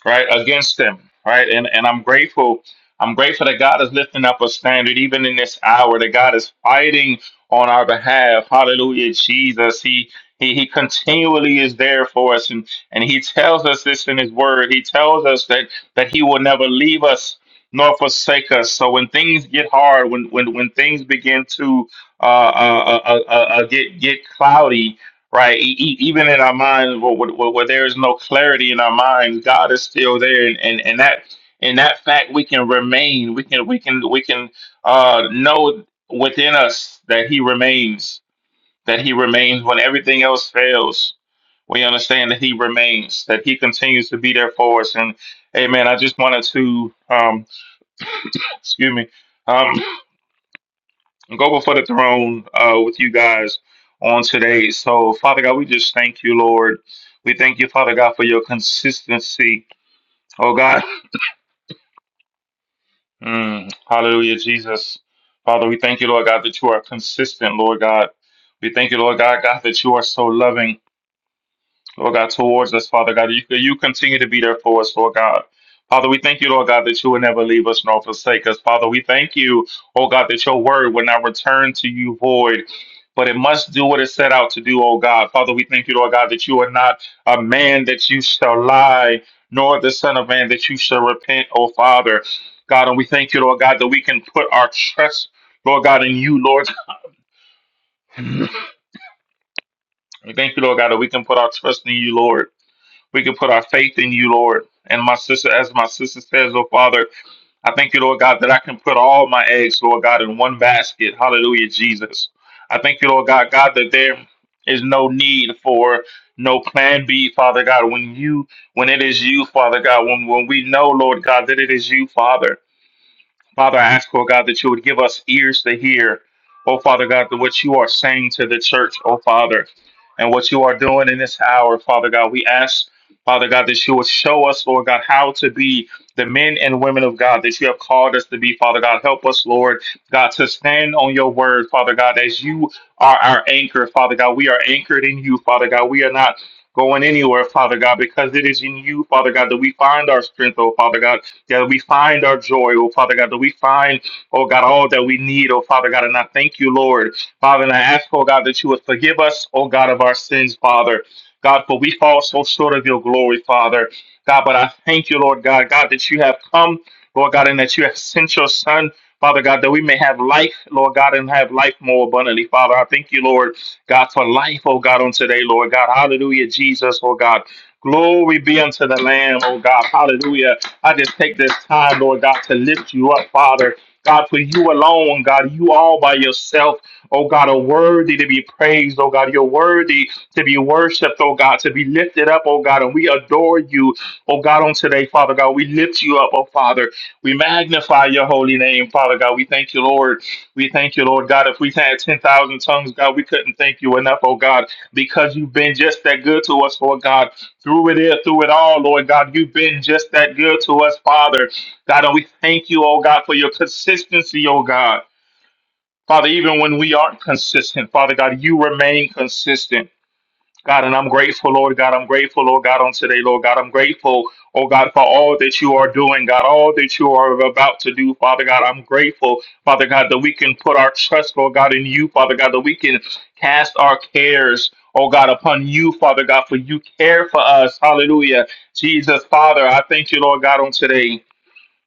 Speaker 8: right against them right and and i'm grateful i'm grateful that god is lifting up a standard even in this hour that god is fighting on our behalf hallelujah jesus he he, he continually is there for us and, and he tells us this in his word he tells us that that he will never leave us nor forsake us so when things get hard when when, when things begin to uh, uh, uh, uh, uh, get get cloudy right? E- e- even in our minds, where, where, where where there is no clarity in our minds, God is still there, and, and, and that in that fact we can remain. We can we can we can uh, know within us that He remains. That He remains when everything else fails. We understand that He remains. That He continues to be there for us. And Amen. I just wanted to um, excuse me. Um, go before the throne uh, with you guys on today. So, Father God, we just thank you, Lord. We thank you, Father God, for your consistency. Oh, God. Mm, hallelujah, Jesus. Father, we thank you, Lord God, that you are consistent, Lord God. We thank you, Lord God, God, that you are so loving. Lord God, towards us, Father God. You, you continue to be there for us, Lord God. Father, we thank you, Lord God, that you will never leave us nor forsake us. Father, we thank you, oh God, that your word will not return to you void, but it must do what it set out to do, oh God. Father, we thank you, Lord God, that you are not a man that you shall lie, nor the son of man that you shall repent, oh Father. God, and we thank you, Lord God, that we can put our trust, Lord God, in you, Lord. we thank you, Lord God, that we can put our trust in you, Lord. We can put our faith in you, Lord. And my sister, as my sister says, oh Father, I thank you, Lord God, that I can put all my eggs, Lord God, in one basket. Hallelujah, Jesus. I thank you, Lord God, God, that there is no need for no plan B, Father God. When you, when it is you, Father God, when when we know, Lord God, that it is you, Father. Father, I ask, oh God, that you would give us ears to hear, oh Father God, that what you are saying to the church, oh Father, and what you are doing in this hour, Father God. We ask, Father God, that you would show us, Lord God, how to be the men and women of God that you have called us to be, Father God. Help us, Lord God, to stand on your word, Father God, as you are our anchor, Father God. We are anchored in you, Father God. We are not going anywhere, Father God, because it is in you, Father God, that we find our strength, oh Father God. God, that we find our joy, oh Father God, that we find, oh God, all that we need, oh Father God. And I thank you, Lord. Father, and I ask, oh God, that you would forgive us, oh God, of our sins, Father. God, for we fall so short of your glory, Father. God, but I thank you, Lord God, God, that you have come, Lord God, and that you have sent your Son, Father God, that we may have life, Lord God, and have life more abundantly, Father. I thank you, Lord God, for life, oh God, on today, Lord God. Hallelujah, Jesus, oh God. Glory be unto the Lamb, oh God. Hallelujah. I just take this time, Lord God, to lift you up, Father. God, for you alone, God, you all by yourself, oh God, are worthy to be praised, oh God. You're worthy to be worshiped, oh God, to be lifted up, oh God. And we adore you, oh God, on today, Father God. We lift you up, oh Father. We magnify your holy name, Father God. We thank you, Lord. We thank you, Lord God. If we had 10,000 tongues, God, we couldn't thank you enough, oh God, because you've been just that good to us, Lord God. Through it, is- through it all, Lord God, you've been just that good to us, Father. God, and we thank you, oh God, for your consistency, oh God. Father, even when we aren't consistent, Father God, you remain consistent. God, and I'm grateful, Lord God. I'm grateful, Lord God, on today, Lord God. I'm grateful, oh God, for all that you are doing, God, all that you are about to do, Father God. I'm grateful, Father God, that we can put our trust, Lord God, in you, Father God, that we can cast our cares, oh God, upon you, Father God, for you care for us. Hallelujah. Jesus, Father, I thank you, Lord God, on today.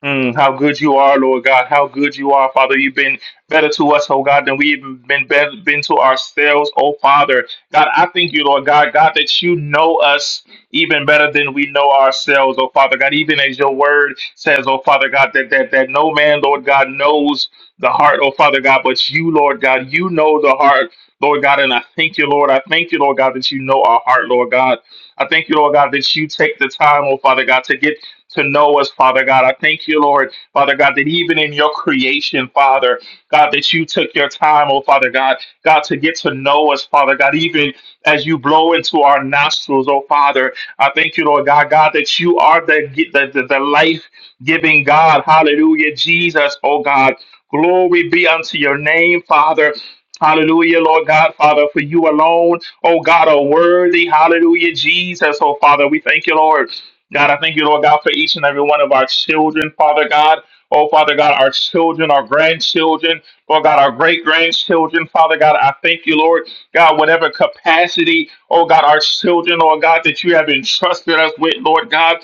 Speaker 8: Mm, how good you are, Lord God. How good you are, Father. You've been better to us, oh God, than we've even been better, been to ourselves, oh Father. God, I thank you, Lord God, God, that you know us even better than we know ourselves, oh Father God. Even as your word says, oh Father God, that that, that no man, Lord God, knows the heart, oh Father God, but you, Lord God, you know the heart, Lord God, and I thank you, Lord. I thank you, Lord God, that you know our heart, Lord God. I thank you, Lord God, that you take the time, oh Father God, to get to know us, Father God. I thank you, Lord, Father God, that even in your creation, Father, God, that you took your time, oh Father God, God, to get to know us, Father God, even as you blow into our nostrils, oh Father. I thank you, Lord God, God, that you are the, the, the, the life giving God. Hallelujah, Jesus, oh God. Glory be unto your name, Father. Hallelujah, Lord God, Father, for you alone, oh God, are worthy. Hallelujah, Jesus, oh Father. We thank you, Lord. God, I thank you, Lord God, for each and every one of our children, Father God. Oh, Father God, our children, our grandchildren, Lord God, our great grandchildren, Father God, I thank you, Lord God, whatever capacity, oh God, our children, Lord God, that you have entrusted us with, Lord God.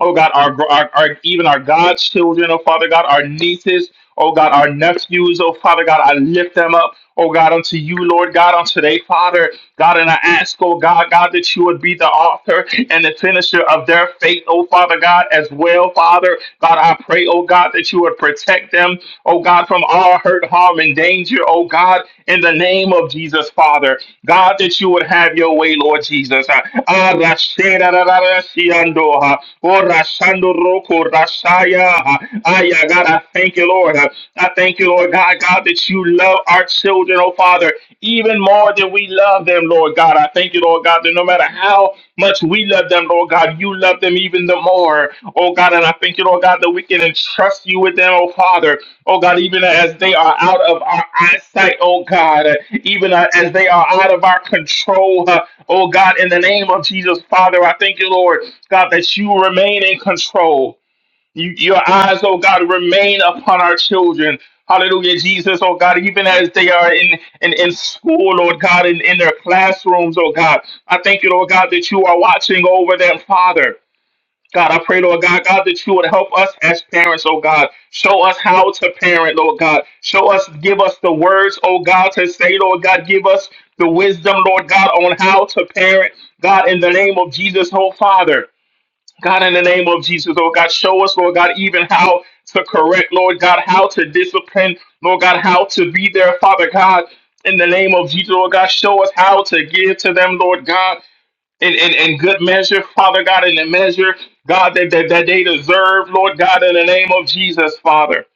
Speaker 8: Oh God, our, our, our even our God's children, oh Father God, our nieces, oh God, our nephews, oh Father God, I lift them up, oh God, unto you, Lord God, on today, Father God, and I ask, oh God, God, that you would be the author and the finisher of their faith, oh Father God, as well, Father God, I pray, oh God, that you would protect them, oh God, from all hurt, harm, and danger, oh God, in the name of Jesus, Father. God, that you would have your way, Lord Jesus. Ah, ah, rashe ra ra ra shiando ah, oh, rashandoroko-rashaya, ah. Ah, yeah, God, I thank you, Lord. Ah, I thank you, Lord God, God, that you love our children, oh Father, even more than we love them, Lord God. I thank thank you, Lord God, that no matter how much we love them, Lord God, you love them even the more. Oh God, and I thank you, Lord God, that we can entrust you with them, oh Father. Oh God, even as they are out of our eyesight, oh God, even as they are out of our control, uh, oh God, in the name of Jesus, Father, I thank you, Lord, God, that you remain in control. You, your eyes, oh God, remain upon our children. Hallelujah, Jesus, oh God, even as they are in, in, in school, Lord God, in, in their classrooms, oh God. I thank you, Lord God, that you are watching over them, Father. God, I pray, Lord God, God, that you would help us as parents, oh God. Show us how to parent, Lord God. Show us, give us the words, oh God, to say, Lord God. Give us the wisdom, Lord God, on how to parent, God, in the name of Jesus, oh Father. God, in the name of Jesus, Lord God, show us, Lord God, even how to correct, Lord God, how to discipline, Lord God, how to be there, Father God, in the name of Jesus, Lord God, show us how to give to them, Lord God, in, in, in good measure, Father God, in the measure, God, that, that, that they deserve, Lord God, in the name of Jesus, Father.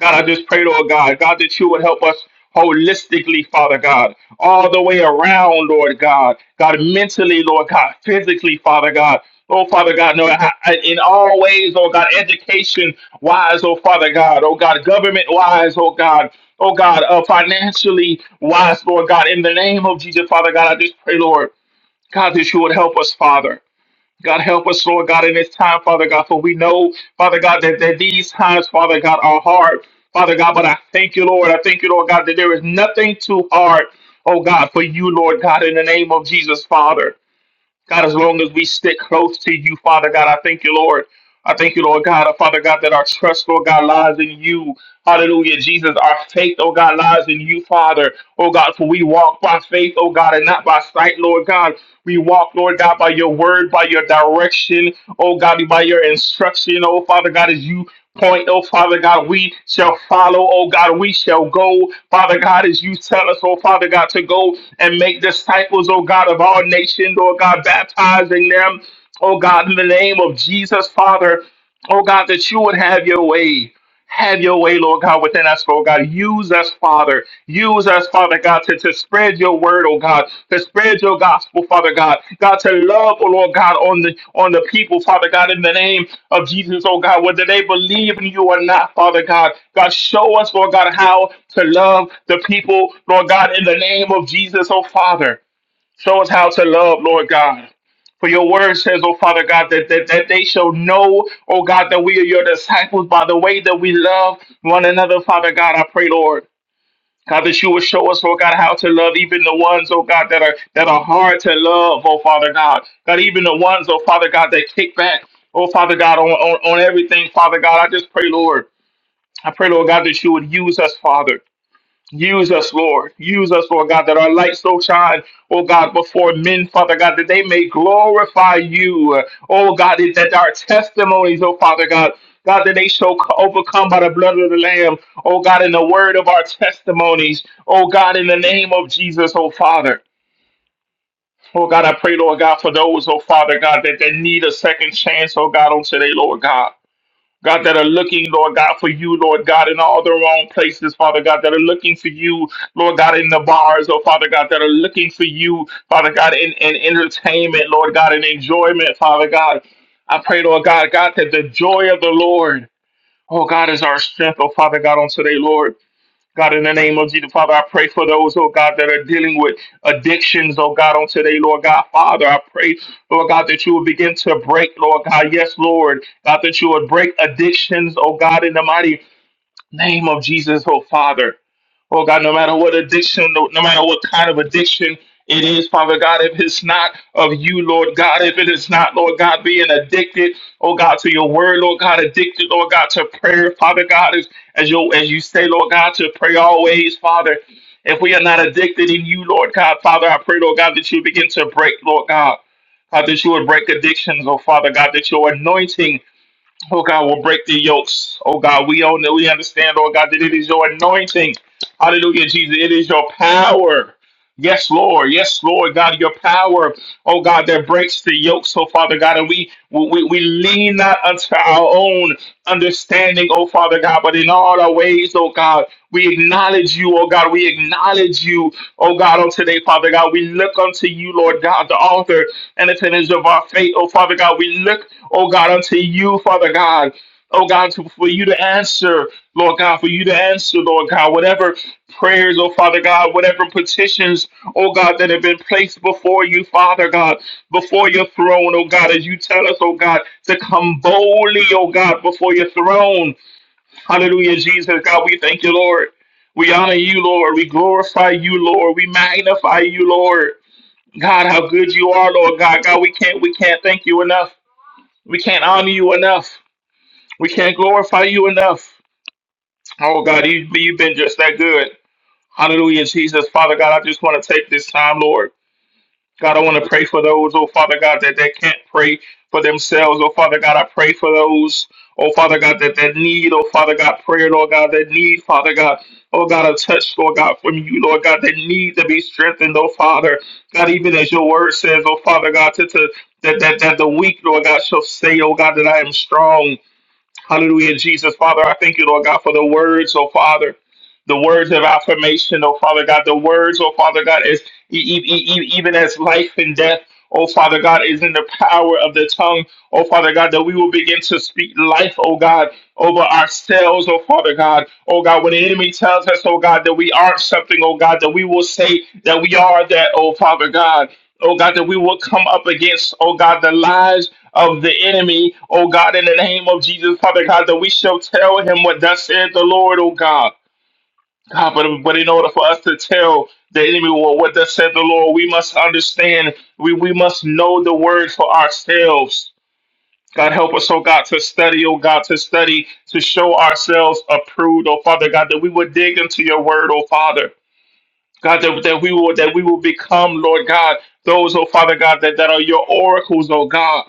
Speaker 8: God, I just pray, Lord God, God, that you would help us holistically, Father God, all the way around, Lord God, God, mentally, Lord God, physically, Father God. Oh, Father God, no, I- I- in all ways, oh God, education wise, oh Father God, oh God, government wise, oh God, oh God, uh, financially wise, Lord God, in the name of Jesus, Father God, I just pray, Lord, God, that you would help us, Father. God, help us, Lord God, in this time, Father God, for we know, Father God, that, that these times, Father God, are hard, Father God, but I thank you, Lord. I thank you, Lord God, that there is nothing too hard, oh God, for you, Lord God, in the name of Jesus, Father. God, as long as we stick close to you, Father God, I thank you, Lord. I thank you, Lord God, uh, Father God, that our trust, Lord God, lies in you. Hallelujah, Jesus. Our faith, oh God, lies in you, Father. Oh God, for we walk by faith, oh God, and not by sight, Lord God. We walk, Lord God, by your word, by your direction, oh God, by your instruction, oh Father God, as you point, oh Father God, we shall follow, oh God, we shall go, Father God, as you tell us, oh Father God, to go and make disciples, oh God, of all nations, oh God, baptizing them, oh God, in the name of Jesus, Father, oh God, that you would have your way. Have your way, Lord God, within us, Lord God. Use us, Father. Use us, Father God, to, to spread your word, oh God, to spread your gospel, Father God. God, to love, oh Lord God, on the on the people, Father God, in the name of Jesus, oh God, whether they believe in you or not, Father God. God, show us, Lord God, how to love the people, Lord God, in the name of Jesus, oh Father. Show us how to love, Lord God. For your word says, oh Father God, that, that, that they shall know, oh God, that we are your disciples by the way that we love one another, Father God. I pray, Lord. God, that you will show us, oh God, how to love even the ones, oh God, that are that are hard to love, oh Father God. God, even the ones, oh Father God, that kick back, oh Father God, on, on, on everything, Father God. I just pray, Lord. I pray, Lord God, that you would use us, Father. Use us, Lord. Use us, Lord God, that our light so shine, oh God, before men, Father God, that they may glorify you. Oh God, it- that our testimonies, oh Father God, God, that they shall overcome by the blood of the Lamb, oh God, in the word of our testimonies, oh God, in the name of Jesus, oh Father. Oh God, I pray, Lord God, for those, oh Father God, that they need a second chance, oh God, on today, Lord God. God, that are looking, Lord God, for you, Lord God, in all the wrong places, Father God, that are looking for you, Lord God, in the bars, oh Father God, that are looking for you, Father God, in, in entertainment, Lord God, in enjoyment, Father God. I pray, Lord God, God, that the joy of the Lord, oh God, is our strength, oh Father God, on today, Lord. God, in the name of Jesus, Father, I pray for those, oh God, that are dealing with addictions, oh God, on today, Lord God. Father, I pray, Lord God, that you will begin to break, Lord God. Yes, Lord, God, that you would break addictions, oh God, in the mighty name of Jesus, oh Father. Oh God, no matter what addiction, no, no matter what kind of addiction it is, Father God, if it's not of you, Lord God, if it is not, Lord God, being addicted, oh God, to your word, Lord God, addicted, Lord God, to prayer, Father God, as, as, your, as you say, Lord God, to pray always, Father. If we are not addicted in you, Lord God, Father, I pray, Lord God, that you begin to break, Lord God. God, that you would break addictions, oh Father God, that your anointing Oh God, will break the yokes. Oh God, we own it. We understand, oh God, that it is your anointing. Hallelujah, Jesus. It is your power. Yes, Lord. Yes, Lord. God, your power, oh God, that breaks the yoke. So, Father God, and we we, we lean not unto our own understanding, oh Father God, but in all our ways, oh God, we acknowledge you, oh God. We acknowledge you, oh God, on today, Father God. We look unto you, Lord God, the author and the finisher of our faith, oh Father God. We look, oh God, unto you, Father God. Oh God, to- for you to answer, Lord God, for you to answer, Lord God, whatever prayers, oh Father God, whatever petitions, oh God, that have been placed before you, Father God, before your throne, oh God, as you tell us, oh God, to come boldly, oh God, before your throne. Hallelujah, Jesus, God, we thank you, Lord. We honor you, Lord. We glorify you, Lord. We magnify you, Lord. God, how good you are, Lord God. God, we can't we can't thank you enough. We can't honor you enough. We can't glorify you enough. Oh God, you you've been just that good. Hallelujah, Jesus, Father God. I just want to take this time, Lord. God, I want to pray for those, oh Father God, that they can't pray for themselves. Oh Father God, I pray for those, oh Father God, that that need, oh Father God, prayer, Lord God, that need, Father God, oh God, a touch, Lord God, from you, Lord God, that need to be strengthened, oh Father. God, even as your word says, oh Father God, to, to that, that, that the weak, Lord God, shall say, oh God, that I am strong. Hallelujah, Jesus. Father, I thank you, Lord God, for the words, oh Father, the words of affirmation, oh Father God, the words, oh Father God, as e- e- e- e- even as life and death. Oh, Father God, is in the power of the tongue. Oh, Father God, that we will begin to speak life, oh God, over ourselves, oh Father God. Oh God, when the enemy tells us, oh God, that we aren't something, oh God, that we will say that we are that, oh Father God. Oh God, that we will come up against, oh God, the lies of the enemy, oh God, in the name of Jesus, Father God, that we shall tell him what thus said the Lord, oh God. God, but, but in order for us to tell the enemy what, what thus said the Lord, we must understand, we, we must know the word for ourselves. God, help us, oh God, to study, oh God, to study, to show ourselves approved, oh Father God, that we would dig into your word, oh Father. God, that, that we will that we will become, Lord God, those, oh Father God, that, that are your oracles, oh God.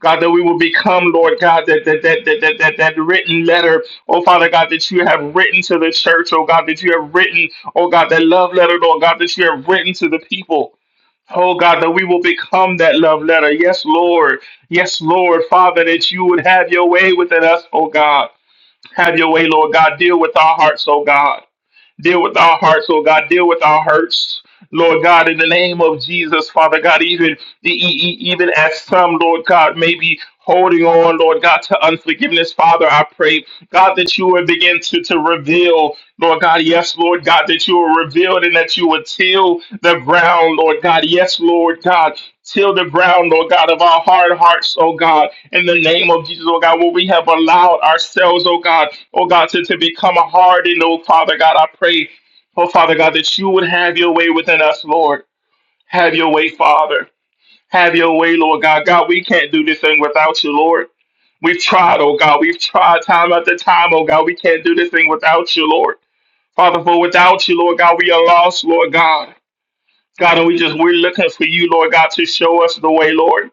Speaker 8: God, that we will become, Lord God, that that that that that that, that written letter, oh Father God, that you have written to the church, oh God, that you have written, oh God, that love letter, Lord God, that you have written to the people. Oh God, that we will become that love letter. Yes, Lord. Yes, Lord, Father, that you would have your way within us, oh God. Have your way, Lord God. Deal with our hearts, oh God. Deal with our hearts, oh God. Deal with our hurts. Lord God, in the name of Jesus, Father God, even e- e- even as some, Lord God, may be holding on, Lord God, to unforgiveness, Father, I pray, God, that you would begin to, to reveal, Lord God, yes, Lord God, that you will reveal it and that you would till the ground, Lord God, yes, Lord God, till the ground, Lord God, of our hard hearts, oh God, in the name of Jesus, oh God, where we have allowed ourselves, oh God, oh God, to, to become hardened, oh Father God, I pray, oh Father God, that you would have your way within us, Lord. Have your way, Father. Have your way, Lord God. God, we can't do this thing without you, Lord. We've tried, oh God. We've tried time after time, oh God. We can't do this thing without you, Lord. Father, for without you, Lord God, we are lost, Lord God. God, and we just, we're looking for you, Lord God, to show us the way, Lord.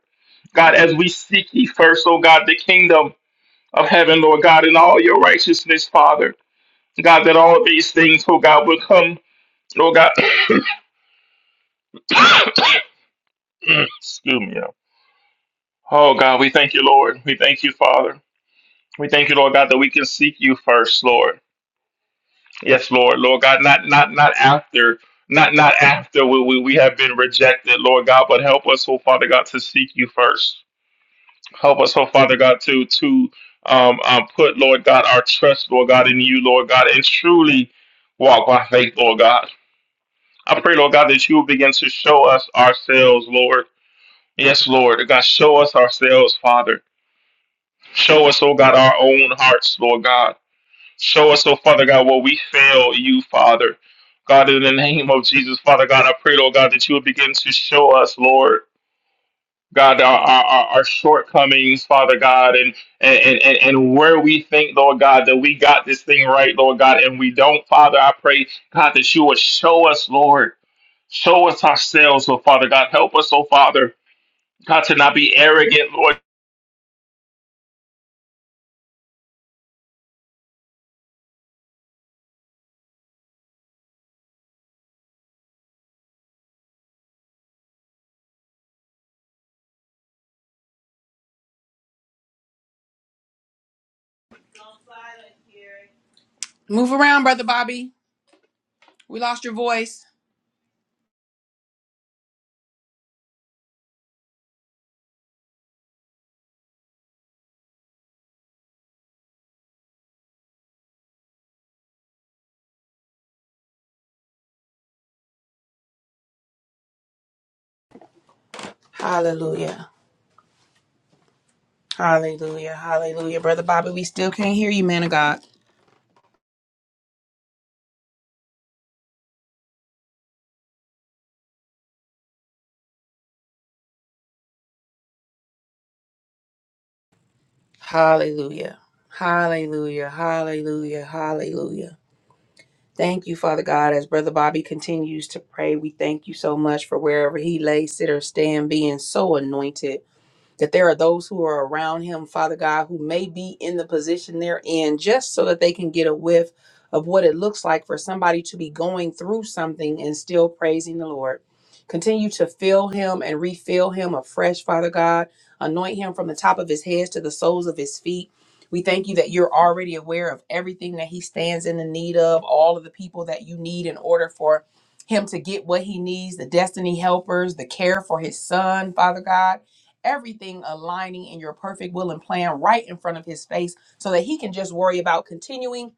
Speaker 8: God, as we seek ye first, oh God, the kingdom of heaven, Lord God, in all your righteousness, Father. God, that all these things, oh God, will come, oh God. Excuse me. yeah. Oh God, we thank you, Lord. We thank you, Father. We thank you, Lord God, that we can seek you first, Lord. Yes, Lord, Lord God, not not not after, not not after we, we, we have been rejected, Lord God, but help us, oh Father God, to seek you first. Help us, oh Father God, to to um, um, put, Lord God, our trust, Lord God, in you, Lord God, and truly walk by faith, Lord God. I pray, Lord God, that you will begin to show us ourselves, Lord. Yes, Lord. God, show us ourselves, Father. Show us, oh God, our own hearts, Lord God. Show us, oh Father God, where we fail you, Father. God, in the name of Jesus, Father God, I pray, Lord God, that you will begin to show us, Lord. God, our, our, our our shortcomings, Father God, and, and, and, and where we think, Lord God, that we got this thing right, Lord God, and we don't, Father, I pray, God, that you would show us, Lord, show us ourselves, oh Father God, help us, oh Father, God, to not be arrogant, Lord,
Speaker 1: Move around, Brother Bobby. We lost your voice. Hallelujah. Hallelujah. Hallelujah. Brother Bobby, we still can't hear you, man of God. Hallelujah. Hallelujah. Hallelujah. Hallelujah. Thank you, Father God. As Brother Bobby continues to pray, we thank you so much for wherever he lay, sit, or stand, being so anointed. that there are those who are around him, Father God, who may be in the position they're in just so that they can get a whiff of what it looks like for somebody to be going through something and still praising the Lord. Continue to fill him and refill him afresh, Father God. Anoint him from the top of his head to the soles of his feet. We thank you that you're already aware of everything that he stands in the need of, all of the people that you need in order for him to get what he needs, the destiny helpers, the care for his son, Father God everything aligning in your perfect will and plan right in front of his face so that he can just worry about continuing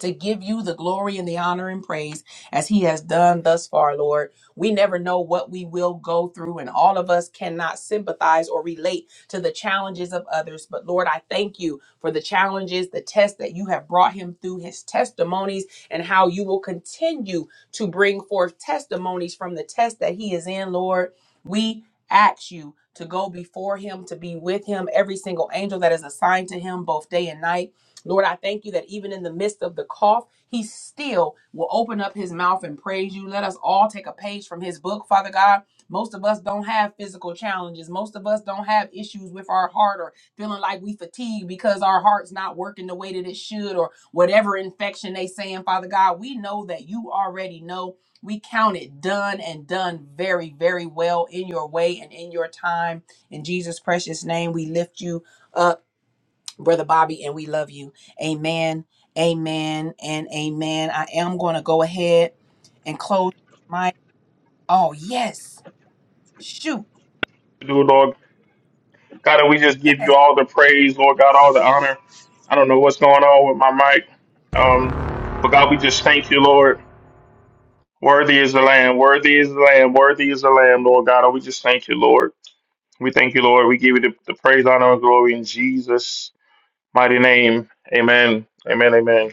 Speaker 1: to give you the glory and the honor and praise as he has done thus far, Lord. We never know what we will go through, and all of us cannot sympathize or relate to the challenges of others. But Lord, I thank you for the challenges, the tests that you have brought him through, his testimonies, and how you will continue to bring forth testimonies from the test that he is in, Lord. We ask you to go before him, to be with him, every single angel that is assigned to him, both day and night. Lord, I thank you that even in the midst of the cough, he still will open up his mouth and praise you. Let us all take a page from his book, Father God. Most of us don't have physical challenges. Most of us don't have issues with our heart or feeling like we fatigue because our heart's not working the way that it should or whatever infection they saying, Father God. We know that you already know. We count it done and done very, very well in your way and in your time. In Jesus' precious name, we lift you up. Brother Bobby, and we love you. Amen, amen, and amen. I am going to go ahead and close my. Oh, yes. Shoot,
Speaker 8: to do, Lord, God, and we just give you
Speaker 1: yes.
Speaker 8: all the praise, Lord God, all the honor. I don't know what's going on with my mic, um, but God, we just thank you, Lord. Worthy is the Lamb. Worthy is the Lamb. Worthy is the Lamb, Lord God. Oh, we just thank you, Lord. We thank you, Lord. We give you the, the praise, honor, and glory in Jesus' mighty name. Amen. Amen. Amen.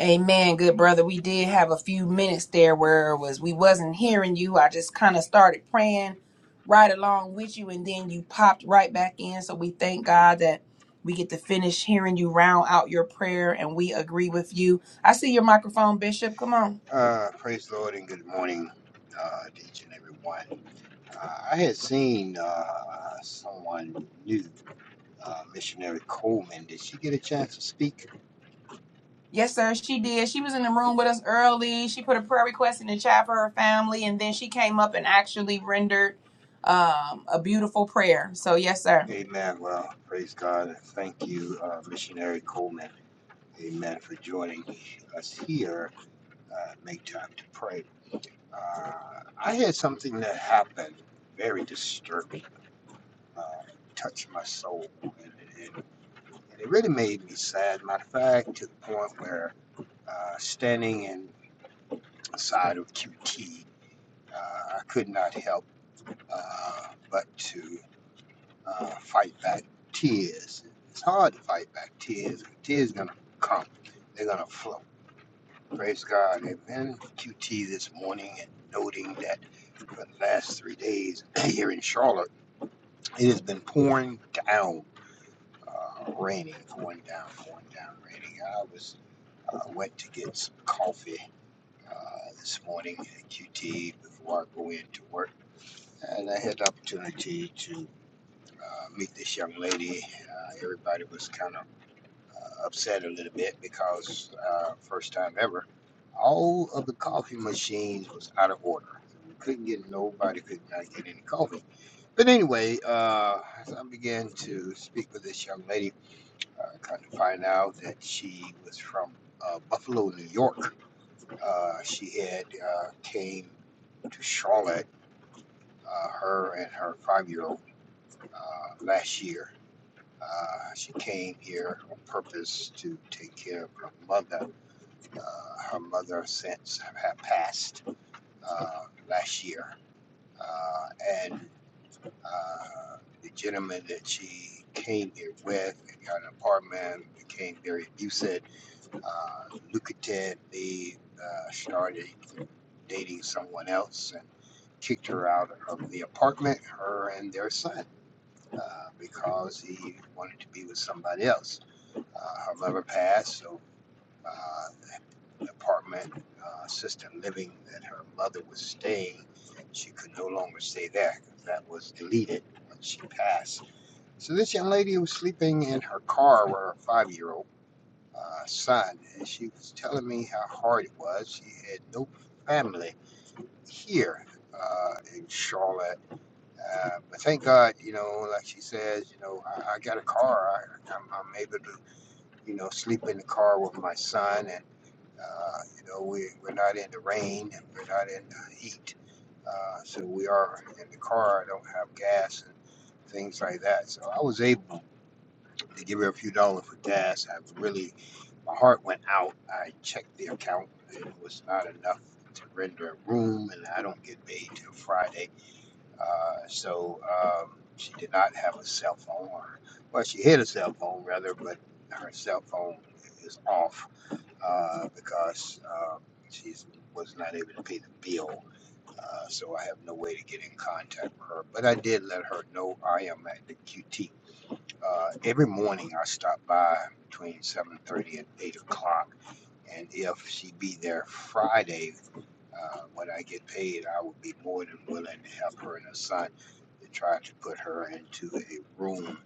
Speaker 1: Amen, good brother. We did have a few minutes there where it was we wasn't hearing you. I just kind of started praying right along with you, and then you popped right back in. So we thank God that we get to finish hearing you round out your prayer, and we agree with you. I see your microphone, Bishop. Come on.
Speaker 9: Uh, praise the Lord and good morning uh, to each and every one. Uh, I had seen uh, someone new, uh, missionary Coleman. Did she get a chance to speak?
Speaker 1: Yes, sir, she did. She was in the room with us early. She put a prayer request in the chat for her family, and then she came up and actually rendered um, a beautiful prayer. So, yes, sir.
Speaker 9: Amen. Well, praise God. and Thank you, uh, missionary Coleman. Amen for joining us here. Uh, make time to pray. Uh, I had something that happened very disturbing, uh, touched my soul, and, and And it really made me sad. Matter of fact, to the point where uh, standing inside of QT, uh, I could not help uh, but to uh, fight back tears. It's hard to fight back tears. Tears gonna come. They're gonna flow. Praise God. I've been in QT this morning and noting that for the last three days here in Charlotte, it has been pouring down, uh, raining, pouring down, pouring down, raining. I was Uh, went to get some coffee uh, this morning at QT before I go in to work. And I had the opportunity to uh, meet this young lady. Uh, everybody was kind of uh, upset a little bit because uh, first time ever, all of the coffee machines was out of order. We couldn't get nobody could not get any coffee. But anyway, uh, as I began to speak with this young lady, uh, kind of find out that she was from uh, Buffalo, New York uh, she had uh, came to Charlotte, uh, her and her five-year-old, uh, last year. Uh, she came here on purpose to take care of her mother. Uh, her mother since had passed uh, last year, uh, and uh, the gentleman that she came here with and got an apartment became very abusive, uh, lucrative. They uh, started dating someone else and kicked her out of the apartment, her and their son, uh, because he wanted to be with somebody else. Uh, her mother passed, so uh, the apartment, uh, assisted living that her mother was staying, she could no longer stay there. That was deleted when she passed. So this young lady was sleeping in her car with her five-year-old uh, son, and she was telling me how hard it was. She had no family here uh, in Charlotte. Uh, but thank God, you know, like she says, you know, I, I got a car. I, I'm, I'm able to, you know, sleep in the car with my son, and uh, you know, we we're not in the rain, and we're not in the heat, uh, so we are in the car. I don't have gas and things like that, so I was able they give her a few dollars for gas. I really, my heart went out. I checked the account, and it was not enough to render a room, and I don't get paid till Friday. Uh, so um, she did not have a cell phone. Or, well, she had a cell phone rather, but her cell phone is off uh, because um, she was not able to pay the bill. Uh, so I have no way to get in contact with her. But I did let her know I am at the QT uh, every morning I stop by between 7.30 and 8 o'clock. And if she be there Friday, uh, when I get paid, I would be more than willing to help her and her son to try to put her into a room,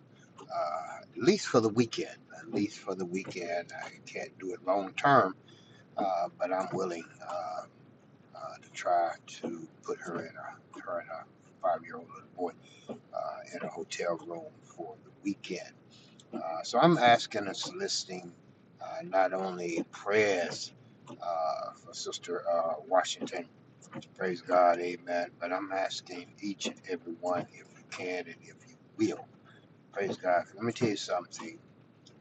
Speaker 9: uh, at least for the weekend. At least for the weekend. I can't do it long term, uh, but I'm willing uh, uh, to try to put her in a, her and a five year old little boy uh, in a hotel room for the weekend uh, so I'm asking and soliciting uh, not only prayers uh, for Sister uh, Washington, praise God, amen, but I'm asking each and every one if you can and if you will. Praise God. Let me tell you something.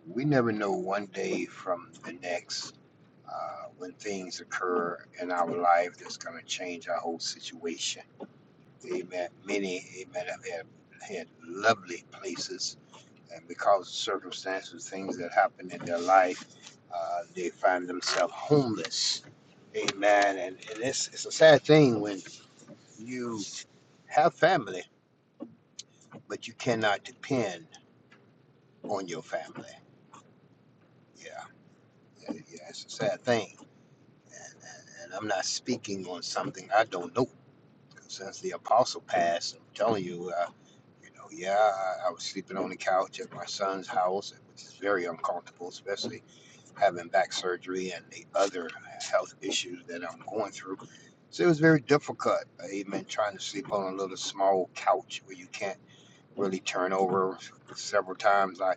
Speaker 9: We never know one day from the next uh, when things occur in our life that's going to change our whole situation. Amen. Many, amen, have had, had lovely places and because of circumstances, things that happen in their life, uh, they find themselves homeless. Amen. And, and it's, it's a sad thing when you have family, but you cannot depend on your family. Yeah, yeah, yeah, it's a sad thing. And, and, and I'm not speaking on something I don't know. 'Cause Since the apostle passed, I'm telling you, uh, you know, yeah, I, I was sleeping on the couch at my son's house, which is very uncomfortable, especially having back surgery and the other health issues that I'm going through. So it was very difficult, amen, trying to sleep on a little small couch where you can't really turn over. Several times I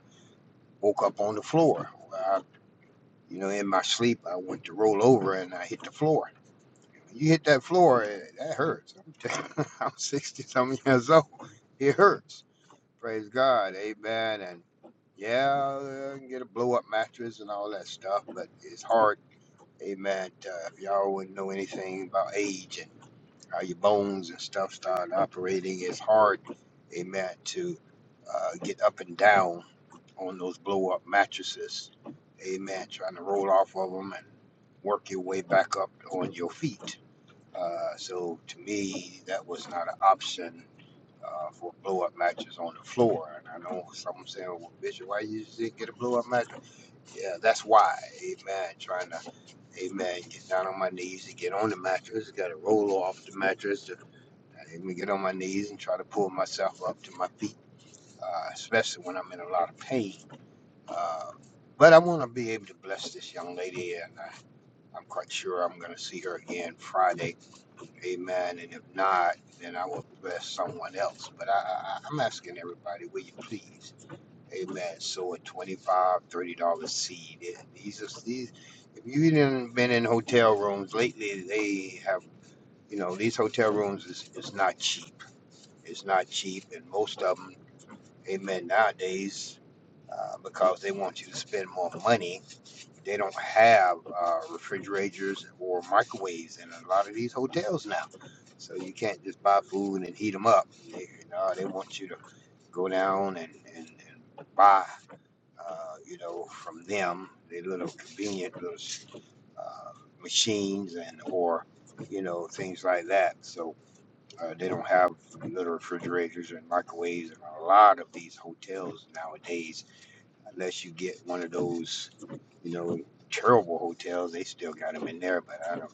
Speaker 9: woke up on the floor. Well, I, you know, in my sleep, I went to roll over and I hit the floor. When You hit that floor, eh, that hurts. I'm, I'm 60 something years old. It hurts. Praise God, amen. And yeah, I can get a blow up mattress and all that stuff, but it's hard Amen. Uh, if y'all wouldn't know anything about age and how your bones and stuff start operating, it's hard, amen, to uh, get up and down on those blow up mattresses. Amen. Trying to roll off of them and work your way back up on your feet. Uh, so to me, that was not an option uh, for a blow up mattress on the floor. And I know some saying, well, Bishop, why you didn't get a blow up mattress? Yeah, that's why. Amen. Trying to Amen. Get down on my knees and get on the mattress. Got to roll off the mattress. Let me get on my knees and try to pull myself up to my feet, uh, especially when I'm in a lot of pain. Uh, but I want to be able to bless this young lady, and I, I'm quite sure I'm going to see her again Friday. Amen. And if not, then I will bless someone else. But I, I, I'm asking everybody, will you please? Amen. So a twenty-five, dollars 30 dollar seed. And These are these. If you've been been in hotel rooms lately, they have. You know, these hotel rooms is, is not cheap. It's not cheap, and most of them, amen. Nowadays, uh, because they want you to spend more money, they don't have uh, refrigerators or microwaves in a lot of these hotels now. So you can't just buy food and heat them up. They, no, they want you to go down and, and, and buy uh, you know, from them, their little convenient little uh, machines and or you know things like that. So uh, they don't have little refrigerators and microwaves in a lot of these hotels nowadays, unless you get one of those you know terrible hotels. They still got them in there, but I don't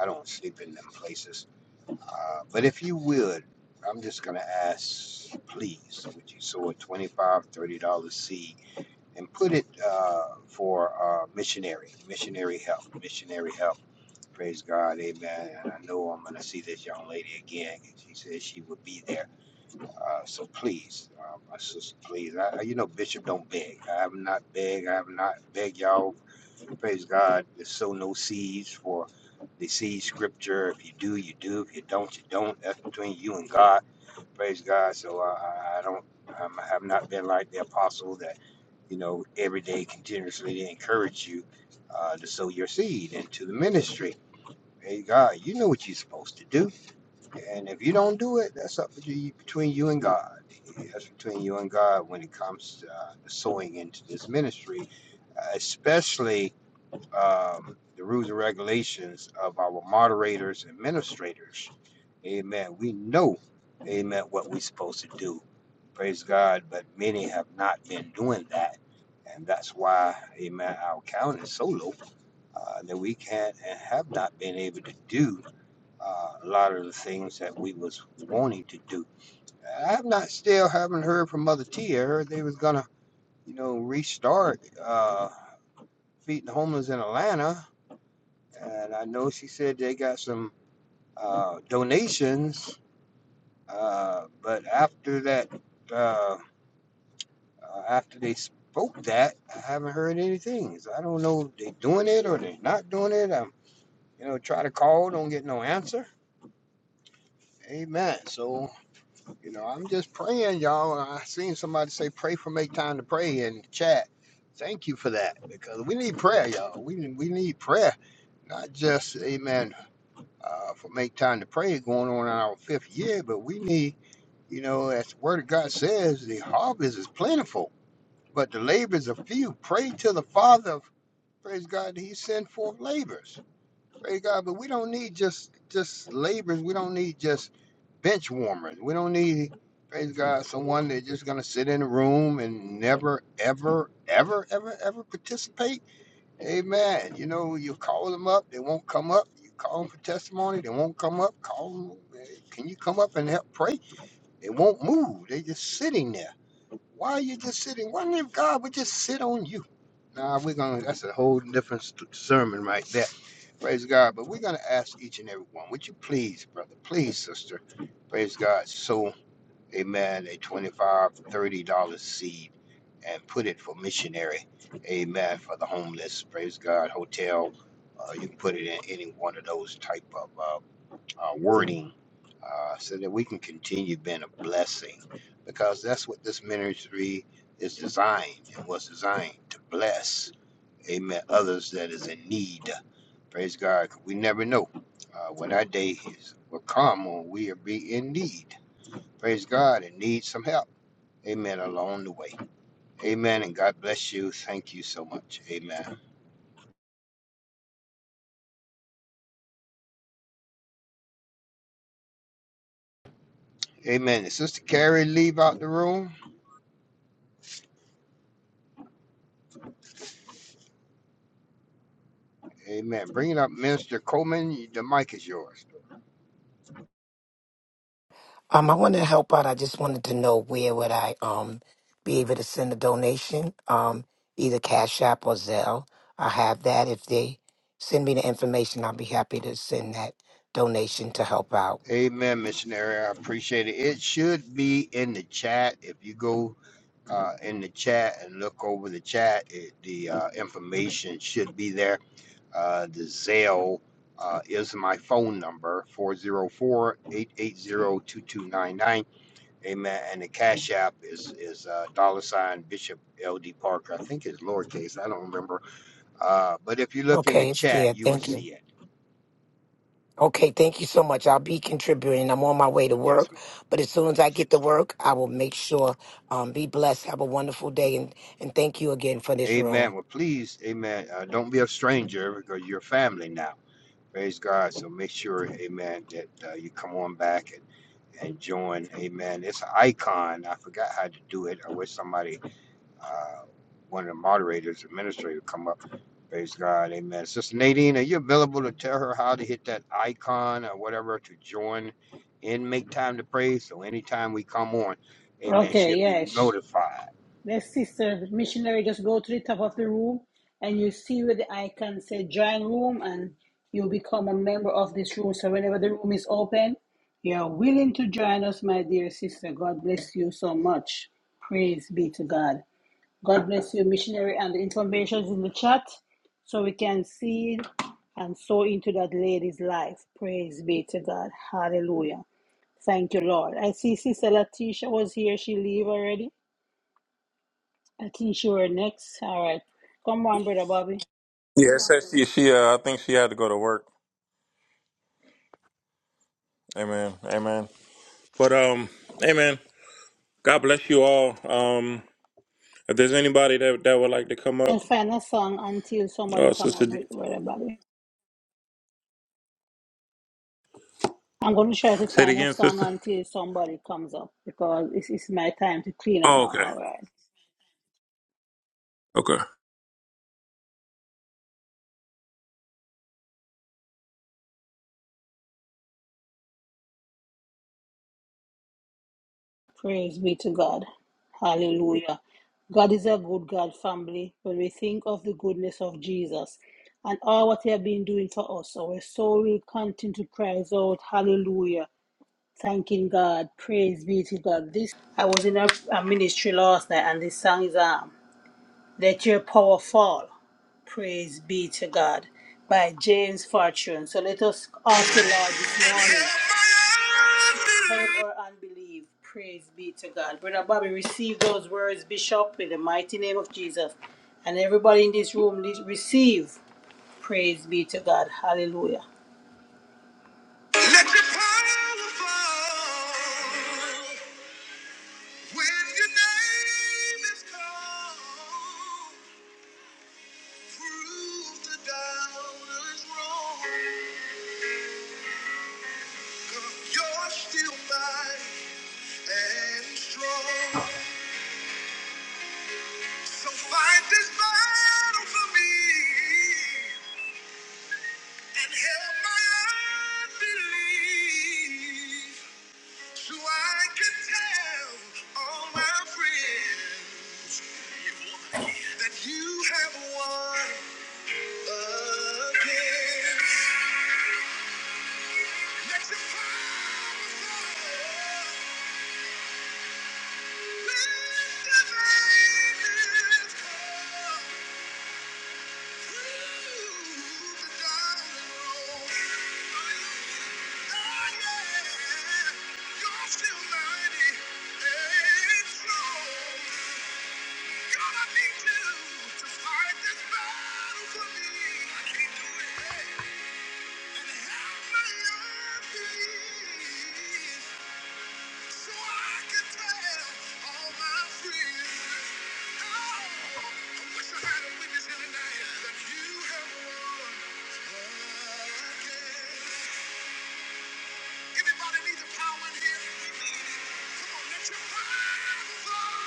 Speaker 9: I don't sleep in them places. Uh, but if you would. I'm just gonna ask, please, would you sow a twenty-five, dollars $30 seed and put it uh, for uh, missionary, missionary help, missionary help. Praise God, amen. And I know I'm going to see this young lady again. She said she would be there. Uh, so please, uh, my sister, please. I, you know, Bishop don't beg. I have not begged. I have not begged y'all. Praise God. To sow no seeds for the seed scripture. If you do, you do. If you don't, you don't. That's between you and God praise God. So uh, I, I don't, I'm, I've not been like the apostle that, you know, every day continuously encourage you uh, to sow your seed into the ministry. Praise God. You know what you're supposed to do, and if you don't do it, that's up to you, between you and God. That's between you and God when it comes to uh, the sowing into this ministry, uh, especially um, the rules and regulations of our moderators and administrators. Amen. We know, amen, what we're supposed to do. Praise God. But many have not been doing that. And that's why, amen, our count is so low uh, that we can't and have not been able to do uh, a lot of the things that we was wanting to do. I've not still haven't heard from Mother T. I heard they was gonna, you know, restart uh, feeding the homeless in Atlanta and I know she said they got some uh, donations, uh, but after that, uh, uh, after they spoke that, I haven't heard anything. So I don't know if they doing it or they not doing it. I'm, you know, try to call, don't get no answer. Amen. So, you know, I'm just praying, y'all. I seen somebody say, pray for make time to pray in the chat. Thank you for that because we need prayer, y'all. We, we need prayer not just amen. uh, for Make Time to Pray going on in our fifth year, but we need, you know, as the Word of God says, the harvest is plentiful, but the labors are few. Pray to the Father, praise God, that He send forth labors, praise God. But we don't need just just labors. We don't need just bench warmers. We don't need, praise God, someone that's just gonna sit in a room and never, ever, ever, ever, ever participate Amen. You know, you call them up, they won't come up. You call them for testimony, they won't come up. Call them, "Hey, can you come up and help pray? They won't move. They just sitting there. Why are you just sitting? Why don't you, God would just sit on you? Nah, we're gonna. That's a whole different st- sermon right there. Praise God. But we're gonna ask each and every one. Would you please, brother? Please, sister. Praise God. So amen, a 25, dollars seed and put it for missionary, amen, for the homeless, praise God, hotel. Uh, you can put it in any one of those type of uh, uh, wording uh, so that we can continue being a blessing because that's what this ministry is designed and was designed to bless, amen, others that is in need. Praise God. 'cause We never know uh, when our day is will come when we will be in need praise God, and need some help. Amen. Along the way. Amen. And God bless you. Thank you so much. Amen. Amen. Did Sister Carrie leave out the room? Amen. Bring it up, Minister Coleman. The mic is yours.
Speaker 7: Um, I want to help out. I just wanted to know where would I um be able to send a donation? Um, either Cash App or Zelle. I have that. If they send me the information, I'll be happy to send that donation to help out.
Speaker 9: Amen, missionary. I appreciate it. It should be in the chat. If you go uh, in the chat and look over the chat, it, the uh, information should be there. Uh, the Zelle uh, is my phone number 404 880 2299. Amen. And the Cash App is is uh, dollar sign Bishop L.D. Parker. I think it's lowercase. I don't remember. Uh, but if you look in the
Speaker 7: Okay, it's
Speaker 9: chat,
Speaker 7: there.
Speaker 9: you will
Speaker 7: Thank you.
Speaker 9: see it.
Speaker 7: Okay, thank you so much. I'll be contributing. I'm on my way to
Speaker 9: Yes,
Speaker 7: work,
Speaker 9: ma'am.
Speaker 7: but as soon as I get to work, I will make sure. Um, be blessed. Have a wonderful day, and and thank you again for this room.
Speaker 9: Amen. Well, please, Amen. Uh, don't be a stranger because you're family now. Praise God. So make sure, Amen, that uh, you come on back and, and join. Amen. It's an icon. I forgot how to do it. I wish somebody uh, one of the moderators, administrator, come up. Praise God, Amen. Sister Nadine, are you available to tell her how to hit that icon or whatever to join and make time to pray? So anytime we come on, Amen,
Speaker 3: Okay,
Speaker 9: she'll be
Speaker 3: yes.
Speaker 9: notified.
Speaker 3: Let sister the missionary just go to the top of the room and you see where the icon say join room and you become a member of this room. So whenever the room is open, you're willing to join us, my dear sister. God bless you so much. Praise be to God. God bless you, missionary, and the information is in the chat so we can see and sow into that lady's life. Praise be to God. Hallelujah. Thank you, Lord. I see Sister Latisha was here. She leave already. I think she were next. All right. Come on, Brother Bobby. And find a song until somebody come up with Brother Bobby. I'm going to try to find a song until somebody comes up because it's, it's my time to clean up now. All right. Praise be to God. Hallelujah. God is a good God, family. When we think of the goodness of Jesus and all what He has been doing for us, our soul will continue to cries out, Hallelujah thanking God, praise be to God. This I was in a, a ministry last night, and this song is um. Let Your Power Fall, Praise Be to God, by James Fortune. So let us ask the Lord this morning. Help our unbelief. Praise be to God. Brother Bobby, receive those words, Bishop, in the mighty name of Jesus. And everybody in this room, le- receive. Praise be to God. Hallelujah. Let your power fall when your name is called. Prove the doubters wrong. 'Cause You're still mine and strong. So fight this battle for me and help my unbelief, so I can tell all my friends that you have won again. Let your power So I can tell all my friends, oh, I wish I had a witness in the night that you have won again. Anybody need the here? Come on, let your power flow.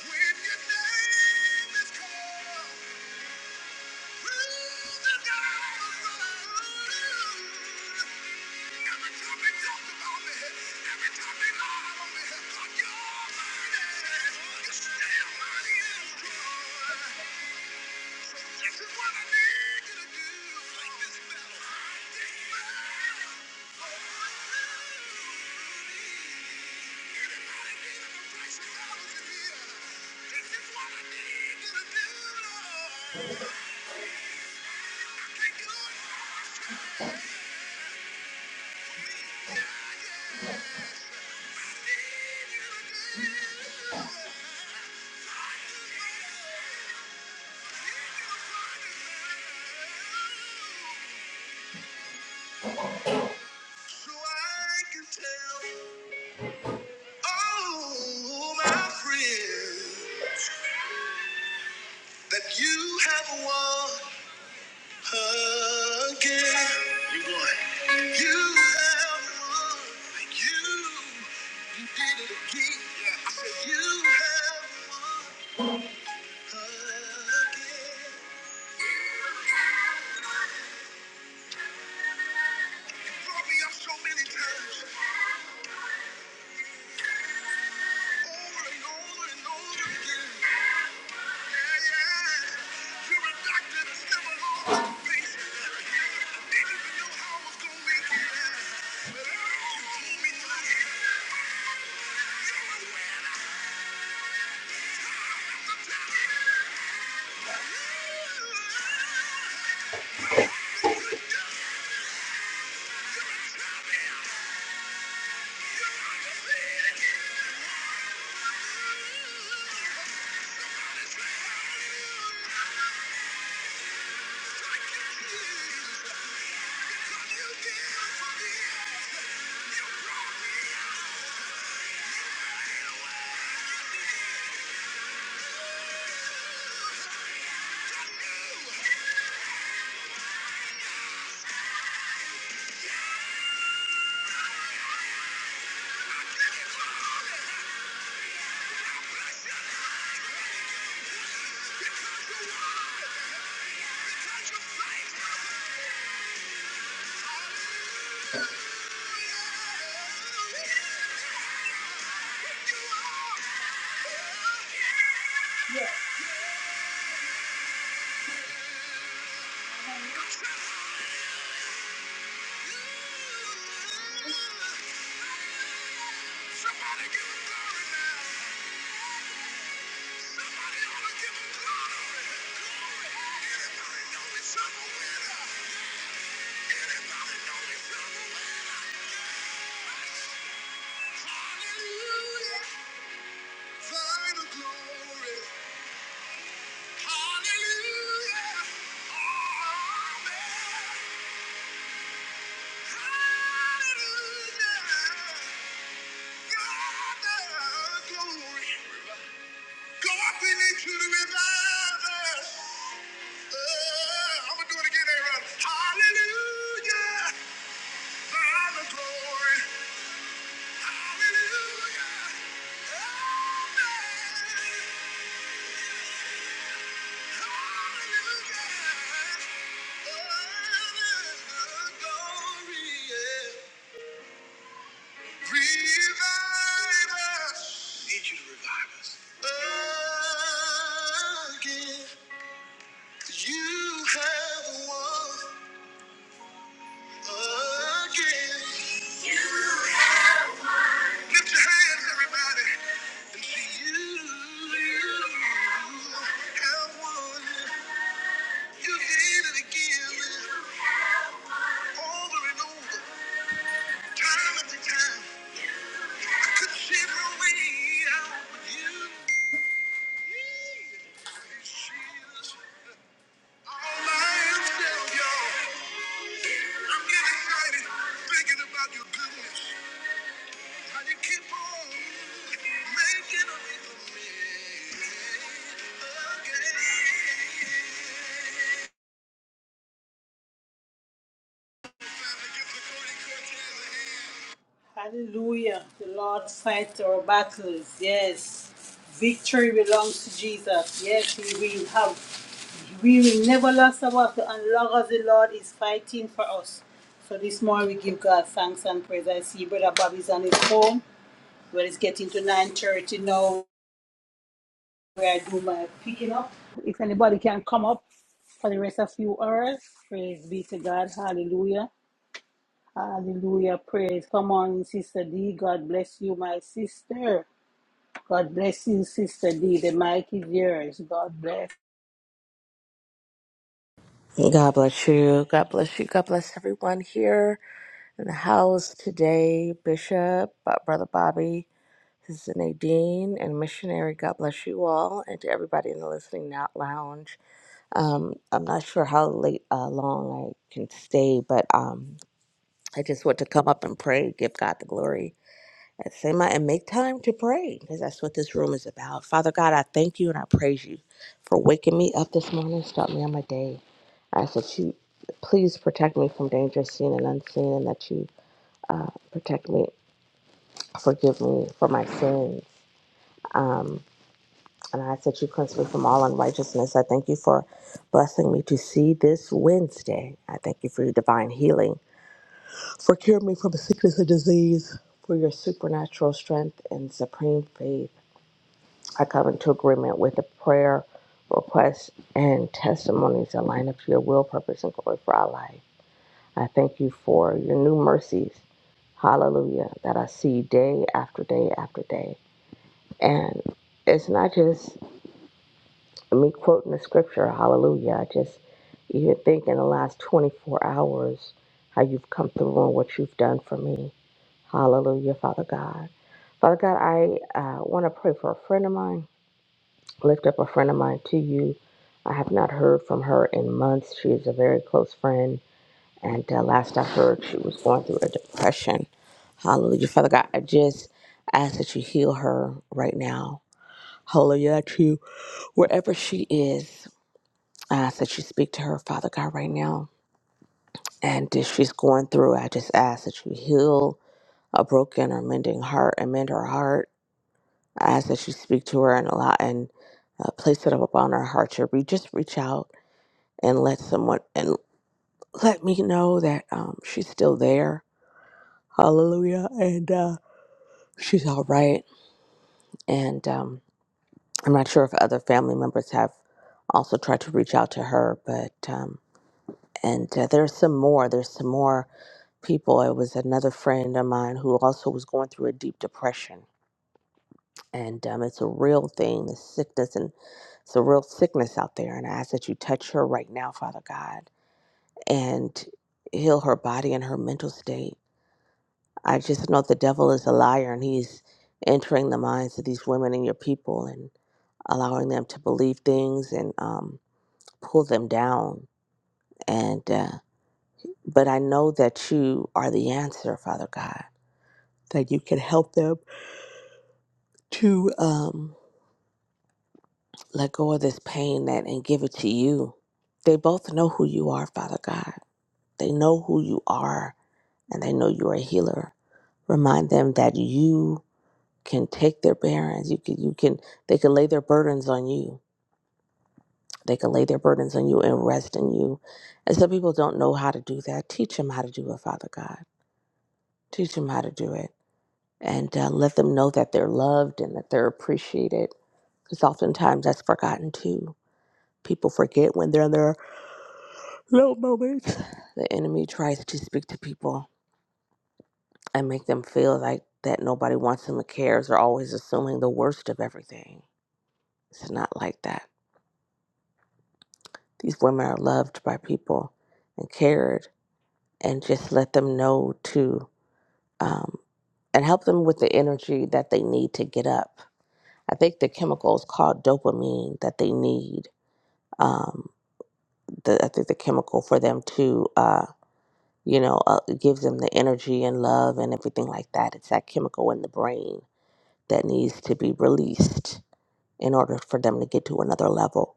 Speaker 3: When your name is called. This is what I need you to do, so my friends that you have won. again. You won. You have won. Thank you. You did it again. Yeah. I said you have won again. You have won. You brought me up so many times. Yeah. Final glory. Hallelujah. Amen. Hallelujah. Go up in it to the revival. I'm gonna do it again, Aaron. Hallelujah, Father glory. Hallelujah, Amen. Hallelujah, Father glory. Revive us. Need you to revive us. Again. You have won again. Lift your hands, everybody, and you. have won. You did it again, over and over, time after time. I couldn't see my way out. with You. Thank you. Hallelujah. The Lord fights our battles. Yes. Victory belongs to Jesus. Yes, we will have. We will never lose our battle as long as the Lord is fighting for us. So this morning we give God thanks and praise. I see Brother Bobby's on his home. Well, it's getting to 9.30 now where I do my picking up. If anybody can come up for the rest of few hours, praise be to God. Hallelujah. Hallelujah. Praise. Come on, Sister D. God bless you, my sister. God bless you, Sister D. The mic is yours. God bless.
Speaker 10: God bless you. God bless you. God bless everyone here in the house today. Bishop, uh, Brother Bobby, Sister Nadine, and Missionary. God bless you all, and to everybody in the listening out lounge. Um, I'm not sure how late, uh, long I can stay, but um, I just want to come up and pray, give God the glory at the same time, and make time to pray because that's what this room is about. Father God, I thank you and I praise you for waking me up this morning, start me on my day. I ask that you please protect me from danger seen and unseen, and that you uh, protect me, forgive me for my sins. Um, and I ask that you cleanse me from all unrighteousness. I thank you for blessing me to see this Wednesday. I thank you for your divine healing, for curing me from sickness and disease, for your supernatural strength and supreme faith. I come into agreement with the prayer requests and testimonies that line up to your will, purpose, and glory for our life. I thank you for your new mercies, hallelujah, that I see day after day after day. And it's not just me quoting the scripture, hallelujah. I just even think in the last 24 hours how you've come through and what you've done for me. Hallelujah, Father God. Father God, I uh, want to pray for a friend of mine lift up a friend of mine to you. I have not heard from her in months. She is a very close friend. And uh, last I heard, she was going through a depression. Hallelujah. Father God, I just ask that you heal her right now. Hallelujah. That you, wherever she is, I ask that you speak to her, Father God, right now. And if she's going through, I just ask that you heal a broken or mending heart and mend her heart. I ask that you speak to her and allow and uh, place it up upon her heart to re- just reach out and let someone and let me know that um, she's still there. Hallelujah. And uh, she's all right. And um, I'm not sure if other family members have also tried to reach out to her, but um, and uh, there's some more. There's some more people. It was another friend of mine who also was going through a deep depression. And um, it's a real thing, the sickness, and it's a real sickness out there. And I ask that you touch her right now, Father God, and heal her body and her mental state I just know the devil is a liar and he's entering the minds of these women and your people and allowing them to believe things and um, pull them down. And uh, but I know that you are the answer, Father God, that you can help them to um, let go of this pain that and give it to you. They both know who you are, Father God. They know who you are, and they know you are a healer. Remind them that you can take their burdens. You can you can they can lay their burdens on you. They can lay their burdens on you and rest in you. And some people don't know how to do that. Teach them how to do it, Father God. Teach them how to do it, and uh, let them know that they're loved and that they're appreciated. Because oftentimes that's forgotten too. People forget when they're in their low moments. The enemy tries to speak to people and make them feel like that nobody wants them or cares. Or always assuming the worst of everything. It's not like that These women are loved by people and cared, and just let them know to um, and help them with the energy that they need to get up. I think the chemical is called dopamine that they need. Um, the, I think the chemical for them to, uh, you know, uh, it gives them the energy and love and everything like that. It's that chemical in the brain that needs to be released in order for them to get to another level.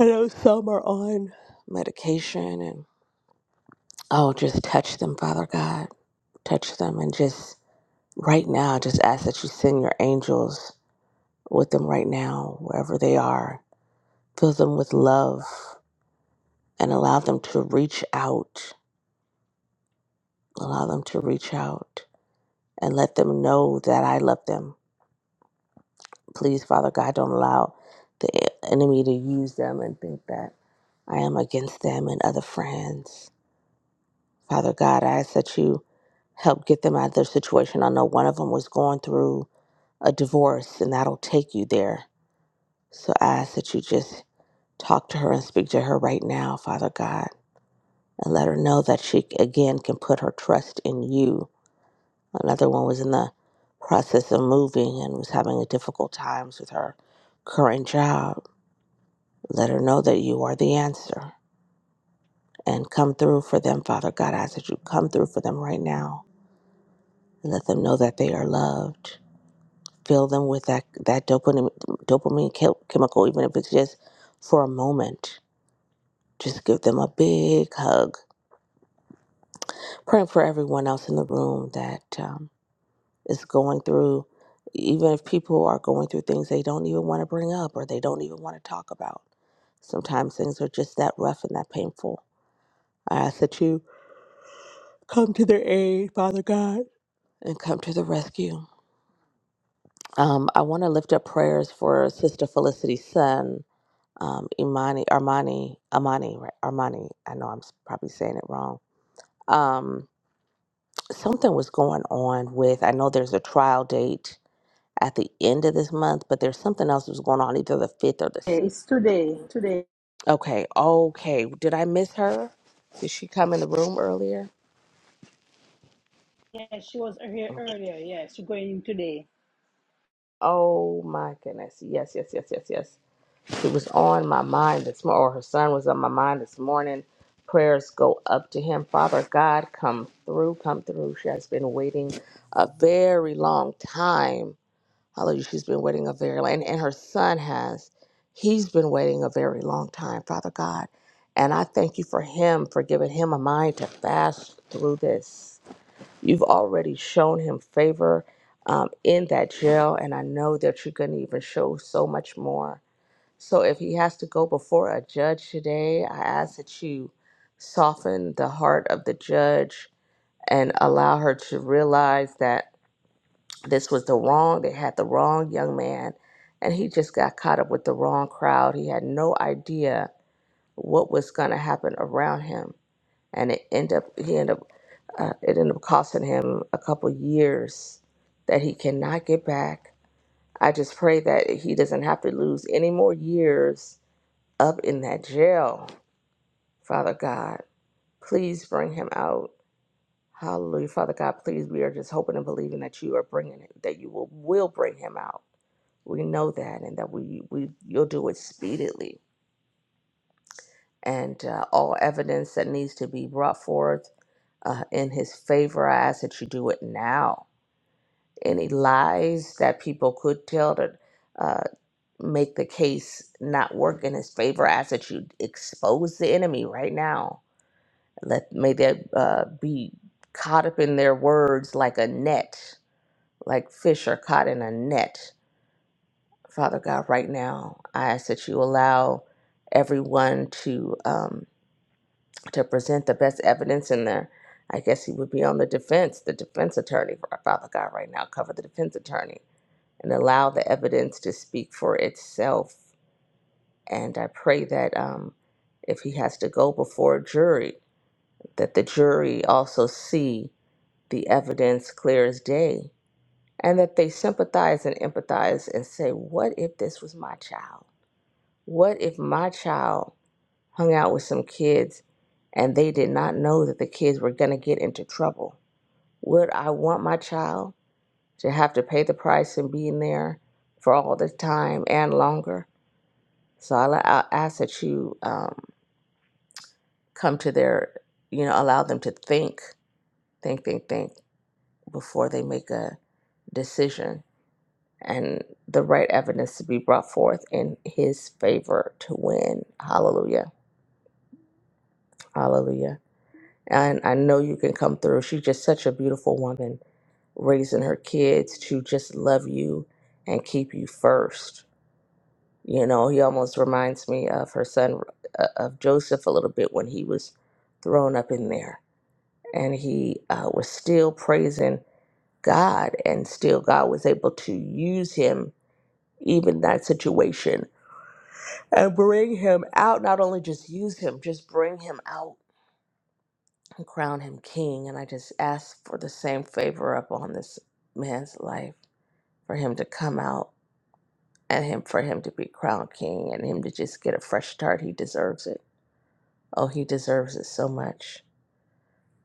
Speaker 10: I know some are on medication and. Oh, just touch them, Father God. Touch them and just right now, just ask that you send your angels with them right now, wherever they are. Fill them with love and allow them to reach out. Allow them to reach out and let them know that I love them. Please, Father God, don't allow the e, enemy to use them and think that I am against them and other friends. Father God, I ask that you help get them out of their situation. I know one of them was going through a divorce, and that'll take you there. So I ask that you just talk to her and speak to her right now, Father God, and let her know that she again can put her trust in you. Another one was in the process of moving and was having a difficult times with her current job. Let her know that you are the answer and come through for them, Father God. I ask that you come through for them right now and let them know that they are loved fill them with that that dopamine dopamine chem- chemical, even if it's just for a moment. Just give them a big hug. Praying for everyone else in the room that um, is going through, even if people are going through things they don't even want to bring up or they don't even want to talk about. Sometimes things are just that rough and that painful. I ask that you come to their aid, Father God, and come to the rescue. Um, I want to lift up prayers for Sister Felicity's son. um, Imani, Armani, Amani, right? Armani. I know I'm s- probably saying it wrong. Um, something was going on with, I know there's a trial date at the end of this month, but there's something else that was going on either the 5th or the s-
Speaker 3: Okay, It's today. Today.
Speaker 10: Okay, okay. Did I miss her? Did she come in the room earlier?
Speaker 3: Yes, she was here
Speaker 10: Okay.
Speaker 3: earlier. Yes, she's going in today.
Speaker 10: Oh my goodness. Yes, yes, yes, yes, yes. It was on my mind this morning, or her son was on my mind this morning. Prayers go up to him. Father God, come through, come through. She has been waiting a very long time. Hallelujah. She's been waiting a very long and, and her son has. He's been waiting a very long time, Father God. And I thank you for him, for giving him a mind to fast through this. You've already shown him favor um, in that jail, and I know that you're going to even show so much more. So if he has to go before a judge today, I ask that you soften the heart of the judge and allow her to realize that this was the wrong, they had the wrong young man, and he just got caught up with the wrong crowd. He had no idea what was going to happen around him, and it ended up he ended up uh, it ended up costing him a couple years that he cannot get back. I just pray that he doesn't have to lose any more years up in that jail, Father God. Please bring him out. Hallelujah, Father God. Please, we are just hoping and believing that you are bringing it, that you will, will bring him out. We know that, and that we, we you'll do it speedily. And uh, all evidence that needs to be brought forth uh, in his favor, I ask that you do it now. Any lies that people could tell to uh, make the case not work in his favor, I ask that you expose the enemy right now let may they uh, be caught up in their words like a net, like fish are caught in a net. Father God, right now, I ask that you allow everyone to um, to present the best evidence in there. I guess he would be on the defense, the defense attorney, Father God, right now. Cover the defense attorney and allow the evidence to speak for itself. And I pray that um, if he has to go before a jury, that the jury also see the evidence clear as day, and that they sympathize and empathize and say, What if this was my child? What if my child hung out with some kids and they did not know that the kids were going to get into trouble? Would I want my child to have to pay the price and be in there for all the time and longer? So I'll, I'll ask that you um, come to their, you know, allow them to think, think, think, think before they make a decision and the right evidence to be brought forth in his favor to win. Hallelujah. Hallelujah. And I know you can come through. She's just such a beautiful woman, raising her kids to just love you and keep you first. You know, he almost reminds me of her son, uh, of Joseph, a little bit when he was thrown up in there. And he uh, was still praising God, and still God was able to use him, even that situation and bring him out. Not only just use him, just bring him out and crown him king. And I just ask for the same favor upon this man's life for him to come out and him for him to be crowned king and him to just get a fresh start. He deserves it. Oh, he deserves it so much.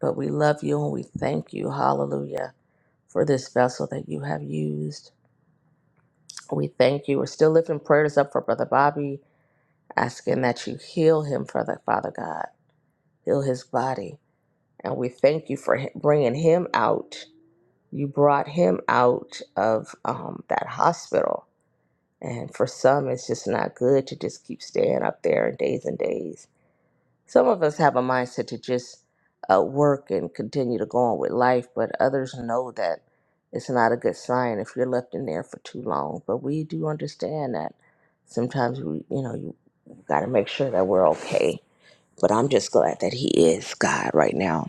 Speaker 10: But we love you and we thank you. Hallelujah. For this vessel that you have used. We thank you. We're still lifting prayers up for Brother Bobby, asking that you heal him, Father, Father God. Heal his body And we thank you for hi- bringing him out. You brought him out of um, that hospital. And for some, it's just not good to just keep staying up there and days and days. Some of us have a mindset to just uh, work and continue to go on with life, but others know that it's not a good sign if you're left in there for too long. But we do understand that sometimes we, you know, you got to make sure that we're okay. But I'm just glad that he is God right now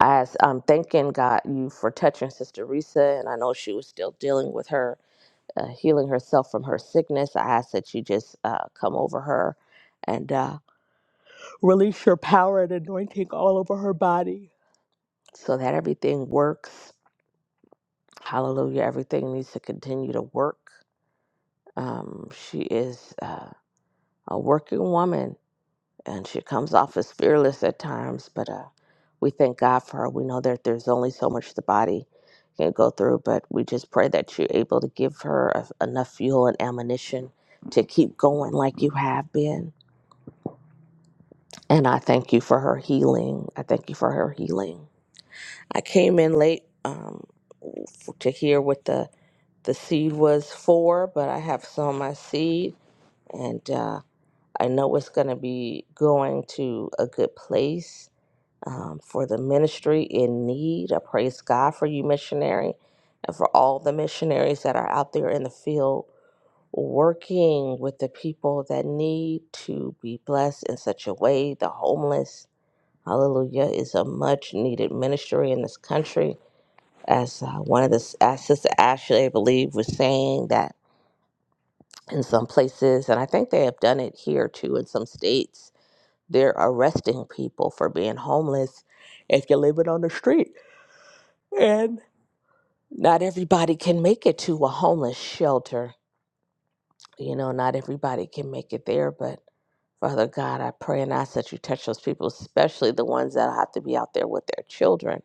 Speaker 10: as I'm thanking God you for touching Sister Risa, and I know she was still dealing with her, uh, healing herself from her sickness. I ask that you just uh, come over her and uh, release your power and anointing all over her body so that everything works. Hallelujah. Everything needs to continue to work. Um, she is uh, a working woman and she comes off as fearless at times, but uh, we thank God for her. We know that there's only so much the body can go through, but we just pray that you're able to give her a- enough fuel and ammunition to keep going like you have been. And I thank you for her healing. I thank you for her healing. I came in late um, f- to hear what the, the seed was for, but I have sown my seed and uh, I know it's going to be going to a good place um, for the ministry in need. I praise God for you, missionary, and for all the missionaries that are out there in the field working with the people that need to be blessed in such a way. The homeless, hallelujah, is a much needed ministry in this country. As uh, one of the, as Sister Ashley, I believe, was saying that in some places, and I think they have done it here too in some states, they're arresting people for being homeless if you're living on the street And not everybody can make it to a homeless shelter. You know, not everybody can make it there, but Father God, I pray and ask that you touch those people, especially the ones that have to be out there with their children.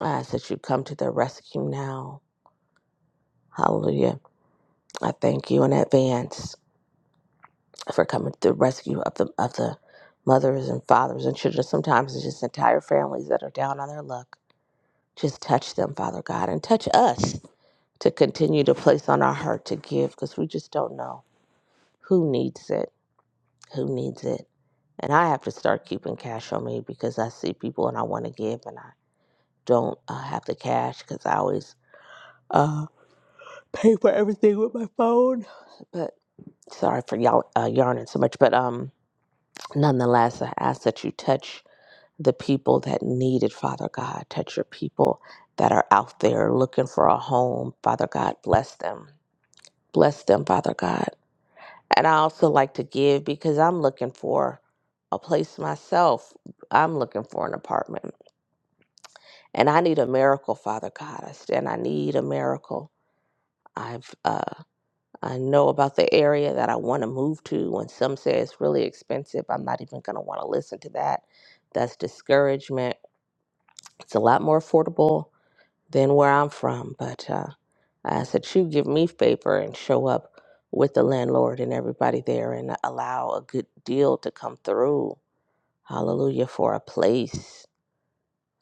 Speaker 10: I ask that you come to their rescue now. Hallelujah. I thank you in advance for coming to the rescue of the of the mothers and fathers and children. Sometimes it's just entire families that are down on their luck. Just touch them, Father God, and touch us. to continue to place on our heart to give because we just don't know who needs it, who needs it. And I have to start keeping cash on me because I see people and I want to give and I don't uh, have the cash because I always uh, pay for everything with my phone. But sorry for y'all uh, yarning so much. But um, nonetheless, I ask that you touch the people that need it, Father God. Touch your people that are out there looking for a home. Father God, bless them. Bless them, Father God And I also like to give because I'm looking for a place myself. I'm looking for an apartment. And I need a miracle, Father God. I stand I need a miracle. I've uh, I know about the area that I want to move to and some say it's really expensive. I'm not even gonna want to listen to that. That's discouragement. It's a lot more affordable than where I'm from, but uh, I ask that you give me favor and show up with the landlord and everybody there and allow a good deal to come through Hallelujah for a place.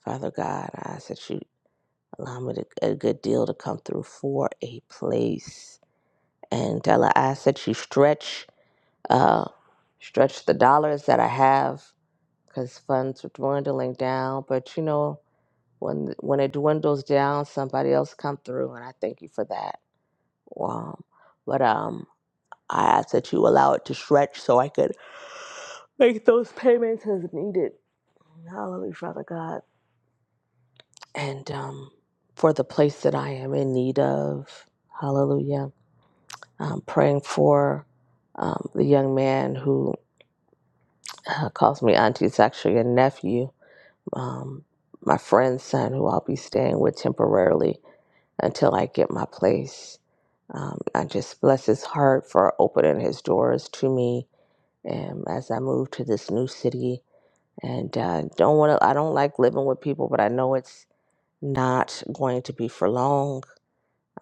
Speaker 10: Father God, I ask that you allow me to, a good deal to come through for a place. And Della, I ask that you stretch, uh, stretch the dollars that I have because funds are dwindling down. But you know, when when it dwindles down, somebody else come through, and I thank you for that. Wow. But um, I ask that you allow it to stretch so I could make those payments as needed. Hallelujah, Father God. and um, for the place that I am in need of. Hallelujah. I'm praying for um, the young man who uh, calls me auntie. It's actually a nephew, um, my friend's son, who I'll be staying with temporarily until I get my place. Um, I just bless his heart for opening his doors to me um, as I move to this new city. And uh, don't want to. I don't like living with people, but I know it's not going to be for long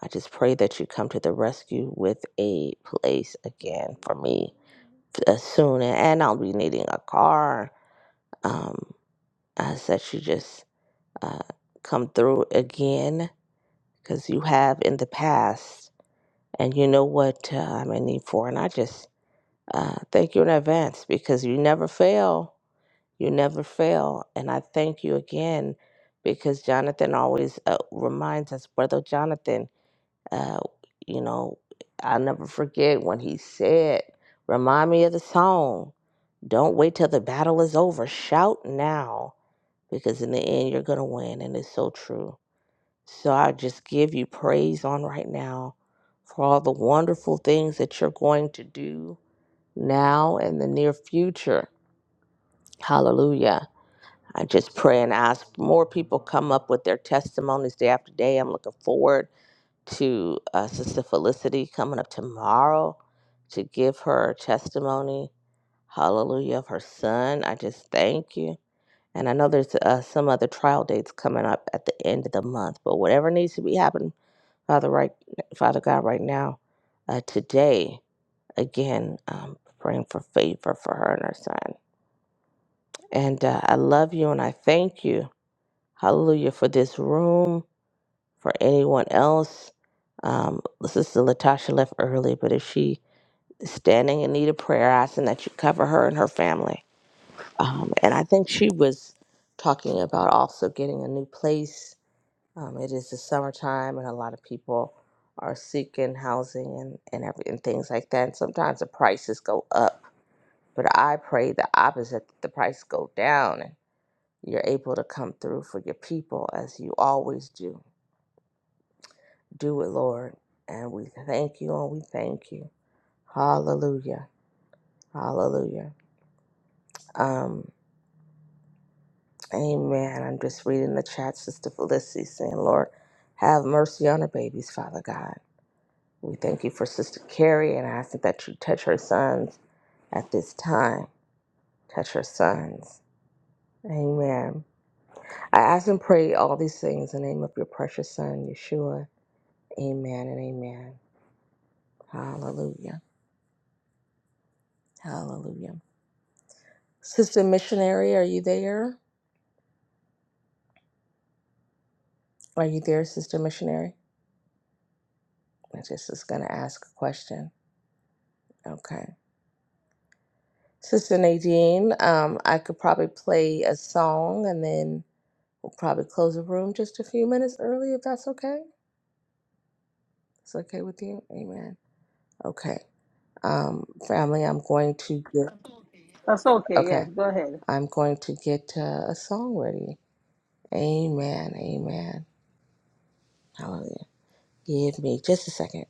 Speaker 10: I just pray that you come to the rescue with a place again for me as soon. And I'll be needing a car. Um, I said you just uh, come through again because you have in the past. And you know what uh, I'm in need for. And I just uh, thank you in advance because you never fail. You never fail. And I thank you again because Jonathan always uh, reminds us, Brother Jonathan. Uh, you know, I'll never forget when he said, Remind me of the song. Don't wait till the battle is over. Shout now, because in the end, you're going to win. And it's so true. So I just give you praise on right now for all the wonderful things that you're going to do now and the near future. Hallelujah. I just pray and ask more people come up with their testimonies day after day. I'm looking forward to uh, Sister Felicity coming up tomorrow to give her testimony. Hallelujah of her son. I just thank you. And I know there's uh, some other trial dates coming up at the end of the month, but whatever needs to be happening, Father, right, Father God, right now, uh, today, again, um, praying for favor for her and her son. And uh, I love you and I thank you, Hallelujah, for this room. for anyone else. Um, Sister Latasha left early, but if she is standing in need of prayer, I ask that you cover her and her family. Um, and I think she was talking about also getting a new place. Um, it is the summertime, and a lot of people are seeking housing and and, every, and things like that. And sometimes the prices go up, but I pray the opposite: that the price go down, and you're able to come through for your people as you always do Do it, Lord. And we thank you and we thank you. Hallelujah. Hallelujah. Um, amen. I'm just reading the chat, Sister Felicity saying, Lord, have mercy on her babies, Father God. We thank you for Sister Carrie and I ask that you touch her sons at this time. Touch her sons. Amen. I ask and pray all these things in the name of your precious son, Yeshua. Amen and amen. Hallelujah. Hallelujah. Sister Missionary, are you there? Are you there, Sister Missionary? I just was going to ask a question. Okay. Sister Nadine, um, I could probably play a song and then we'll probably close the room just a few minutes early if that's okay. It's okay with you? Amen. Okay. Um, family, I'm going to get,
Speaker 3: That's okay. Yes,
Speaker 10: okay,
Speaker 3: go ahead.
Speaker 10: I'm going to get uh, a song ready. Amen. Amen. Hallelujah. Give me just a second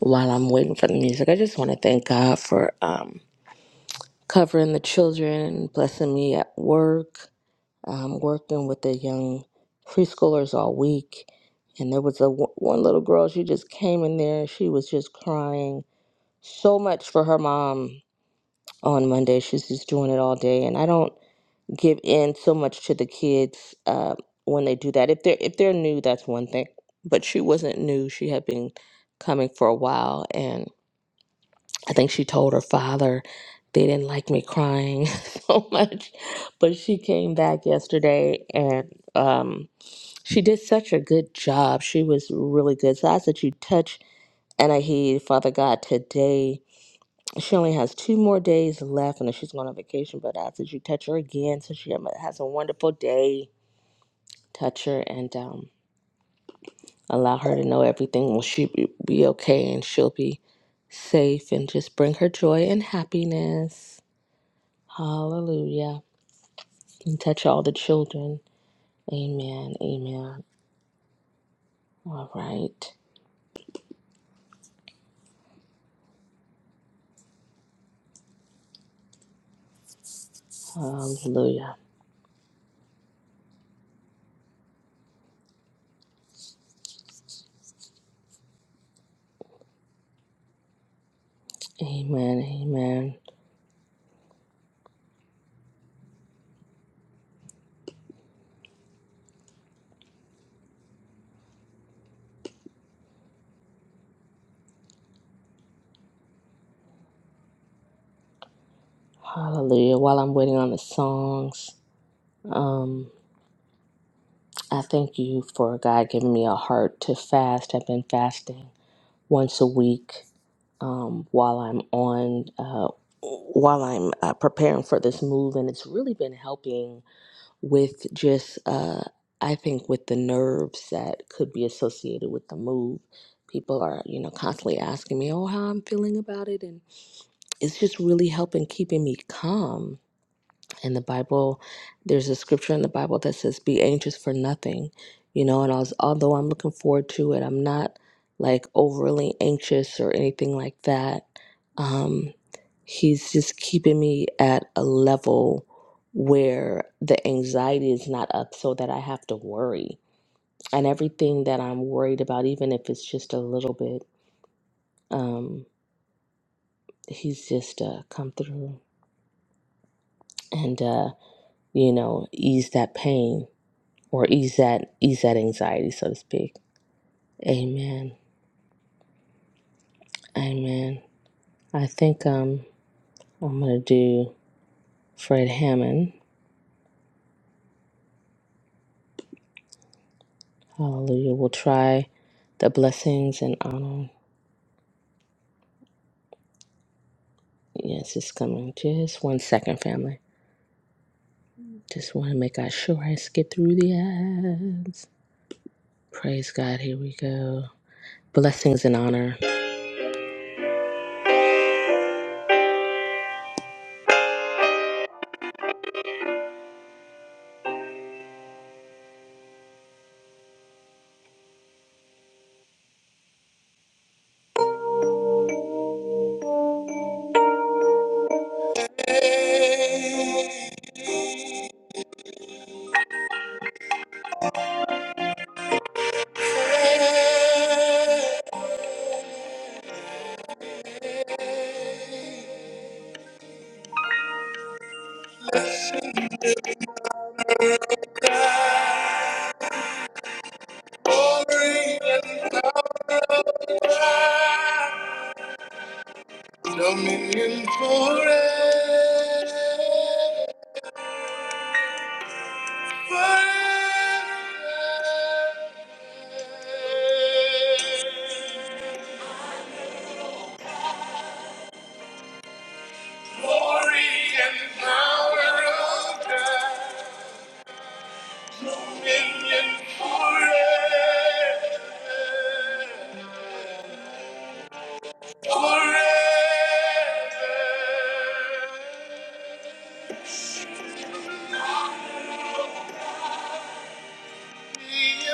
Speaker 10: while I'm waiting for the music. I just want to thank God for. um, covering the children, blessing me at work, um, working with the young preschoolers all week. And there was a w- one little girl. She just came in there. She was just crying so much for her mom on Monday. She's just doing it all day, and I don't give in so much to the kids uh, when they do that. If they're if they're new, that's one thing. But she wasn't new. She had been coming for a while, and. I think she told her father they didn't like me crying so much. But she came back yesterday and um, she did such a good job. She was really good. So I ask that you touch and I heed, Father God, today. She only has two more days left and then she's going on vacation. But I ask that you touch her again so she has a wonderful day. Touch her and um, allow her to know everything will she be be okay and she'll be safe and just bring her joy and happiness. Hallelujah. And touch all the children. Amen. Amen. All right. Hallelujah. Amen. Amen. Hallelujah. While I'm waiting on the songs, um, I thank you for God giving me a heart to fast. I've been fasting once a week um, while I'm on, uh, while I'm uh, preparing for this move, and it's really been helping with just uh I think with the nerves that could be associated with the move. People are, you know, constantly asking me, "Oh, how I'm feeling about it." And it's just really helping keeping me calm in the Bible, there's a scripture in the Bible that says, "Be anxious for nothing," you know. And I was, although I'm looking forward to it, I'm not like overly anxious or anything like that. Um, he's just keeping me at a level where the anxiety is not up, so that I have to worry. And everything that I'm worried about, even if it's just a little bit, um, he's just uh, come through and uh, you know ease that pain or ease that ease that anxiety, so to speak. Amen. Amen. I think um I'm gonna do Fred Hammond. Hallelujah. We'll try the blessings and honor. Yes, it's coming. Just one second, family. Just want to make sure I skip through the ads. Praise God. Here we go. Blessings and honor. Glory and power, dominion forever. Glory and power of God, dominion forever. Forever. Thank you.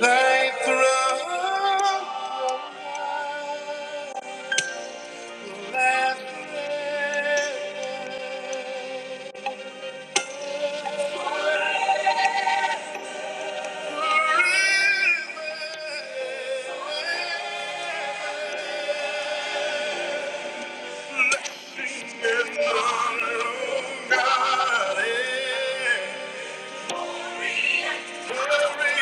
Speaker 10: Thy throne, last forever. Forever.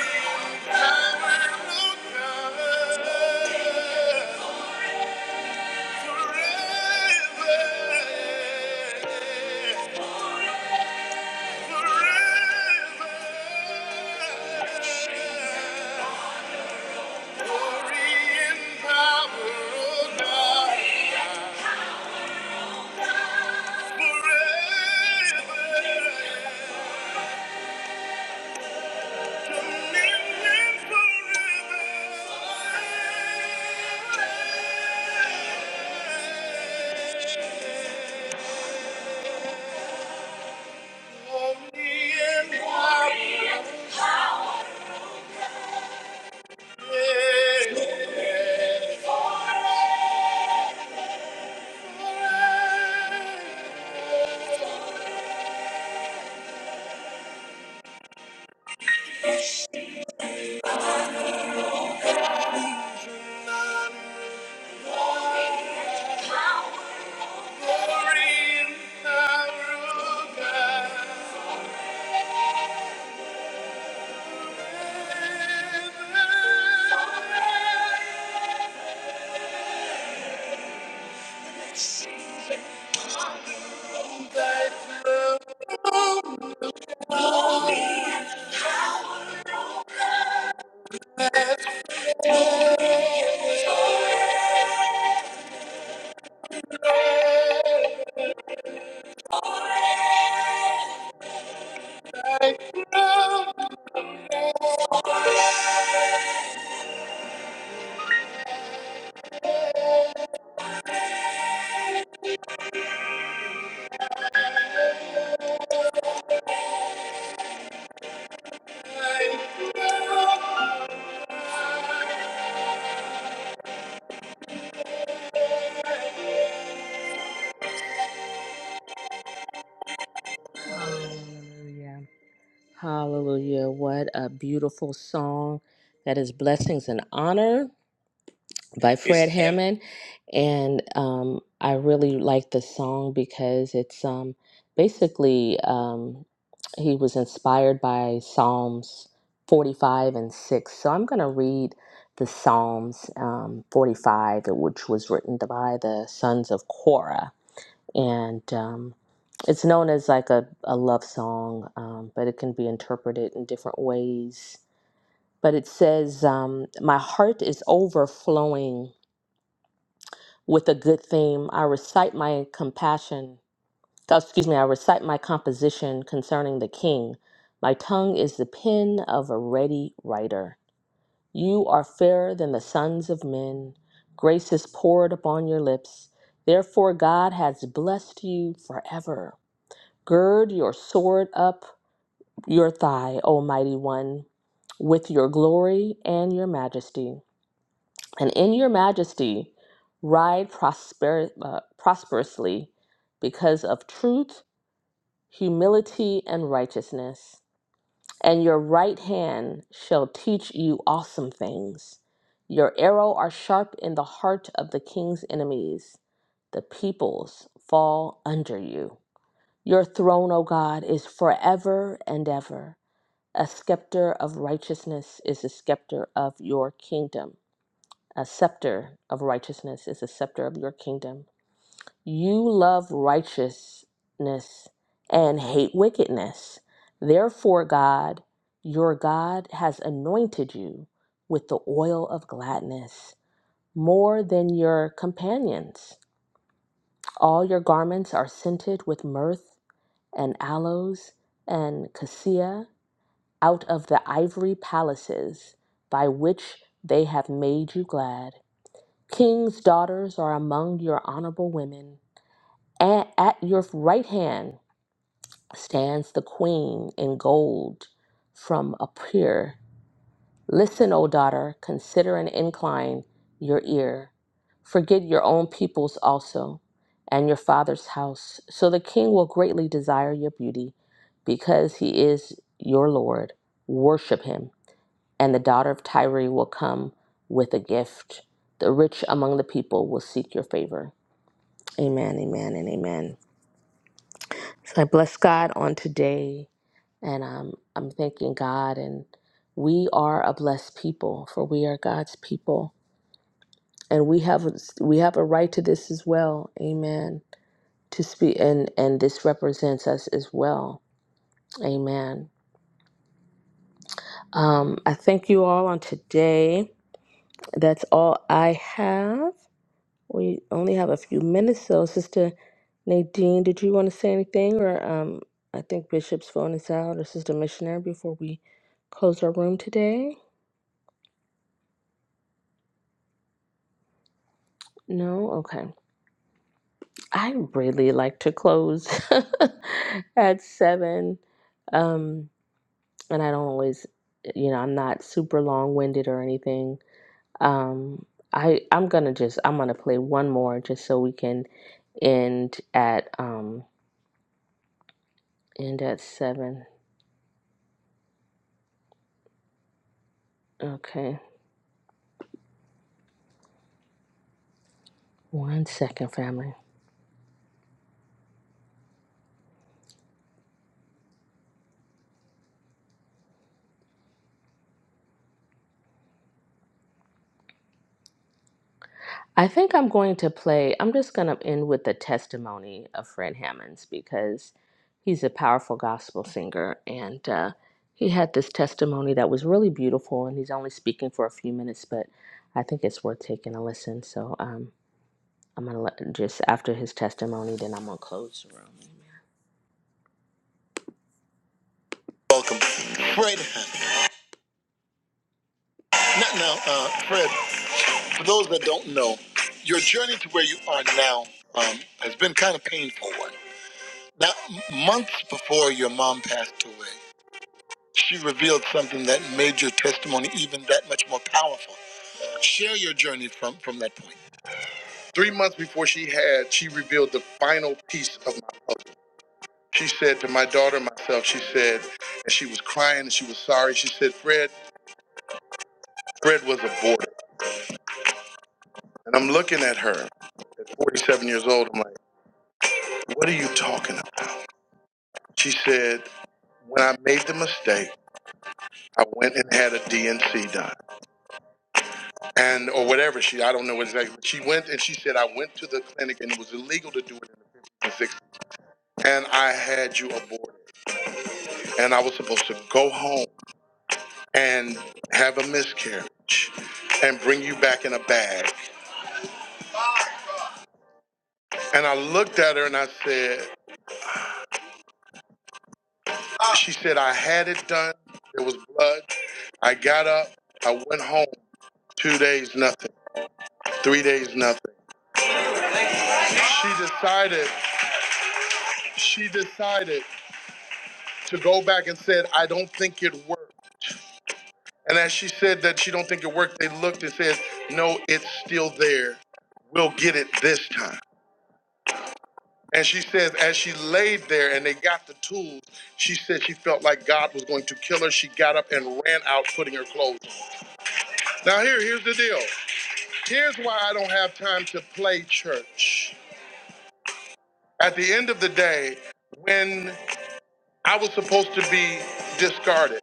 Speaker 10: Thy throne Hallelujah. Hallelujah. What a beautiful song that is blessings and honor. by Fred It's Fred Hammond, and um, I really like the song because it's um, basically um, he was inspired by Psalms 45 and 6. So I'm going to read the Psalms um, 45, which was written by the sons of Korah, and um, it's known as like a, a love song, um, but it can be interpreted in different ways. But it says, um, "My heart is overflowing." with a good theme. I recite my compassion, oh, excuse me, I recite my composition concerning the king. My tongue is the pen of a ready writer. You are fairer than the sons of men. Grace is poured upon your lips. Therefore, God has blessed you forever. Gird your sword up your thigh, O mighty one, with your glory and your majesty. And in your majesty, ride prosper, uh, prosperously because of truth, humility, and righteousness. And your right hand shall teach you awesome things. Your arrow are sharp in the heart of the king's enemies. The peoples fall under you. Your throne, O God, is forever and ever. A scepter of righteousness is the scepter of your kingdom. A scepter of righteousness is a scepter of your kingdom. You love righteousness and hate wickedness. Therefore, God, your God, has anointed you with the oil of gladness more than your companions. All your garments are scented with myrrh and aloes and cassia out of the ivory palaces by which they have made you glad. King's daughters are among your honorable women, and at your right hand stands the queen in gold from a peer. Listen, O daughter, consider and incline your ear. Forget your own peoples also, and your father's house. So the king will greatly desire your beauty, because he is your Lord. Worship him, and the daughter of Tyre will come with a gift. The rich among the people will seek your favor. Amen, amen, and amen. So I bless God on today, and um, I'm thanking God. And we are a blessed people, for we are God's people, and we have we have a right to this as well. Amen. To speak, and and this represents us as well. Amen. Um, I thank you all on today. That's all I have. We only have a few minutes, so Sister Nadine, did you want to say anything, or um, I think Bishop's phone is out, or Sister Missionary, before we close our room today? No, okay. I really like to close at seven, um, and I don't always, you know, I'm not super long-winded or anything. Um, I I'm gonna just I'm gonna play one more just so we can end at um end at seven. Okay. One second, family. I think I'm going to play, I'm just going to end with the testimony of Fred Hammonds because he's a powerful gospel singer. And uh, he had this testimony that was really beautiful. And he's only speaking for a few minutes, but I think it's worth taking a listen. So um, I'm going to let just after his testimony, then I'm going to close the room. Fred, not now, uh, Fred, for those that don't know, your journey to where you are now um, has been kind of painful. Now, months before your mom passed away, she revealed something that made your testimony even that much more powerful. Share your journey from, from that point. Three months before she had, she revealed the final piece of my. She said to my daughter and myself, she said, and she was crying and she was sorry. She said, Fred, Fred was aborted. And I'm looking at her at 47 years old. I'm like, what are you talking about? She said, when I made the mistake, I went and had a DNC done. and or whatever she I don't know what exactly. She went and she said I went to the clinic and it was illegal to do it in the 50s and 60s, and I had you aborted, and I was supposed to go home and have a miscarriage and bring you back in a bag. And I looked at her and I said, she said I had it done. There was blood. I got up. I went home. Two days nothing. Three days nothing. She decided. She decided to go back and said I don't think it worked. And as she said that she don't think it worked, they looked and says, "No, it's still there. We'll get it this time." And she says, as she laid there and they got the tools, she said she felt like God was going to kill her. She got up and ran out, putting her clothes on. Now here, here's the deal. Here's why I don't have time to play church. At the end of the day, when I was supposed to be discarded.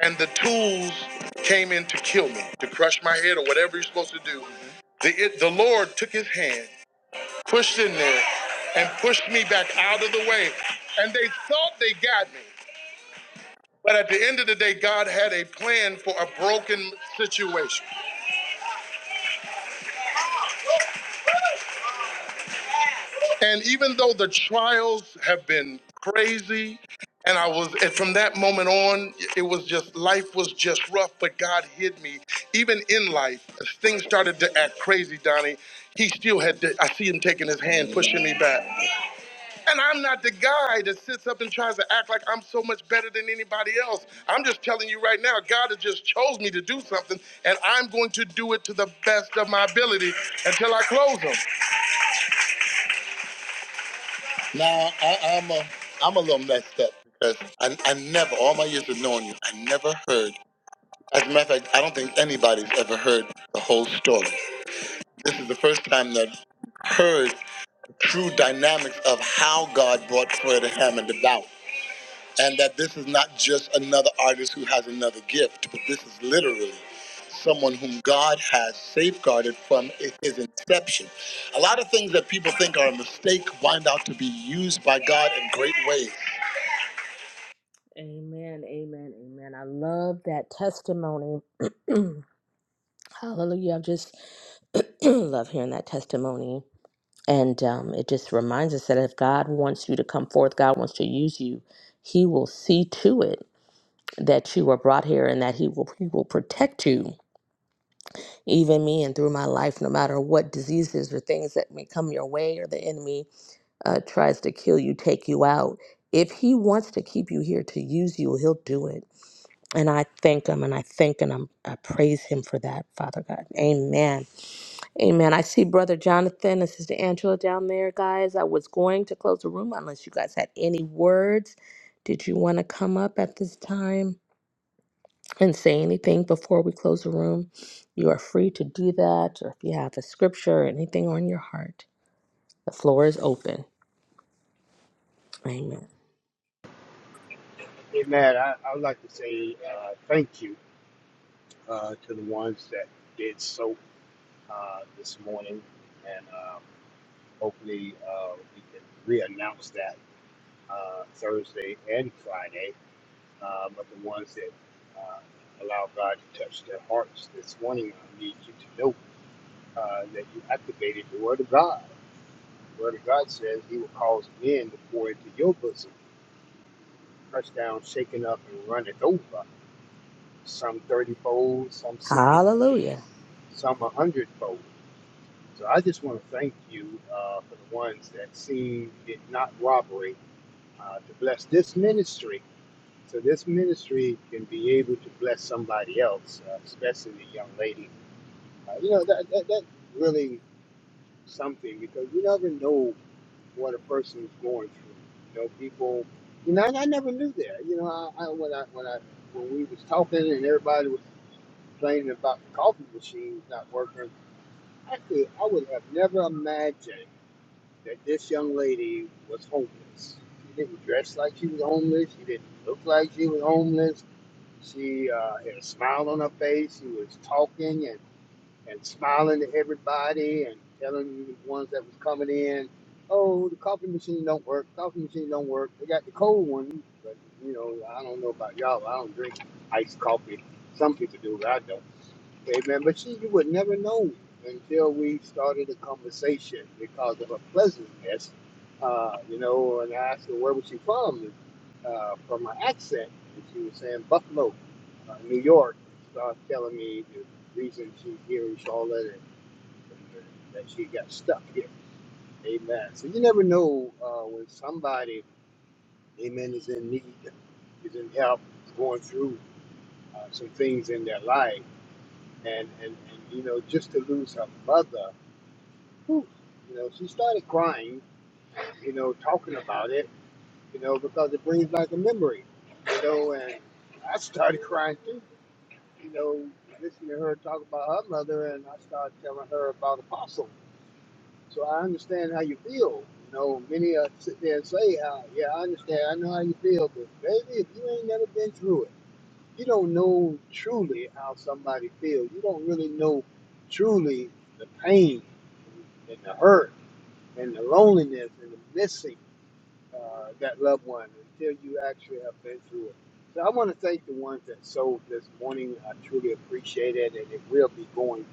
Speaker 10: and the tools came in to kill me, to crush my head or whatever you're supposed to do. The, it, the Lord took his hand, pushed in there, and pushed me back out of the way. And they thought they got me. But at the end of the day, God had a plan for a broken situation. And even though the trials have been crazy, and I was, and from that moment on, it was just, life was just rough, but God hid me. Even in life, as things started to act crazy, Donnie, he still had, to, I see him taking his hand, pushing me back. And I'm not the guy that sits up and tries to act like I'm so much better than anybody else. I'm just telling you right now, God has just chose me to do something, and I'm going to do it to the best of my ability until I close him. Now I, I'm a I'm a little messed up because I I never all my years of knowing you, I never heard. As a matter of fact, I don't think anybody's ever heard the whole story. This is the first time that heard true dynamics of how God brought Fred Hammond about, and that this is not just another artist who has another gift, but this is literally someone whom God has safeguarded from i- his inception. A lot of things that people think are a mistake wind out to be used by God in great ways. Amen, amen, amen. I love that testimony. Hallelujah. I just love hearing that testimony. And um, it just reminds us that if God wants you to come forth, God wants to use you, He will see to it that you are brought here and that He will He will protect you, even me and through my life, no matter what diseases or things that may come your way or the enemy. uh, tries to kill you, take you out. If he wants to keep you here to use you, he'll do it. And I thank him and I thank and I'm, I praise him for that, Father God. Amen. Amen. I see Brother Jonathan and Sister Angela down there, guys. I was going to close the room unless you guys had any words. Did you want to come up at this time and say anything before we close the room? You are free to do that, or if you have a scripture or anything on your heart, the floor is open. Amen.
Speaker 9: Hey, Matt, I, I would like to say uh, thank you uh, to the ones that did so uh, this morning, and uh, hopefully uh, we can reannounce that uh, Thursday and Friday. uh, but the ones that uh, allow God to touch their hearts this morning, I need you to know uh, that you activated the Word of God. The Word of God says He will cause men to pour into your bosom, pressed down, shaken up, and run it over. Some 30 fold, some 60 fold,
Speaker 10: Hallelujah.
Speaker 9: some 100 fold. So I just want to thank you uh, for the ones that seem did not robbery uh, to bless this ministry So this ministry can be able to bless somebody else, uh, especially the young lady. Uh, you know, that, that, that's really something because you never know what a person is going through. You know, people, you know, and I never knew that. You know, I, I, when I, when I, when we was talking and everybody was complaining about the coffee machines not working, I could, I would have never imagined that this young lady was homeless. She didn't dress like she was homeless. She didn't look like she was homeless She uh, had a smile on her face. She was talking and, and smiling to everybody and telling the ones that was coming in, "Oh, the coffee machine don't work. Coffee machine don't work. They got the cold one, but you know, I don't know about y'all. I don't drink iced coffee. Some people do, but I don't. Amen. But see, you would never know until we started a conversation because of her pleasantness. Uh, you know, and I asked her where was she from, uh, from her accent, and she was saying Buffalo, uh, New York. She started telling me the reason she's here in Charlotte and, and that she got stuck here. Amen. So you never know uh, when somebody, amen, is in need, is in help, going through uh, some things in their life and, and, and you know just to lose her mother whew, you know she started crying you know talking about it you know because it brings back a memory you know and i started crying too you know listening to her talk about her mother and i started telling her about apostle so i understand how you feel you know many uh, sit there and say uh, yeah i understand i know how you feel but baby if you ain't never been through it you don't know truly how somebody feels. You don't really know truly the pain and the hurt and the loneliness and the missing uh, that loved one until you actually have been through it. So I want to thank the ones that sold this morning. I truly appreciate it, and it will be going,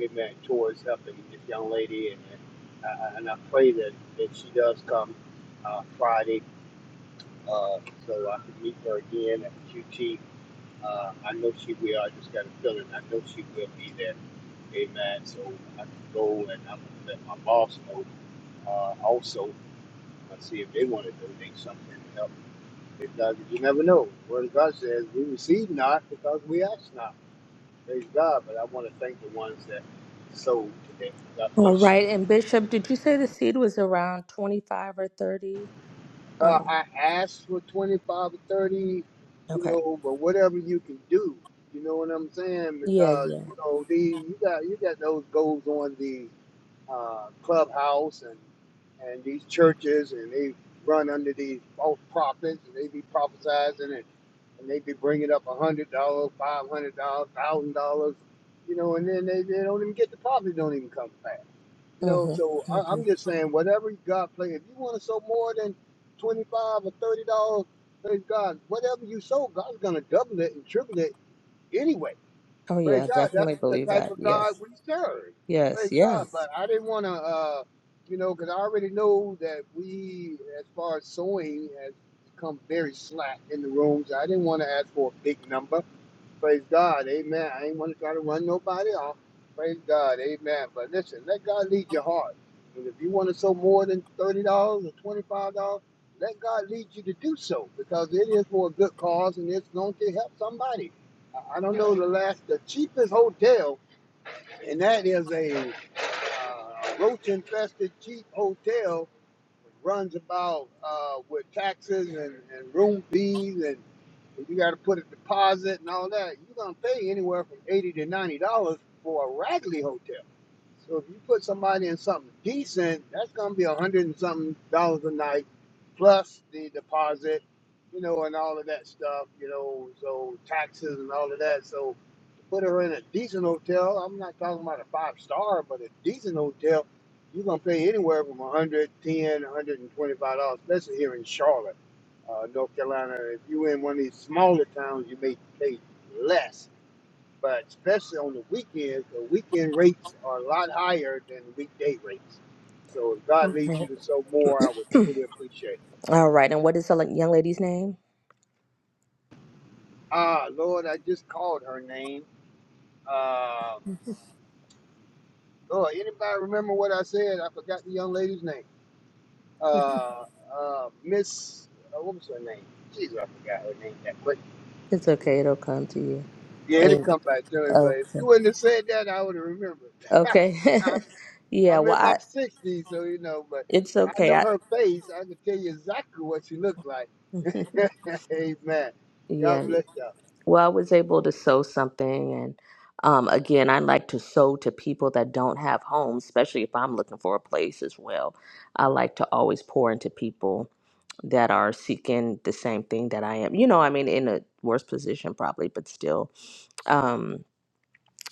Speaker 9: amen, towards helping this young lady. And, and, I, and I pray that, that she does come uh, Friday uh, so I can meet her again at QT uh, I know she will. I just got a feeling. I know she will be there. Amen. So I can go and I'm gonna let my boss know uh, also uh, see if they want to donate something to help. Because you never know. Word of God says we receive not because we ask not. Praise God. But I want to thank the ones that sold today. God
Speaker 10: All
Speaker 9: bless you.
Speaker 10: right. And Bishop, did you say the seed was around 25 or 30?
Speaker 9: Uh,
Speaker 10: Um,
Speaker 9: I asked for 25 or 30, you
Speaker 10: okay.
Speaker 9: know, but whatever you can do, you know what I'm saying?
Speaker 10: Yeah,
Speaker 9: Because
Speaker 10: yeah.
Speaker 9: you know, the you got you got those goals on the. uh, clubhouse and and these churches and they run under these false prophets and they be prophesizing and, and they be bringing up a hundred dollars five hundred dollars one thousand dollars you know and then they, they don't even get the profit don't even come back you know
Speaker 10: Mm-hmm.
Speaker 9: so I,
Speaker 10: Mm-hmm.
Speaker 9: i'm just saying whatever god play if you want to sow more than 25 or 30 dollars praise god whatever you sow god's gonna double it and triple it anyway
Speaker 10: Oh,
Speaker 9: Praise
Speaker 10: yeah.
Speaker 9: God. That's
Speaker 10: Definitely
Speaker 9: the
Speaker 10: believe
Speaker 9: type
Speaker 10: that.
Speaker 9: of God
Speaker 10: Yes.
Speaker 9: we serve.
Speaker 10: Yes.
Speaker 9: Praise God.
Speaker 10: Yes.
Speaker 9: But I didn't want to, uh, you know, because I already know that we, as far as sewing, has become very slack in the rooms. I didn't want to ask for a big number. Praise God. Amen. I ain't want to try to run nobody off. Praise God. Amen. But listen, let God lead your heart. And if you want to sow more than $30 or $25, let God lead you to do so because it is for a good cause and it's going to help somebody. I I don't know the last, the cheapest hotel, and that is a uh, roach infested cheap hotel runs about uh, with taxes and, and room fees and if you got to put a deposit and all that, you're gonna pay anywhere from eighty to ninety dollars for a Radley hotel. So if you put somebody in something decent, that's gonna be a hundred and something dollars a night, plus the deposit, you know, and all of that stuff, you know, so taxes and all of that. So to put her in a decent hotel, I'm not talking about a five star, but a decent hotel, you're gonna pay anywhere from 110, a 125 dollars, especially here in Charlotte, uh, North Carolina. If you're in one of these smaller towns, you may pay less but especially on the weekends, the weekend rates are a lot higher than the weekday rates. So if God leads you
Speaker 10: Okay.
Speaker 9: to sow more, I would truly appreciate it.
Speaker 10: All right. And what is the young lady's name?
Speaker 9: Ah, Lord, I just called her name. Uh, Lord, anybody remember what I said? I forgot the young lady's name. Uh, uh, Miss, uh, what was her name? Jesus, I forgot her name. That, quick.
Speaker 10: It's okay. It'll come to you.
Speaker 9: yeah, it'll
Speaker 10: And,
Speaker 9: come back to me. But if
Speaker 10: okay.
Speaker 9: you wouldn't have said that, I would have remembered.
Speaker 10: Okay. yeah.
Speaker 9: I'm in
Speaker 10: Well,
Speaker 9: my
Speaker 10: I,
Speaker 9: sixties, so you know, but
Speaker 10: it's
Speaker 9: I
Speaker 10: okay.
Speaker 9: know
Speaker 10: I,
Speaker 9: her face. I can tell you exactly what she looks like. Amen. God
Speaker 10: yeah.
Speaker 9: bless y'all.
Speaker 10: Well, I was able to sew something. And um, again, I like to sew to people that don't have homes, especially if I'm looking for a place as well. I like to always pour into people that are seeking the same thing that I am. You know, I mean, in a worse position probably, but still. Um,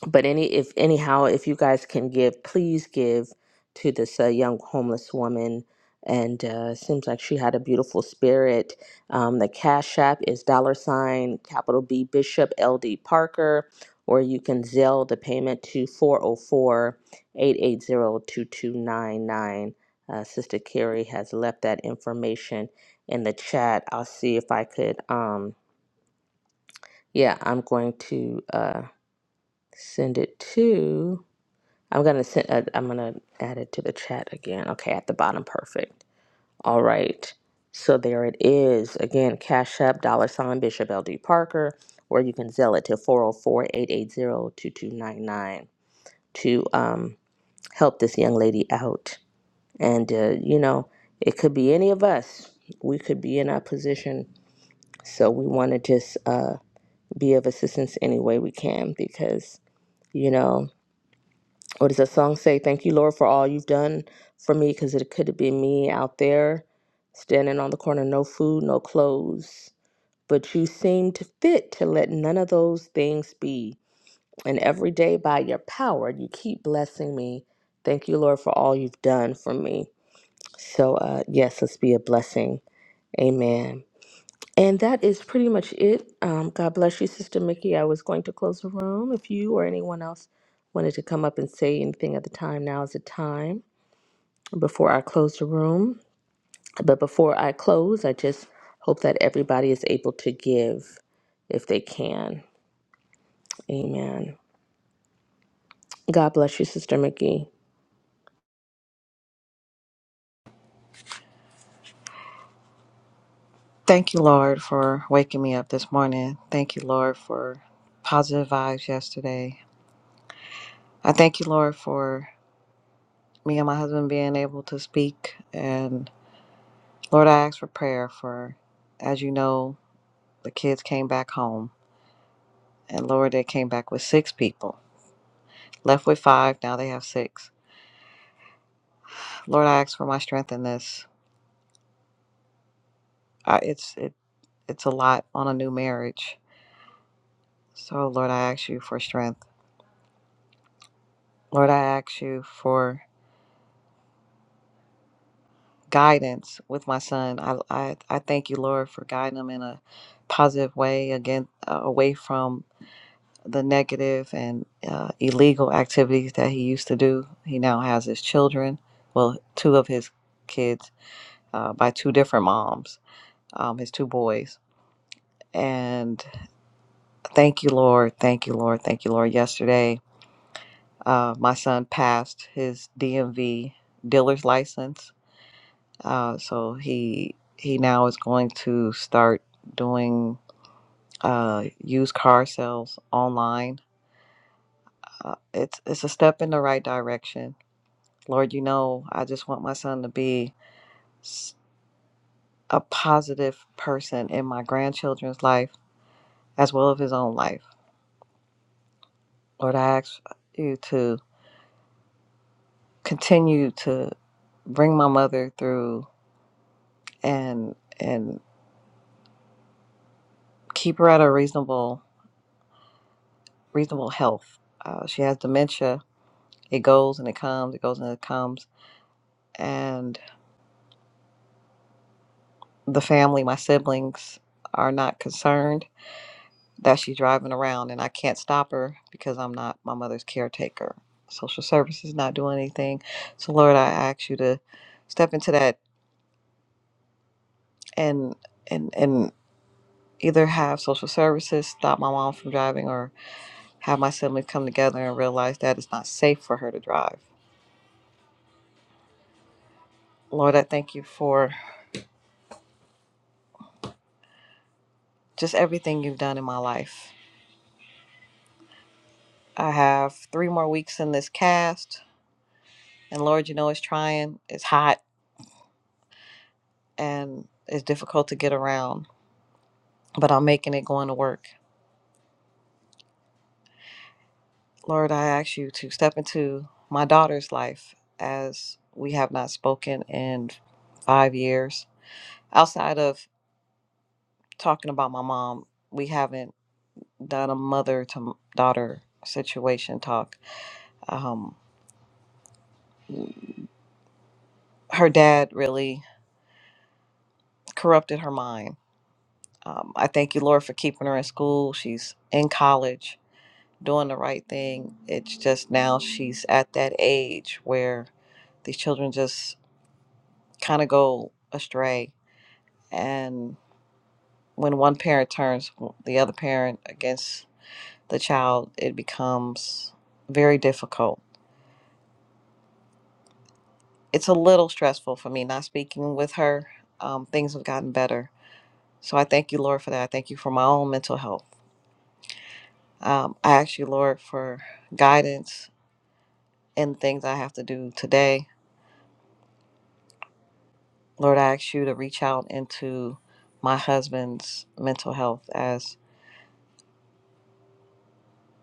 Speaker 10: but any if anyhow if you guys can give please give to this uh, young homeless woman and uh, seems like she had a beautiful spirit um, the cash app is dollar sign capital b bishop ld parker or you can Zelle the payment to four o four eight eight zero two two nine nine. uh, sister carrie has left that information in the chat i'll see if i could um, yeah i'm going to uh, send it to I'm gonna send. Uh, I'm gonna add it to the chat again. Okay, at the bottom, perfect. All right. So there it is. Again, Cash App, dollar sign Bishop LD Parker, or you can zell it to four zero four eight eight zero two two nine nine to um, help this young lady out. And uh, you know, it could be any of us. We could be in our position, so we want to just uh, be of assistance any way we can because you know what does that song say? Thank you, Lord, for all you've done for me, because it could have been me out there standing on the corner, no food, no clothes. But you seemed fit to let none of those things be. And every day by your power, you keep blessing me. Thank you, Lord, for all you've done for me. So, uh, yes, let's be a blessing. Amen. And that is pretty much it. Um, God bless you, Sister Mickey. I was going to close the room. If you or anyone else wanted to come up and say anything at the time, now is the time before I close the room. But before I close, I just hope that everybody is able to give if they can. Amen. God bless you, Sister Mickey.
Speaker 11: Thank you, Lord, for waking me up this morning. Thank you, Lord, for positive vibes yesterday. I thank you, Lord, for me and my husband being able to speak. And Lord, I ask for prayer for, as you know, the kids came back home. And Lord, they came back with six people, left with five. Now they have six. Lord, I ask for my strength in this. I, it's it, it's a lot on a new marriage. So Lord, I ask you for strength. Lord, I ask you for guidance with my son. I, I, I thank you, Lord, for guiding him in a positive way, again, uh, away from the negative and uh, illegal activities that he used to do. He now has his children, well, two of his kids uh, by two different moms, um, his two boys. And thank you, Lord. Thank you, Lord. Thank you, Lord. Yesterday, uh, my son passed his DMV dealer's license Uh, so he he now is going to start doing uh, used car sales online. Uh, it's it's a step in the right direction. Lord, you know, I just want my son to be s- a positive person in my grandchildren's life as well as his own life. Lord, I ask you to continue to bring my mother through and and keep her at a reasonable reasonable health. Uh, she has dementia It goes and it comes, it goes and it comes. And the family, my siblings, are not concerned that she's driving around and I can't stop her because I'm not my mother's caretaker. Social services not doing anything. So Lord, I ask you to step into that and and and either have social services stop my mom from driving or have my siblings come together and realize that it's not safe for her to drive. Lord, I thank you for just everything you've done in my life. I have three more weeks in this cast, and Lord, you know it's trying. It's hot and it's difficult to get around, but I'm making it going to work. Lord, I ask you to step into my daughter's life as we have not spoken in five years. Outside of talking about my mom, we haven't done a mother to daughter situation talk. Um, her dad really corrupted her mind Um, I thank you, Lord, for keeping her in school. She's in college, doing the right thing. It's just now she's at that age where these children just kind of go astray. And when one parent turns the other parent against the child, it becomes very difficult. It's a little stressful for me not speaking with her. Um, things have gotten better. So I thank you, Lord, for that. I thank you for my own mental health. Um, I ask you, Lord, for guidance and things I have to do today. Lord, I ask you to reach out into my husband's mental health as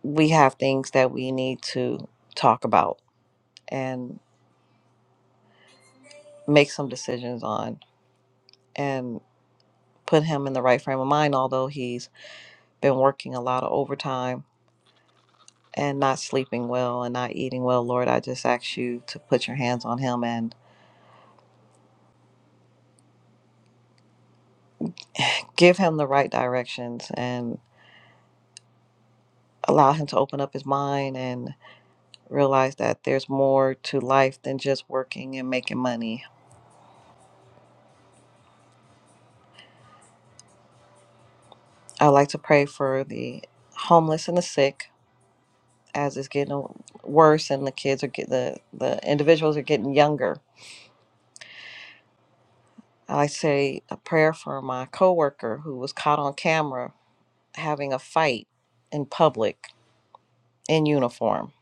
Speaker 11: we have things that we need to talk about and make some decisions on and put him in the right frame of mind, although he's been working a lot of overtime and not sleeping well and not eating well. Lord, I just ask you to put your hands on him and give him the right directions and allow him to open up his mind and. realize that there's more to life than just working and making money. I like to pray for the homeless and the sick as it's getting worse and the kids are get the the individuals are getting younger. I like to say a prayer for my coworker who was caught on camera having a fight in public in uniform,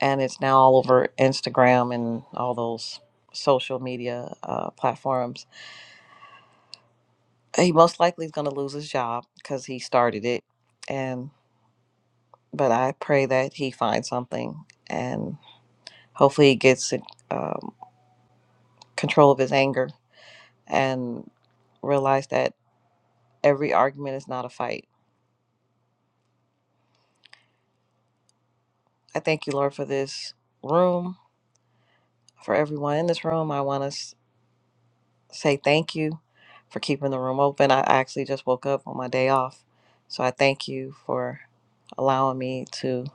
Speaker 11: and it's now all over Instagram and all those social media uh, platforms. He most likely is going to lose his job because he started it, and but I pray that he finds something and hopefully he gets um, control of his anger and realize that every argument is not a fight. I thank you, Lord, for this room, for everyone in this room. I want to say thank you for keeping the room open. I actually just woke up on my day off, so I thank you for allowing me to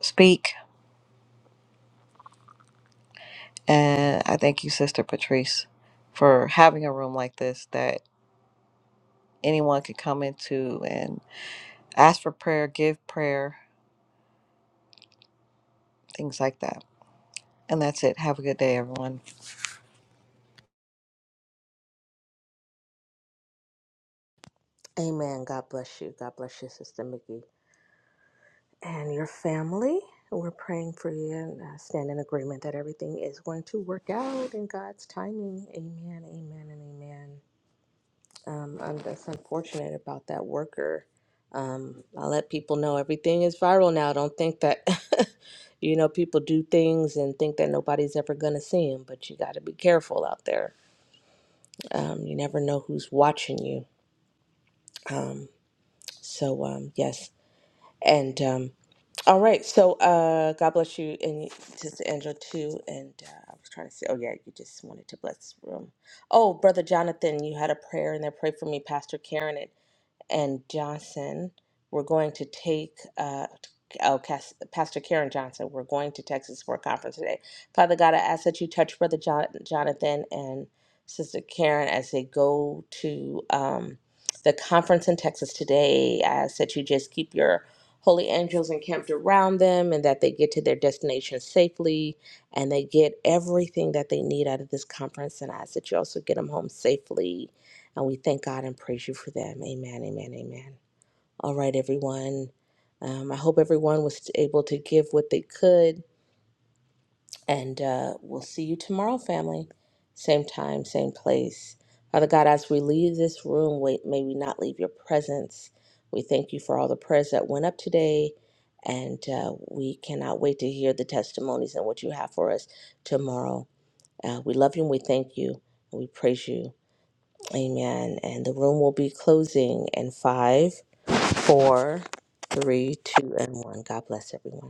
Speaker 11: speak. And I thank you, Sister Patrice, for having a room like this that anyone could come into and. Ask for prayer, give prayer, things like that. And that's it. Have a good day, everyone.
Speaker 10: Amen. God bless you. God bless you, Sister Mickey. and your family. We're praying for you and uh, stand in agreement that everything is going to work out in God's timing. Amen, amen, and amen. Um, I'm just unfortunate about that worker. Um, I let people know everything is viral now. Don't think that, you know, people do things and think that nobody's ever going to see them, but you got to be careful out there. Um, you never know who's watching you. Um, so, um, yes, And um, all right, so uh, God bless you and Sister Angela too. And uh, I was trying to say, oh yeah, you just wanted to bless this room. Oh, Brother Jonathan, you had a prayer and there. Pray for me, Pastor Karen and Johnson. We're going to take, uh, oh, Cas- Pastor Karen Johnson, we're going to Texas for a conference today. Father God, I ask that you touch Brother John- Jonathan and Sister Karen as they go to um, the conference in Texas today. I ask that you just keep your holy angels encamped around them and that they get to their destination safely and they get everything that they need out of this conference. And I ask that you also get them home safely and we thank God and praise you for them. Amen, amen, amen. All right, everyone. Um, I hope everyone was able to give what they could. And uh, we'll see you tomorrow, family. Same time, same place. Father God, as we leave this room, wait, may we not leave your presence. We thank you for all the prayers that went up today. And uh, we cannot wait to hear the testimonies and what you have for us tomorrow. Uh, we love you and we thank you. And we praise you. Amen. And the room will be closing in five, four, three, two, and one. God bless everyone.